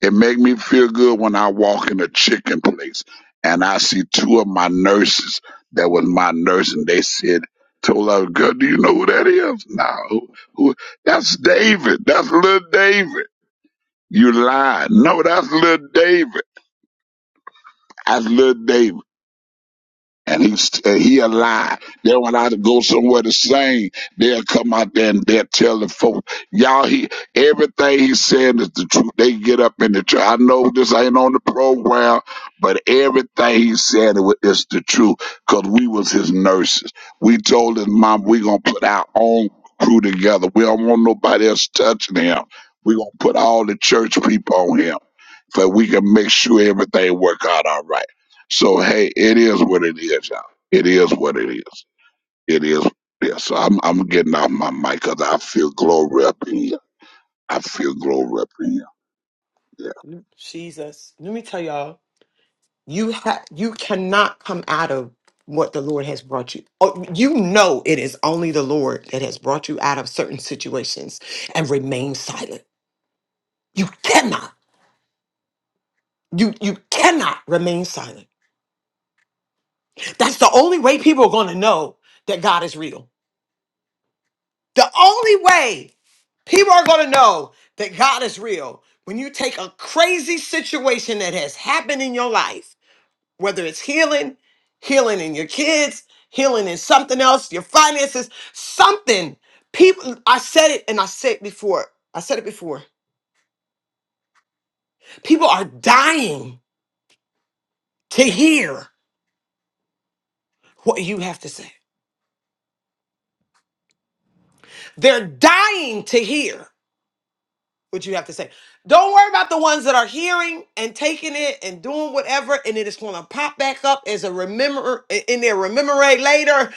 It make me feel good when I walk in a chicken place and I see two of my nurses that was my nurse and they said, told her, girl, do you know who that is? No. Who, who, that's David. That's little David. You lied. No, that's little David. That's little David. and he and he alive. Then when I go somewhere to sing, they'll come out there and they'll tell the folks, y'all. He everything he's saying is the truth. They get up in the church. I know this ain't on the program, but everything he said is the truth. Cause we was his nurses. We told his mom we gonna put our own crew together. We don't want nobody else touching him. We gonna put all the church people on him, so we can make sure everything work out all right. So hey, it is what it is, y'all. It is what it is. It is. Yeah. So I'm I'm getting off my mic cause I feel glory up in here. I feel glory up in here. Yeah.
Jesus. Let me tell y'all, you ha- you cannot come out of what the Lord has brought you. Oh, you know it is only the Lord that has brought you out of certain situations and remain silent. You cannot. You you cannot remain silent. That's the only way people are going to know that God is real. The only way people are going to know that God is real when you take a crazy situation that has happened in your life, whether it's healing, healing in your kids, healing in something else, your finances, something. People, I said it and I said it before. I said it before. People are dying to hear what you have to say. They're dying to hear. what you have to say. Don't worry about the ones that are hearing and taking it and doing whatever, and it is going to pop back up as a remember in their rememorate later.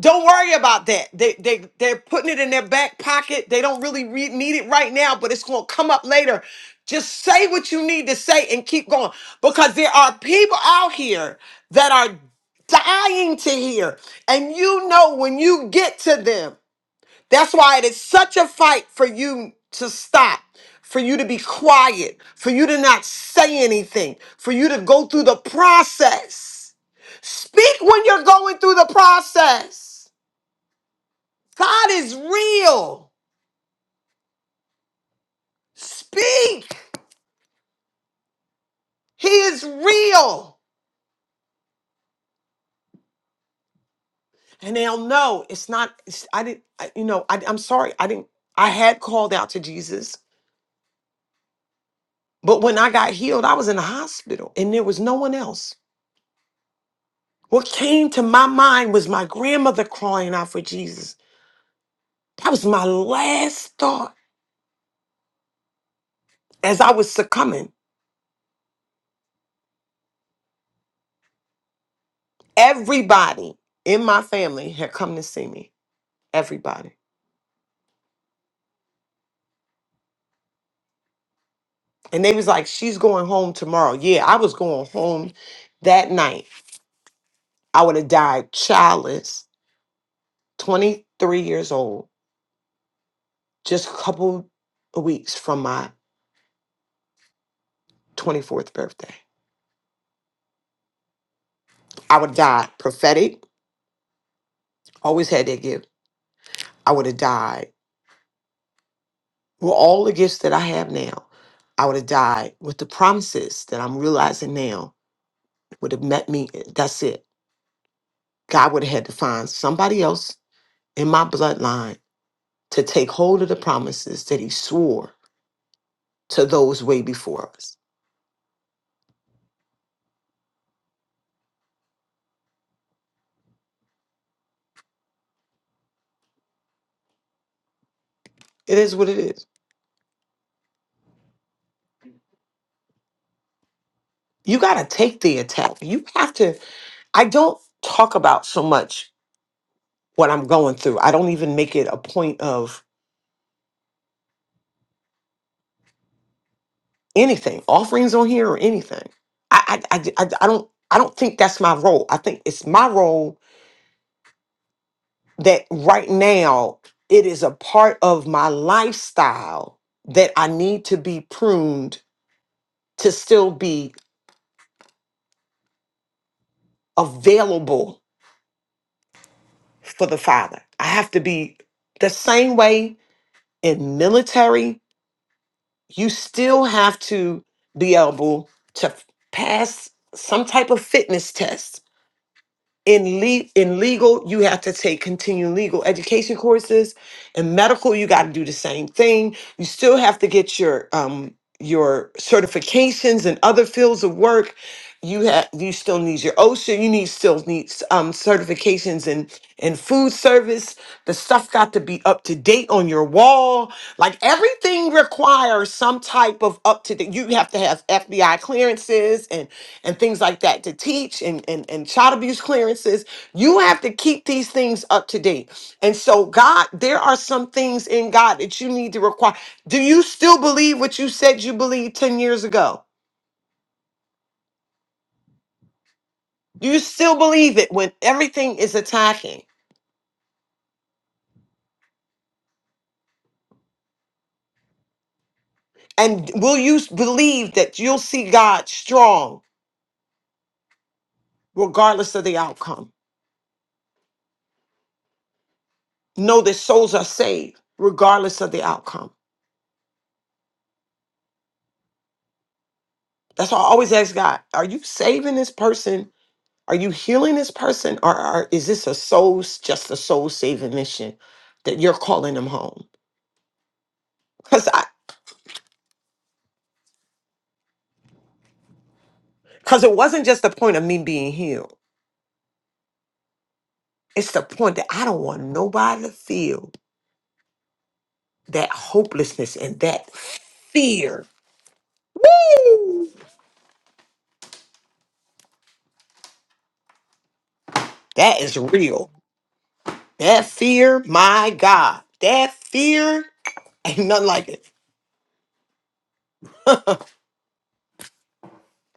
Don't worry about that. They they they're putting it in their back pocket. They don't really re- need it right now, but it's going to come up later. Just say what you need to say and keep going because there are people out here that are dying to hear, and you know when you get to them that's why it is such a fight for you to stop, for you to be quiet, for you to not say anything, for you to go through the process. Speak when you're going through the process. God is real. Speak. He is real. And they'll know it's not, it's- I didn't, I, you know, I, I'm sorry. I didn't, I had called out to Jesus, but when I got healed, I was in the hospital and there was no one else. What came to my mind was my grandmother crying out for Jesus. That was my last thought as I was succumbing. Everybody in my family had come to see me. Everybody. And they was like, she's going home tomorrow. Yeah, I was going home that night. I would have died childless, 23 years old, just a couple of weeks from my 24th birthday. I would have died prophetic, always had that gift. I would have died with all the gifts that I have now, I would have died with the promises that I'm realizing now would have met me. eh, That's it. God would have had to find somebody else in my bloodline to take hold of the promises that he swore to those way before us. It is what it is. You got to take the attack. You have to. I don't talk about so much what I'm going through. I don't even make it a point of anything, offerings on here or anything. I, I, I, I I don't I don't think that's my role. I think it's my role that right now it is a part of my lifestyle that I need to be pruned to still be available for the Father. I have to be the same way in military. You still have to be able to pass some type of fitness test in le- in legal you have to take continuing legal education courses in medical you got to do the same thing you still have to get your um your certifications in other fields of work you have you still need your OSHA you need still needs um certifications in in food service the stuff got to be up to date on your wall like everything requires some type of up to date you have to have FBI clearances and and things like that to teach and, and, and child abuse clearances. You have to keep these things up to date. And so, God, there are some things in God that you need to require. Do you still believe what you said you believed 10 years ago? Do you still believe it when everything is attacking? And will you s- believe that you'll see God strong regardless of the outcome? Know that souls are saved regardless of the outcome. That's why I always ask God, are you saving this person Are you healing this person, or, or is this a soul, just a soul saving mission that you're calling them home? Because I, because it wasn't just the point of me being healed. It's the point that I don't want nobody to feel that hopelessness and that fear. Woo! That is real. That fear, my God, that fear ain't nothing like it.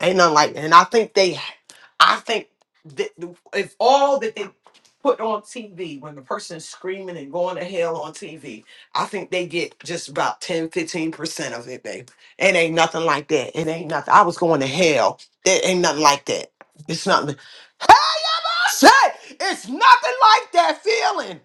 Ain't nothing like that. And I think they, I think that the- if all that they put on TV when the person's screaming and going to hell on TV, I think they get just about ten, fifteen percent of it, babe. It ain't nothing like that. It ain't nothing. I was going to hell. It ain't nothing like that. It's nothing. Hey, I'm all set. It's nothing like that feeling.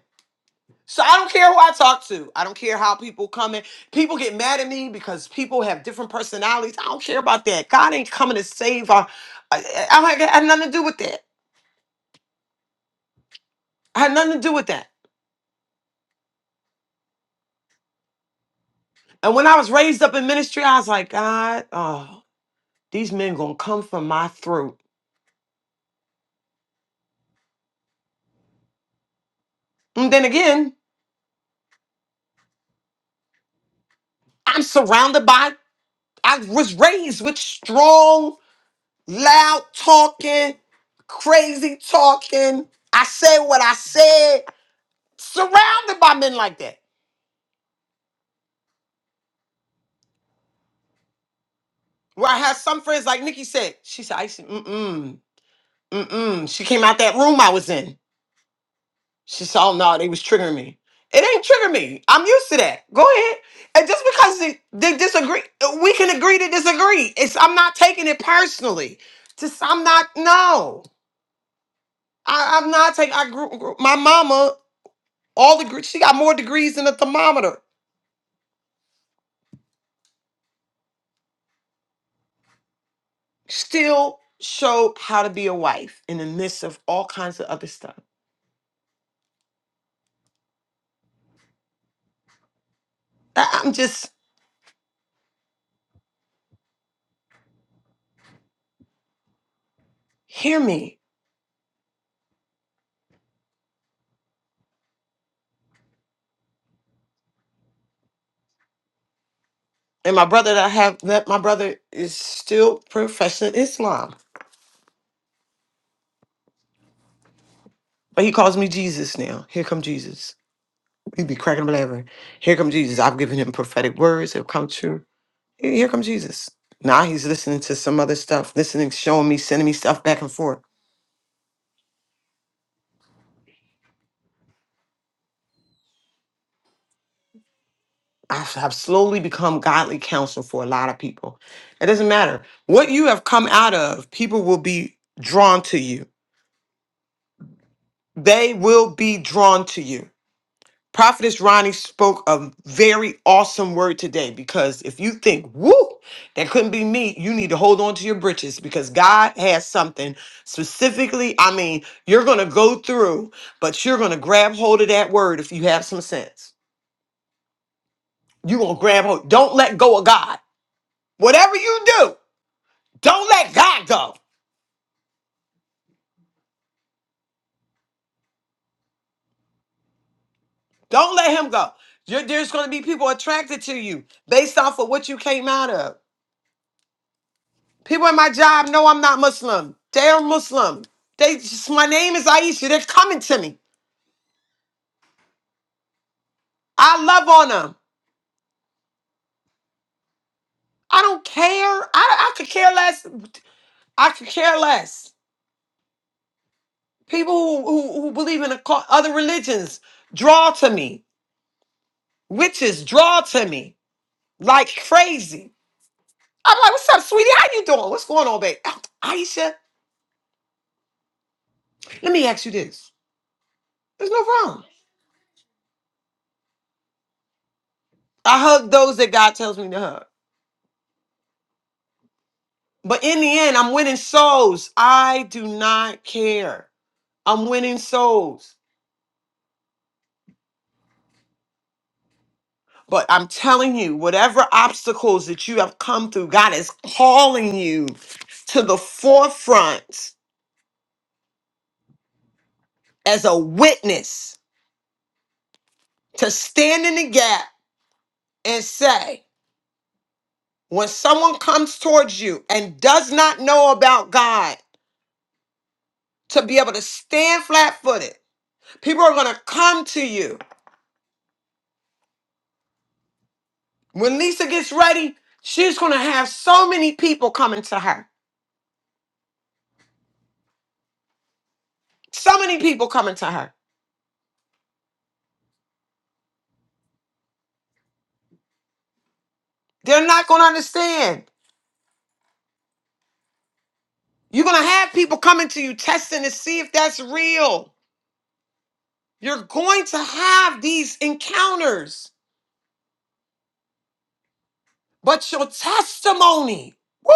So I don't care who I talk to. I don't care how people come in. People get mad at me because people have different personalities. I don't care about that. God ain't coming to save our. I, I, I had nothing to do with that. I had nothing to do with that. And when I was raised up in ministry, I was like, God, oh, these men gonna come from my throat. And then again, I'm surrounded by. I was raised with strong, loud talking, crazy talking. I said what I said. Surrounded by men like that. Where I had some friends, like Nikki said, she said, I said, mm-mm, mm-mm. She came out that room I was in. She said, oh no, they was triggering me. It ain't triggering me. I'm used to that. Go ahead. And just because they, they disagree, we can agree to disagree. It's I'm not taking it personally. Just I'm not, no. I, I'm not taking I grew, grew my mama, all the gre- she got more degrees than a thermometer. Still showed how to be a wife in the midst of all kinds of other stuff. I- I'm just hear me. And my brother that I have that my brother is still professing Islam. But he calls me Jesus now. Here come Jesus. He be cracking up laughing. Here come Jesus. I've given him prophetic words. It'll come true. Here here come Jesus. Now he's listening to some other stuff, listening, showing me, sending me stuff back and forth. I've I've slowly become godly counsel for a lot of people. It doesn't matter what you have come out of, people will be drawn to you. They will be drawn to you Prophetess Ronnie spoke a very awesome word today because if you think, woo, that couldn't be me, you need to hold on to your britches because God has something specifically. I mean, you're going to go through, but you're going to grab hold of that word if you have some sense. You're going to grab hold. Don't let go of God. Whatever you do, don't let God go. Don't let Him go. You're, there's going to be people attracted to you based off of what you came out of. People at my job know I'm not Muslim. They are Muslim. They just, my name is Aisha. They're coming to me. I love on them. I don't care. I, I could care less. I could care less. People who, who, who believe in occu- other religions draw to me. Witches draw to me like crazy. I'm like, what's up, sweetie? How you doing? What's going on, babe? "Oh, Aisha, let me ask you this. There's no wrong. I hug those that God tells me to hug. But in the end, I'm winning souls. I do not care. I'm winning souls. But I'm telling you, whatever obstacles that you have come through, God is calling you to the forefront as a witness to stand in the gap and say, when someone comes towards you and does not know about God, to be able to stand flat footed, people are going to come to you When Lisa gets ready, she's going to have so many people coming to her. So many people coming to her. They're not going to understand. You're going to have people coming to you testing to see if that's real. You're going to have these encounters, but your testimony, woo,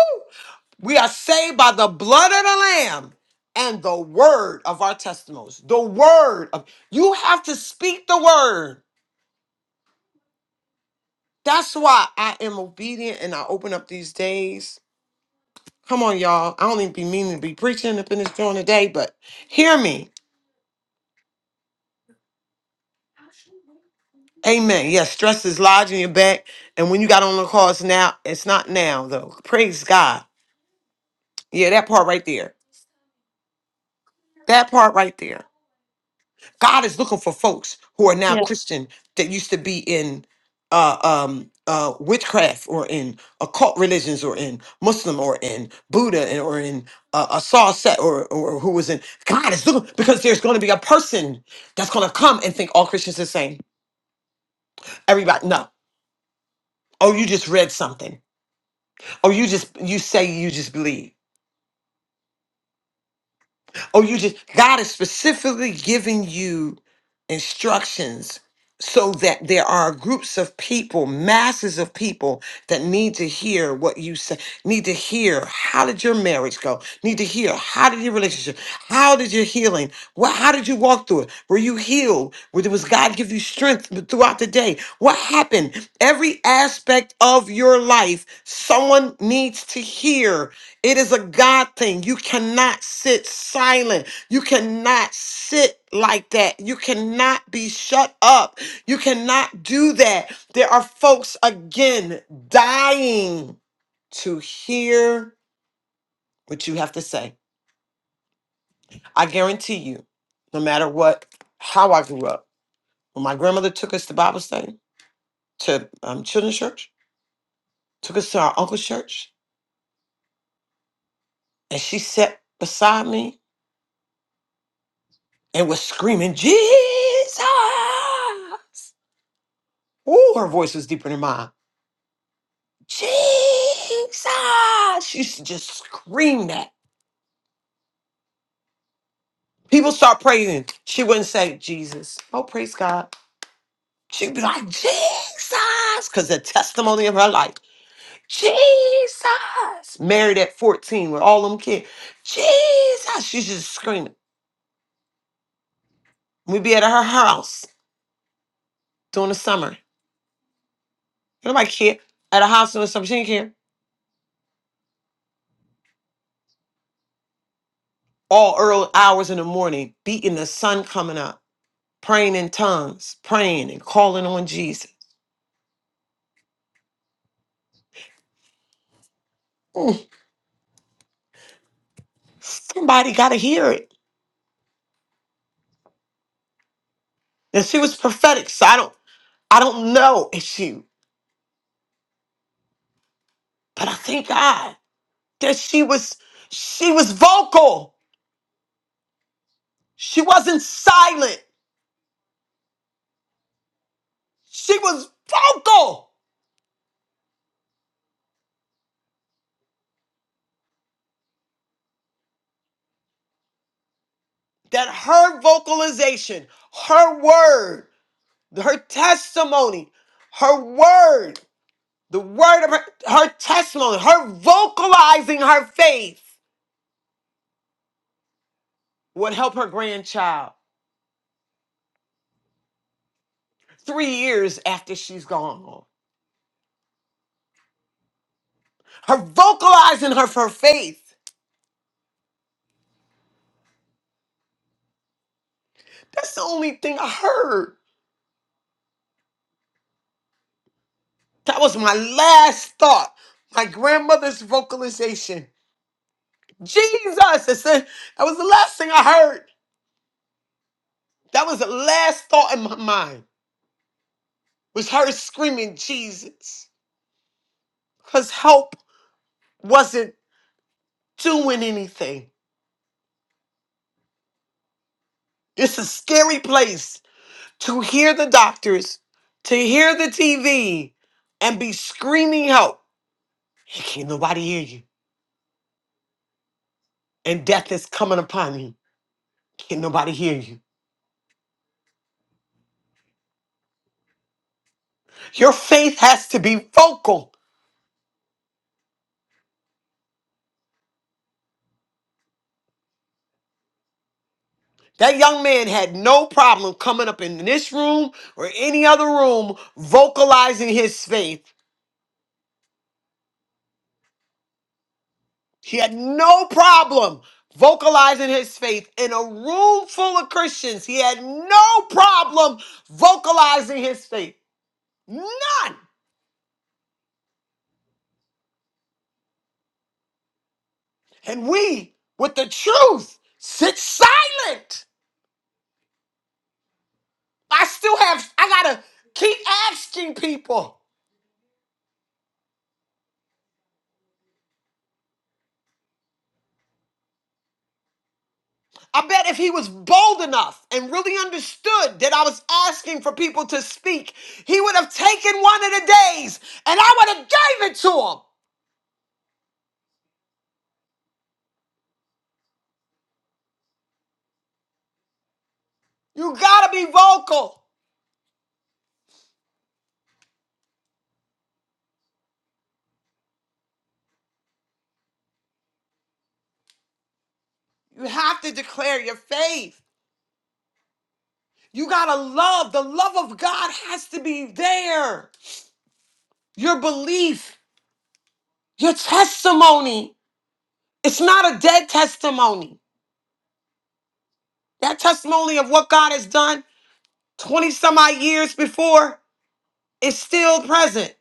we are saved by the blood of the Lamb and the word of our testimonies. The word of, you have to speak the word. That's why I am obedient and I open up these days Come on, y'all. I don't even be meaning to be preaching up in this joint today, but hear me. Amen. Yes, stress is lodged in your back. And when you got on the calls now, it's not now, though. Praise God. Yeah, that part right there. That part right there. God is looking for folks who are now Christian that used to be in uh, um, uh, witchcraft or in occult religions or in Muslim or in Buddha and, or in uh, a Saw set or, or who was in God is looking because there's going to be a person that's going to come and think all Christians are the same. Everybody, no. Oh, you just read something. Oh, you just you say you just believe. Oh, you just, God is specifically giving you instructions so that there are groups of people, masses of people that need to hear what you say, need to hear how did your marriage go, need to hear how did your relationship, how did your healing, what, how did you walk through it? Were you healed? Where was God give you strength throughout the day? What happened? Every aspect of your life Someone needs to hear. It is a God thing. You cannot sit silent. You cannot sit like that. You cannot be shut up. You cannot do that. There are folks, again, dying to hear what you have to say. I guarantee you, no matter what, how I grew up, when my grandmother took us to Bible study, to um, children's church, took us to our uncle's church, and she sat beside me and was screaming, Jesus! Ooh, her voice was deeper than mine. Jesus! She used to just scream that. People start praising. She wouldn't say, Jesus. Oh, praise God. She'd be like, Jesus! Because the testimony of her life, Jesus! Married at 14 with all them kids. Jesus! She's just screaming. We'd be at her house during the summer. Nobody care. At her house during the summer. She didn't care. all early hours in the morning, beating the sun coming up, praying in tongues, praying and calling on Jesus. Mm, somebody got to hear it. And she was prophetic, so I don't, I don't know if she, but I thank God that she was, she was vocal. She wasn't silent. She was vocal. That her vocalization, her word, her testimony, her word The word of her, her testimony, her vocalizing her faith would help her grandchild three years after she's gone. Her vocalizing her, her faith. That's the only thing I heard. That was my last thought. My grandmother's vocalization. Jesus, I said, that was the last thing I heard. That was the last thought in my mind was her screaming Jesus. Because help wasn't doing anything. It's a scary place to hear the doctors, to hear the TV, and be screaming help. Can't nobody hear you. And death is coming upon you. Can't nobody hear you. Your faith has to be vocal. That young man had no problem coming up in this room or any other room vocalizing his faith. He had no problem vocalizing his faith in a room full of Christians. He had no problem vocalizing his faith. None. and we with the truth sit silent. I still have, I gotta keep asking people. I bet if he was bold enough and really understood that I was asking for people to speak, he would have taken one of the days and I would have gave it to him. You gotta be vocal. You have to declare your faith. You gotta love. The love of God has to be there. Your belief, your testimony. It's not a dead testimony. That testimony of what God has done 20 some odd years before is still present.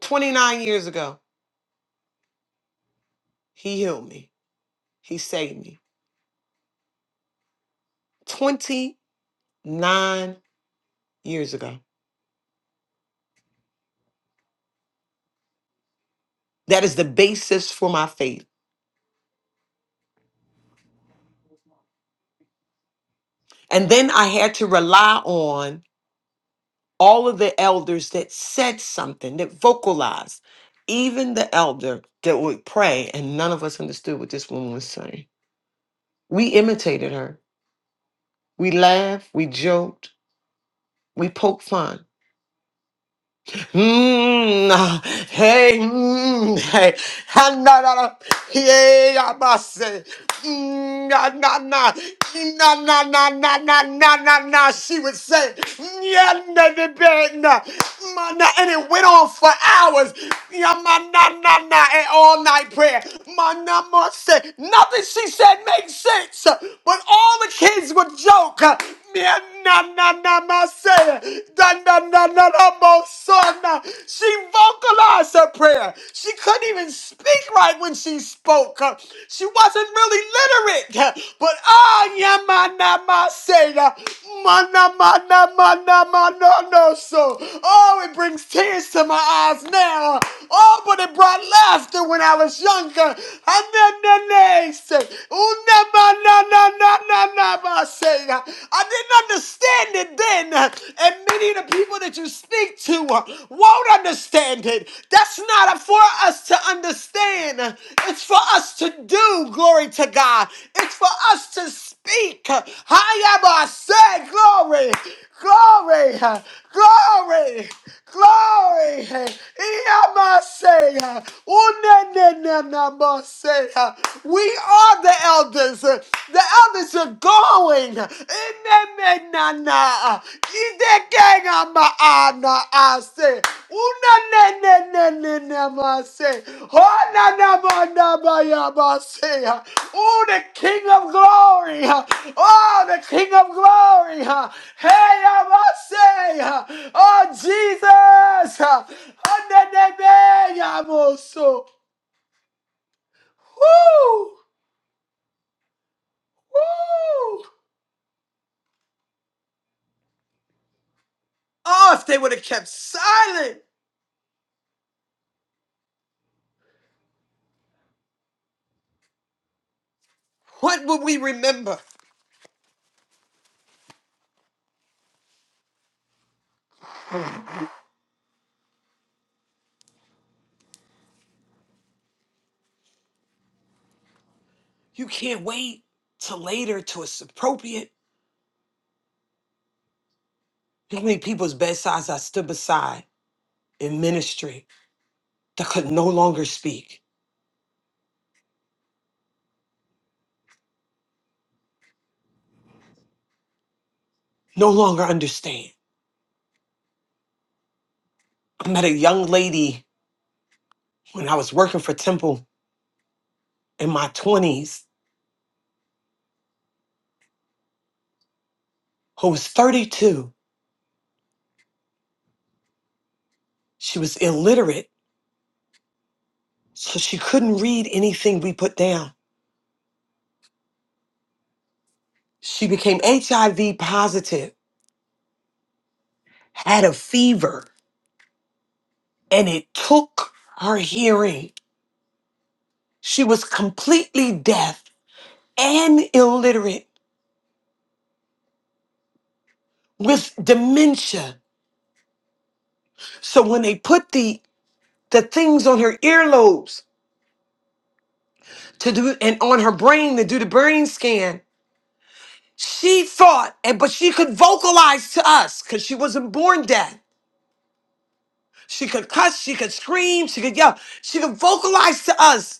29 years ago, He healed me, He saved me. 29 years ago. That is the basis for my faith. And then I had to rely on all of the elders that said something, that vocalized, even the elder that would pray, and none of us understood what this woman was saying. We imitated her. We laughed, we joked, we poked fun Mm, ah, hey, mm, hey, ha, na, na, na, hey, I must say, mm, na, na, na, na, na, na, na, na, na, na, na, she would say, yeah, na, na, na, na, ma, na, and it went on for hours, yeah, ma, na, na, na, and all night prayer, ma, na, ma, say, nothing she said made sense, but all the kids would joke, na na na ma da na na na na mo son. She vocalized her prayer. She couldn't even speak right when she spoke. She wasn't really literate. But ah ya ma na ma say da ma na ma na ma na ma no no so. Oh, it brings tears to my eyes now. Oh, but it brought laughter when I was younger. And then the next, na na na na ba, say. I didn't understand it then, and many of the people that you speak to uh, won't understand it. That's not for us to understand. It's for us to do. Glory to God. It's for us to speak. Hayaba say glory, glory, glory, glory. Iyama say, unenenenama say. uh, we are the elders. The elders are going. Inemenana. Idekengamaana ase. Unanenenenenamase. Honanamanabayabase. Oh, the King of Glory. Oh, the King of Glory. Hey, Amase. Oh, Jesus. Onenemeyamoso. Woo! Woo! Oh, if they would have kept silent, what would we remember? You can't wait till later till it's appropriate. You know How many people's bedsides I stood beside in ministry that could no longer speak, no longer understand? I met a young lady when I was working for Temple in my 20s who was 32. She was illiterate, so she couldn't read anything we put down. She became HIV positive, had a fever, and it took her hearing. She was completely deaf and illiterate with dementia. So when they put the the things on her earlobes to do and on her brain to do the brain scan, she thought, and but she could vocalize to us because she wasn't born deaf. She could cuss, she could scream, she could yell, she could vocalize to us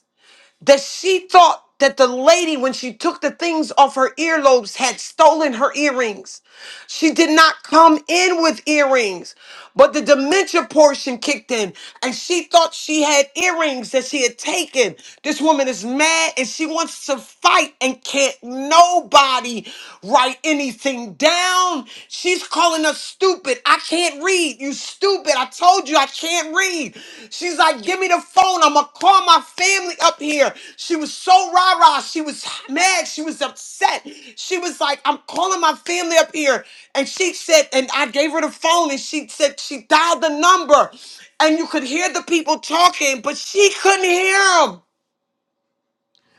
that she thought that the lady, when she took the things off her earlobes, had stolen her earrings. She did not come in with earrings, but the dementia portion kicked in, and she thought she had earrings that she had taken. This woman is mad and she wants to fight, and can't nobody write anything down. She's calling us stupid. I can't read. You stupid. I told you I can't read. She's like, give me the phone. I'm gonna call my family up here. She was so rah rah. She was mad. She was upset. She was like, I'm calling my family up here. And she said, and I gave her the phone, and she said she dialed the number, and you could hear the people talking, but she couldn't hear them.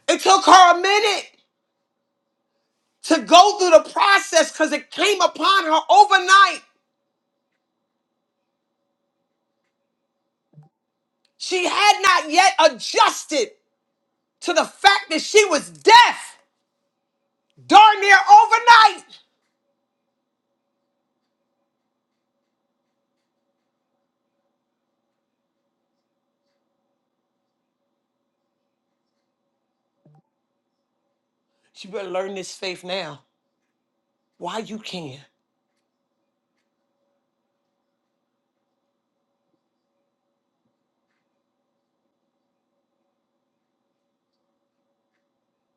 It took her a minute to go through the process because it came upon her overnight. She had not yet adjusted to the fact that she was deaf. darn near overnight. She better learn this faith now. Why you can?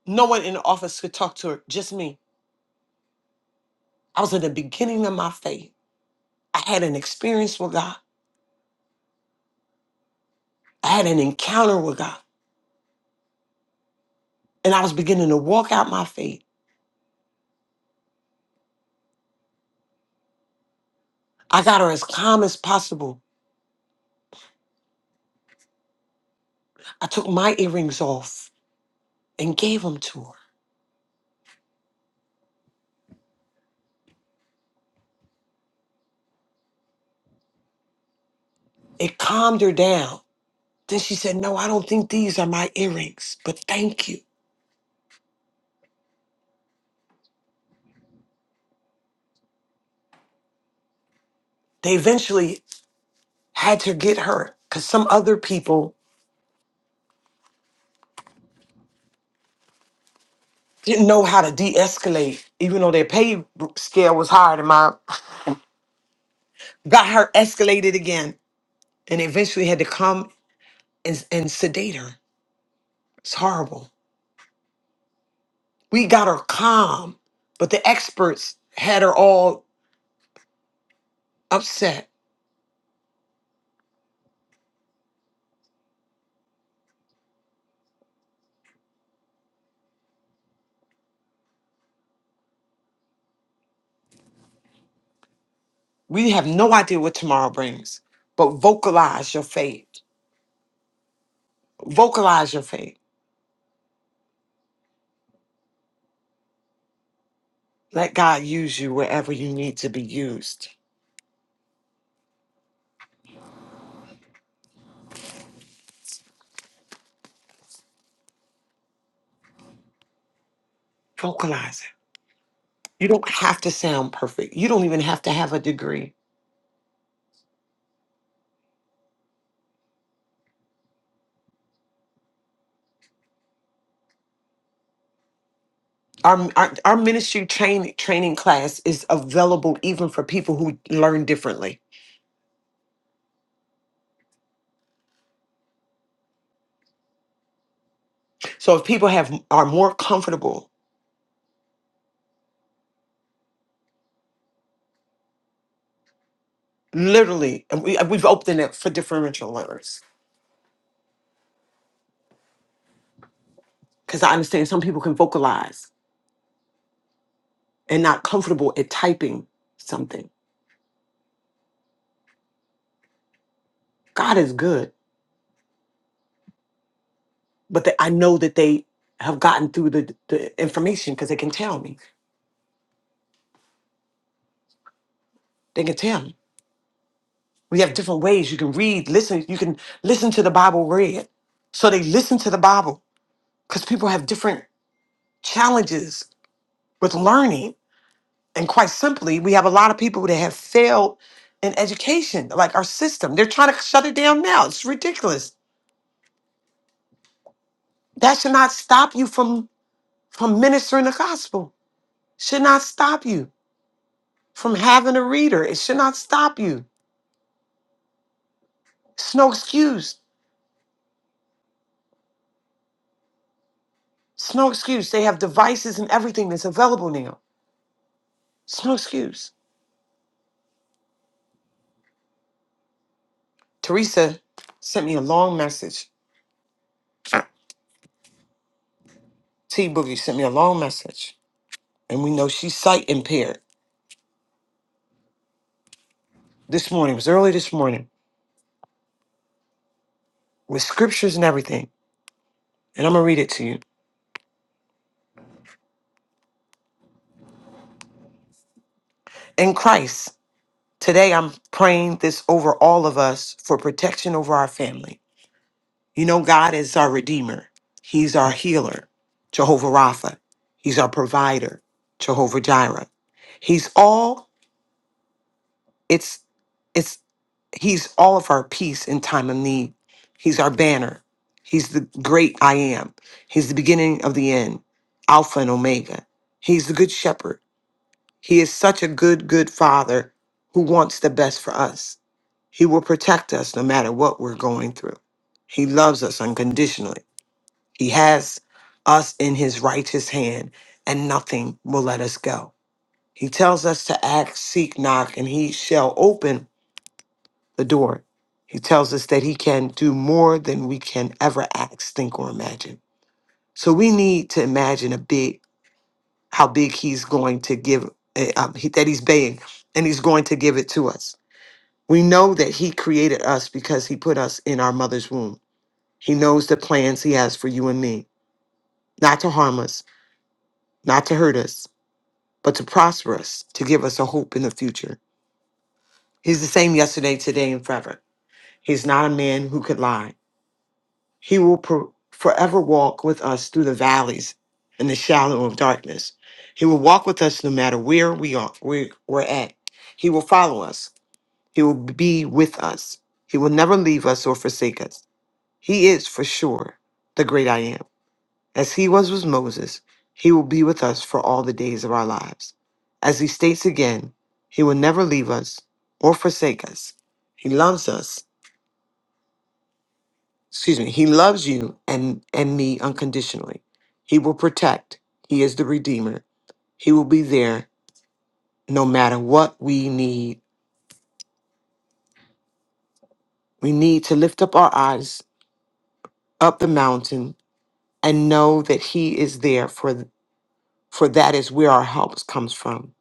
No one in the office could talk to her, just me. I was in the beginning of my faith. I had an experience with God. I had an encounter with God. And I was beginning to walk out my faith. I got her as calm as possible. I took my earrings off and gave them to her. It calmed her down. Then she said, No, I don't think these are my earrings, but thank you. They eventually had to get her because some other people didn't know how to de-escalate, even though their pay scale was higher than mine. Got her escalated again, and eventually had to come and, and sedate her. It's horrible. We got her calm, but the experts had her all upset. We have no idea what tomorrow brings, but vocalize your faith. Vocalize your faith. Let God use you wherever you need to be used. Vocalize it. You don't have to sound perfect. You don't even have to have a degree. our our, our ministry train, training class is available even for people who learn differently. So if people have are more comfortable, literally, and we, we've opened it for differential learners because I understand some people can vocalize and not comfortable at typing something. God is good, but that I know that they have gotten through the, the information because they can tell me. They can tell me. We have different ways. You can read, listen. You can listen to the Bible read. So they listen to the Bible because people have different challenges with learning. And quite simply, we have a lot of people that have failed in education, like our system. They're trying to shut it down now. It's ridiculous. That should not stop you from from ministering the gospel. Should not stop you from having a reader. It should not stop you. It's no excuse. It's no excuse. They have devices and everything that's available now. It's no excuse. Teresa sent me a long message. T Boogie sent me a long message. And we know she's sight impaired. this morning, it was early this morning, with scriptures and everything. And I'm going to read it to you. In Christ, today I'm praying this over all of us for protection over our family. You know, God is our Redeemer, He's our healer, Jehovah Rapha, He's our provider, Jehovah Jireh. He's all, it's, it's, He's all of our peace in time of need. He's our banner. He's the great I am. He's the beginning of the end, Alpha and Omega. He's the good shepherd. He is such a good, good father who wants the best for us. He will protect us no matter what we're going through. He loves us unconditionally. He has us in his righteous hand, and nothing will let us go. He tells us to act, seek, knock, and he shall open the door. He tells us that he can do more than we can ever ask, think, or imagine. So we need to imagine a big how big he's going to give eh, um, he, that he's paying and he's going to give it to us we know that he created us because he put us in our mother's womb he knows the plans he has for you and me not to harm us not to hurt us but to prosper us to give us a hope in the future he's the same yesterday today and forever he's not a man who could lie He will pro- forever walk with us through the valleys and the shallow of darkness. He will walk with us no matter where we are, where we're at. He will follow us. He will be with us. He will never leave us or forsake us. He is for sure the great I am. As he was with Moses, he will be with us for all the days of our lives. As he states again, he will never leave us or forsake us. He loves us excuse me he loves you and and me unconditionally he will protect he is the redeemer he will be there no matter what we need we need to lift up our eyes up the mountain and know that he is there for for that is where our help comes from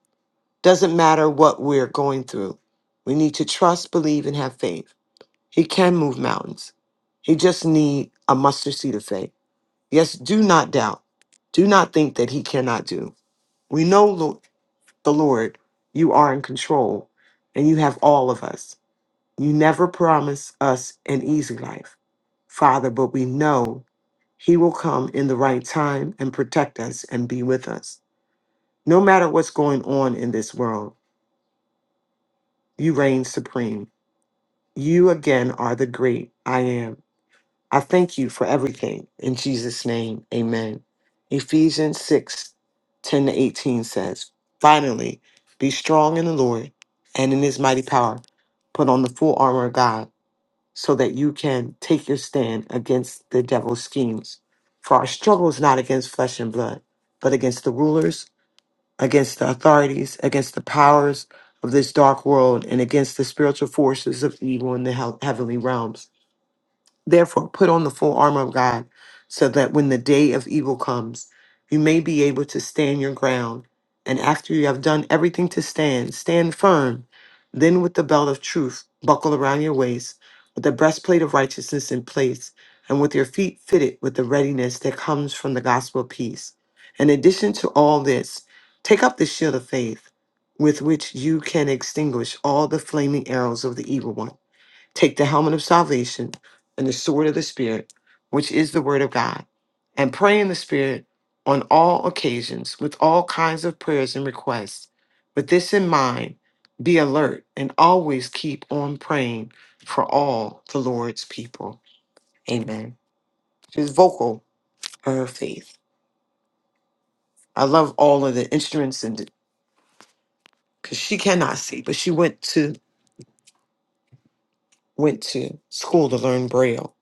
doesn't matter what we're going through we need to trust believe and have faith he can move mountains he just need a mustard seed of faith yes do not doubt do not think that he cannot do we know the Lord, you are in control and you have all of us. You never promise us an easy life, Father, but we know He will come in the right time and protect us and be with us. No matter what's going on in this world, you reign supreme. You again are the great I am. I thank you for everything. In Jesus' name, amen. Ephesians 6, 10 to 18 says, Finally, be strong in the Lord and in his mighty power. Put on the full armor of God so that you can take your stand against the devil's schemes. For our struggle is not against flesh and blood, but against the rulers, against the authorities, against the powers of this dark world, and against the spiritual forces of evil in the hea- heavenly realms. Therefore, put on the full armor of God so that when the day of evil comes, you may be able to stand your ground. And after you have done everything to stand, stand firm. Then, with the belt of truth buckled around your waist, with the breastplate of righteousness in place, and with your feet fitted with the readiness that comes from the gospel of peace. In addition to all this, take up the shield of faith with which you can extinguish all the flaming arrows of the evil one Take the helmet of salvation and the sword of the Spirit, which is the word of God, and pray in the Spirit on all occasions with all kinds of prayers and requests. With this in mind, be alert and always keep on praying for all the Lord's people. Amen. She's vocal for her faith. I love all of the instruments and because she cannot see, but she went to went to school to learn Braille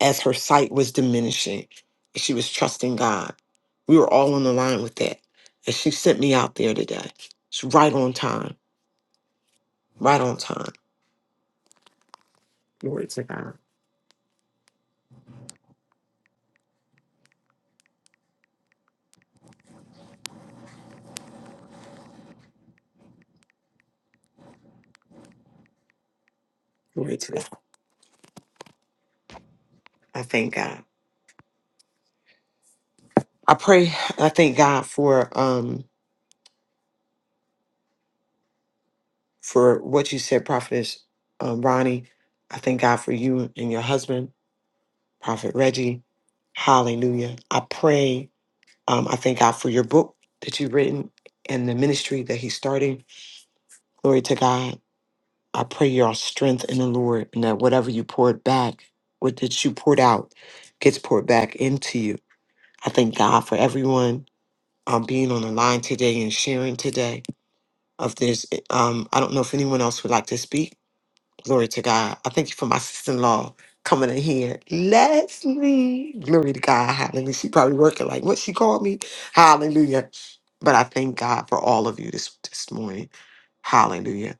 as her sight was diminishing. and She was trusting God. We were all on the line with that. And she sent me out there today. It's right on time. Right on time. Glory to God. Glory to God. I thank God. I pray I thank God for um for what you said, Prophetess um, Ronnie. I thank God for you and your husband, Prophet Reggie. Hallelujah. I pray Um, I thank God for your book that you've written and the ministry that he's starting. Glory to God. I pray you're strength in the Lord and that whatever you poured back, what that you poured out, gets poured back into you. I thank God for everyone um, being on the line today and sharing today of this. Um, I don't know if anyone else would like to speak. Glory to God. I thank you for my sister in law coming in here. Leslie. Glory to God. Hallelujah. She probably working like what she called me. Hallelujah. But I thank God for all of you this this morning. Hallelujah.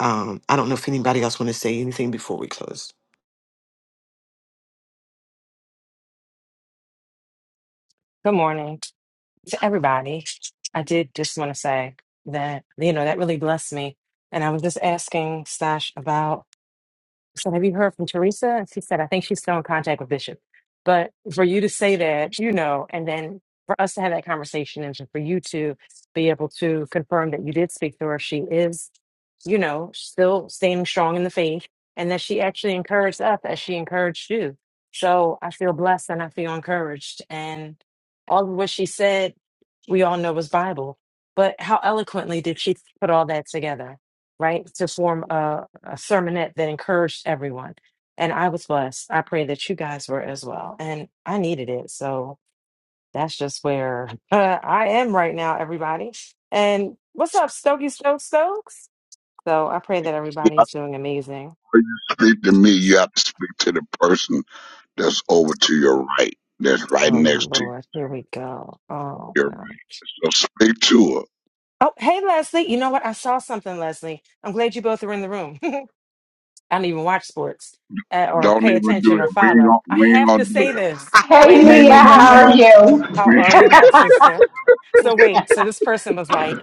Um, I don't know if anybody else want to say anything before we close.
Good morning to everybody. I did just want to say that, you know, that really blessed me. And I was just asking Stash about so have you heard from Teresa? And she said, I think she's still in contact with Bishop. But for you to say that, you know, and then for us to have that conversation and for you to be able to confirm that you did speak to her, she is, you know, still standing strong in the faith and that she actually encouraged us as she encouraged you. So I feel blessed and I feel encouraged. And all of what she said, we all know was Bible. But how eloquently did she put all that together, right? To form a sermonette that encouraged everyone. And I was blessed. I pray that you guys were as well. And I needed it. So that's just where I am right now, everybody. And what's up, Stokey Stokes Stokes? So I pray that
You
everybody is doing amazing.
know, when you speak to me, you have to speak to the person that's over to your right, that's right
Oh,
next to
Lord. Here we go. Oh,
you.
God.
So speak to her.
Oh, hey, Leslie. You know what? I saw something, Leslie. I'm glad you both are in the room. I don't even watch sports uh, or
Don't
pay
even do
attention or
that. We ain't
follow.
gonna,
I
we ain't
have
gonna
to
do
say this.
Hey,
that.
Wait,
We
wait,
ain't
Leah,
wait,
gonna
wait,
do
wait.
how are
that.
How
We,
are you, my sister? So wait, so this person was like,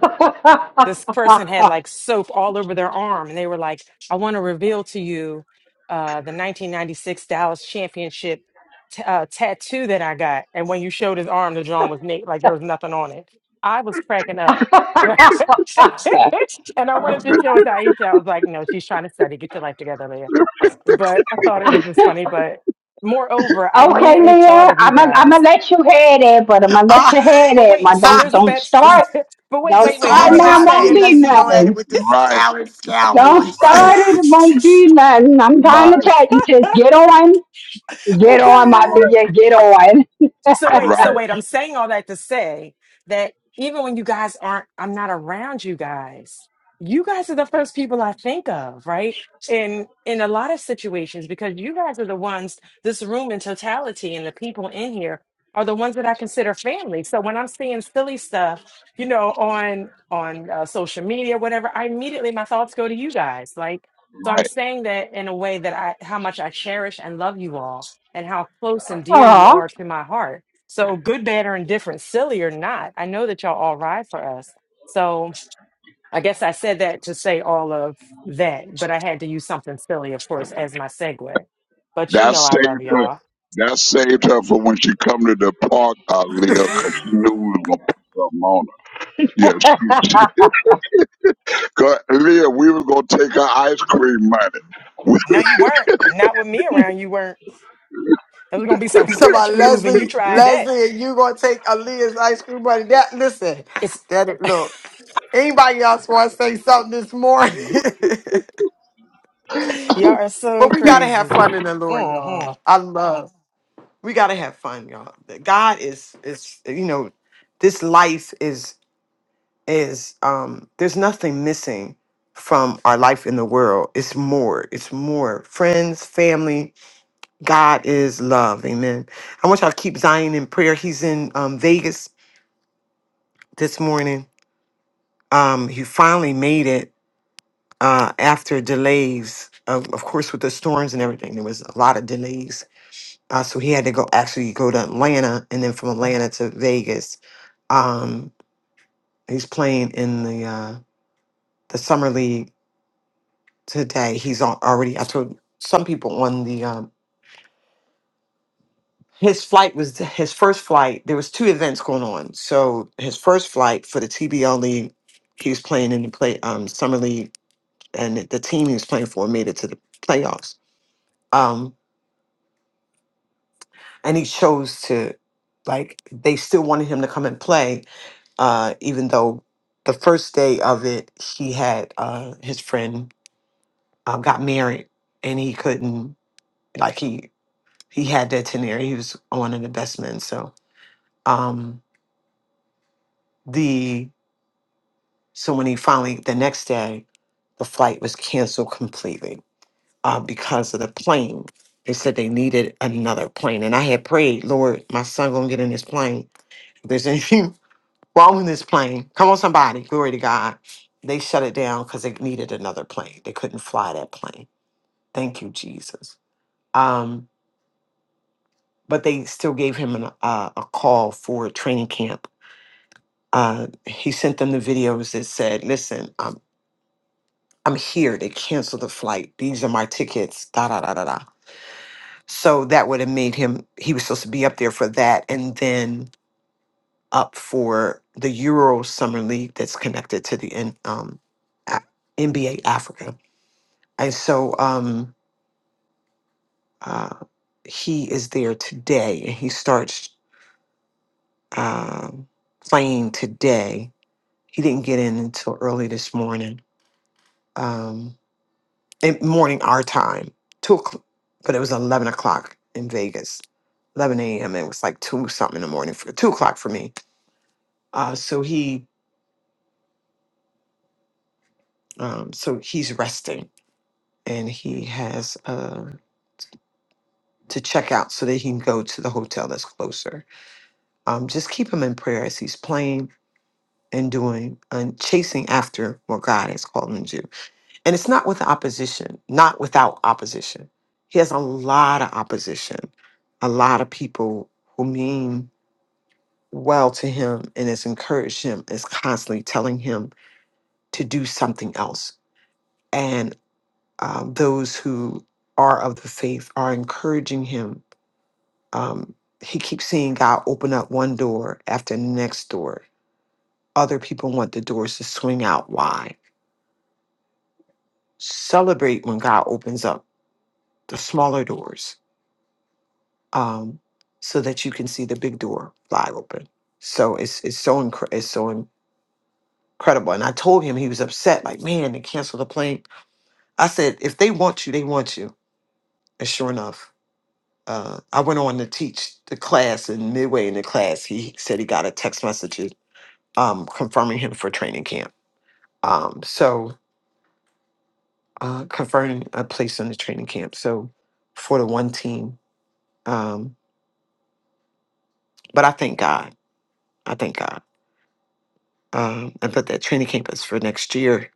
this person had like soap all over their arm, and they were like, I want to reveal to you uh, the 1996 Dallas Championship t- uh, tattoo that I got. And when you showed his arm, the drawing was naked, like there was nothing on it. I was cracking up. and I wanted to show it to Aisha. I was like, no, she's trying to study. Get your life together, Leah. But I thought it was just funny. But moreover, I
Okay,
immediately thought
Leah,
of you
I'm gonna I'm
guys
gonna let you have it, but I'm gonna let you have
but
it.
wait,
My
Ah,
so
don't
there's a
don't
bet.
this,
start,
but wait,
don't
this
wait, wait. Let
only
start
me
now.
just
it
time me
Won't
and
say.
be
Leslie go at it
nothing.
with this Dallas
Don't
Cowboys.
right,
start it. It won't be nothing. I'm trying
right,
to tell you, just get on,
oh
get on, my
God.
right,
Leah, get on.
So wait, so
right,
wait, I'm saying all that to say that even when you guys aren't, I'm not around you guys. You guys are the first people I think of, right? In in a lot of situations, because you guys are the ones, this room in totality and the people in here are the ones that I consider family. So when I'm seeing silly stuff, you know, on on uh, social media, whatever, I immediately my thoughts go to you guys. Like, so
right.
I'm saying that in a way that I how much I cherish and love you all and how close and dear you are
Oh.
to my heart so good, bad, or indifferent, silly or not, I know that y'all all ride for us. So I guess I said that to say all of that, but I had to use something silly, of course, as my segue. But you
That
know I
saved
love
her.
y'all.
That saved her for when she come to the park, uh, Leah, because she knew we was gonna put something on her. Yeah,
I
she, she 'cause, Leah, we was gonna take her ice cream money. We
No, you weren't. Not with me around. You weren't. There was gonna be some
You talking about
furniture moving. You
Leslie,
tried that.
Leslie, and you gonna take Aaliyah's ice cream buddy. That listen,
It's
that it look. Anybody else wanna say something this morning?
y'all are so
but we gotta have
crazy.
fun in the Lord, y'all. I love we gotta have fun, y'all. God is is you know, this life is is um there's nothing missing from our life in the world. It's more, it's more. Friends, family, God is love. Amen. I want y'all to keep Zion in prayer. He's in um, Vegas this morning. Um, he finally made it uh, after delays. Of, of course, with the storms and everything, there was a lot of delays. Uh, so he had to go actually go to Atlanta, and then from Atlanta to Vegas. Um, he's playing in the uh, the summer league today. He's on, already. I told some people on the um, his flight was his first flight. There was two events going on. So his first flight for the TBL league, he was playing in the play um, summer league and the team he was playing for made it to the playoffs. Um, and he chose to, like, they still wanted him to come and play, uh, even though the first day of it, he had uh, his friend uh, got married and he couldn't, like, he he had that tenure. He was one of the best men. So um, the so when he finally the next day, the flight was canceled completely uh, because of the plane. They said they needed another plane, and I had prayed, Lord, my son gonna get in this plane. If there's anything wrong with this plane, come on, somebody, glory to God. They shut it down because they needed another plane. They couldn't fly that plane. Thank you, Jesus. Um, but they still gave him an, uh, a call for training camp. Uh, he sent them the videos that said, "Listen, i I'm here. They canceled the flight. These are my tickets." Da da da da da So that would have made him, he was supposed to be up there for that and then up for the Euro Summer League that's connected to the N- um, A- NBA Africa. And so um, uh, he is there today and he starts um playing today. He didn't get in until early this morning, um, in- morning our time, two o'clock, but it was 11 o'clock in Vegas, 11 a.m. It was like two something in the morning for two o'clock for me Uh, so he, um, so he's resting, and he has uh, to check out so that he can go to the hotel that's closer. Um, just keep him in prayer as he's playing and doing and chasing after what God has called him to. do. And it's not with opposition, not without opposition. He has a lot of opposition, a lot of people who mean well to him and has encouraged him, is constantly telling him to do something else um, those who are of the faith are encouraging him. Um, he keeps seeing God open up one door after the next door. Other people want the doors to swing out wide. Celebrate when God opens up the smaller doors um, so that you can see the big door fly open. So it's it's so incre- it's so incredible. And I told him he was upset, like, man, they canceled the plane. I said, if they want you, they want you. And sure enough, uh, I went on to teach the class, and midway in the class, he said he got a text message um, confirming him for training camp. Um, so, uh, confirming a place in the training camp. So, for the one team. Um, but I thank God. I thank God. Um, and but that training camp is for next year.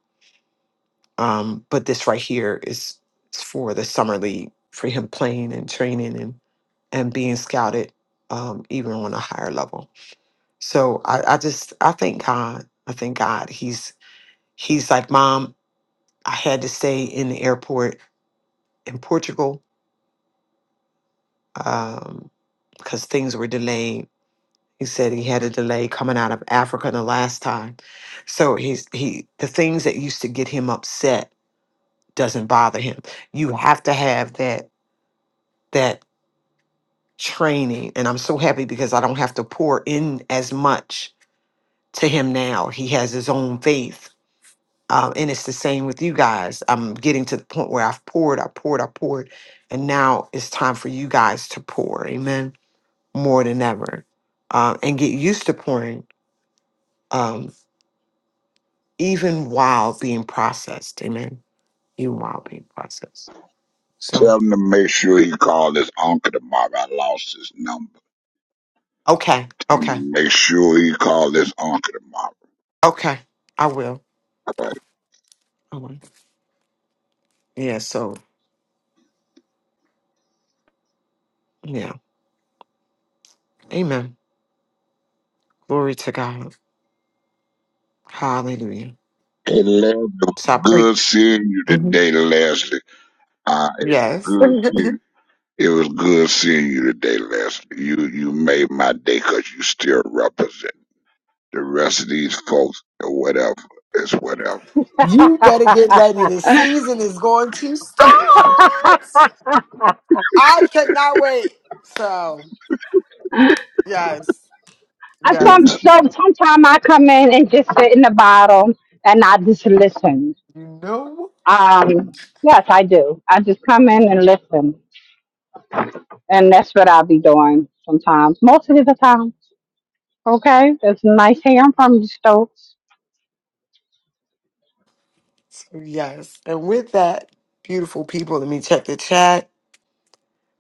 Um, but this right here is, is for the summer league for him playing and training and and being scouted um, even on a higher level. So I, I just I thank God. I thank God. He's he's like, Mom, I had to stay in the airport in Portugal um, because things were delayed. He said he had a delay coming out of Africa the last time. So he's he the things that used to get him upset doesn't bother him. You have to have that that training. And I'm so happy because I don't have to pour in as much to him now. He has his own faith Um, and it's the same with you guys. I'm getting to the point where I've poured, I poured, I poured, and now it's time for you guys to pour. Amen. More than ever, uh, and get used to pouring, um, even while being processed. Amen. Even while being processed. So
tell him to make sure he called his uncle tomorrow. I lost his number.
okay,
Tell him
okay,
to Make sure he called his uncle tomorrow.
okay. I will.
Right?
I will. Yeah. So yeah. Amen. Glory to God. Hallelujah.
Hey, Leslie, it was
So I pray.
good seeing you
Mhm.
today, Leslie. Uh, it was
Yes.
good seeing. It was good seeing you today, Leslie. You you made my day 'cause you still represent. The rest of these folks, or whatever, is whatever.
You better get ready. The season is going to start. I cannot wait. So, yes, yes,
some
It's
so sometimes I come in and just sit in the bottom and I just listen.
you know,
Um, yes, I do. I just come in and listen. And that's what I'll be doing sometimes, most of the time. Okay, that's nice hearing from Stokes.
yes. And with that, beautiful people, let me check the chat.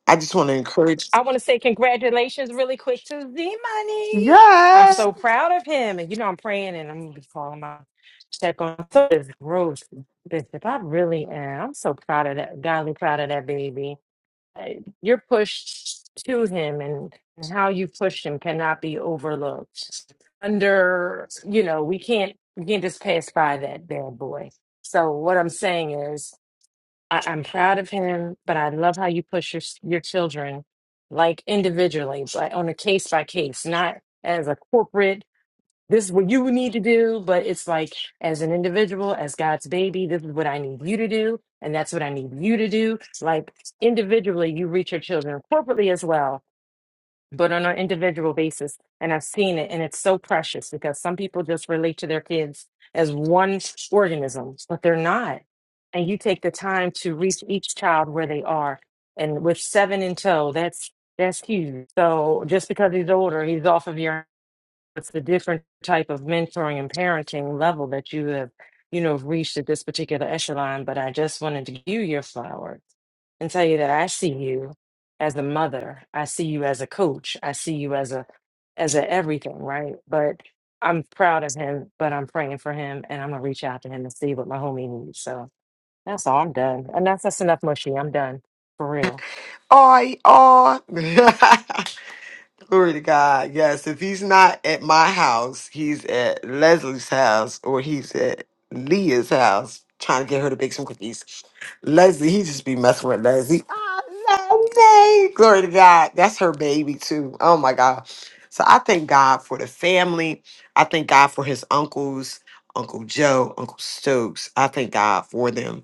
I just want to encourage.
I want to say congratulations really quick to Z Money. I'm
Yes,
so proud of him. And you know, I'm praying and I'm gonna be calling my check on so this growth, Bishop. I really am. I'm so proud of that, godly proud of that baby. Uh, Your push to him and and how you pushed him cannot be overlooked. Under, you know, we can't we can't just pass by that bad boy. So what I'm saying is I, I'm proud of him, but I love how you push your s- your children like individually, but on a case by case, not as a corporate. This is what you need to do, but it's like as an individual, as God's baby, this is what I need you to do, and that's what I need you to do. Like individually, you reach your children corporately as well but on an individual basis. And I've seen it, and it's so precious because some people just relate to their kids as one organism, but they're not. And you take the time to reach each child where they are, and with seven in tow, that's that's huge. So just because he's older, he's off of your it's the different type of mentoring and parenting level that you have, you know, reached at this particular echelon. But I just wanted to give you your flowers and tell you that I see you as a mother. I see you as a coach. I see you as a as a everything, right? But I'm proud of him, but I'm praying for him and I'm gonna reach out to him and see what my homie needs. So that's all I'm done. And that's that's enough mushy. I'm done. For real.
I are. Glory to God. Yes, if he's not at my house, he's at Leslie's house or he's at Leah's house trying to get her to bake some cookies. Leslie, he just be messing with Leslie. Oh, Leslie. Glory to God. That's her baby, too. Oh, my God. So I thank God for the family. I thank God for his uncles, Uncle Joe, Uncle Stokes. I thank God for them.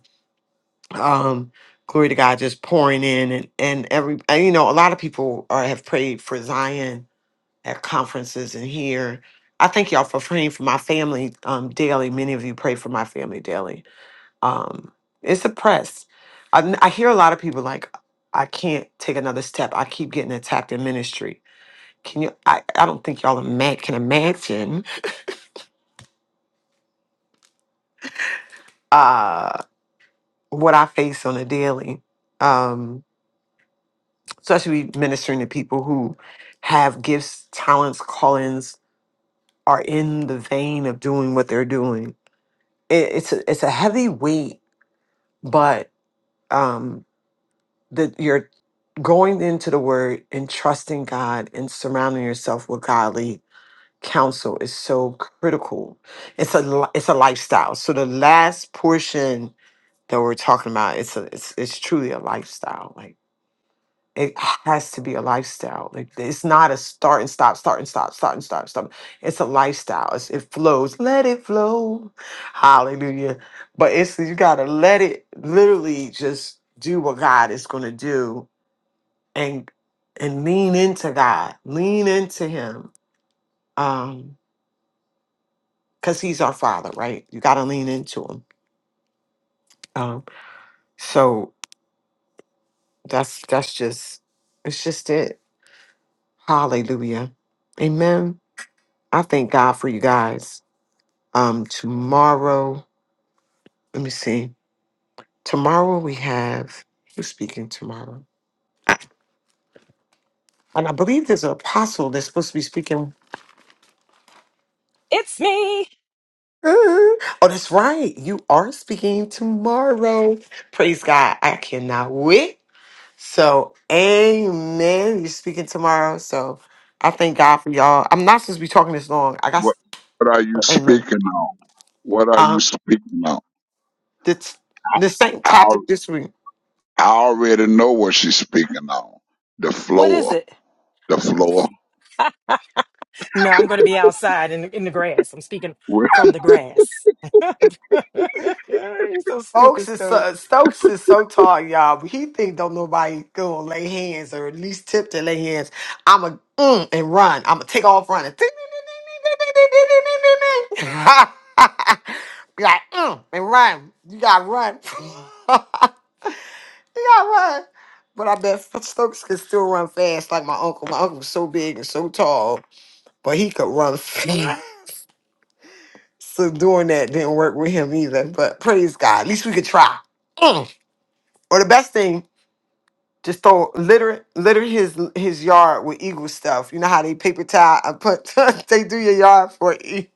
Um, glory to God, just pouring in and, and every, and, you know, a lot of people are, have prayed for Zion at conferences and here. I thank y'all for praying for my family um, daily. Many of you pray for my family daily. Um, it's a press. I I hear a lot of people like, I can't take another step. I keep getting attacked in ministry. Can you? I, I don't think y'all ima- can imagine uh, what I face on a daily, um, especially ministering to people who have gifts, talents, callings, are in the vein of doing what they're doing. It, it's a, it's a heavy weight but um that you're going into the word and trusting God and surrounding yourself with godly counsel is so critical. It's a li- it's a lifestyle. So the last portion that we're talking about it's a, it's it's truly a lifestyle. like it has to be a lifestyle. Like it's not a start and stop, start and stop, start and stop, stop. It's a lifestyle. It's, it flows. Let it flow. Hallelujah. But it's you gotta let it literally just do what God is gonna do and and lean into God. Lean into him. Um, because he's our father, right? You gotta lean into him. Um, so that's that's just it's just it. Hallelujah. Amen. I thank God for you guys. Um, tomorrow, let me see. Tomorrow we have who's speaking tomorrow, and I believe there's an apostle that's supposed to be speaking.
It's me.
Uh, Oh, that's right. You are speaking tomorrow. Praise God. I cannot wait. So, amen. You're speaking tomorrow. So, I thank God for y'all. I'm not supposed to be talking this long. I got,
what, what are you
amen.
speaking on? What are you
Uh,
speaking on?
the, the same
I, al-
topic this week.
I already know what she's speaking on. The
What is
floor,
it?
the floor.
No, I'm going to be outside in the, in the grass. I'm speaking
Wh-
from the grass. You're so
Stokes
stupid,
is
Stokes.
so, Stokes is so tall, y'all. But he think don't nobody go and lay hands or at least tip to lay hands. I'ma mm, and run. I'ma take off running. Be like mm, and run. You gotta run. you gotta run. But I bet Stokes can still run fast like my uncle. My uncle was so big and so tall, but he could run fast. so doing that didn't work with him either. But praise God, at least we could try. Mm. Or the best thing Just throw litter litter his his yard with eagle stuff. You know how they paper towel and put they do your yard for e-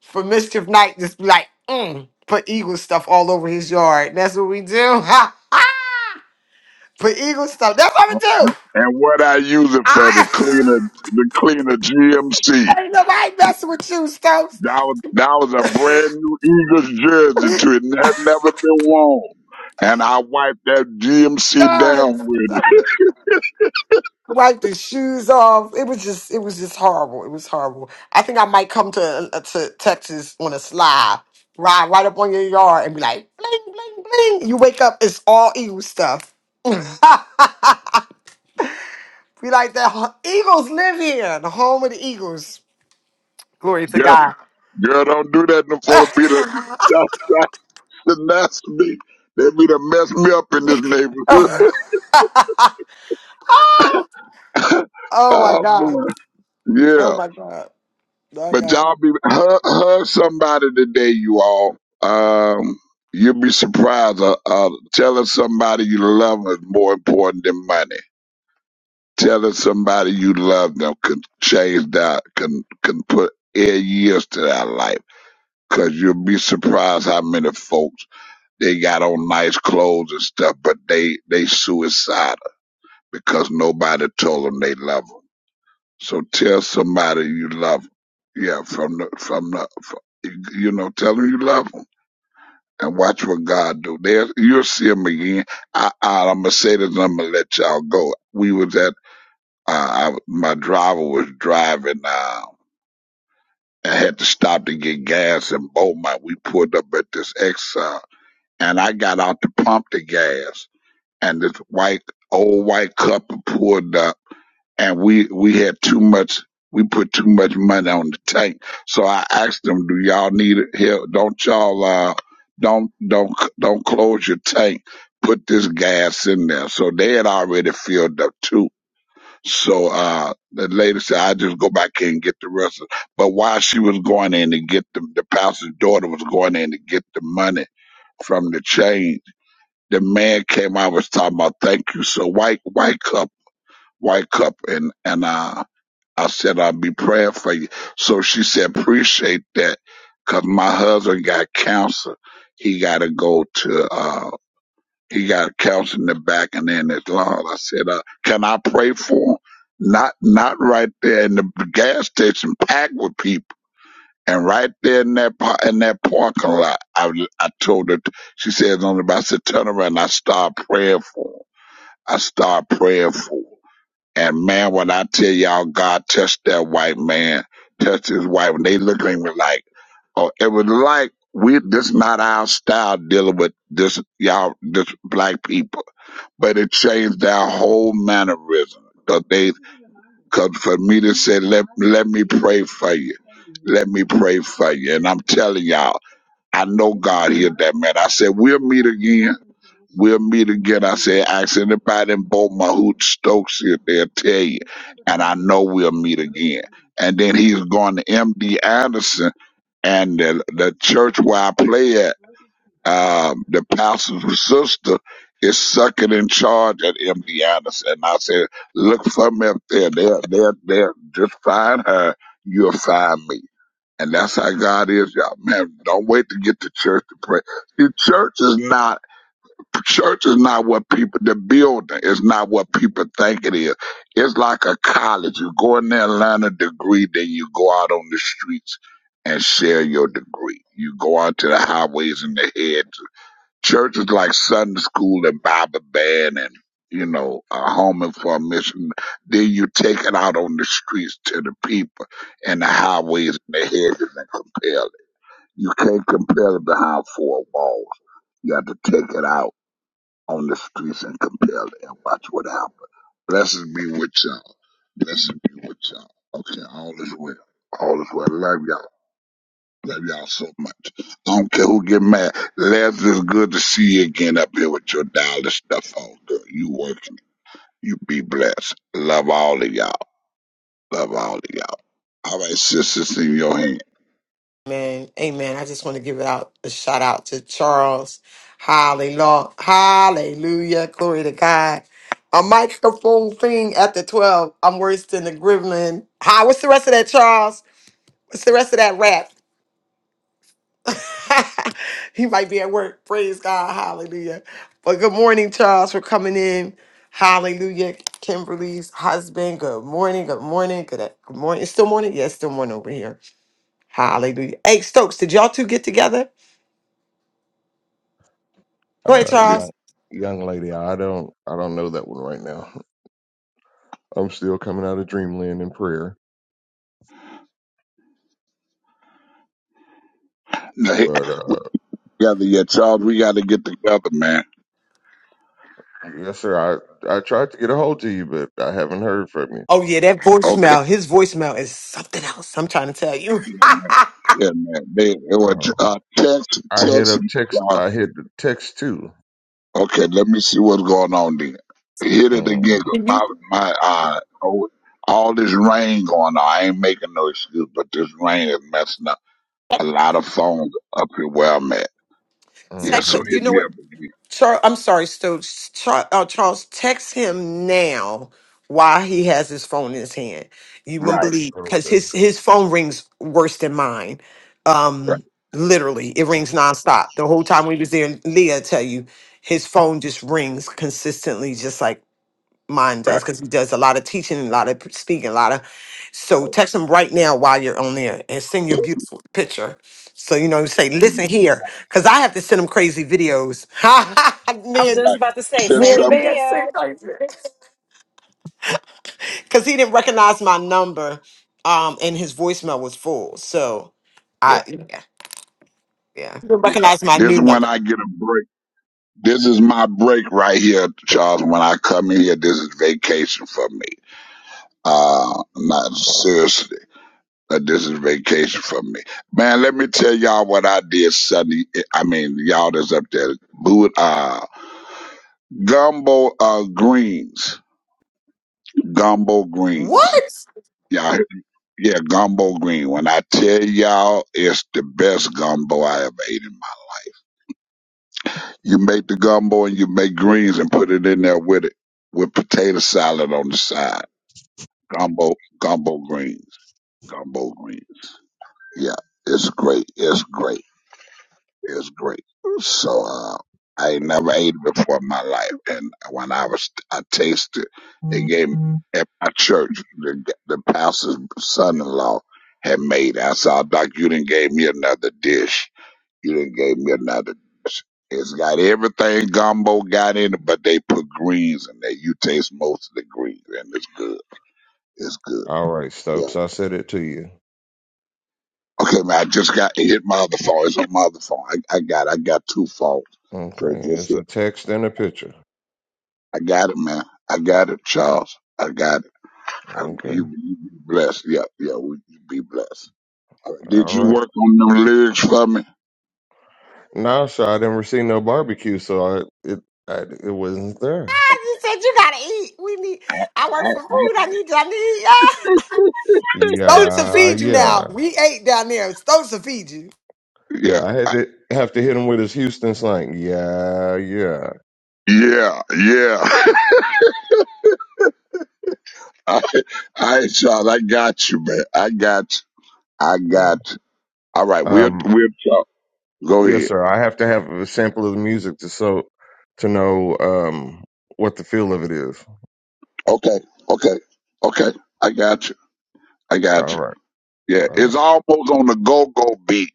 for mischief night. Just be like, mm, put eagle stuff all over his yard. That's what we do. put eagle stuff. That's what we do.
And what I use it for the
I
cleaner, the cleaner GMC.
ain't nobody messing with you, Stokes.
That was, that was a brand new Eagles jersey to it. It had never been worn. And I wiped that GMC
Yes.
down with
wiped his shoes off. It was just, it was just horrible. It was horrible. I think I might come to uh, to Texas on a slide, ride right up on your yard, and be like, bling, bling, bling. You wake up, it's all eagle stuff. be like that. huh, Eagles live here, the home of the Eagles. Glory to
it.
God.
Girl, don't do that. Them full of be the
oh
that's, that's the nasty. They be to mess me up in this neighborhood.
my
oh
God.
boy,
Oh
yeah.
my God. Oh My
But
God.
y'all be hug, hug somebody today, you all. Um, you'll be surprised. Uh, uh, telling somebody you love 'em is more important than money. Telling somebody you love them can change that. Can can put air years to that life. Cause you'll be surprised how many folks They got on nice clothes and stuff, but they, they suicidal because nobody told them they love them. So tell somebody you love them. Yeah, from the, from the, from, you know, tell them you love them and watch what God do. There, you'll see see them again. I, I, I'm gonna say this and I'm gonna let y'all go. We was at, uh, I, my driver was driving, uh, I had to stop to get gas in Beaumont. We pulled up at this Exxon and I got out to pump the gas and this white old white couple pulled up and we we had too much we put too much money on the tank. So I asked them, Do y'all need help? Don't y'all uh don't don't don't close your tank. Put this gas in there. So they had already filled up too. So uh the lady said, I just go back in and get the rest of it." but while she was going in to get the the pastor's daughter was going in to get the money from the chain the man came out was talking about thank you. So white white cup, white cup and and uh I said I'll be praying for you. So she said appreciate that because my husband got cancer. He gotta go to uh he got cancer in the back and in his lung. I said, uh, can I pray for him? Not not right there in the gas station packed with people. And right there in that par- in that parking lot, I I told her. She says on the I said, turn around. And I start praying for him. I start praying for. And man, when I tell y'all God touched that white man, touched his wife, and they look at me like, oh, it was like we this not our style dealing with this y'all this black people. But it changed their whole mannerism. Cause they cause for me to say, let let me pray for you. Let me pray for you. And I'm telling y'all, I know God healed that man. I said, We'll meet again We'll meet again. I said, ask anybody in Beaumont who Stokes is, they'll tell you. And I know we'll meet again. And then he's going to MD Anderson and the, the church where I play at, um, the pastor's sister is sucking in charge at MD Anderson. And I said, look for me up there. They'll, they'll, they'll just find her. You'll find me. And that's how God is, y'all. Man, don't wait to get to church to pray. The church is not church is not what people the building is not what people think it is it's like a college you go in there and learn a degree then you go out on the streets and share your degree you go out to the highways and the heads church is like sunday school and bible band and you know a home and for a mission then you take it out on the streets to the people and the highways and the hedges and compel it you can't compel it behind four walls you have to take it out on the streets and compelled and watch what happened. Blessings be with y'all. Blessings be with y'all. Okay, all is well. All is well. Love y'all. Love y'all so much. I don't care who get mad. Les, it's good to see you again up here with your dollar stuff on, girl. You working. You be blessed. Love all of y'all. Love all of y'all. All right, sisters, in your hand.
Amen. Amen. I just want to give it out a shout out to Charles. Hallelujah. Hallelujah. Glory to God. A microphone thing after 12. I'm worse than the gremlin. Hi, what's the rest of that, Charles? What's the rest of that rap? he might be at work. Praise God. Hallelujah. But good morning, Charles, for coming in. Hallelujah. Kimberly's husband. Good morning. Good morning. Good, good morning. It's still morning? Yes, still morning over here. Hallelujah. Hey, Stokes, did y'all two get together? Go ahead,
Uh,
Yeah.
young
Charles.
young lady, I don't I don't know that one right now. I'm still coming out of dreamland in prayer.
Now, hey,
But
we
uh,
together yet, Charles. We got to get together, man.
yes, sir. I I tried to get a hold of you, but I haven't heard from you.
Oh yeah, that
Okay.
voicemail. His voicemail is something else. I'm trying to tell you.
Yeah, man. Yeah, man. They, it was
Uh,
uh, text,
I hit
text.
up text.
Uh,
I hit the text too.
okay, let me see what's going on there. Hit it again. 'cause My, my, uh, oh, all this rain going on. I ain't making no excuse, but this rain is messing up a lot of phones up here where I'm at. Yeah,
Mm-hmm.
Text.
so
You
hit
know
me
what?
up again.
Charles. I'm sorry, so Char, uh, Charles, text him now. Why he has his phone in his hand? You wouldn't
Right,
believe because
Okay.
his his phone rings worse than mine.
right,
Um, literally, it rings nonstop the whole time we was there. And Leah, tell you, his phone just rings consistently, just like mine
right.
does because he does a lot of teaching a lot of p- speaking a lot of so text him right now while you're on there and send your beautiful picture so you know say
Yeah.
listen here because i have to send him crazy videos
I was
man
just
right.
about to say,
Send
send a
some.
video.
because he didn't recognize my number um and his voicemail was full so
Yeah,
i yeah yeah he didn't
yeah.
recognize my
This is
new
when
number
I get a break. This is my break right here, Charles. When I come in here, this is vacation for me. Uh, not seriously. uh, This is vacation for me, man. Let me tell y'all what I did Sunday. I mean, y'all that's up there, boot uh, gumbo uh greens, gumbo
what
greens. Y'all, yeah, gumbo green. When I tell y'all, it's the best gumbo I ever ate in my. life. You make the gumbo and you make greens and put it in there with it, with potato salad on the side. Gumbo, gumbo greens, gumbo greens. Yeah, it's great. It's great. It was great. So uh, I never ate before in my life, and when I was I tasted, they gave me at my church the the pastor's son-in-law had made. it. I said, "Oh, Doc, you didn't gave me another dish. You didn't gave me another." dish. It's got everything gumbo got in it, but they put greens in there. You taste most of the greens, and it's good. It's good.
All right,
Yeah.
Stokes. I said it to you.
Okay, man. I just got it hit my other phone. It's on my other phone. I, I got I got two phones. So it
Okay,
just hit.
it's a text and a picture.
I got it, man. I got it, Charles. I got it. I,
Okay.
you, you be blessed. Yeah, yeah, we, you be blessed. All right, Did
All
you
right.
work on them lyrics for me?
No, sir. I didn't receive no barbecue, so I it I, it wasn't there.
you said you gotta eat we need i work for food i need i need yeah. stones to
Yeah,
feed you
yeah.
now we ate down there stones to feed you
Yeah,
Yeah, I had to have to hit him with his Houston slang. Yeah, yeah,
yeah, yeah. All right, Charles, I got you, man. I got you. I
yeah.
got you. All right, we'll,
Um,
we'll talk. Go
yes,
ahead.
sir. I have to have a sample of the music to so to know um what the feel of it is.
Okay, okay, okay. I got you. I got
All
you.
right,
Yeah,
all
it's
right.
almost on the go-go beat.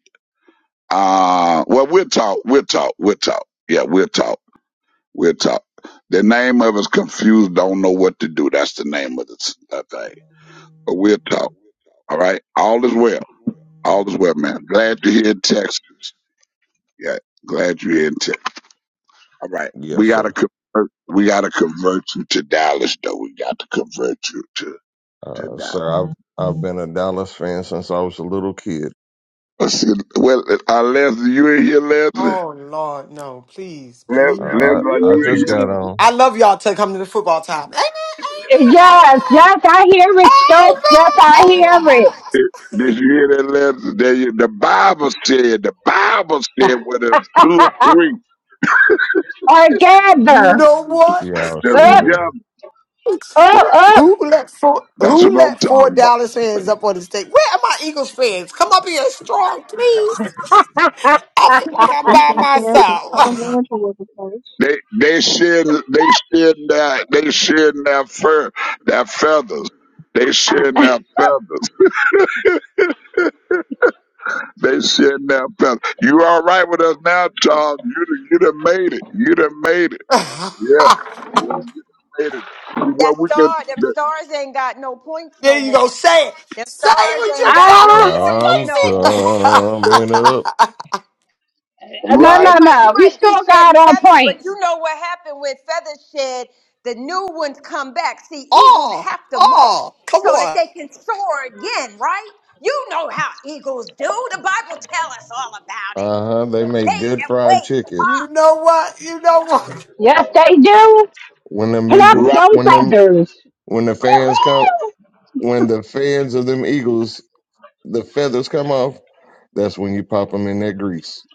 Uh, well, we'll talk. We'll talk. We'll talk. Yeah, we'll talk. We'll talk. The name of it's confused, don't know what to do. That's the name of the s- uh, thing. But we'll talk. All right. All is well. All is well, man. Glad you're here in Texas. Yeah. Glad you're here in Texas. All right. We
Yes,
gotta
sir.
convert. We gotta convert you to Dallas, though. We got to convert you to to
Uh,
Dallas.
sir, I've I've been a Dallas fan since I was a little kid.
Let's see. Well, uh, Leslie, you in here, Leslie?
Oh Lord, no, please, please.
Uh,
Les- Leslie,
I
are
I
you in
just
here?
got on.
I love y'all to come to the football time. Amen, amen,
Yes, yes, I hear it, Stokes. Yes, I
amen. Amen,
hear
amen, amen.
it.
Did you hear that, Leslie? There you, the Bible said. The Bible said, "Whether two or three,
or
You
gather
know what?
Y'all silly.
there's
up, up, up.
Who let four
That's
who
what I'm
let four
talking about.
Dallas fans up on the stage? Where are my Eagles fans? Come up here strong, please. I feel like I'm
We've
by
been fans for Tom
myself.
Landry was a coach.
They they shed they shed that they shed their fur their feathers. They shed their feathers. They shed their feathers. You all right with us now, Charles? You done- you done made it. You done made it. Yeah, yeah you done made it. See what
That
we can
star, them
the-
stars ain't got no points
there
no
you go.
more.
Say it.
Them
Say
stars
it with
ain't got
but
no
ah,
points
I'm
no
your
more.
chest, Casey.
coming up.
no,
They
no,
right
might, we
no. We
might be
still got
shedding
our
feathers, but
points.
you know what happened when feathers shed? The new ones come back. See, eagles
oh,
have to molt
oh, come
so that
on.
they can soar again, right? You know how eagles do. The Bible tell us all about it.
Uh huh. They make
They
good
that
fried
wait.
chicken.
You
Ah,
know what? You know what?
Yes, they do.
When them
Pluck
eagles,
right.
those
when them
feathers.
When the fans come, when the fans of them Eagles, the feathers come off. That's when you pop them in that grease.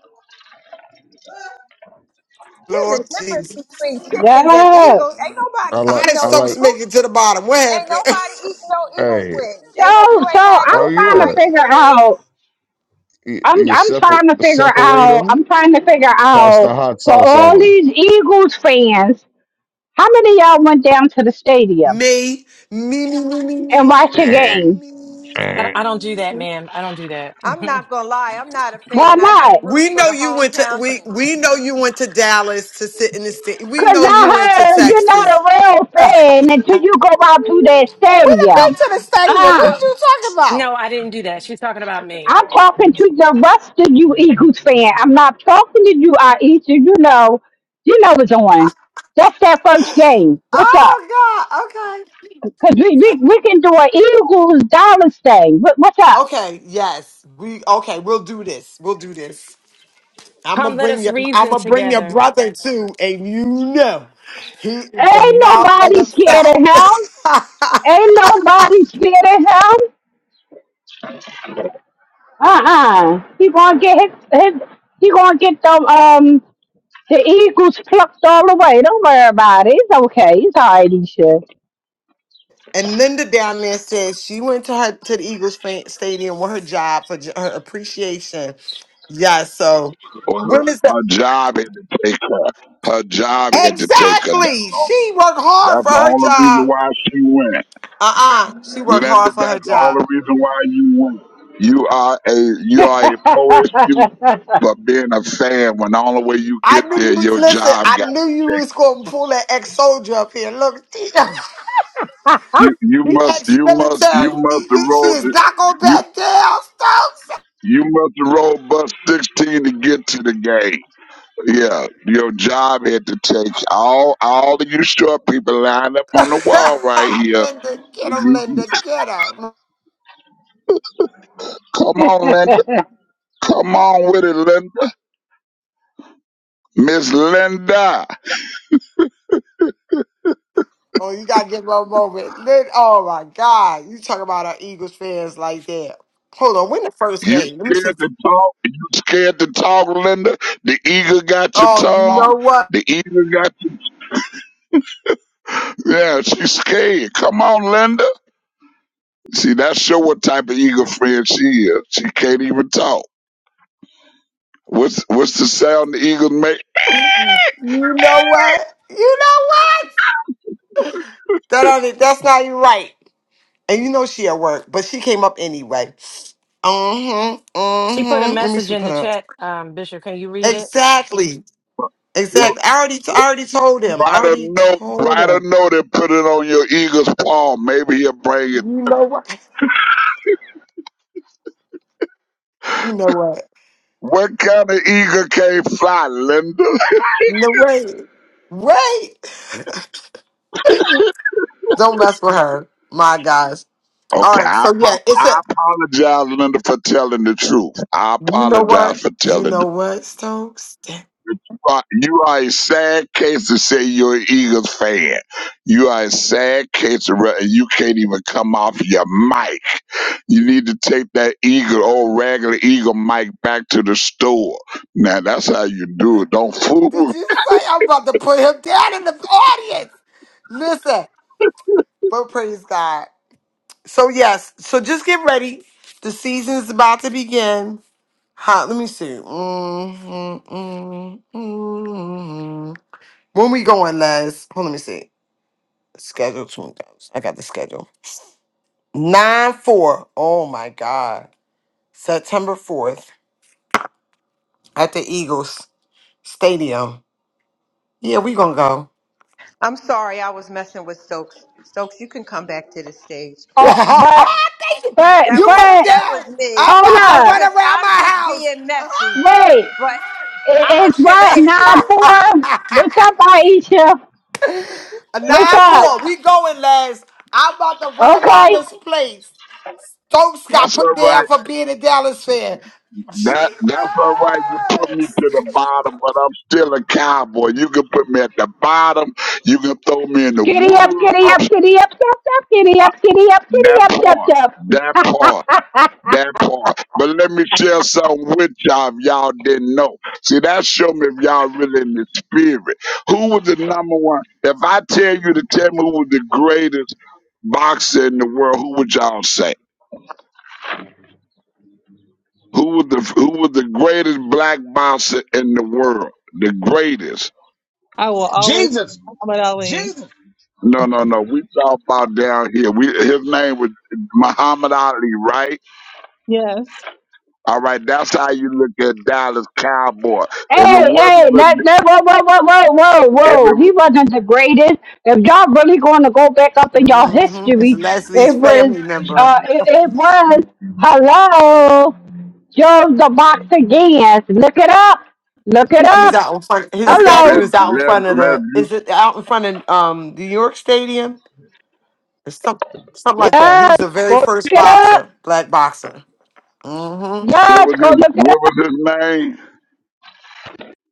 there's a
Lord
difference
Jesus.
between chickens and eagles.
Yes.
Ain't
I
nobody
How
like,
eating
did
I
no
Stokes
like.
make
eagle.
it to the bottom? What
Ain't
happened?
nobody eating no eagle's
Hey,
wings. Ain't no
So,
you
so
ain't had
oh
no
I'm trying to
yeah,
fried
figure
eagle
out.
wings.
you,
I'm
you
I'm
separ-
trying to figure
separate
out.
them,
I'm trying to figure
toss
out
the hot
for
sauce
all
on
these Eagles fans, how many of y'all went down to the stadium
me, me, me, me, me,
and watched a
me, me,
game?
me.
them.
I I don't do that,
me.
ma'am. I don't do that.
I'm not gonna lie, I'm not a
Why
fan. I just
not?
root
We
for
know
the
you went to
hometown
we
team.
we know you went to Dallas to sit in the state. We
Cause
know you went to
I heard you're not
Texas.
a real
we done
fan until you go out to that
been
stadium.
to the stadium. What
Well,
Ah,
are you talking about?
no, I didn't do that. She's talking about me.
I'm talking to the rest of you Eagles fan. I'm not talking to you, I Easter. You You know, you know what's on. That's that first game. What's up?
Oh God. Okay.
Cause we we, we can do an Eagles Dallas thing. What, what's up?
Okay. Yes. We okay. We'll do this. We'll do this. I'ma
Come, let
bring
us
your
reason
I'ma bring your
together.
brother too, and you know he is the
Ain't
mouth of
nobody
the
scared of
south.
him. Ain't nobody scared of him. Uh-uh. He gonna get his, his he gonna get them um the eagles plucked all the way. Don't worry about it. It's okay. It's alright, Isha.
and Linda down there says she went to her to the Eagles fan, stadium with her job for j- her appreciation. Yeah, so
Well,
when is
her,
that
her job had to take her. Her job had to take her. That's
exactly?
all.
She worked hard
That's
for
the
her
only reason
job.
why she went.
Uh-uh. She worked
Linda,
hard for her
that's the
job.
only reason why you win. You are a you are a poor excuse for being a fan when the only way you
I
get
knew
there
you
your
listen,
job
I
got
knew
to
you
take
was gonna pull that ex-soldier up here. Look, the
you you must you must you
ex-military,
must
she she
roll the
is not gonna
you
back down. Stop.
you must roll, road bus sixteen to get to the game. Yeah, your job had to take all all of you short people lined up on the wall right here.
Linda, get him,
You,
Linda, get him.
come on, Linda. Come on with it, Linda. Miss Linda.
Oh, you gotta give him a moment. Linda, oh my God, you talk about our Eagles fans like that. Hold on, win the first
You
game. Let me see.
scared to talk? You scared to talk, Linda? The eagle got your
Oh, you
tongue.
know what?
The eagle got your yeah. She's scared. Come on, Linda. See, that's show what type of eagle friend she is. She can't even talk. What's what's the sound the eagles make?
You know what? You know what? That only, that's not even right. And you know she at work, but she came up anyway. Mm-hmm.
she put a
Mm-hmm. Let me
message
see.
in
Put
the
it up.
chat. Um, Bishop, can you read it?
Exactly.
Well,
Exactly. I already, I already told him. I
write a
already
note.
told
Write a
him.
note and put it on your eagle's palm. Maybe he'll bring it.
You know what? You know what?
What kind of eagle can't fly, Linda?
No way. Right. Don't mess with her. My gosh. All
Okay,
right.
I,
So yeah,
apo-
it's
I
a
apologize, Linda, for telling the truth. I
you know
apologize
what?
for telling
You
the
know what, Stokes?
are, you are a sad case to say you're an Eagles fan. You are a sad case to re- you can't even come off your mic. You need to take that Eagle, old regular Eagle mic back to the store. Now that's how you do it. Don't fool.
Did
with-
you say I'm about to put him down in the audience? Listen, but praise God. So yes, so just get ready. The season's about to begin. Huh, let me see. Mm, mm, mm, mm. When we going, Les? Hold on, let me see. Schedule 2000. I got the schedule. 9 4. Oh my God. September 4th at the Eagles Stadium. Yeah, we gonna go.
I'm sorry I was messing with Stokes. Stokes, you can come back to the stage.
you put him
oh, but but
That was
but
that
down.
was me.
I'm
hold
about to
I was
run
up.
just
around
I
my
was just
house.
being messy,
Wait.
but
It,
I was
it's what
convicted.
nine four? What's up, Aisha?
A
What's up?
9-4. We going, Les. I'm about to run around
Okay.
this place. Folks got
That's
put
all right.
down for being a Dallas fan.
That
Jesus!
that's all right. You put me to the bottom, but I'm still a cowboy. You can put me at the bottom. You can throw me in the
Giddy up, giddy up,
woods. I'm,
giddy up, chop, chop, giddy up, giddy up, giddy
that
up, chop,
part.
chop.
That part. That part. But let me share something with y'all if y'all didn't know. See, that show me if y'all really in the spirit. Who was the number one? If I tell you to tell me who was the greatest boxer in the world, who would y'all say? Who was the who was the greatest black boxer in the world? The greatest.
I will always
Jesus!
support Muhammad Ali.
Jesus!
No, no, no. We talk about down here. We his name was Muhammad Ali, right?
Yes.
All right, that's how you look at Dallas Cowboy. If it
Hey,
wasn't
hey,
for
that, that, whoa, whoa, whoa, whoa, whoa,
if
whoa.
it
He wasn't the greatest. If y'all really going to go back up in y'all
hmm It's
history,
Leslie's
it was,
family member.
uh, it, it was, hello, Joe the Box again. Look it up. Look it
He's
up.
out in front. His
Okay,
Hello.
let
statue is out in
let
front of
let
the.
you.
Is it out in front of um New York Stadium? It's Some, something like that.
Yes,
He's the very
go look
first
it up.
boxer, black boxer. Mm-hmm.
What
Yes,
was
go
his
look it
What was his name?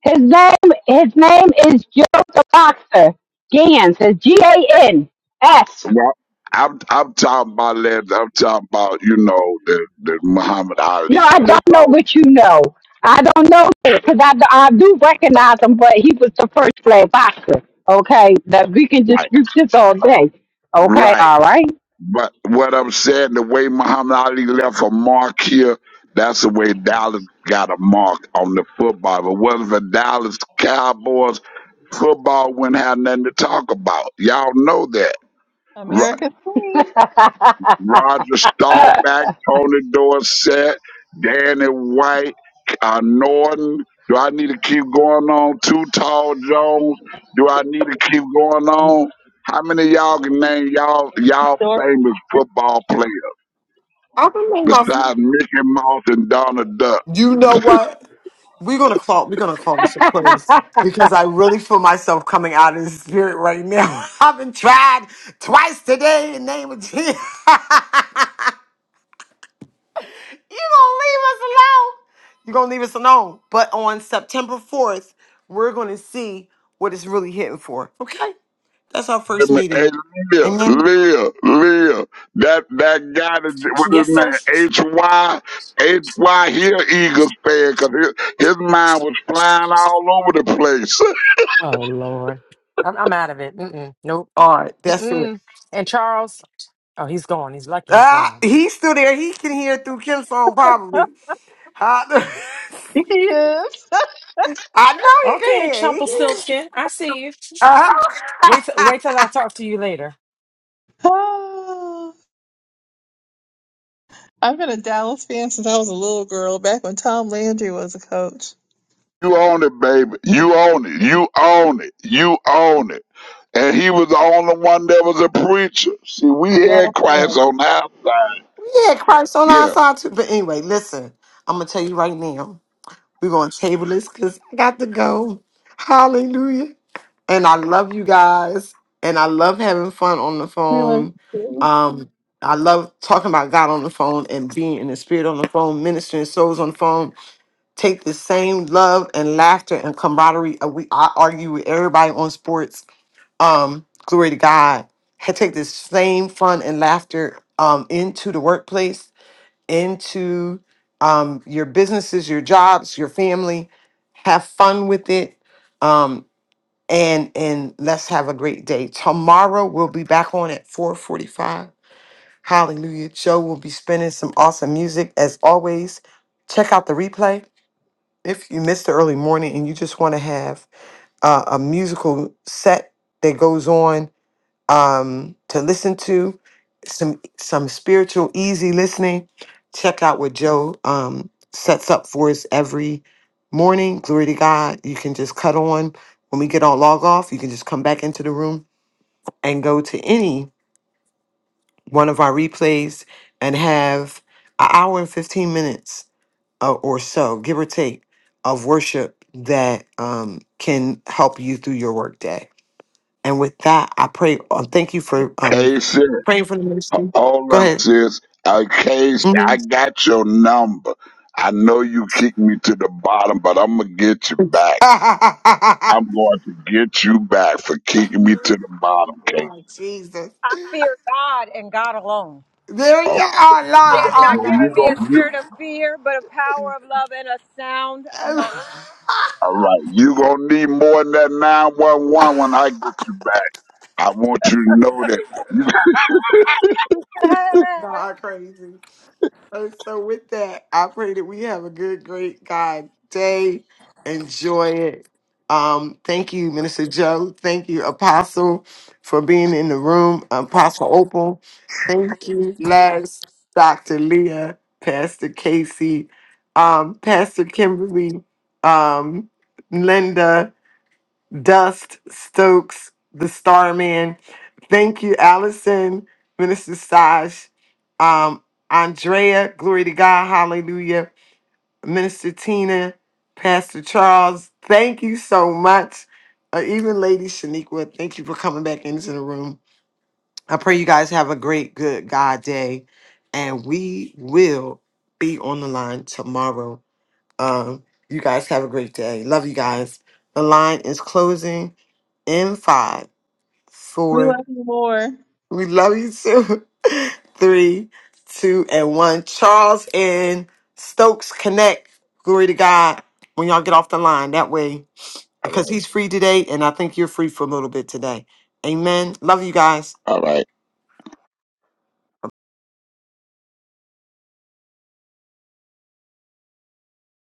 His name his name is Joe the Boxer Gans. It's G A N S.
Well, I'm I'm talking about let I'm talking about you know the the Muhammad
No,
Ali,
I
but it's
don't know
all
what you know. I don't know because I, do- I do recognize him, but he was the first black boxer. Okay, that we can
right,
dispute this all day. Okay,
right.
all right.
But what I'm saying, the way Muhammad Ali left a mark here, that's the way Dallas got a mark on the football. If it wasn't for Dallas Cowboys, football wouldn't have nothing to talk about. Y'all know that.
America's Queen.
Roger Staubach, Tony Dorsett, Danny White, uh, Norton. Do I need to keep going on? Too Tall Jones. Do I need to keep going on? How many of y'all can name y'all y'all
Doris.
famous football players
I remember. my-
besides Mickey Mouse and Donald Duck?
You know what? We're gonna call. We're gonna call this a close because I really feel myself coming out of the spirit right now. I've been tried twice today in the name of Jesus. you gonna leave us alone? You're gonna leave us alone. But on September 4th, we're gonna see what it's really hitting for. Okay, that's our
Hey,
first meeting.
Leah,
Amen.
Leah, Leah. That that guy that what his
Yes, sir.
name? H Y H Y. He an Eagles fan because his, his mind was flying all over the place.
Oh Lord, I'm, I'm out of it. Mm-mm, nope.
All right, that's it.
Mm-mm. And Charles, oh, he's gone. He's lucky he's
Ah,
gone.
he's still there. He can hear through Kim's phone, probably. I,
Yes.
I know he can
Okay,
hear.
Chumple
He can hear.
Silskin. I see you. Wait, till-
Uh-huh.
wait till I talk to you later.
I've been a Dallas fan since I was a little girl, back when Tom Landry was a coach.
You own it, baby. You own it. You own it. You own it. And he was the only one that was a preacher. See, we
Yeah.
had Christ on our side.
yeah, Christ on our
Yeah,
side too. But anyway, listen, I'm gonna tell you right now. We're gonna table this because I got to go. Hallelujah. And I love you guys. And I love having fun on the
We love
phone.
you.
Um, I love talking about God on the phone and being in the spirit on the phone, ministering souls on the phone. take the same love and laughter and camaraderie. uh, We I argue with everybody on sports. Um, glory to God. I take this same fun and laughter um, into the workplace, into um, your businesses, your jobs, your family. Have fun with it, um, and and let's have a great day. Tomorrow we'll be back on at four forty-five. Hallelujah! Joe will be spinning some awesome music as always. Check out the replay if you missed the early morning and you just want to have uh, a musical set that goes on um, to listen to some some spiritual easy listening check out what joe um, sets up for us every morning glory to god you can just cut on when we get on log off you can just come back into the room and go to any one of our replays and have an hour and 15 minutes uh, or so, give or take, of worship that um, can help you through your workday. And with that, I pray. Uh, thank you for um,
K C.
praying for the ministry.
All
Go
up,
ahead.
sis. I case I
Mhm.
got your number. I know you kicked me to the bottom, but I'm gonna get you back. I'm going to get you back for kicking me to the bottom, Case.
Lord Jesus.
I fear God and God alone.
There you
All
are,
He
Lord.
right,
has not
you you
given me a
gon' you.
spirit of fear, but a power of love and a sound
Oh, Lord.
mind.
All right, you gonna need more than that 911 when I get you back. I want you to know that. You,
God, crazy. Oh, so with that, I pray that we have a good, great God day. Enjoy it. Um, thank you, Minister Joe. Thank you, Apostle, for being in the room. Apostle Opal. Thank you, Les, Dr. Leah, Pastor Casey, um, Pastor Kimberly, um, Linda, Dust, Stokes, the Starman. Thank you, Allison, Minister Saj, um, Andrea, glory to God, hallelujah, Minister Tina, Pastor Charles. Thank you so much. Uh, even Lady Shaniqua, thank you for coming back into the room. I pray you guys have a great, good God day. And we will be on the line tomorrow. Um, you guys have a great day. Love you guys. The line is closing in five,
we
four.
love you more.
We love you too. Three, two, and one. Charles and Stokes connect. Glory to God. When y'all get off the line, that way,
all
because
right,
he's free today, and I think you're free for a little bit today. Amen. Love you guys.
all right.